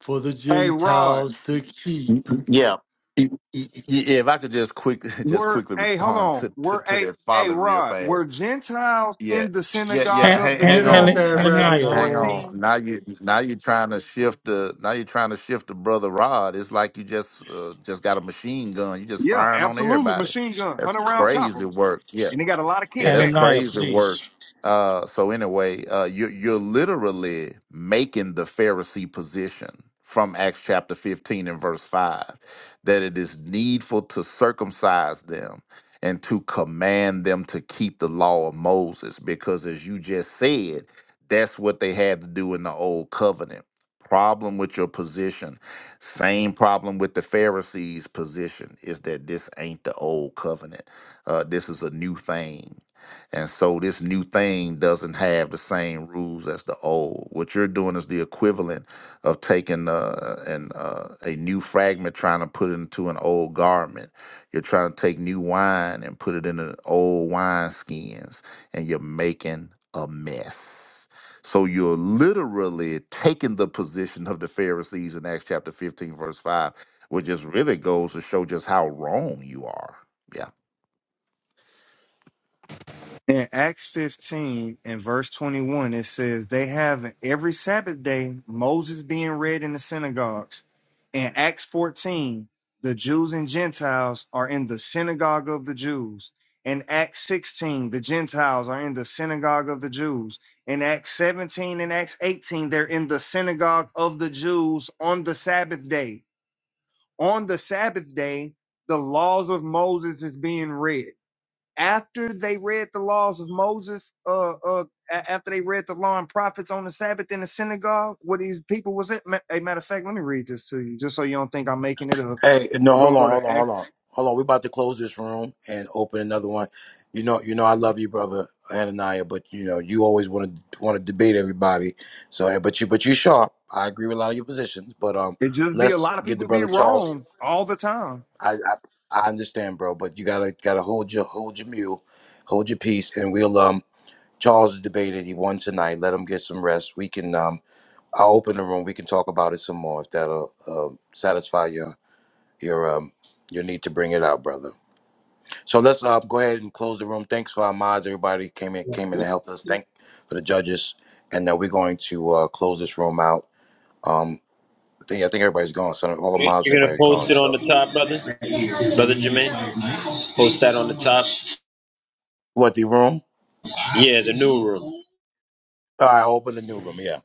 Speaker 26: for the
Speaker 14: Hey, Rod.
Speaker 26: Gentiles to
Speaker 3: Y-
Speaker 26: keep
Speaker 3: y- Yeah. Y- y- y- Yeah, if I could just quick, just
Speaker 14: Were
Speaker 3: quickly
Speaker 14: hey, hold
Speaker 3: respond
Speaker 14: on.
Speaker 3: to, to,
Speaker 14: Were
Speaker 3: to
Speaker 14: a
Speaker 3: that
Speaker 14: hey
Speaker 3: folly real
Speaker 14: Rod, were
Speaker 3: fast.
Speaker 14: Gentiles
Speaker 3: Yeah,
Speaker 14: in the
Speaker 3: yeah, yeah.
Speaker 14: synagogue of
Speaker 3: Hang,
Speaker 14: the
Speaker 3: hang
Speaker 26: get
Speaker 3: on,
Speaker 26: out
Speaker 14: Jews
Speaker 26: that
Speaker 14: in
Speaker 3: Uh,
Speaker 26: rabbit
Speaker 14: Acts
Speaker 3: hang
Speaker 26: hole.
Speaker 3: on.
Speaker 14: 14?
Speaker 3: Now you, now you're trying to shift the, now you're trying to shift the brother Rod. It's like you just, uh, just got a machine gun. You just
Speaker 14: Yeah,
Speaker 3: firing on
Speaker 14: absolutely.
Speaker 3: everybody.
Speaker 14: Machine gun,
Speaker 3: That's
Speaker 14: hundred round chopper.
Speaker 3: crazy work. Yeah,
Speaker 14: And they got a lot of
Speaker 3: yeah, that's
Speaker 14: kickback.
Speaker 3: crazy work. Uh, so anyway, uh, you, you're literally making the Pharisee position from Acts chapter 15 and verse 5 that it is needful to circumcise them and to command them to keep the law of Moses, because as you just said, that's what they had to do in the old covenant. Problem with your position, same problem with the Pharisees' position is that this ain't the old covenant uh, this is a new thing. And so this new thing doesn't have the same rules as the old. What you're doing is the equivalent of taking uh, an, uh, a new fragment, trying to put it into an old garment. You're trying to take new wine and put it in an old wine skins, and you're making a mess. So you're literally taking the position of the Pharisees in Acts chapter 15, verse 5, which just really goes to show just how wrong you are. Yeah.
Speaker 14: In Acts 15 and verse 21, it says, They have every Sabbath day Moses being read in the synagogues. In Acts 14, the Jews and Gentiles are in the synagogue of the Jews. In Acts 16, the Gentiles are in the synagogue of the Jews. In Acts 17 and Acts 18, they're in the synagogue of the Jews on the Sabbath day. On the Sabbath day, the laws of Moses is being read after they read the laws of Moses, uh, uh, a- after they read the law and prophets on the Sabbath in the synagogue, what these people was it? Ma- A matter of fact, let me read this to you, just so you don't think I'm making it up.
Speaker 2: Hey, no,
Speaker 14: We're
Speaker 2: hold
Speaker 14: gonna
Speaker 2: on,
Speaker 14: go to
Speaker 2: hold on, hold
Speaker 14: Acts.
Speaker 2: on, hold on. We're about to close this room and open another one. You know, you know, I love you, brother Ananiah, but you know, you always want to want to debate everybody. So, eh, but you, but you sharp. I agree with a lot of your positions, but um,
Speaker 14: It just be a
Speaker 2: let's
Speaker 14: lot of
Speaker 2: get the
Speaker 14: people be
Speaker 2: brother Charles.
Speaker 14: wrong all the time.
Speaker 2: I, I, I understand, bro, but you gotta gotta hold your hold your mule, hold your peace, and we'll um. Charles debated. He won tonight. Let him get some rest. We can um I'll open the room. We can talk about it some more if that'll uh, satisfy your your um your need to bring it out, brother. So let's uh, go ahead and close the room. Thanks for our mods, everybody who came in came in and helped us. Thank for the judges, and now we're going to uh, close this room out. Um, I think I think everybody's gone. So all the
Speaker 16: Okay,
Speaker 2: mods,
Speaker 16: You're gonna
Speaker 2: everybody
Speaker 16: post
Speaker 2: gone.
Speaker 16: it on
Speaker 2: So
Speaker 16: the top, brother. Brother Jermaine, post that on the top.
Speaker 2: what the room?
Speaker 16: Yeah, the new room.
Speaker 2: All right, I'll open the new room. Yeah.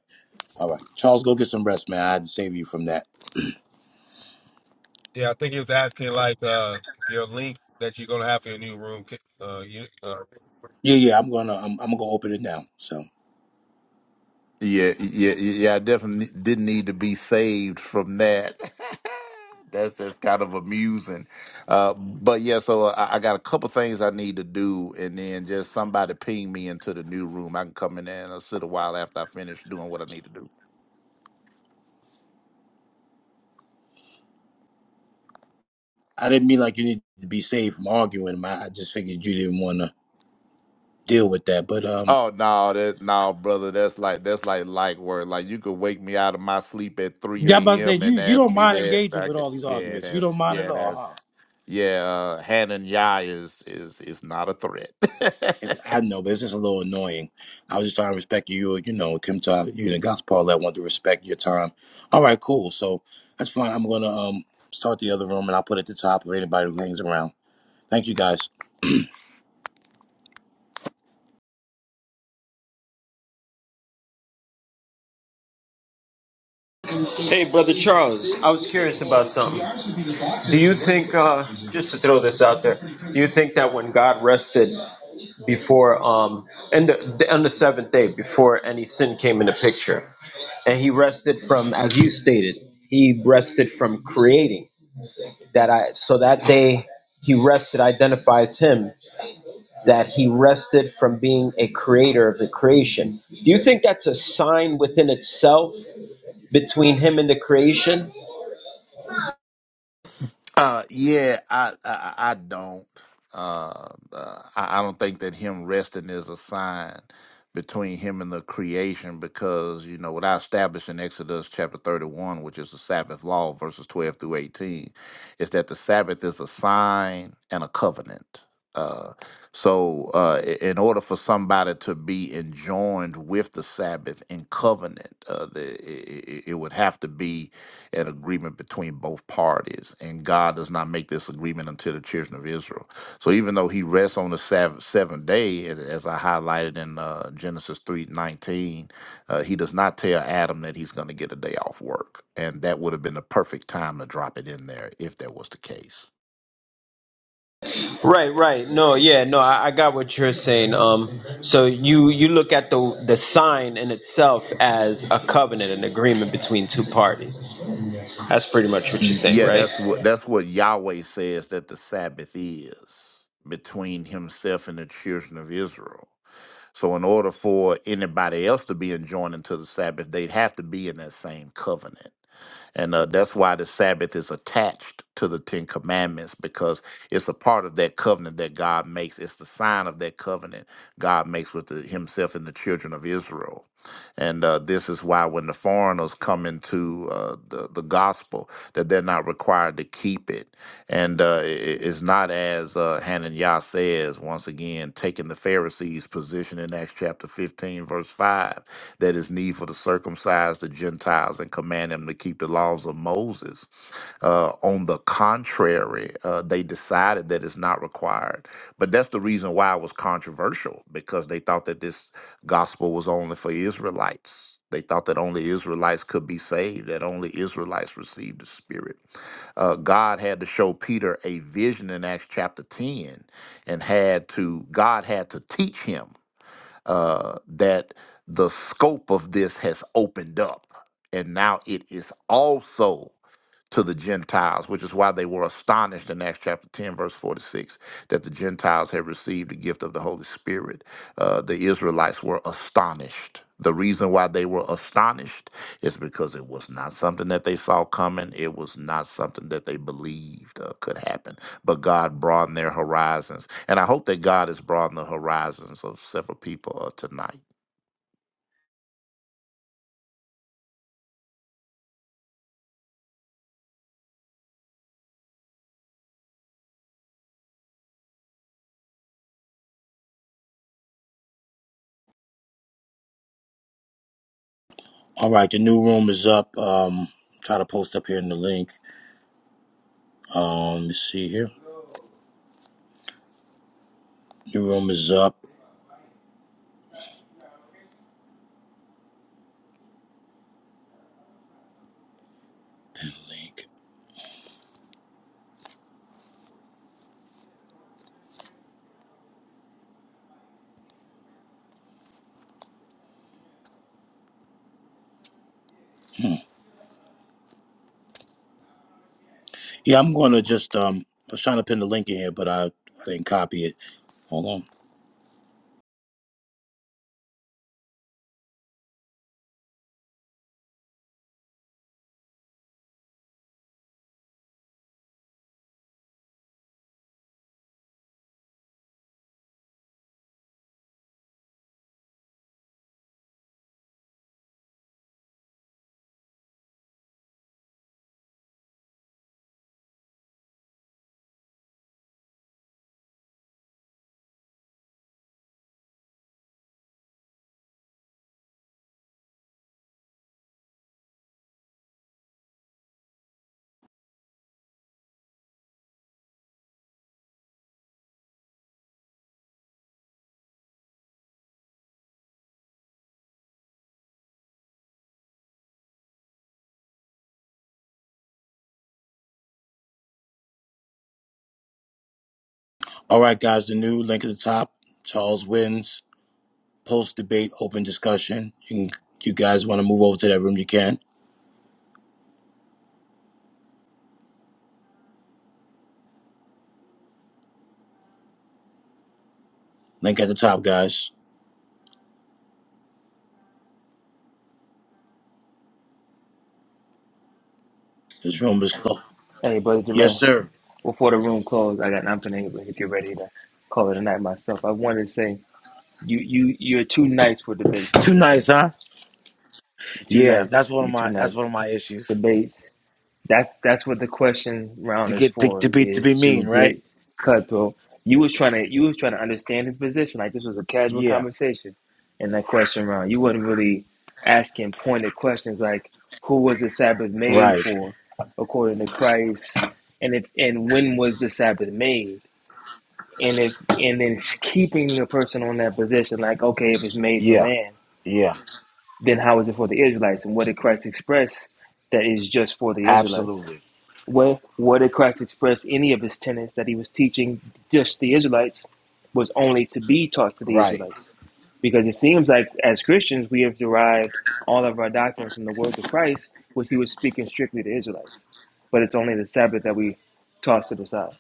Speaker 2: All right, Charles, go get some rest, man. I had to save you from that. Yeah, yeah. I'm gonna I'm, I'm gonna open it now. So
Speaker 3: Yeah, yeah, yeah. I definitely didn't need to be saved from that. That's just kind of amusing. Uh, but yeah, so I, I got a couple things I need to do, and then just somebody ping me into the new room. I can come in there and I'll sit a while after I finish doing what I need to do.
Speaker 2: I didn't mean like you need to be saved from arguing. man. I just figured you didn't want to. deal with that. But um,
Speaker 3: Oh no, that no, brother. That's like that's like like work. Like you could wake me out of my sleep at
Speaker 2: Yeah, I'm about
Speaker 3: three
Speaker 2: to say
Speaker 3: a.m.
Speaker 2: you
Speaker 3: and
Speaker 2: you
Speaker 3: ask
Speaker 2: don't
Speaker 3: me
Speaker 2: mind
Speaker 3: that.
Speaker 2: engaging
Speaker 3: I
Speaker 2: with
Speaker 3: could,
Speaker 2: all these
Speaker 3: yeah,
Speaker 2: arguments. You don't
Speaker 3: that's
Speaker 2: mind at
Speaker 3: yeah,
Speaker 2: all, huh?
Speaker 3: that's yeah. Uh, Hanan Yah is is is not a
Speaker 2: it's
Speaker 3: threat.
Speaker 2: I know, but it's just a little annoying. I was just trying to respect you. You know, Kim Todd, you and Gospel Paulette want to respect your time. All right, cool. So that's fine. I'm gonna um start the other room, and I'll put it at the top for anybody who hangs around. Thank you guys.
Speaker 16: Hey, brother Charles, I was curious about something. Do you think, uh, just to throw this out there, do you think that when God rested? before um and the, on the seventh day before any sin came in the picture and he rested from as you stated he rested from creating that i so that day he rested identifies him that he rested from being a creator of the creation do you think that's a sign within itself between him and the creation
Speaker 3: Uh, yeah, I, I, I don't. Uh, uh, I, I don't think that him resting is a sign between him and the creation because, you know, what I established in Exodus chapter 31, which is the Sabbath law, verses 12 through 18, is that the Sabbath is a sign and a covenant. Uh, so, uh, i- in order for somebody to be enjoined with the Sabbath in covenant, uh, the, it, it it would have to be an agreement between both parties. And God does not make this agreement until the children of Israel. So even though he rests on the Sabbath, seventh day, as as I highlighted in uh, Genesis three nineteen, uh, he does not tell Adam that he's going to get a day off work. And that would have been the perfect time to drop it in there if that was the case.
Speaker 16: Right, right. No, yeah, no, I, I got what you're saying. Um, so you you look at the the sign in itself as a covenant, an agreement between two parties. That's pretty much what you're
Speaker 3: Y-
Speaker 16: saying,
Speaker 3: Yeah,
Speaker 16: right?
Speaker 3: that's what that's what Yahweh says that the Sabbath is between himself and the children of Israel. So, in order for anybody else to be enjoined into the Sabbath, they'd have to be in that same covenant. And uh, that's why the Sabbath is attached to the Ten Commandments because it's a part of that covenant that God makes. It's the sign of that covenant God makes with the, Himself and the children of Israel. And uh, this is why when the foreigners come into uh, the, the gospel, that they're not required to keep it. And uh, i- i- it's not as uh, Hananiah says, once again, taking the Pharisees' position in Acts chapter 15, verse 5, that it's needful to circumcise the Gentiles and command them to keep the laws of Moses. Uh, on the contrary, uh, they decided that it's not required. But that's the reason why it was controversial, because they thought that this gospel was only for Israelites. They thought that only Israelites could be saved, that only Israelites received the Spirit uh, God had to show Peter a vision in Acts chapter 10 and had to, God had to teach him uh, that the scope of this has opened up. And now it is also to the Gentiles, which is why they were astonished in Acts chapter 10, verse 46, that the Gentiles had received the gift of the Holy Spirit. Uh, the Israelites were astonished. The reason why they were astonished is because it was not something that they saw coming. It was not something that they believed uh, could happen. But God broadened their horizons and I hope that God has broadened the horizons of several people uh, tonight.
Speaker 2: All right, the new room is up. Um, try to post up here in the link. Um, Let me see here. New room is up. Pin link. Yeah, I'm gonna just um. I was trying to pin the link in here, but I, I didn't copy it. Hold on. All right, guys, the new link at the top. Charles wins. Post debate, open discussion. You can, you guys want to move over to that room? You can. Link at the top, guys. This room is closed.
Speaker 27: Hey, brother
Speaker 2: Yes,
Speaker 27: Jermaine,
Speaker 2: sir.
Speaker 27: before the room closed, I got not been able to get ready to call it a night myself. I wanted to say you you you're too nice for debates, my
Speaker 2: Too
Speaker 27: good
Speaker 2: nice,
Speaker 27: brother.
Speaker 2: huh?
Speaker 27: You're too
Speaker 2: Yeah,
Speaker 27: nice.
Speaker 2: that's one of
Speaker 27: You're too
Speaker 2: my that's
Speaker 27: nice.
Speaker 2: one of my issues.
Speaker 27: Debates. That's that's what the question
Speaker 2: To
Speaker 27: round is
Speaker 2: get to, to
Speaker 27: for,
Speaker 2: be to be
Speaker 27: is to
Speaker 2: mean, right?
Speaker 27: get Cutthroat. You was trying to you was trying to understand his position, like this was a casual
Speaker 2: Yeah,
Speaker 27: conversation in that question round. You wasn't really asking pointed questions like who was the Sabbath made
Speaker 2: right.
Speaker 27: for according to Christ and if and when was the Sabbath made? And if and then keeping a person on that position, like, okay, if it's made for
Speaker 2: Yeah,
Speaker 27: man,
Speaker 2: yeah,
Speaker 27: then how is it for the Israelites? And what did Christ express that is just for the Israelites?
Speaker 2: absolutely.
Speaker 27: Where, what did Christ express any of his tenets that he was teaching just the Israelites was only to be taught to the
Speaker 2: Right.
Speaker 27: Israelites? Because it seems like as Christians, we have derived all of our doctrine from the words of Christ, which he was speaking strictly to Israelites. But it's only the Sabbath that we toss to the side.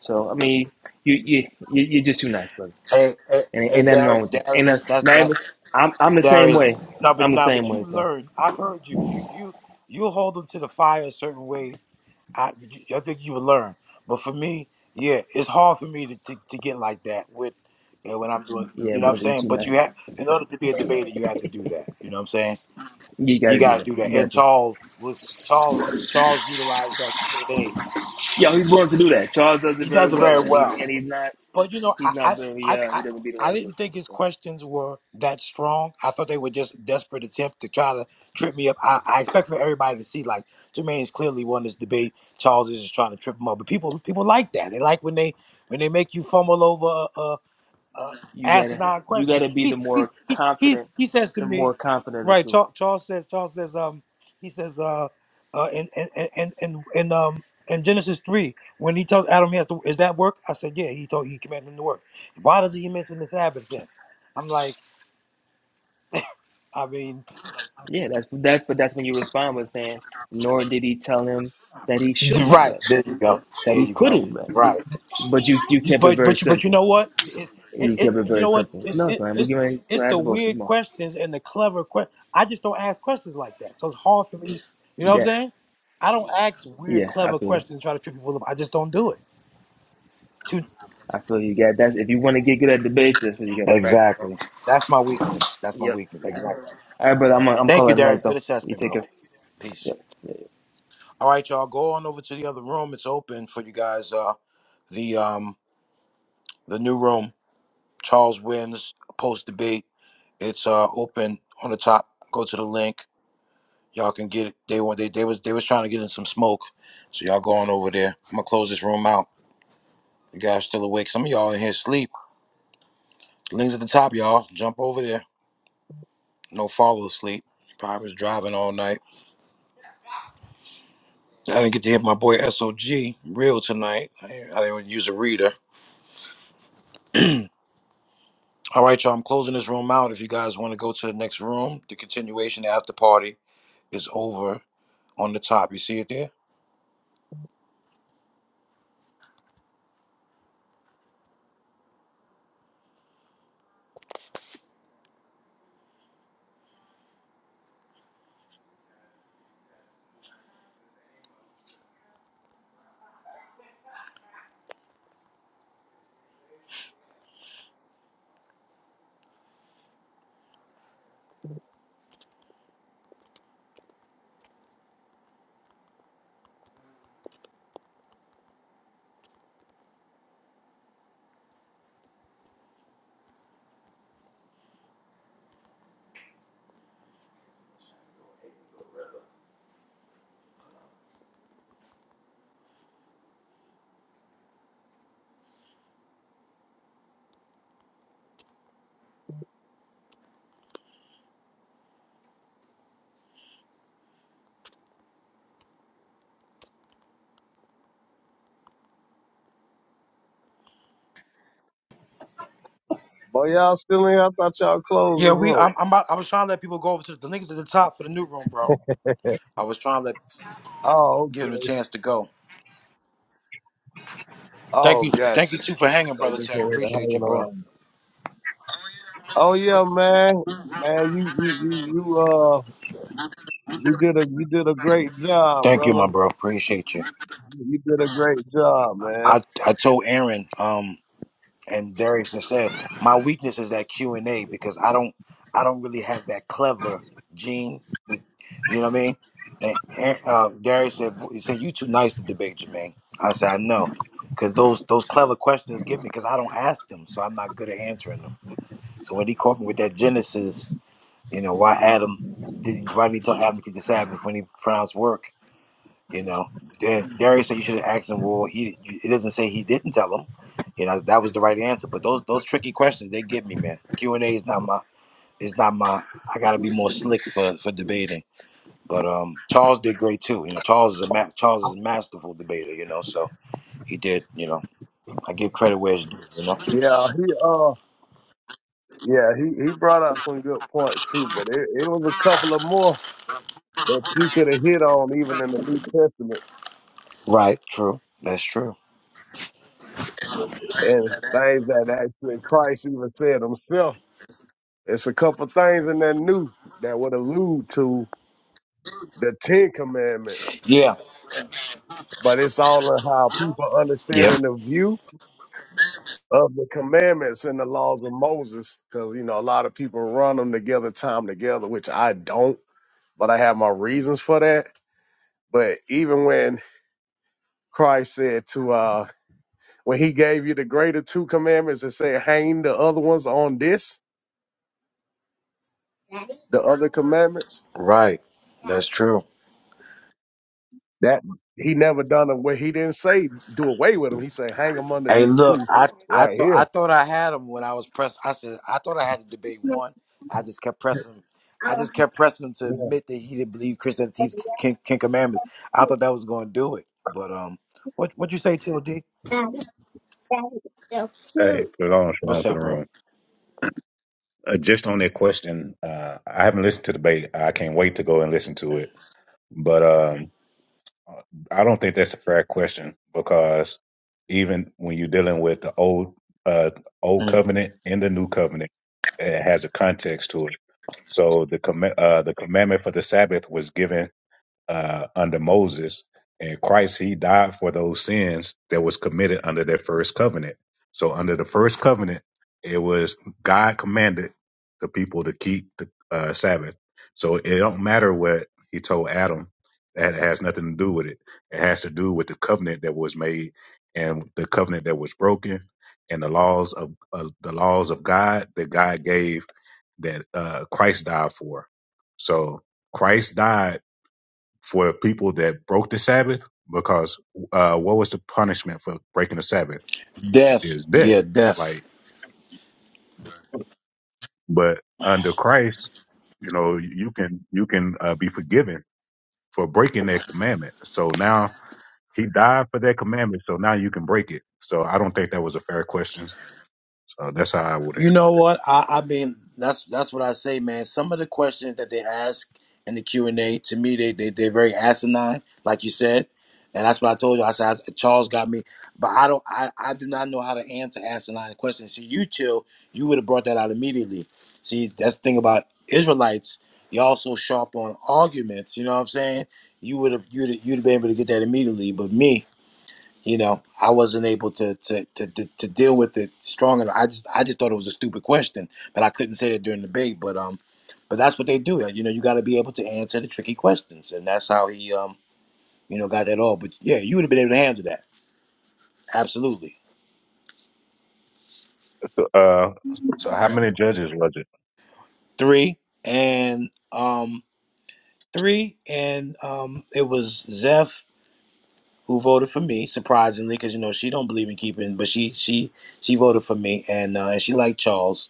Speaker 27: So, I mean, you, you, you, you're just too nice, brother.
Speaker 2: Hey, hey,
Speaker 27: And
Speaker 2: hey
Speaker 27: ain't nothing wrong
Speaker 2: Darius,
Speaker 27: with that. Ain't
Speaker 2: Darius,
Speaker 27: nothing,
Speaker 2: that's
Speaker 27: not
Speaker 2: that
Speaker 27: even, I'm, I'm the same
Speaker 2: Darius.
Speaker 27: way.
Speaker 2: No,
Speaker 27: I'm
Speaker 2: but
Speaker 27: the
Speaker 2: no,
Speaker 27: same
Speaker 2: but
Speaker 27: way.
Speaker 2: you've
Speaker 27: So,
Speaker 2: learned. I've heard you. You you you hold them to the fire a certain way I I think you would learn. But for me, yeah, it's hard for me to, to, to get like that with you know, when I'm doing
Speaker 27: yeah,
Speaker 2: you know what I'm
Speaker 27: brother, you're
Speaker 2: saying?
Speaker 27: too
Speaker 2: But
Speaker 27: nice.
Speaker 2: you have in order to be a debater you have to do that. You know what I'm saying?
Speaker 27: You got
Speaker 2: You
Speaker 27: to do
Speaker 2: gotta
Speaker 27: that.
Speaker 2: do that.
Speaker 27: You
Speaker 2: And
Speaker 27: got to.
Speaker 2: Charles was Charles Charles utilized that Q and A.
Speaker 27: Yeah, he's willing to do that. Charles does it
Speaker 2: He
Speaker 27: very
Speaker 2: does it
Speaker 27: well,
Speaker 2: very
Speaker 27: and he
Speaker 2: well.
Speaker 27: and he's not
Speaker 2: But you know,
Speaker 27: he's not
Speaker 2: I
Speaker 27: very
Speaker 2: I I,
Speaker 27: uh he
Speaker 2: I,
Speaker 27: doesn't beat
Speaker 2: I
Speaker 27: around the bush with it. So
Speaker 2: think I thought they were just desperate attempt to try to trip me up. I, I expect for everybody to see like Jermaine's clearly won this debate. Charles is just trying to trip him up, but people people like that. They like when they when they make you fumble over a, a, a
Speaker 27: you gotta
Speaker 2: asinine
Speaker 27: you
Speaker 2: question.
Speaker 27: gotta be the
Speaker 2: He he,
Speaker 27: more
Speaker 2: he he
Speaker 27: confident,
Speaker 2: he says to
Speaker 27: the
Speaker 2: me,
Speaker 27: more confident of the
Speaker 2: right,
Speaker 27: two.
Speaker 2: Charles, Charles um he says uh uh in in in in, in um in Genesis three, when he tells Adam he has to is that work? I said, Yeah, he told he commanded him to work. Why doesn't he mention the Sabbath then? I'm like, I mean,
Speaker 27: Yeah, that's that's but that's when you respond with saying, nor did he tell him that he shouldn't
Speaker 2: right.
Speaker 27: rest, that
Speaker 2: There
Speaker 27: he
Speaker 2: you go.
Speaker 27: couldn't rest.
Speaker 2: Right.
Speaker 27: But you you
Speaker 2: You-
Speaker 27: kept it
Speaker 2: But
Speaker 27: very
Speaker 2: but you but you
Speaker 27: simple.
Speaker 2: know what? It, it,
Speaker 27: You
Speaker 2: it
Speaker 27: kept it
Speaker 2: you
Speaker 27: very
Speaker 2: know what?
Speaker 27: simple.
Speaker 2: It's
Speaker 27: No,
Speaker 2: it,
Speaker 27: son, we
Speaker 2: it's
Speaker 27: can ready to
Speaker 2: it's
Speaker 27: have
Speaker 2: the
Speaker 27: devotion.
Speaker 2: weird
Speaker 27: Come on.
Speaker 2: questions and the clever questions. I just don't ask questions like that, so it's hard for me. You know what I'm
Speaker 27: Yeah,
Speaker 2: saying? I don't ask weird,
Speaker 27: yeah, I
Speaker 2: clever
Speaker 27: feel you.
Speaker 2: questions and try to trip people up. I just don't do it. Too-
Speaker 27: I feel you. Got that's if you want to get good at debates, that's what you got to practice on.
Speaker 2: Exactly. That's my weakness. That's my
Speaker 27: Yep.
Speaker 2: weakness. Exactly.
Speaker 27: All right, brother. I'm uh, I'm
Speaker 2: Thank you,
Speaker 27: calling it a night though. You
Speaker 2: assessment,
Speaker 27: take
Speaker 2: bro.
Speaker 27: care.
Speaker 2: Peace.
Speaker 27: Yep.
Speaker 2: All right, y'all. Go on over to the other room. It's open for you guys. Uh, the um the new room. Charles wins post debate. It's uh open on the top. Go to the link. Y'all can get it. They want they they was they was trying to get in some smoke. So y'all go on over there. I'm gonna close this room out. You guys still awake. Some of y'all in here sleep. Links at the top, y'all. Jump over there. No follow asleep. Probably was driving all night. I didn't get to hit my boy SOG real tonight. I, I didn't use a reader. All right, y'all. I'm closing this room out. If you guys want to go to the next room, the continuation after party is over on the top. You see it there?
Speaker 8: Boy, y'all still in? I thought y'all closed
Speaker 2: Yeah,
Speaker 8: this
Speaker 2: we.
Speaker 8: room.
Speaker 2: I'm. I'm about, I was trying to let people go over to the niggas at the top for the new room, bro. I was trying to let,
Speaker 8: Oh,
Speaker 2: give them
Speaker 8: okay.
Speaker 2: a chance to go. Thank
Speaker 8: Oh,
Speaker 2: you. Thank
Speaker 8: gotcha.
Speaker 2: you too for hanging,
Speaker 8: They
Speaker 2: brother
Speaker 8: just
Speaker 2: Terry.
Speaker 8: over here
Speaker 2: Appreciate you,
Speaker 8: hanging
Speaker 2: bro.
Speaker 8: around. Oh yeah, man. Man, you you you you uh you did a you did a great job,
Speaker 2: Thank you, my
Speaker 8: brother.
Speaker 2: bro. Appreciate you.
Speaker 8: You did a great job,
Speaker 2: I
Speaker 8: man.
Speaker 2: I told Aaron um and Darius and said my weakness is that Q and A because I don't I don't really have that clever gene. You know what I mean? And Aaron- uh, Darius said "Boy," he said you too nice to debate Jermaine. I said I know because those those clever questions give me because I don't ask them, so I'm not good at answering them. So when he caught me with that Genesis, you know, why Adam didn't why did he tell Adam to keep the Sabbath when he pronounced work? You know, and Darius said you should have asked him. Well, he it doesn't say he didn't tell him. You know, that was the right answer. But those those tricky questions they give me, man. Q and A is not my It's not my. I got to be more slick for for debating. But um, Charles did great too. You know, Charles is a ma- Charles is a masterful debater. You know, so he did. You know, I give credit where it's due. You know,
Speaker 8: Yeah, he uh yeah, he, he brought out some good points too, but it, it was a couple of more that you could have hit on even in the New Testament
Speaker 2: right? True. That's true.
Speaker 8: and things that actually Christ even said himself. It's a couple things in that new that would allude to the Ten Commandments
Speaker 2: Yeah.
Speaker 8: but it's all in how people
Speaker 2: Yeah.
Speaker 8: understanding the view of the commandments and the laws of Moses. Because you know, a lot of people run them together, time together, which I don't, but I have my reasons for that. But even when Christ said to uh when he gave you the greater two commandments and said, hang the other ones on this, the other commandments,
Speaker 2: Right. That's true.
Speaker 8: that he never done them where he didn't say do away with them. He said, hang them under
Speaker 2: Hey,
Speaker 8: these
Speaker 2: look,
Speaker 8: two
Speaker 2: I I
Speaker 8: right
Speaker 2: thought I
Speaker 8: here.
Speaker 2: thought I had him when I was pressed. I said I thought I had the debate one. I just kept pressing. him. I just kept pressing him to admit that he didn't believe Christian teach King, King Commandments. I thought that was going to do it, but um, what what you say, T.O.D.?
Speaker 8: Yeah. That's so
Speaker 28: Hey,
Speaker 8: cute.
Speaker 28: shalom,
Speaker 2: What's
Speaker 28: shalom to
Speaker 2: up,
Speaker 28: the
Speaker 2: bro?
Speaker 28: room. Uh, just on that question, uh, I haven't listened to the debate. I can't wait to go and listen to it. But um, I don't think that's a fair question because even when you're dealing with the old uh, old
Speaker 2: Mm.
Speaker 28: covenant and the new covenant, it has a context to it. So the comm- uh, the commandment for the Sabbath was given uh, under Moses and Christ, he died for those sins that was committed under that first covenant. So under the first covenant, it was God commanded the people to keep the uh, Sabbath. So it don't matter what he told Adam. That has nothing to do with it. It has to do with the covenant that was made and the covenant that was broken and the laws of uh, the laws of God that God gave that uh, Christ died for. So Christ died for people that broke the Sabbath, because uh, what was the punishment for breaking the Sabbath?
Speaker 2: Death,
Speaker 28: Is death.
Speaker 2: yeah, death.
Speaker 28: Like, but under Christ, you know, you can you can uh, be forgiven for breaking that commandment. So now he died for that commandment. So now you can break it. So I don't think that was a fair question. So that's how I would
Speaker 2: You
Speaker 28: answer.
Speaker 2: know what? I, I mean, that's that's what I say, man. Some of the questions that they ask in the Q and A, to me, they they they're very asinine, like you said, and that's what I told you. I said Charles got me, but I don't. I I do not know how to answer asinine questions. See, you chill. You would have brought that out immediately. See, that's the thing about Israelites. You're also sharp on arguments. You know what I'm saying? You would have you'd have, you'd have been able to get that immediately, but me. You know, I wasn't able to to to to, to deal with it strong enough. I just I just thought it was a stupid question, but I couldn't say that during the debate. But um, but that's what they do. Uh, You know, you got to be able to answer the tricky questions, and that's how he um you know got that all. But yeah, you would have been able to handle that absolutely.
Speaker 28: Uh, so how many judges was it?
Speaker 2: Three and um three and um it was Zeph who voted for me surprisingly because you know she don't believe in keeping, but she she she voted for me and uh, and she liked Charles.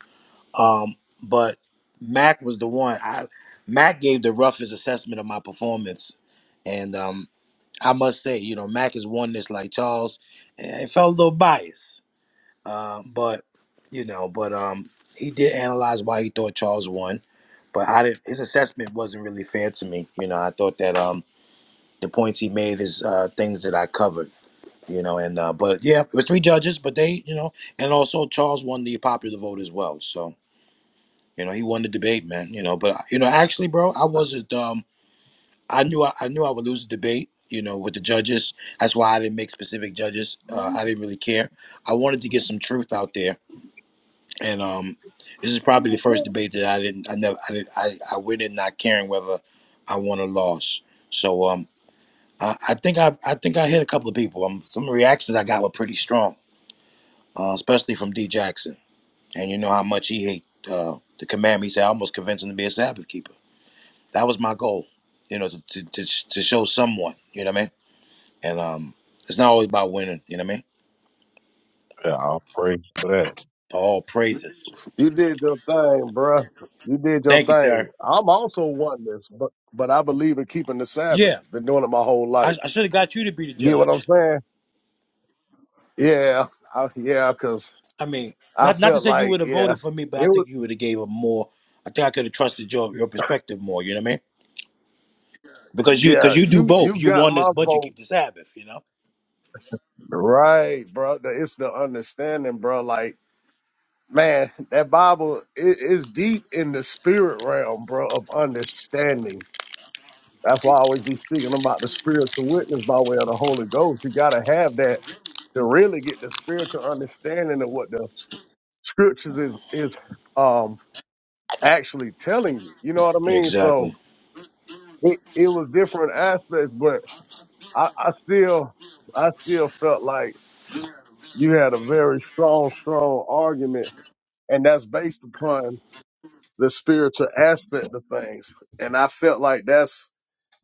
Speaker 2: Um, but Mac was the one. I Mac gave the roughest assessment of my performance, and um, I must say, you know, Mac is one this like Charles. And it felt a little biased, uh, but you know, but um, he did analyze why he thought Charles won, but I didn't. His assessment wasn't really fair to me. You know, I thought that um, the points he made is uh, things that I covered. You know, and uh, but yeah, it was three judges, but they, you know, and also Charles won the popular vote as well. So. You know, he won the debate, man. You know, but you know, actually, bro, I wasn't. Um, I knew I, I knew I would lose the debate. You know, with the judges. That's why I didn't make specific judges. Uh, I didn't really care. I wanted to get some truth out there, and um, this is probably the first debate that I didn't. I never. I didn't. I, I went in not caring whether I won or lost. So um, I, I think I I think I hit a couple of people. Um, some of the reactions I got were pretty strong, uh, especially from D Jackson, and you know how much he hate uh, the commandment. He said I almost convinced him to be a Sabbath keeper. That was my goal, you know, to to, to, to show someone, you know what I mean. And um, it's not always about winning, you know what I mean.
Speaker 28: Yeah, I'll pray for that.
Speaker 2: All praises.
Speaker 8: You did your thing, bruh. You did your
Speaker 2: Thank you, Terry.
Speaker 8: thing. I'm also oneness, but but I believe in keeping the Sabbath.
Speaker 2: Yeah,
Speaker 8: Been doing it my whole life.
Speaker 2: I, I should have got you to be the
Speaker 8: You get what I'm
Speaker 2: judge.
Speaker 8: saying? Yeah, I, yeah. Cause
Speaker 2: I mean,
Speaker 8: I
Speaker 2: not not to
Speaker 8: felt
Speaker 2: say
Speaker 8: like yeah,
Speaker 2: me, but I
Speaker 8: it was
Speaker 2: think you gave a more. I think I could have trusted your your perspective more. You know what I mean? Because you because
Speaker 8: yeah.
Speaker 2: you do
Speaker 8: You
Speaker 2: both.
Speaker 8: you
Speaker 2: You
Speaker 8: got
Speaker 2: won this,
Speaker 8: my
Speaker 2: but you
Speaker 8: vote
Speaker 2: keep the Sabbath. You know.
Speaker 8: right, bro. It's the understanding, bro. Like man, that Bible is deep in the spirit realm, bro, of understanding. That's why I always be speaking about the spiritual witness by way of the Holy Ghost. You gotta have that to really get the spiritual understanding of what the scriptures is is um actually telling you. You know what I mean?
Speaker 2: Exactly.
Speaker 8: So it, it was different aspects, but I, I still I still felt like you had a very strong, strong argument, and that's based upon the spiritual aspect of things. And I felt like that's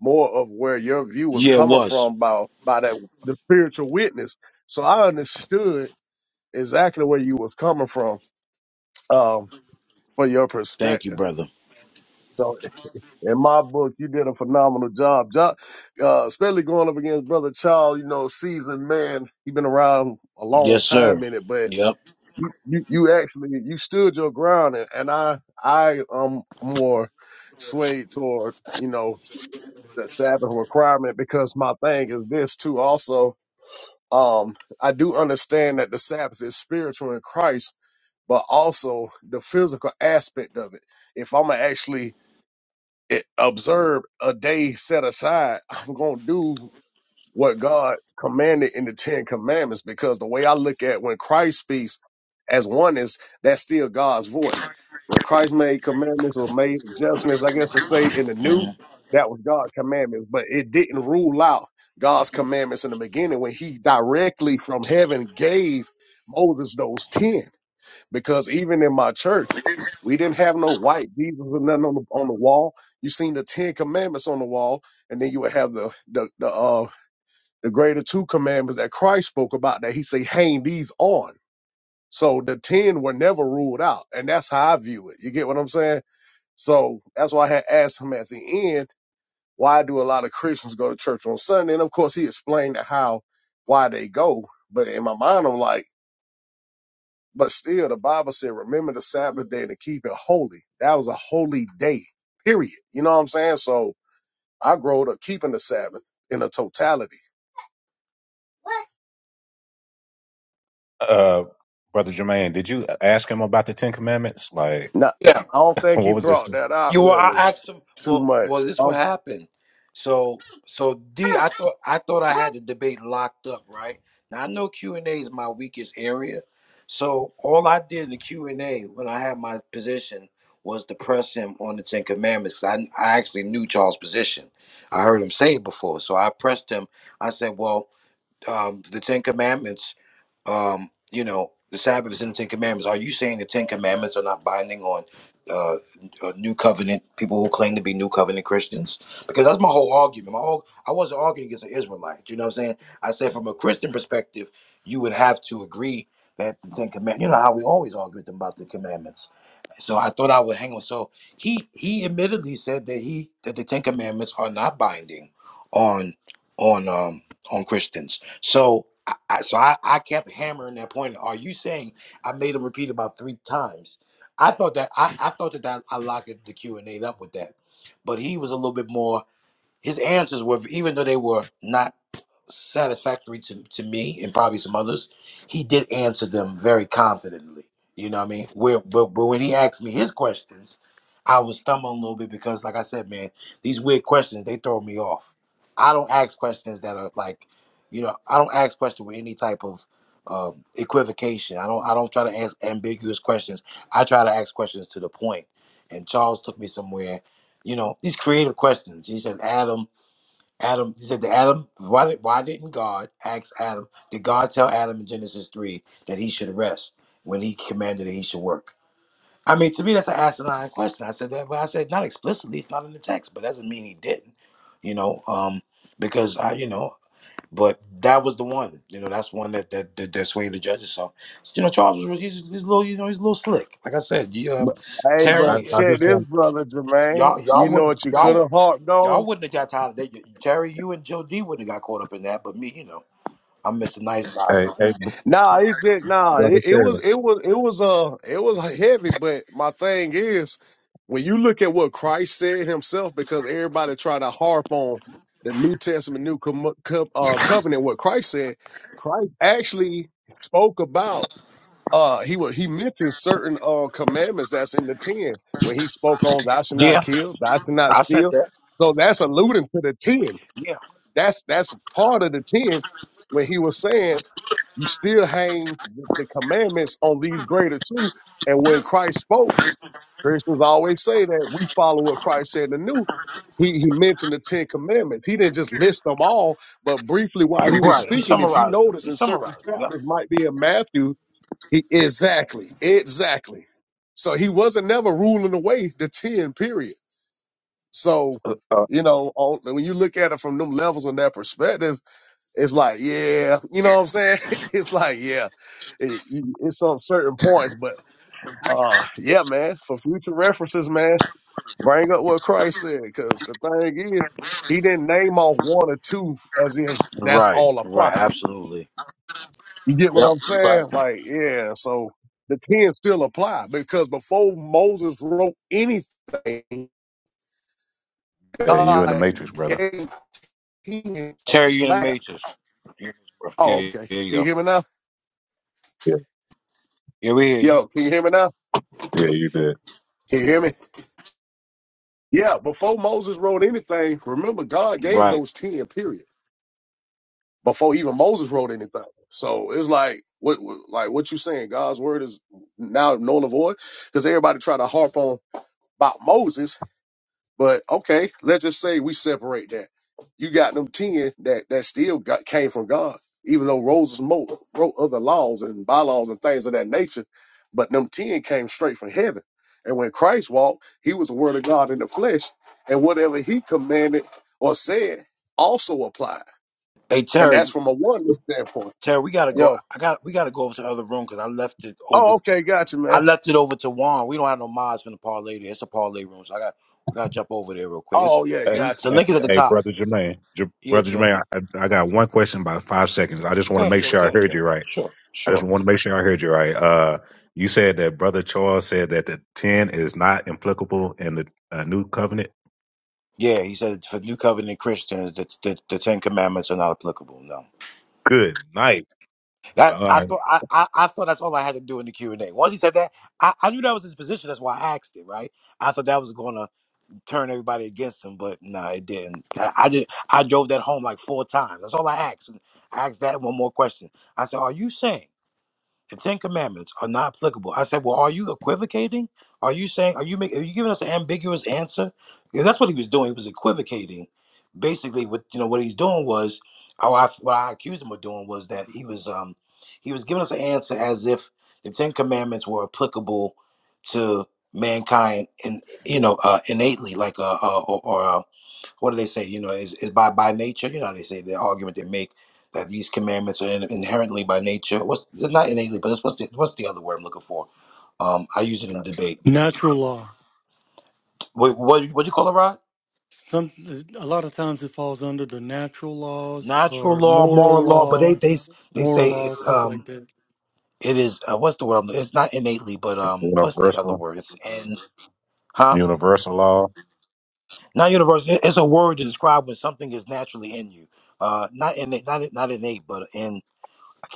Speaker 8: more of where your view was
Speaker 2: Yeah, it
Speaker 8: coming
Speaker 2: was.
Speaker 8: from by by that the spiritual witness. So I understood exactly where you was coming from um, for your
Speaker 2: Thank you,
Speaker 8: perspective.
Speaker 2: brother.
Speaker 8: So in my book, you did a phenomenal job, job uh, especially going up against brother Charles. You know, seasoned man. He been around a long
Speaker 2: Yes, sir.
Speaker 8: time in it, but
Speaker 2: Yep.
Speaker 8: you you actually you stood your ground, and, and I I um more swayed toward you know the Sabbath requirement because my thing is this too also um, I do understand that the Sabbath is spiritual in Christ, but also the physical aspect of it. If I'm gonna actually eh, observe a day set aside, I'm gonna do what God commanded in the Ten Commandments because the way I look at when Christ speaks as one is that's still God's voice. When Christ made commandments or made adjustments, I guess to say in the new, that was God's commandments, but it didn't rule out God's commandments in the beginning when he directly from heaven gave Moses those 10. Because even in my church, we didn't have no white Jesus or nothing on the, on the wall. You seen the 10 commandments on the wall, and then you would have the, the, the, uh, the greater two commandments that Christ spoke about that he say hang these on. So the 10 were never ruled out. And that's how I view it. You get what I'm saying? So that's why I had asked him at the end, why do a lot of Christians go to church on Sunday? And of course he explained how, why they go. But in my mind, I'm like, but still the Bible said, remember the Sabbath day to keep it holy. That was a holy day, period. You know what I'm saying? So I grow up keeping the Sabbath in a totality.
Speaker 28: Uh, Brother Jermaine, did you ask him about the Ten Commandments? Like,
Speaker 8: No,
Speaker 2: Yeah.
Speaker 8: I don't think he
Speaker 28: what was this?
Speaker 8: brought that out
Speaker 2: You were. I
Speaker 8: really
Speaker 2: asked him.
Speaker 8: too
Speaker 2: Well, well,
Speaker 8: much.
Speaker 2: this what
Speaker 8: Um,
Speaker 2: happened. So, so D, I thought I thought I had the debate locked up, right? Now I know Q and A is my weakest area, so all I did in the Q and A when I had my position was to press him on the Ten Commandments. 'cause I I actually knew Charles' position. I heard him say it before, so I pressed him. I said, "Well, um, the Ten Commandments." um, you know, the Sabbath is in the Ten Commandments. Are you saying the Ten Commandments are not binding on uh, uh, New Covenant people who claim to be New Covenant Christians? Because that's my whole argument. My whole, I wasn't arguing against an Israelite. You know what I'm saying? I said from a Christian perspective, you would have to agree that the Ten Commandments. You know how we always argue with them about the commandments. So I thought I would hang on. So he he admittedly said that he that the Ten Commandments are not binding on on um on Christians. So I, I- so I, I kept hammering that point. Are you saying I made him repeat about three times? I thought that I, I thought that I, I locked it- the Q and A up with that, but he was a little bit more. His answers were, even though they were not satisfactory to, to me and probably some others, he did answer them very confidently. You know what I mean? Where, but, but when he asked me his questions, I was stumbling a little bit because, like I said, man, these weird questions, they throw me off. I don't ask questions that are like, you know, I don't ask questions with any type of um, equivocation. I don't, I don't try to ask ambiguous questions. I try to ask questions to the point. And Charles took me somewhere, you know, these creative questions. He said, Adam, Adam he said to Adam, why, did- why didn't God ask Adam, did God tell Adam in Genesis 3 that he should rest when he commanded that he should work? I mean, to me, that's an asinine question. I said that, but I said not explicitly, it's not in the text, but that doesn't mean he didn't, you know, um, because I, you know, but that was the one, you know, that's one that that that, that swayed the judges. So, you know, Charles was really, he's, he's a little, you know, he's a little slick. Like I said, you, um,
Speaker 8: but- hey,
Speaker 28: I,
Speaker 8: but
Speaker 2: Terry,
Speaker 28: I
Speaker 8: check
Speaker 28: just want
Speaker 8: this, brother Jermaine.
Speaker 2: y'all,
Speaker 8: You
Speaker 2: y'all
Speaker 8: know
Speaker 2: would,
Speaker 8: what you could
Speaker 2: y'all,
Speaker 8: have harped
Speaker 2: Y'all
Speaker 8: on?
Speaker 2: wouldn't have got tired of that. Terry, you and Joe D wouldn't have got caught up in that, but me, you know, I'm Mr. Nice Guy.
Speaker 28: Hey, hey, br-
Speaker 8: Nah, it did. Nah,
Speaker 28: brother
Speaker 8: it, it
Speaker 28: Terry.
Speaker 8: was, it was, it was, uh, it was heavy. But my thing is, when you look at what Christ said himself, because everybody try to harp on the New Testament, New com- co- uh, Covenant, what Christ said, Christ actually spoke about. uh he wa- he mentioned certain uh commandments that's in the ten when he spoke on thou shalt not
Speaker 2: Yeah,
Speaker 8: kill, thou shalt not
Speaker 2: I said
Speaker 8: steal.
Speaker 2: that.
Speaker 8: So that's alluding to the ten.
Speaker 2: Yeah,
Speaker 8: That's that's part of the ten when he was saying you still hang th- the commandments on these greater two. And when Christ spoke, Christians always say that we follow what Christ said and new. He he mentioned the Ten Commandments. He didn't just list them all, but briefly while he was
Speaker 2: right. He
Speaker 8: speaking, if you
Speaker 2: summarized them.
Speaker 8: notice
Speaker 2: He
Speaker 8: in certain
Speaker 2: summarized. Them. Yep.
Speaker 8: chapters, might be in Matthew, he, exactly, exactly. So he wasn't never ruling away the ten period. So
Speaker 28: Uh, uh,
Speaker 8: you know, on, when you look at it from them levels and that perspective, it's like, yeah, you know what I'm saying? it's like, yeah, it, you- it's on certain points, but uh, yeah, man, for future references, man, bring up what Christ said, because the thing is, he didn't name off one or two as if that's
Speaker 2: Right.
Speaker 8: all
Speaker 2: Right.
Speaker 8: applied.
Speaker 2: Absolutely.
Speaker 8: You get what
Speaker 2: Yep.
Speaker 8: I'm
Speaker 2: Right.
Speaker 8: saying? Like, yeah. So the ten still apply because before Moses wrote anything,
Speaker 28: hey, you in the
Speaker 8: God
Speaker 28: Matrix, brother?
Speaker 8: gave him a
Speaker 2: Terry, you in the
Speaker 8: slap.
Speaker 2: matrix. Yeah,
Speaker 8: Oh,
Speaker 2: yeah,
Speaker 8: okay.
Speaker 2: there you
Speaker 8: Can you
Speaker 2: go.
Speaker 8: hear me now?
Speaker 28: Yeah,
Speaker 2: Yeah, we hear you.
Speaker 8: Yo, can you hear me now?
Speaker 28: yeah, you did.
Speaker 8: Can you hear me? Yeah. Before Moses wrote anything, remember God gave
Speaker 2: Right.
Speaker 8: those ten. Period. Before even Moses wrote anything. So it's like what, what like what you saying? God's word is now null and void because everybody try to harp on about Moses But okay, let's just say we separate that. You got them ten that that still got came from God, even though Moses mo- wrote other laws and bylaws and things of that nature. But them ten came straight from heaven. And when Christ walked, he was the word of God in the flesh, and whatever he commanded or said also applied.
Speaker 2: Hey,
Speaker 8: And
Speaker 2: Terry.
Speaker 8: that's from a oneness standpoint.
Speaker 2: Terry, we gotta go.
Speaker 8: Yo,
Speaker 2: I got. We gotta go over to the other room because I left it over.
Speaker 8: oh okay, gotcha,
Speaker 2: I
Speaker 8: man.
Speaker 2: left it over to Juan. We don't have no mods from the parlay. There. It's a parlay room, so I got. I gotta jump over there real quick. It's
Speaker 8: Oh yeah,
Speaker 28: Hey,
Speaker 2: the,
Speaker 8: gotcha.
Speaker 2: the
Speaker 28: hey,
Speaker 2: link is at the
Speaker 28: hey,
Speaker 2: top.
Speaker 28: brother Jermaine, J-
Speaker 2: Yeah,
Speaker 28: brother
Speaker 2: chill.
Speaker 28: Jermaine, I, I I got one question about five seconds. I just want to make
Speaker 2: Gotcha,
Speaker 28: sure I heard
Speaker 2: gotcha.
Speaker 28: you right. I just
Speaker 2: Sure.
Speaker 28: want to make sure I heard you right. Uh, you said that brother Charles said that the ten is not applicable in the uh, new covenant.
Speaker 2: Yeah, he said for New Covenant Christians, the, the, the Ten Commandments are not applicable. No,
Speaker 28: Good night.
Speaker 2: that
Speaker 28: All
Speaker 2: I
Speaker 28: right.
Speaker 2: thought I, I, I thought that's all I had to do in the Q and A. Once he said that, I, I knew that was his position. That's why I asked it. Right? I thought that was going to turn everybody against him, but no, it didn't. I, I just I drove that home like four times. That's all I asked. I asked that one more question. I said, "Are you saying?" The Ten Commandments are not applicable. I said, well, are you equivocating? Are you saying, are you making, are you giving us an ambiguous answer? Because that's what he was doing. He was equivocating. Basically, what, you know, what he's doing was, or I, what I accused him of doing was that he was, um, he was giving us an answer as if the Ten Commandments were applicable to mankind and, you know, uh, innately, like, uh, uh or, or uh, what do they say? You know, is, is by by nature. You know, how they say the argument they make that these commandments are in, inherently by nature. What's it's not innately, but it's, what's the what's the other word I'm looking for? Um, I use it in debate.
Speaker 26: Natural law.
Speaker 2: What what what you call it, Rod?
Speaker 26: Some a lot of times it falls under the natural laws
Speaker 2: Natural
Speaker 26: or
Speaker 2: law,
Speaker 26: moral
Speaker 2: moral law, but they
Speaker 26: law,
Speaker 2: they they say
Speaker 26: moral law,
Speaker 2: it's
Speaker 26: stuff like
Speaker 2: um
Speaker 26: that.
Speaker 2: it is uh, what's the word? I'm- It's not innately, but um what's the other
Speaker 28: Universal,
Speaker 2: word? It's in huh?
Speaker 28: universal law.
Speaker 2: Not universal. It- It's a word to describe when something is naturally in you. Uh, not innate, not not innate, but in.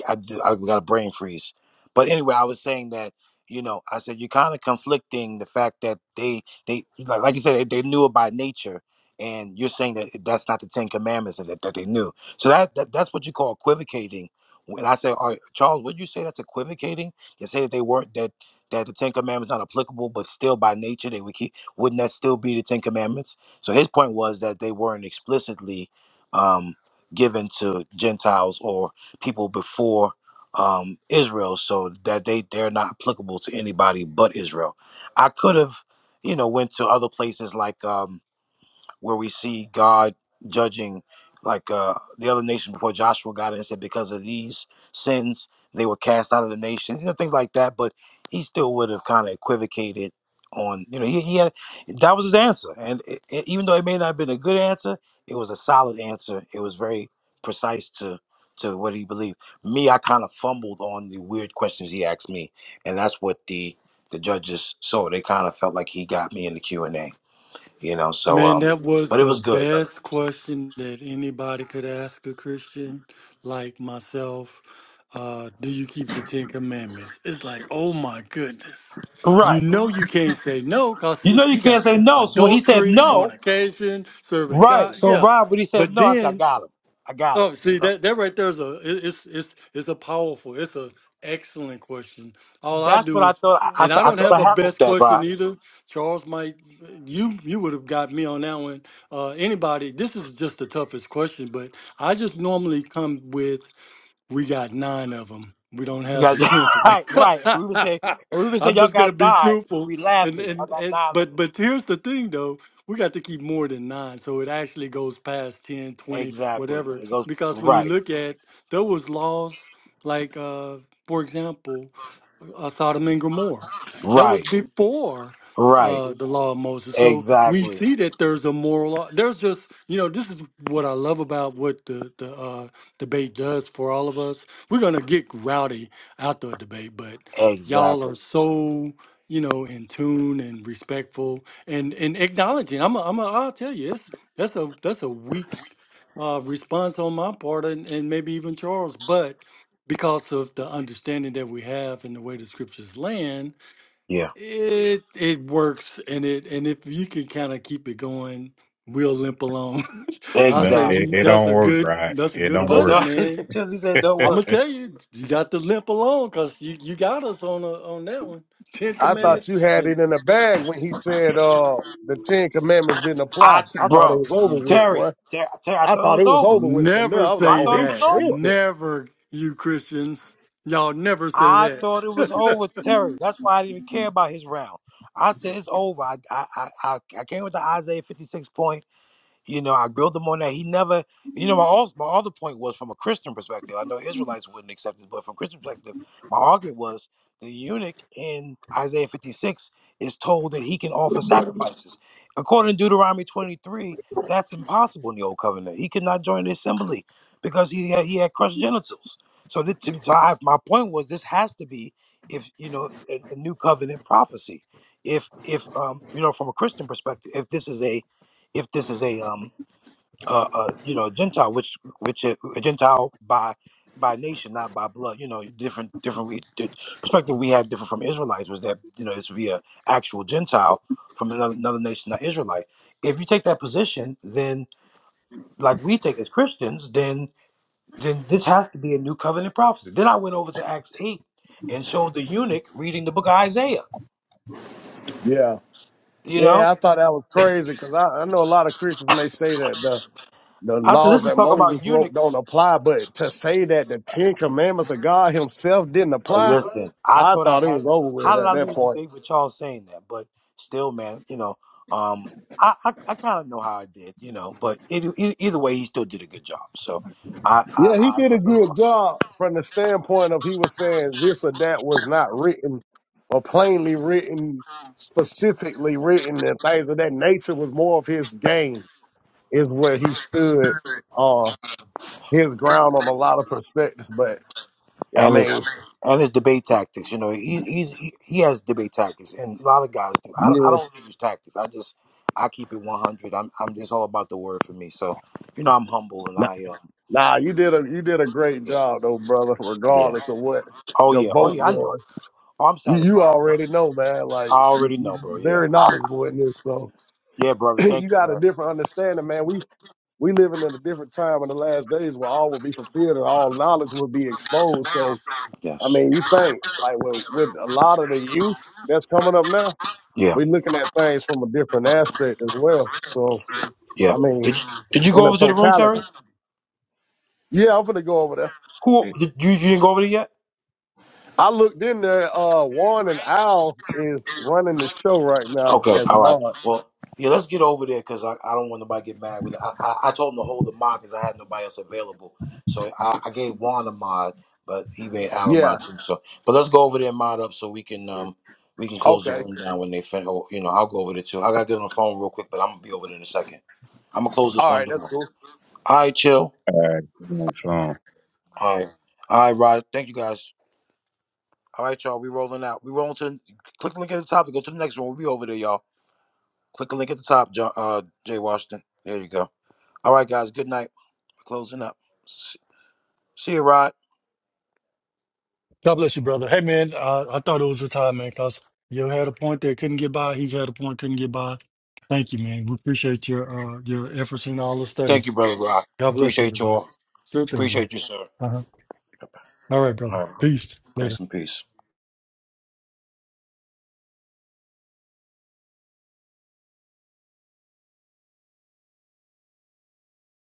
Speaker 2: I, do- I I got a brain freeze. But anyway, I was saying that you know I said you're kind of conflicting the fact that they they like, like you said they they knew it by nature, and you're saying that that's not the Ten Commandments and that, that they knew. So that, that that's what you call equivocating. When I say, all right, Charles, would you say that's equivocating? You say that they weren't that that the Ten Commandments not applicable, but still by nature they would keep. Wouldn't that still be the Ten Commandments? So his point was that they weren't explicitly um, given to Gentiles or people before um, Israel, so that they they're not applicable to anybody but Israel. I could have, you know, went to other places like um, where we see God judging like uh, the other nations before Joshua got in and said, because of these sins, they were cast out of the nations, you know, things like that. But he still would have kind of equivocated on, you know, he, he had, that was his answer. And it, it- even though it may not have been a good answer, it was a solid answer. It was very precise to, to what he believed. Me, I kind of fumbled on the weird questions he asked me. And that's what the, the judges saw. They kind of felt like he got me in the Q&A. You know, so
Speaker 26: Man,
Speaker 2: um,
Speaker 26: that was
Speaker 2: but it
Speaker 26: the
Speaker 2: was good.
Speaker 26: best question that anybody could ask a Christian like myself. Uh, do you keep the Ten Commandments? It's like, oh my goodness. You
Speaker 2: Right.
Speaker 26: know you can't say no because
Speaker 2: You know you
Speaker 26: you
Speaker 2: can't
Speaker 26: got
Speaker 2: say no. So when he said
Speaker 26: adultery,
Speaker 2: no,
Speaker 26: fornication, serving
Speaker 2: right.
Speaker 26: God.
Speaker 2: So
Speaker 26: Yeah.
Speaker 2: Rob, when he said
Speaker 26: But
Speaker 2: no, I said, I
Speaker 26: then
Speaker 2: got him. I got him.
Speaker 26: Oh,
Speaker 2: You
Speaker 26: see
Speaker 2: know.
Speaker 26: that that right there is a it- it's it's it's a powerful, it's a excellent question. All I
Speaker 2: That's what
Speaker 26: do
Speaker 2: I
Speaker 26: is,
Speaker 2: thought. I, I,
Speaker 26: and
Speaker 2: said,
Speaker 26: I
Speaker 2: I
Speaker 26: don't
Speaker 2: thought I
Speaker 26: have a
Speaker 2: had him with
Speaker 26: best
Speaker 2: that,
Speaker 26: question
Speaker 2: Rob.
Speaker 26: either. Charles might you you would have got me on that one. Uh, anybody, this is just the toughest question, but I just normally come with. We got nine of them. We don't
Speaker 2: You
Speaker 26: have
Speaker 2: got-
Speaker 26: the tenth one.
Speaker 2: right, right. And we would say, and we would say,
Speaker 26: I'm
Speaker 2: y'all
Speaker 26: just gonna
Speaker 2: got
Speaker 26: be
Speaker 2: nine.
Speaker 26: truthful,
Speaker 2: We
Speaker 26: and,
Speaker 2: laughing. Y'all
Speaker 26: and
Speaker 2: got
Speaker 26: and
Speaker 2: nine of
Speaker 26: but
Speaker 2: them.
Speaker 26: but here's the thing though, we got to keep more than nine, so it actually goes past 10, 20,
Speaker 2: Exactly.
Speaker 26: whatever.
Speaker 2: It goes
Speaker 26: Because when you
Speaker 2: right,
Speaker 26: look at there was laws like, uh, for example, uh, Sodom and Gomorrah. That was
Speaker 2: right,
Speaker 26: before
Speaker 2: right.
Speaker 26: uh, the law of Moses. So we
Speaker 2: Exactly,
Speaker 26: see that there's a moral. law. There's just you know this is what I love about what the the uh, debate does for all of us. We're gonna get rowdy out the debate, but y'all
Speaker 2: exactly.
Speaker 26: are so you know in tune and respectful and and acknowledging. I'm a, I'm a, I'll tell you, it's that's a that's a weak uh, response on my part, and, and maybe even Charles, but because of the understanding that we have and the way the scriptures land,
Speaker 2: Yeah,
Speaker 26: it it works and it and if you can kind of keep it going, we'll limp along. I'll
Speaker 28: No,
Speaker 26: say
Speaker 28: it,
Speaker 26: you,
Speaker 2: exactly.
Speaker 28: it
Speaker 26: that's
Speaker 28: don't
Speaker 26: a
Speaker 28: work
Speaker 26: good
Speaker 28: right.
Speaker 26: that's a
Speaker 28: It
Speaker 26: good
Speaker 2: He
Speaker 28: don't
Speaker 2: said,
Speaker 26: punch,
Speaker 28: work.
Speaker 26: man.
Speaker 2: don't, he said, don't
Speaker 26: I'm
Speaker 2: work.
Speaker 26: gonna tell you, you got to limp along because you, you got us on a, on that one. Ten
Speaker 8: I
Speaker 2: Yeah.
Speaker 8: thought
Speaker 26: Commandments
Speaker 8: you had it
Speaker 26: and
Speaker 8: in a bag when he said uh the Ten Commandments didn't apply.
Speaker 2: I, th-
Speaker 8: I thought it
Speaker 2: bro,
Speaker 8: was over with,
Speaker 2: Terry,
Speaker 8: boy.
Speaker 2: Terry, Terry, I
Speaker 8: I
Speaker 2: thought it
Speaker 8: thought
Speaker 2: was
Speaker 8: it was
Speaker 2: over.
Speaker 8: over with from there.
Speaker 26: never
Speaker 8: I was like,
Speaker 2: I
Speaker 26: say
Speaker 8: oh,
Speaker 2: thought it
Speaker 8: he
Speaker 2: was
Speaker 26: that.
Speaker 2: over.
Speaker 8: tripping.
Speaker 26: Never, you Christians, y'all never say
Speaker 2: I thought it was
Speaker 26: that.
Speaker 2: over, Terry. That's why I didn't even care about his round. I said it's over. I, I, I, I I came with the Isaiah fifty six point. You know, I grilled him on that. He never, you know, my all, my other point was from a Christian perspective. I know Israelites wouldn't accept this, but from Christian perspective, my argument was the eunuch in Isaiah 56 is told that he can offer sacrifices. According to Deuteronomy 23, that's impossible in the old covenant. He could not join the assembly because he had, he had crushed genitals. So, this, so I, my point was this has to be if you know a, a new covenant prophecy. If if um, you know from a Christian perspective, if this is a if this is a um uh, uh, you know, a Gentile, which which is a Gentile by by nation, not by blood. You know, different different we- the perspective we had different from Israelites was that you know it's to be a actual Gentile from another, another nation, not Israelite. If you take that position, then like we take as Christians, then then this has to be a new covenant prophecy. Then I went over to Acts eight and showed the eunuch reading the book of Isaiah.
Speaker 8: Yeah.
Speaker 2: You know,
Speaker 8: Yeah, I thought that was crazy because I, I know a lot of Christians may say that the the
Speaker 2: after
Speaker 8: laws
Speaker 2: this is
Speaker 8: that
Speaker 2: talking
Speaker 8: Moses
Speaker 2: about eunuchs
Speaker 8: wrote don't apply, but to say that the Ten Commandments of God Himself didn't
Speaker 2: But
Speaker 8: apply,
Speaker 2: listen, I
Speaker 8: I
Speaker 2: thought I
Speaker 8: thought it
Speaker 2: had.
Speaker 8: was over with
Speaker 2: How did
Speaker 8: at
Speaker 2: I
Speaker 8: that
Speaker 2: lose the
Speaker 8: point.
Speaker 2: debate with y'all saying that? But still, man, you know, um, I I, I kind of know how I did, you know. But it, e- e, either way, he still did a good job. So, I, I,
Speaker 8: Yeah, he
Speaker 2: I
Speaker 8: did a good job from the standpoint of he was saying this or that was not written or plainly written, specifically written, and things of that nature was more of his game, is where he stood uh his ground on a lot of perspectives. But yeah, I
Speaker 2: and his
Speaker 8: mean,
Speaker 2: and his debate tactics, you know, he he's, he he has debate tactics, and a lot of guys do. I don't, I
Speaker 8: yeah.
Speaker 2: don't use tactics. I just I keep it one hundred. I'm I'm just all about the word for me. So, you know, I'm humble and
Speaker 8: Nah,
Speaker 2: I um
Speaker 8: nah, you did a you did a great
Speaker 2: yeah
Speaker 8: job though, brother,
Speaker 2: yeah
Speaker 8: regardless of what
Speaker 2: oh
Speaker 8: the
Speaker 2: yeah oh
Speaker 8: vote
Speaker 2: yeah I know.
Speaker 8: was.
Speaker 2: Oh, I'm
Speaker 8: You you
Speaker 2: satisfied.
Speaker 8: already
Speaker 2: I
Speaker 8: know, man, like you,
Speaker 2: already
Speaker 8: you
Speaker 2: know, bro. Yeah,
Speaker 8: very knowledgeable in this, so
Speaker 2: Yeah, brother. Thank
Speaker 8: you
Speaker 2: you,
Speaker 8: got a
Speaker 2: man.
Speaker 8: different understanding, man. We we living in a different time in the last days where all will be fulfilled and all knowledge will be exposed. So, I
Speaker 2: Yes.
Speaker 8: mean, you think like with, with a lot of the youth that's coming up now,
Speaker 2: Yeah.
Speaker 8: we're looking at things from a different aspect as well. So, I
Speaker 2: Yeah.
Speaker 8: mean,
Speaker 2: Did, did you go
Speaker 8: in a
Speaker 2: over to the room, Terry?
Speaker 8: totality. Yeah, I'm gonna go over there.
Speaker 2: Who
Speaker 28: All
Speaker 2: did you, you didn't go over there yet?
Speaker 8: I looked in there. Uh, Juan and Al is running the show right now
Speaker 2: Okay.
Speaker 8: as
Speaker 2: All right.
Speaker 8: mod.
Speaker 2: Well, yeah. Let's get over there because I, I don't want nobody to get mad with it. I, I I told him to hold the mod because I had nobody else available. So I, I gave Juan a mod, but he made Al a
Speaker 8: Yeah.
Speaker 2: mod too. So, but let's go over there and mod up so we can um we can close the
Speaker 8: Okay.
Speaker 2: room down when they finish. You know, I'll go over there too. I gotta get on the phone real quick, but I'm gonna be over there in a second. I'm gonna close this
Speaker 8: All
Speaker 2: one
Speaker 8: right.
Speaker 2: door.
Speaker 8: That's cool.
Speaker 2: All right, chill.
Speaker 28: right. Shalom.
Speaker 2: All right. All right, Rod. Thank you guys. All right, y'all. We rolling out. We rolling to the, click the link at the top to go to the next one. We'll be over there, y'all. Click the link at the top, John, uh, Jay Washington. There you go. All right, guys. Good night. Closing up. S- See you, Rod.
Speaker 26: God bless you, brother. Hey, man, uh, I thought it was a time, man, because you had a point that couldn't get by. He had a point couldn't get by. Thank you, man. We appreciate your uh, your efforts in all the
Speaker 2: Thank you,
Speaker 26: studies.
Speaker 2: brother Rod.
Speaker 26: God bless
Speaker 2: Appreciate you
Speaker 26: everybody.
Speaker 2: all.
Speaker 26: Still thing, man.
Speaker 2: Appreciate you, sir.
Speaker 26: Uh-huh. All right, brother.
Speaker 2: All right.
Speaker 26: Peace. Later.
Speaker 2: Grace and peace.